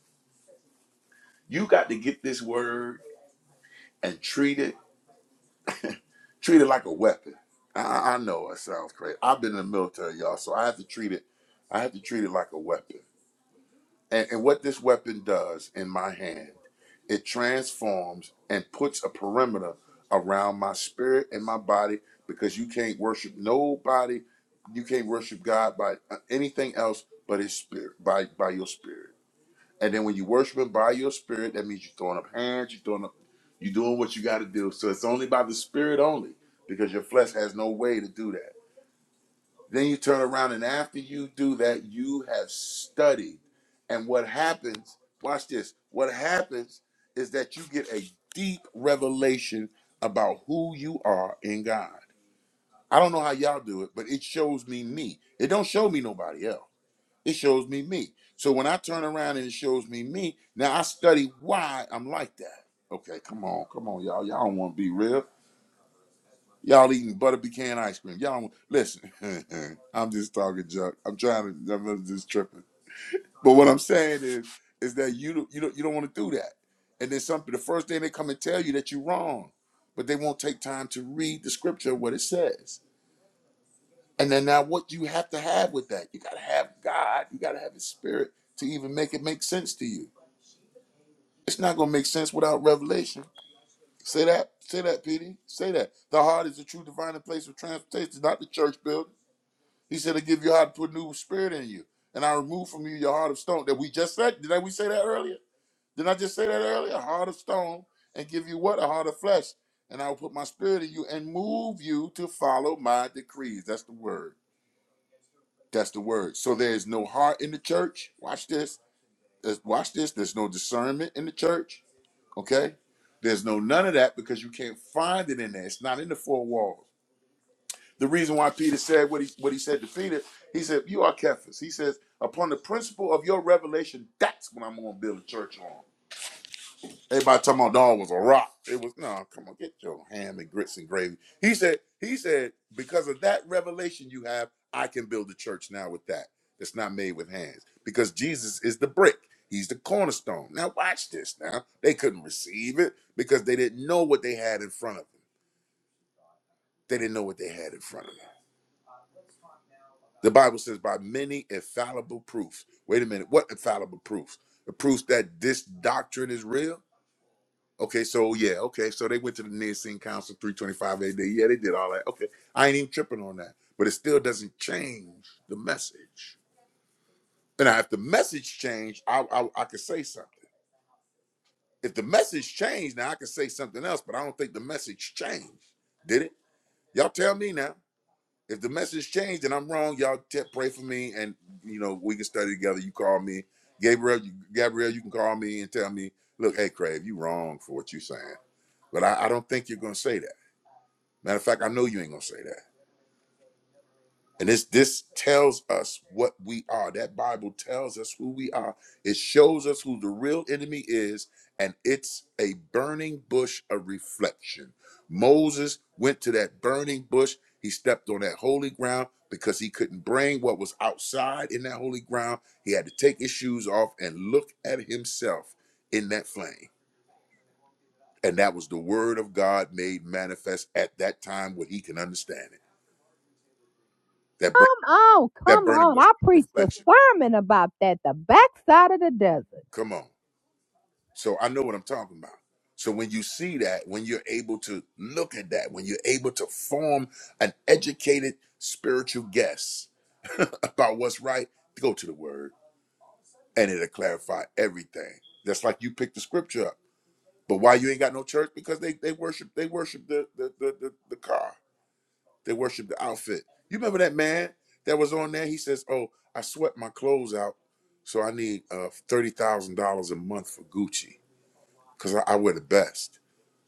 You got to get this word and treat it treat it like a weapon. I, I I know it sounds crazy. I've been in the military, y'all, so I have to treat it. I have to treat it like a weapon. And, and what this weapon does in my hand, it transforms and puts a perimeter around my spirit and my body because you can't worship nobody, you can't worship God by uh, anything else but His spirit, by by your spirit. And then when you worship Him by your spirit, that means you're throwing up hands, you're throwing up, you're doing what you got to do. So it's only by the spirit only because your flesh has no way to do that. Then you turn around and after you do that, you have studied. And what happens, watch this, what happens is that you get a deep revelation about who you are in God. I don't know how y'all do it, but it shows me me. It don't show me nobody else. It shows me me. So when I turn around and it shows me me, now I study why I'm like that. Okay, come on, come on, y'all. Y'all don't want to be real. Y'all eating butter pecan ice cream. Y'all listen. [laughs] I'm just talking junk. I'm trying to. I'm just tripping. But what I'm saying is, is that you don't- you don't you don't want to do that. And then something. The first thing they come and tell you that you're wrong, but they won't take time to read the scripture what it says. And then now, what you have to have with that, you gotta have God. You gotta have His Spirit to even make it make sense to you. It's not gonna make sense without revelation. Say that. Say that, Petey. Say that. The heart is the true divine place of transportation, not the church building. He said, I give your heart, put a new spirit in you. And I remove from you your heart of stone. That we just said, did I we say that earlier? Did I just say that earlier? A Heart of stone and give you what? A heart of flesh. And I will put my spirit in you and move you to follow my decrees. That's the word. That's the word. So there is no heart in the church. Watch this. There's- watch this. There's no discernment in the church. Okay? There's no none of that because you can't find it in there. It's not in the four walls. The reason why Peter said what he what he said to Peter, he said, "You are Cephas." He says, "Upon the principle of your revelation, that's what I'm going to build a church on." Everybody talking about no, it was a rock. It was no. Come on, get your ham and grits and gravy. He said. He said because of that revelation you have, I can build a church now with that. It's not made with hands because Jesus is the brick. He's the cornerstone. Now watch this. Now they couldn't receive it because they didn't know what they had in front of them. They didn't know what they had in front of them. The Bible says, by many infallible proofs. Wait a minute, what infallible proofs? The proofs that this doctrine is real? Okay, so yeah, okay, so they went to the Nicene Council 325 AD. Yeah, they did all that. Okay, I ain't even tripping on that, but it still doesn't change the message. And now, if the message changed, I, I, I could say something. If the message changed, now I could say something else, but I don't think the message changed. Did it? Y'all tell me now. If the message changed and I'm wrong, y'all te- pray for me, and you know we can study together. You call me, Gabriel. You, Gabriel, you can call me and tell me, look, hey, Crave, you wrong for what you are saying, but I, I don't think you're gonna say that. Matter of fact, I know you ain't gonna say that. And this this tells us what we are. That Bible tells us who we are. It shows us who the real enemy is, and it's a burning bush of reflection. Moses went to that burning bush. He stepped on that holy ground because he couldn't bring what was outside in that holy ground. He had to take his shoes off and look at himself in that flame. And that was the word of God made manifest at that time where he can understand it. That bur- Come on, that come burning on. bush of I preached a reflection. sermon about that, the backside of the desert. Come on. So I know what I'm talking about. So when you see that, when you're able to look at that, when you're able to form an educated spiritual guess [laughs] about what's right, go to the word and it'll clarify everything. That's like you pick the scripture up. But why you ain't got no church? Because they they worship they worship the the the, the, the car. They worship the outfit. You remember that man that was on there? He says, Oh, I sweat my clothes out, so I need uh thirty thousand dollars a month for Gucci because I, I wear the best.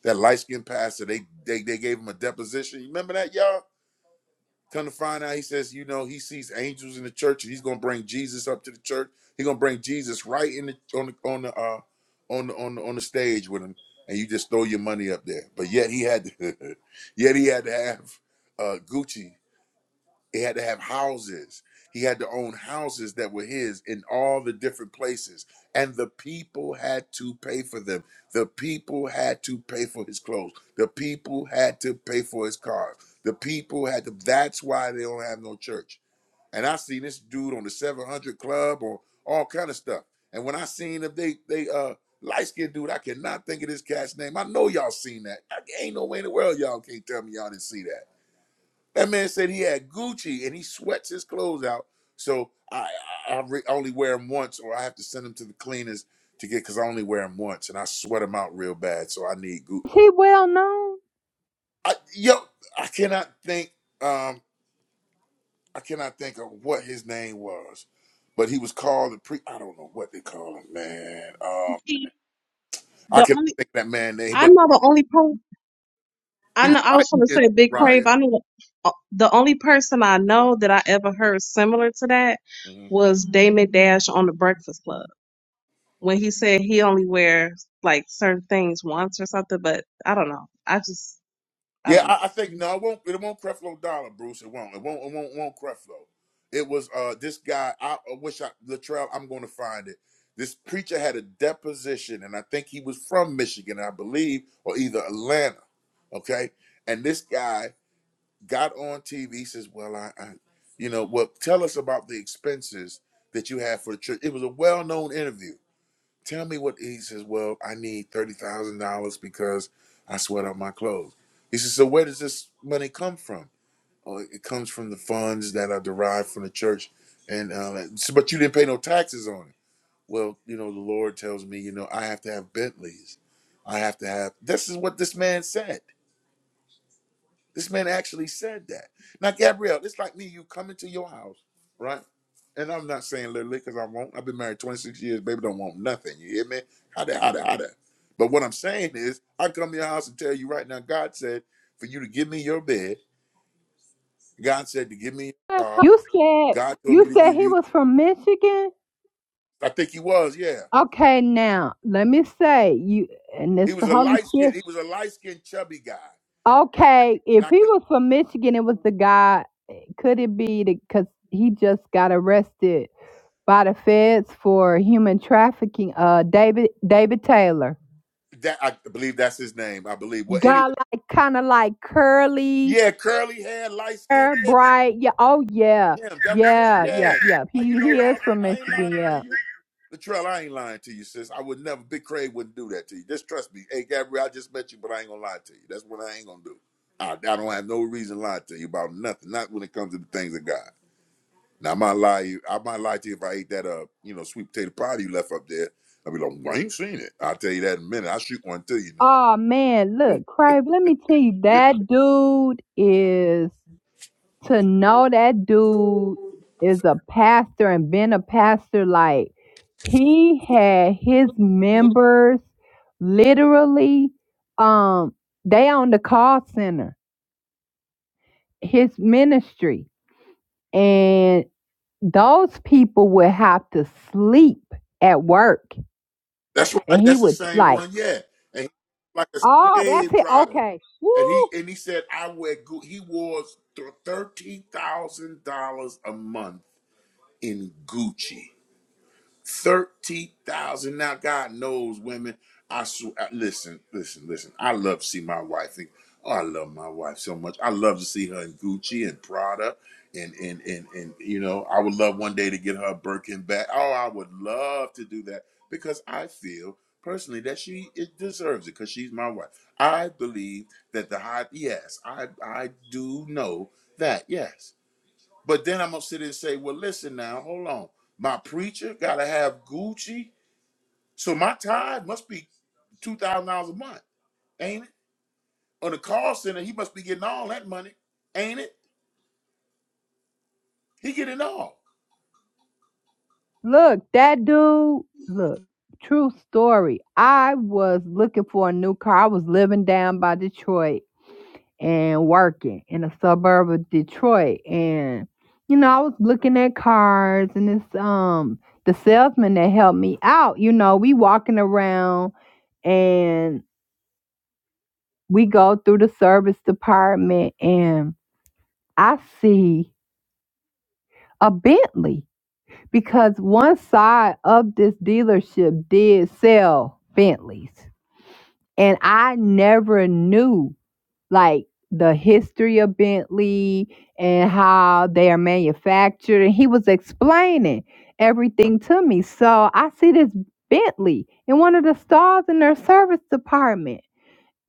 That light skinned pastor, they, they they gave him a deposition. You remember that, y'all? Come to find out, he says, you know, he sees angels in the church, and he's gonna bring Jesus up to the church. He's gonna bring Jesus right in the on the on the uh on the on the on the stage with him, and you just throw your money up there. But yet he had to, [laughs] yet he had to have uh Gucci he had to have houses. He had to own houses that were his in all the different places. And the people had to pay for them. The people had to pay for his clothes. The people had to pay for his car. The people had to. That's why they don't have no church. And I seen this dude on the 700 Club or all kind of stuff. And when I seen him, they, they, uh, light skinned dude, I cannot think of this cat's name. I know y'all seen that. I, ain't no way in the world y'all can't tell me y'all didn't see that that man said he had Gucci and he sweats his clothes out. So I I, I re- only wear them once, or I have to send them to the cleaners to get because I only wear them once and I sweat them out real bad. So I need Gucci. Is he well known? I, yo, I cannot think. Um, I cannot think of what his name was, but he was called the pre. I don't know what they call him, man. Um, I The cannot only think of that man name, I but know the only person he I was know I light was going to skinned, say Big Crave. Ryan. I know the, the only person I know that I ever heard similar to that Mm-hmm. was Damon Dash on the Breakfast Club when he said he only wears like certain things once or something. But I don't know. I just I Yeah, don't I, know. I think no, it won't. It won't Creflo Dollar, Bruce. It won't. It won't. It won't. won't Creflo. It was uh this guy. I, I wish I Latrell. I'm going to find it. This preacher had a deposition, and I think he was from Michigan, I believe, or either Atlanta. Okay, and this guy got on TV. He says, "Well, I, I you know, well, tell us about the expenses that you had for the church." It was a well-known interview Tell me what he says. Well, I need thirty thousand dollars because I sweat out my clothes. He says, so where does this money come from? Oh, it comes from the funds that are derived from the church, and uh, like, "So, but you didn't pay no taxes on it. Well, you know, the Lord tells me, you know, I have to have Bentleys. I have to have. This is what this man said. This man actually said that. Now, Gabrielle, it's like me, you come into your house, right? And I'm not saying literally because I won't. I've been married 26 years, baby, don't want nothing. You hear me? How that, how that, how that. But what I'm saying is, I come to your house and tell you right now, God said for you to give me your bed. God said to give me your car. You said God told me you to said give he you, was from Michigan. I think he was, yeah. Okay, now let me say you, and He it's was the a Holy light skinned, Spirit. he was a light skinned chubby guy. Okay, And if he can, was from Michigan, it was the guy. Could it be because he just got arrested by the feds for human trafficking? Uh, David David Taylor that I believe that's his name, I believe. Well, anyway, got like kind of like curly yeah, curly hair, light skin. hair, yeah. bright. Yeah. Oh yeah. Yeah, that was him. Yeah. Yeah. Yeah. Yeah. Now He You he know, I, is from I ain't lying Michigan. to Yeah. you. Latrell, I ain't lying to you, sis. I would never, Big Craig wouldn't do that to you. Just trust me. Hey, Gabrielle, I just met you, but I ain't going to lie to you. That's what I ain't going to do. I, I don't have no reason to lie to you about nothing, not when it comes to the things of God. Now, I might lie you. I might lie to you if I ate that, uh, you know, sweet potato pie you left up there. I'd be like, well, I ain't seen it. I'll tell you that in a minute. I'll shoot one to you now. Oh man, look, Crave, let me tell you, that dude is to know that dude is a pastor and been a pastor, like he had his members literally um they on the call center, his ministry. And those people would have to sleep at work. [laughs] that's And right. he That's the would same like, one. Yeah. And he- was like a oh, that's slave it. driver. Okay. and Woo! he and he said I wear Gucci. He wore thirteen thousand dollars a month in Gucci. Thirty thousand. Now God knows, women. I swear. Listen, listen, listen. I love to see my wife. Think, oh, I love my wife so much. I love to see her in Gucci and Prada, and and and and you know, I would love one day to get her a Birkin bag. Oh, I would love to do that because I feel personally that she it deserves it because she's my wife. I believe that the high. Yes, I I do know that. Yes, but then I'm gonna sit and say, well, listen now, hold on. My preacher gotta have Gucci, so my tithe must be two thousand dollars a month, ain't it? On the call center, he must be getting all that money, ain't it? He getting all. Look, that dude, look, true story. I was looking for a new car. I was living down by Detroit and working in a suburb of Detroit. And, you know, I was looking at cars and this um the salesman that helped me out, you know, we walking around and we go through the service department and I see a Bentley because one side of this dealership did sell Bentleys. And I never knew like the history of Bentley and how they are manufactured. And he was explaining everything to me. So I see this Bentley in one of the stalls in their service department.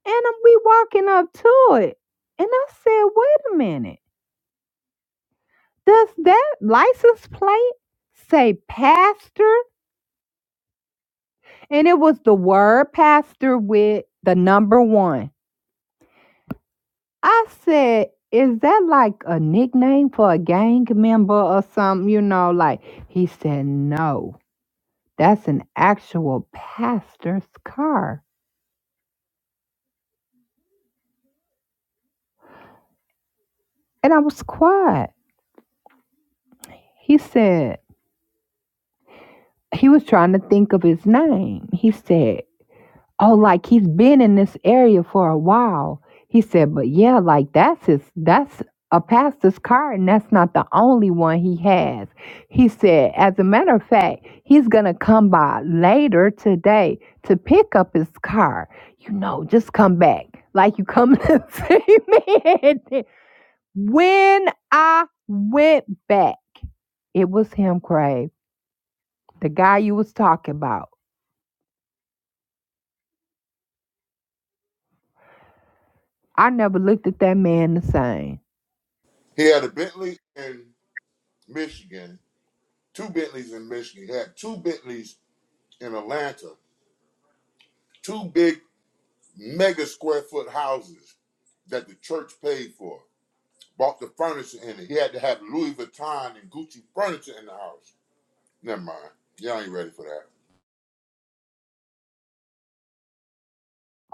And I'm- we walking up to it. And I said, wait a minute. Does that license plate say pastor? and it was the word pastor with the number one. I said, is that like a nickname for a gang member or something? You know, like he said, no, that's an actual pastor's car. And I was quiet. He said, he was trying to think of his name. He said, Oh, like he's been in this area for a while. He said, but yeah, like that's his, that's a pastor's car, and that's not the only one he has. He said, as a matter of fact, he's going to come by later today to pick up his car. You know, just come back like you come [laughs] to see me. when I went back, it was him, Craig, the guy you was talking about. I never looked at that man the same. He had a Bentley in Michigan, two Bentleys in Michigan. He had two Bentleys in Atlanta, two big mega square foot houses that the church paid for. Bought the furniture in it. He had to have Louis Vuitton and Gucci furniture in the house. Never mind. Y'all ain't ready for that.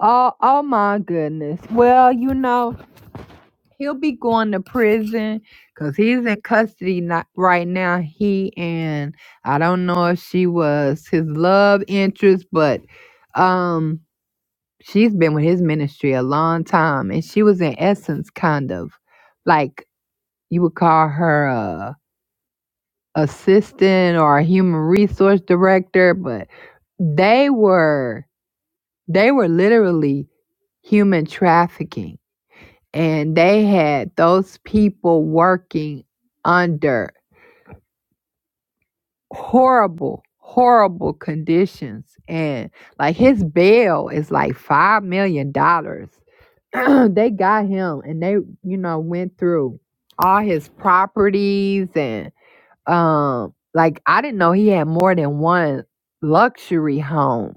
Oh, oh my goodness. Well, you know, he'll be going to prison because he's in custody not right now. He and I don't know if she was his love interest, but um, she's been with his ministry a long time, and she was in essence kind of like you would call her a assistant or a human resource director, but they were they were literally human trafficking. And they had those people working under horrible, horrible conditions. And like his bail is like $5 million. dollars. [clears throat] they got him and they, you know, went through all his properties and, um, like I didn't know he had more than one luxury home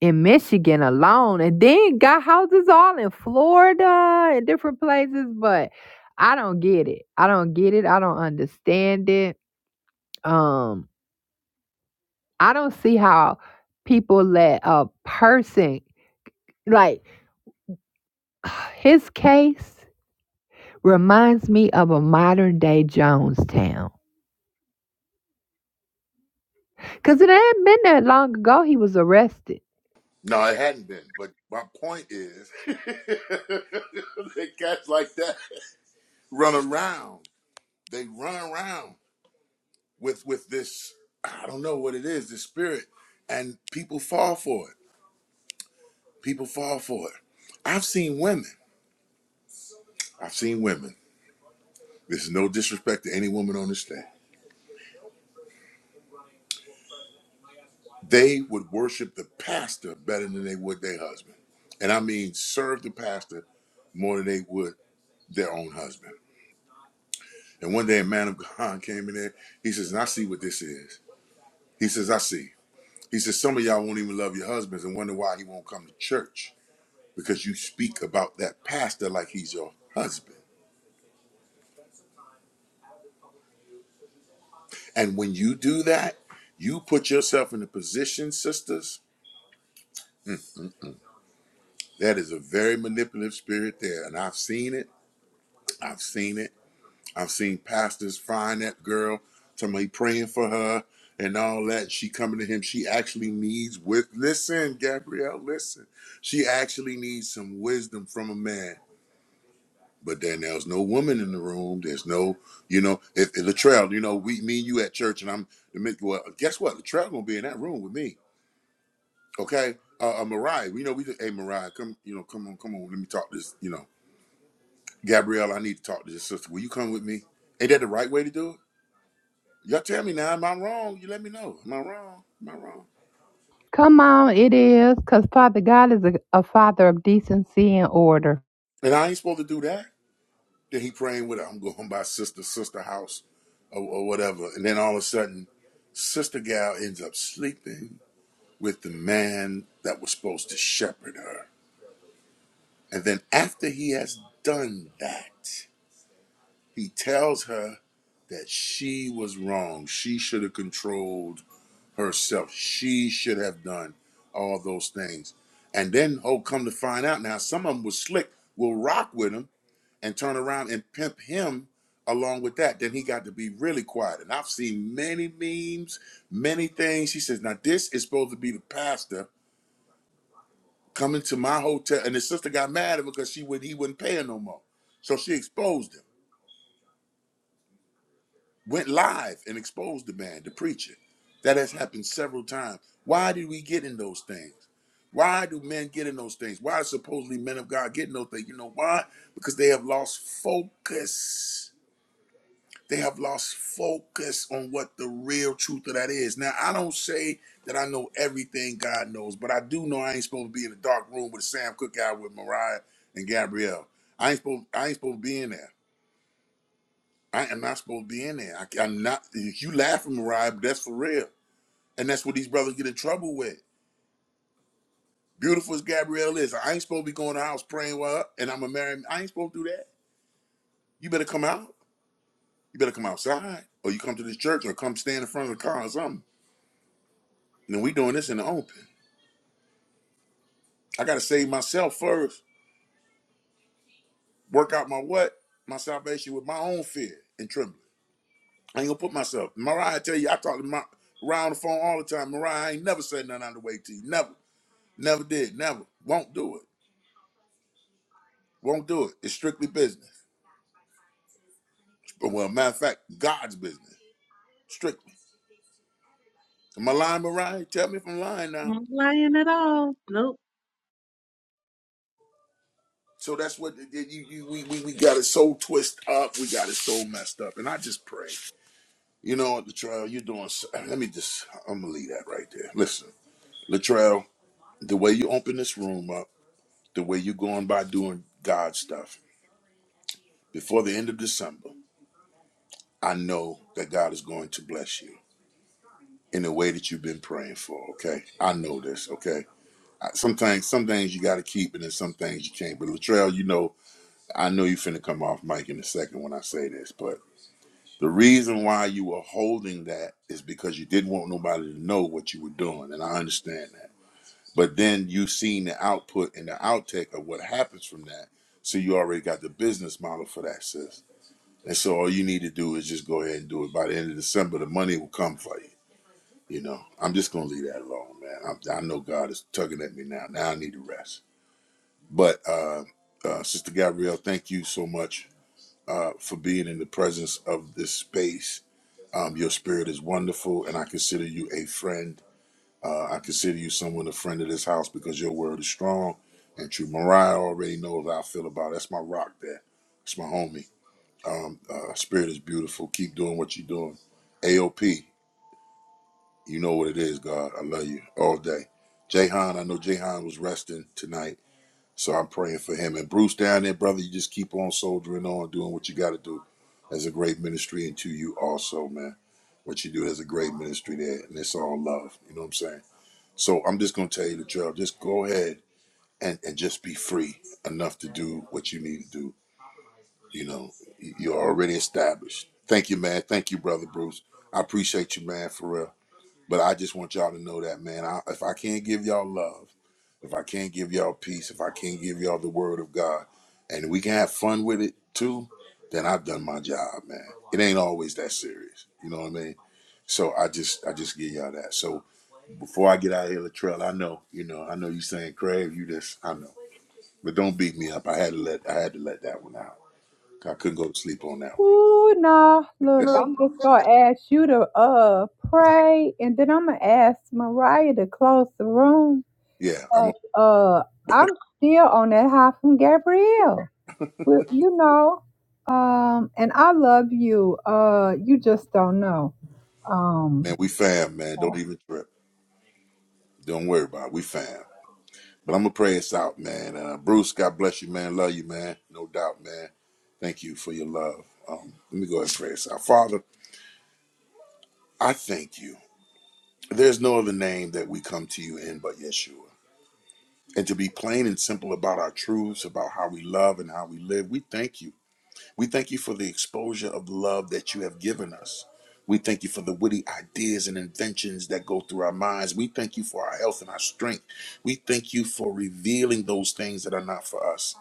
in Michigan alone, and then got houses all in Florida and different places. But I don't get it. I don't get it. I don't understand it. Um, I don't see how people let a person like [sighs] his case reminds me of a modern day Jonestown. Because it hadn't been that long ago he was arrested. No, it hadn't been. But my point is, [laughs] they cats like that run around. They run around with with this. I don't know what it is. This spirit, and people fall for it. People fall for it. I've seen women. I've seen women. This is no disrespect to any woman on this stage. They would worship the pastor better than they would their husband, and I mean serve the pastor more than they would their own husband And one day a man of God [laughs] came in there. He says, and I see what this is. He says, I see. He says, some of y'all won't even love your husbands and wonder why he won't come to church because you speak about that pastor like he's your husband. And when you do that, you put yourself in a position, sisters, that is a very manipulative spirit there. And I've seen it. I've seen it. I've seen pastors find that girl, somebody praying for her and all that. She coming to him. She actually needs with listen, Gabrielle, listen. She actually needs some wisdom from a man. But then there's no woman in the room. There's no, you know, if, if Latrell, you know, we me and you at church and I'm well, guess what? Latrell gonna be in that room with me. Okay. Uh, uh Mariah, you know, we just hey Mariah, come, you know, come on, come on, let me talk this, you know. Gabrielle, I need to talk to this sister. Will you come with me? Ain't that the right way to do it? Y'all tell me now, am I wrong? You let me know. Am I wrong? Am I wrong? Come on, it is. Because Father God is a, a father of decency and order. And I ain't supposed to do that. Then he praying with her. I'm going by sister, sister house or, or whatever. And then all of a sudden, sister gal ends up sleeping with the man that was supposed to shepherd her. And then after he has done that, he tells her that she was wrong. She should have controlled herself. She should have done all those things. And then, oh, come to find out now, some of them was slick, will rock with him and turn around and pimp him along with that. Then he got to be really quiet. And I've seen many memes, many things. She says, now this is supposed to be the pastor coming to my hotel. And his sister got mad at him because she would he wouldn't pay her no more. So she exposed him. went live and exposed the man, the preacher. That has happened several times. Why did we get in those things? Why do men get in those things? Why are supposedly men of God get in those things? You know why? Because they have lost focus. They have lost focus on what the real truth of that is. Now, I don't say that I know everything God knows, but I do know I ain't supposed to be in a dark room with a Sam Cooke out with Mariah and Gabrielle. I ain't supposed I ain't supposed to be in there. I am not supposed to be in there. I, am not. If you laughing, Mariah, but that's for real, and that's what these brothers get in trouble with. Beautiful as Gabrielle is, I ain't supposed to be going to the house praying with her, and I'm a married. I ain't supposed to do that. You better come out. You better come outside, or you come to this church, or come stand in front of the car or something. And we doing this in the open. I gotta save myself first. Work out my what? My salvation with my own fear and trembling. I ain't gonna put myself. Mariah, I tell you, I talk to my Mariah on the phone all the time. Mariah, I ain't never said nothing out of the way to you. Never. Never did. Never. Won't do it. Won't do it. It's strictly business. Well, matter of fact, God's business. Strictly. Am I lying, Mariah? Tell me if I'm lying now. Not lying at all. Nope. So that's what it- it- you, you, we, we, we got it so twisted up. We got it so messed up. And I just pray. You know Latrell, you're doing. s- [clears throat] Let me just, I'm going to leave that right there. Listen, Latrell, the way you open this room up, the way you're going by doing God stuff, before the end of December, I know that God is going to bless you. in the way that you've been praying for. Okay, I know this. Okay, I- some things, some things you got to keep, and then some things you can't. But Latrell, you know, I know you finna come off mic in a second when I say this, but the reason why you were holding that is because you didn't want nobody to know what you were doing, and I understand that. But then you seen the output and the outtake of what happens from that, so you already got the business model for that, sis. And so all you need to do is just go ahead and do it. By the end of December, the money will come for you. You know, I'm just gonna leave that alone, man. I, I know God is tugging at me now. Now I need to rest. But uh, uh, Sister Gabrielle, thank you so much uh, for being in the presence of this space. Um, your spirit is wonderful, and I consider you a friend. Uh, I consider you someone a friend of this house because your word is strong and true. Mariah already knows how I feel about it. That's my rock there. it's my homie. Um, uh, spirit is beautiful. Keep doing what you're doing. AOP. You know what it is, God. I love you all day. Jahan, I know Jahan was resting tonight, so I'm praying for him. And Bruce down there, brother, you just keep on soldiering on, doing what you got to do. That's a great ministry, and to you also, man. What you do, there's a great ministry there, and it's all love. You know what I'm saying? So I'm just gonna tell you the truth. Just go ahead and and just be free enough to do what you need to do. You know, you're already established. Thank you, man. Thank you, brother Bruce. I appreciate you, man, for real. But I just want y'all to know that, man. I, if I can't give y'all love, if I can't give y'all peace, if I can't give y'all the word of God, and we can have fun with it too, then I've done my job, man. It ain't always that serious. You know what I mean? So I just I just give y'all that. So before I get out of here, Latrell, I know, you know, I know you saying, Crave, you just I know. But don't beat me up. I had to let I had to let that one out. I couldn't go to sleep on that one. Ooh, no. Look, I'm just going to ask you to uh pray, and then I'm going to ask Mariah to close the room. Yeah, I'm a But uh, I'm still on that high from Gabrielle. Well, you know, um, and I love you. Uh, you just don't know. Um, man, we fam, man. Don't even trip. Don't worry about it. We fam. But I'm gonna pray us out, man. Uh, Bruce, God bless you, man. Love you, man. No doubt, man. Thank you for your love. Um, let me go ahead and pray us out. Father, I thank you. There's no other name that we come to you in but Yeshua. And to be plain and simple about our truths, about how we love and how we live, we thank you. We thank you for the exposure of love that you have given us. We thank you for the witty ideas and inventions that go through our minds. We thank you for our health and our strength. We thank you for revealing those things that are not for us.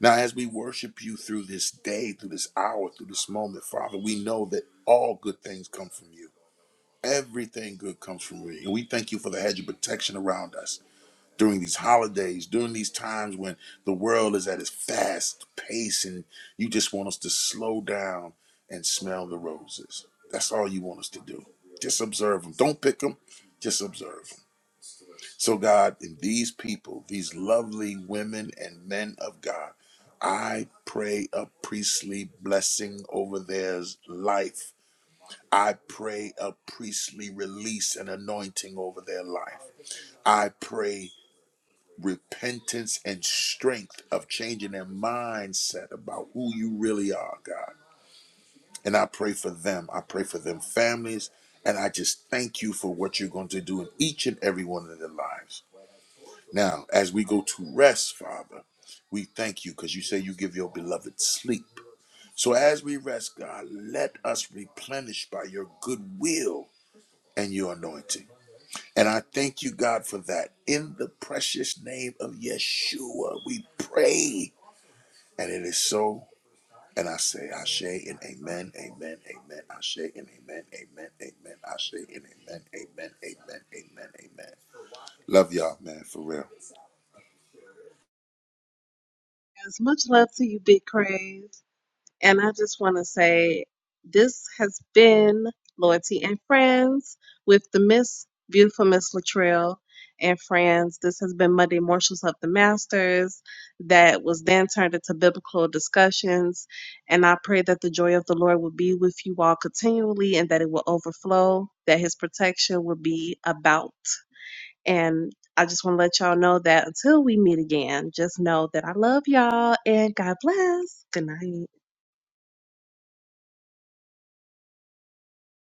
Now, as we worship you through this day, through this hour, through this moment, Father, we know that all good things come from you. Everything good comes from you. And we thank you for the hedge of protection around us during these holidays, during these times when the world is at its fast pace and you just want us to slow down and smell the roses. That's all you want us to do. Just observe them. Don't pick them, just observe so, God, in these people, these lovely women and men of God, I pray a priestly blessing over their life. I pray a priestly release and anointing over their life. I pray repentance and strength of changing their mindset about who you really are, God. And I pray for them. I pray for them families. And I just thank you for what you're going to do in each and every one of their lives. Now, as we go to rest, Father, we thank you because you say you give your beloved sleep. So as we rest, God, let us replenish by your goodwill and your anointing. And I thank you, God, for that. In the precious name of Yeshua, we pray. And it is so. And I say, Ashe and amen, amen, amen, Ashe and amen, amen, amen, Ashe and amen, amen, amen, amen, amen. Love y'all, man, for real. As much love to you, Big Crave. And I just want to say this has been Loyalty and Friends with the Miss Beautiful Miss Latrell and Friends. This has been Monday Marshals of the Masters that was then turned into biblical discussions. And I pray that the joy of the Lord will be with you all continually and that it will overflow, that his protection will be about. And I just want to let y'all know that until we meet again, just know that I love y'all and God bless. Good night.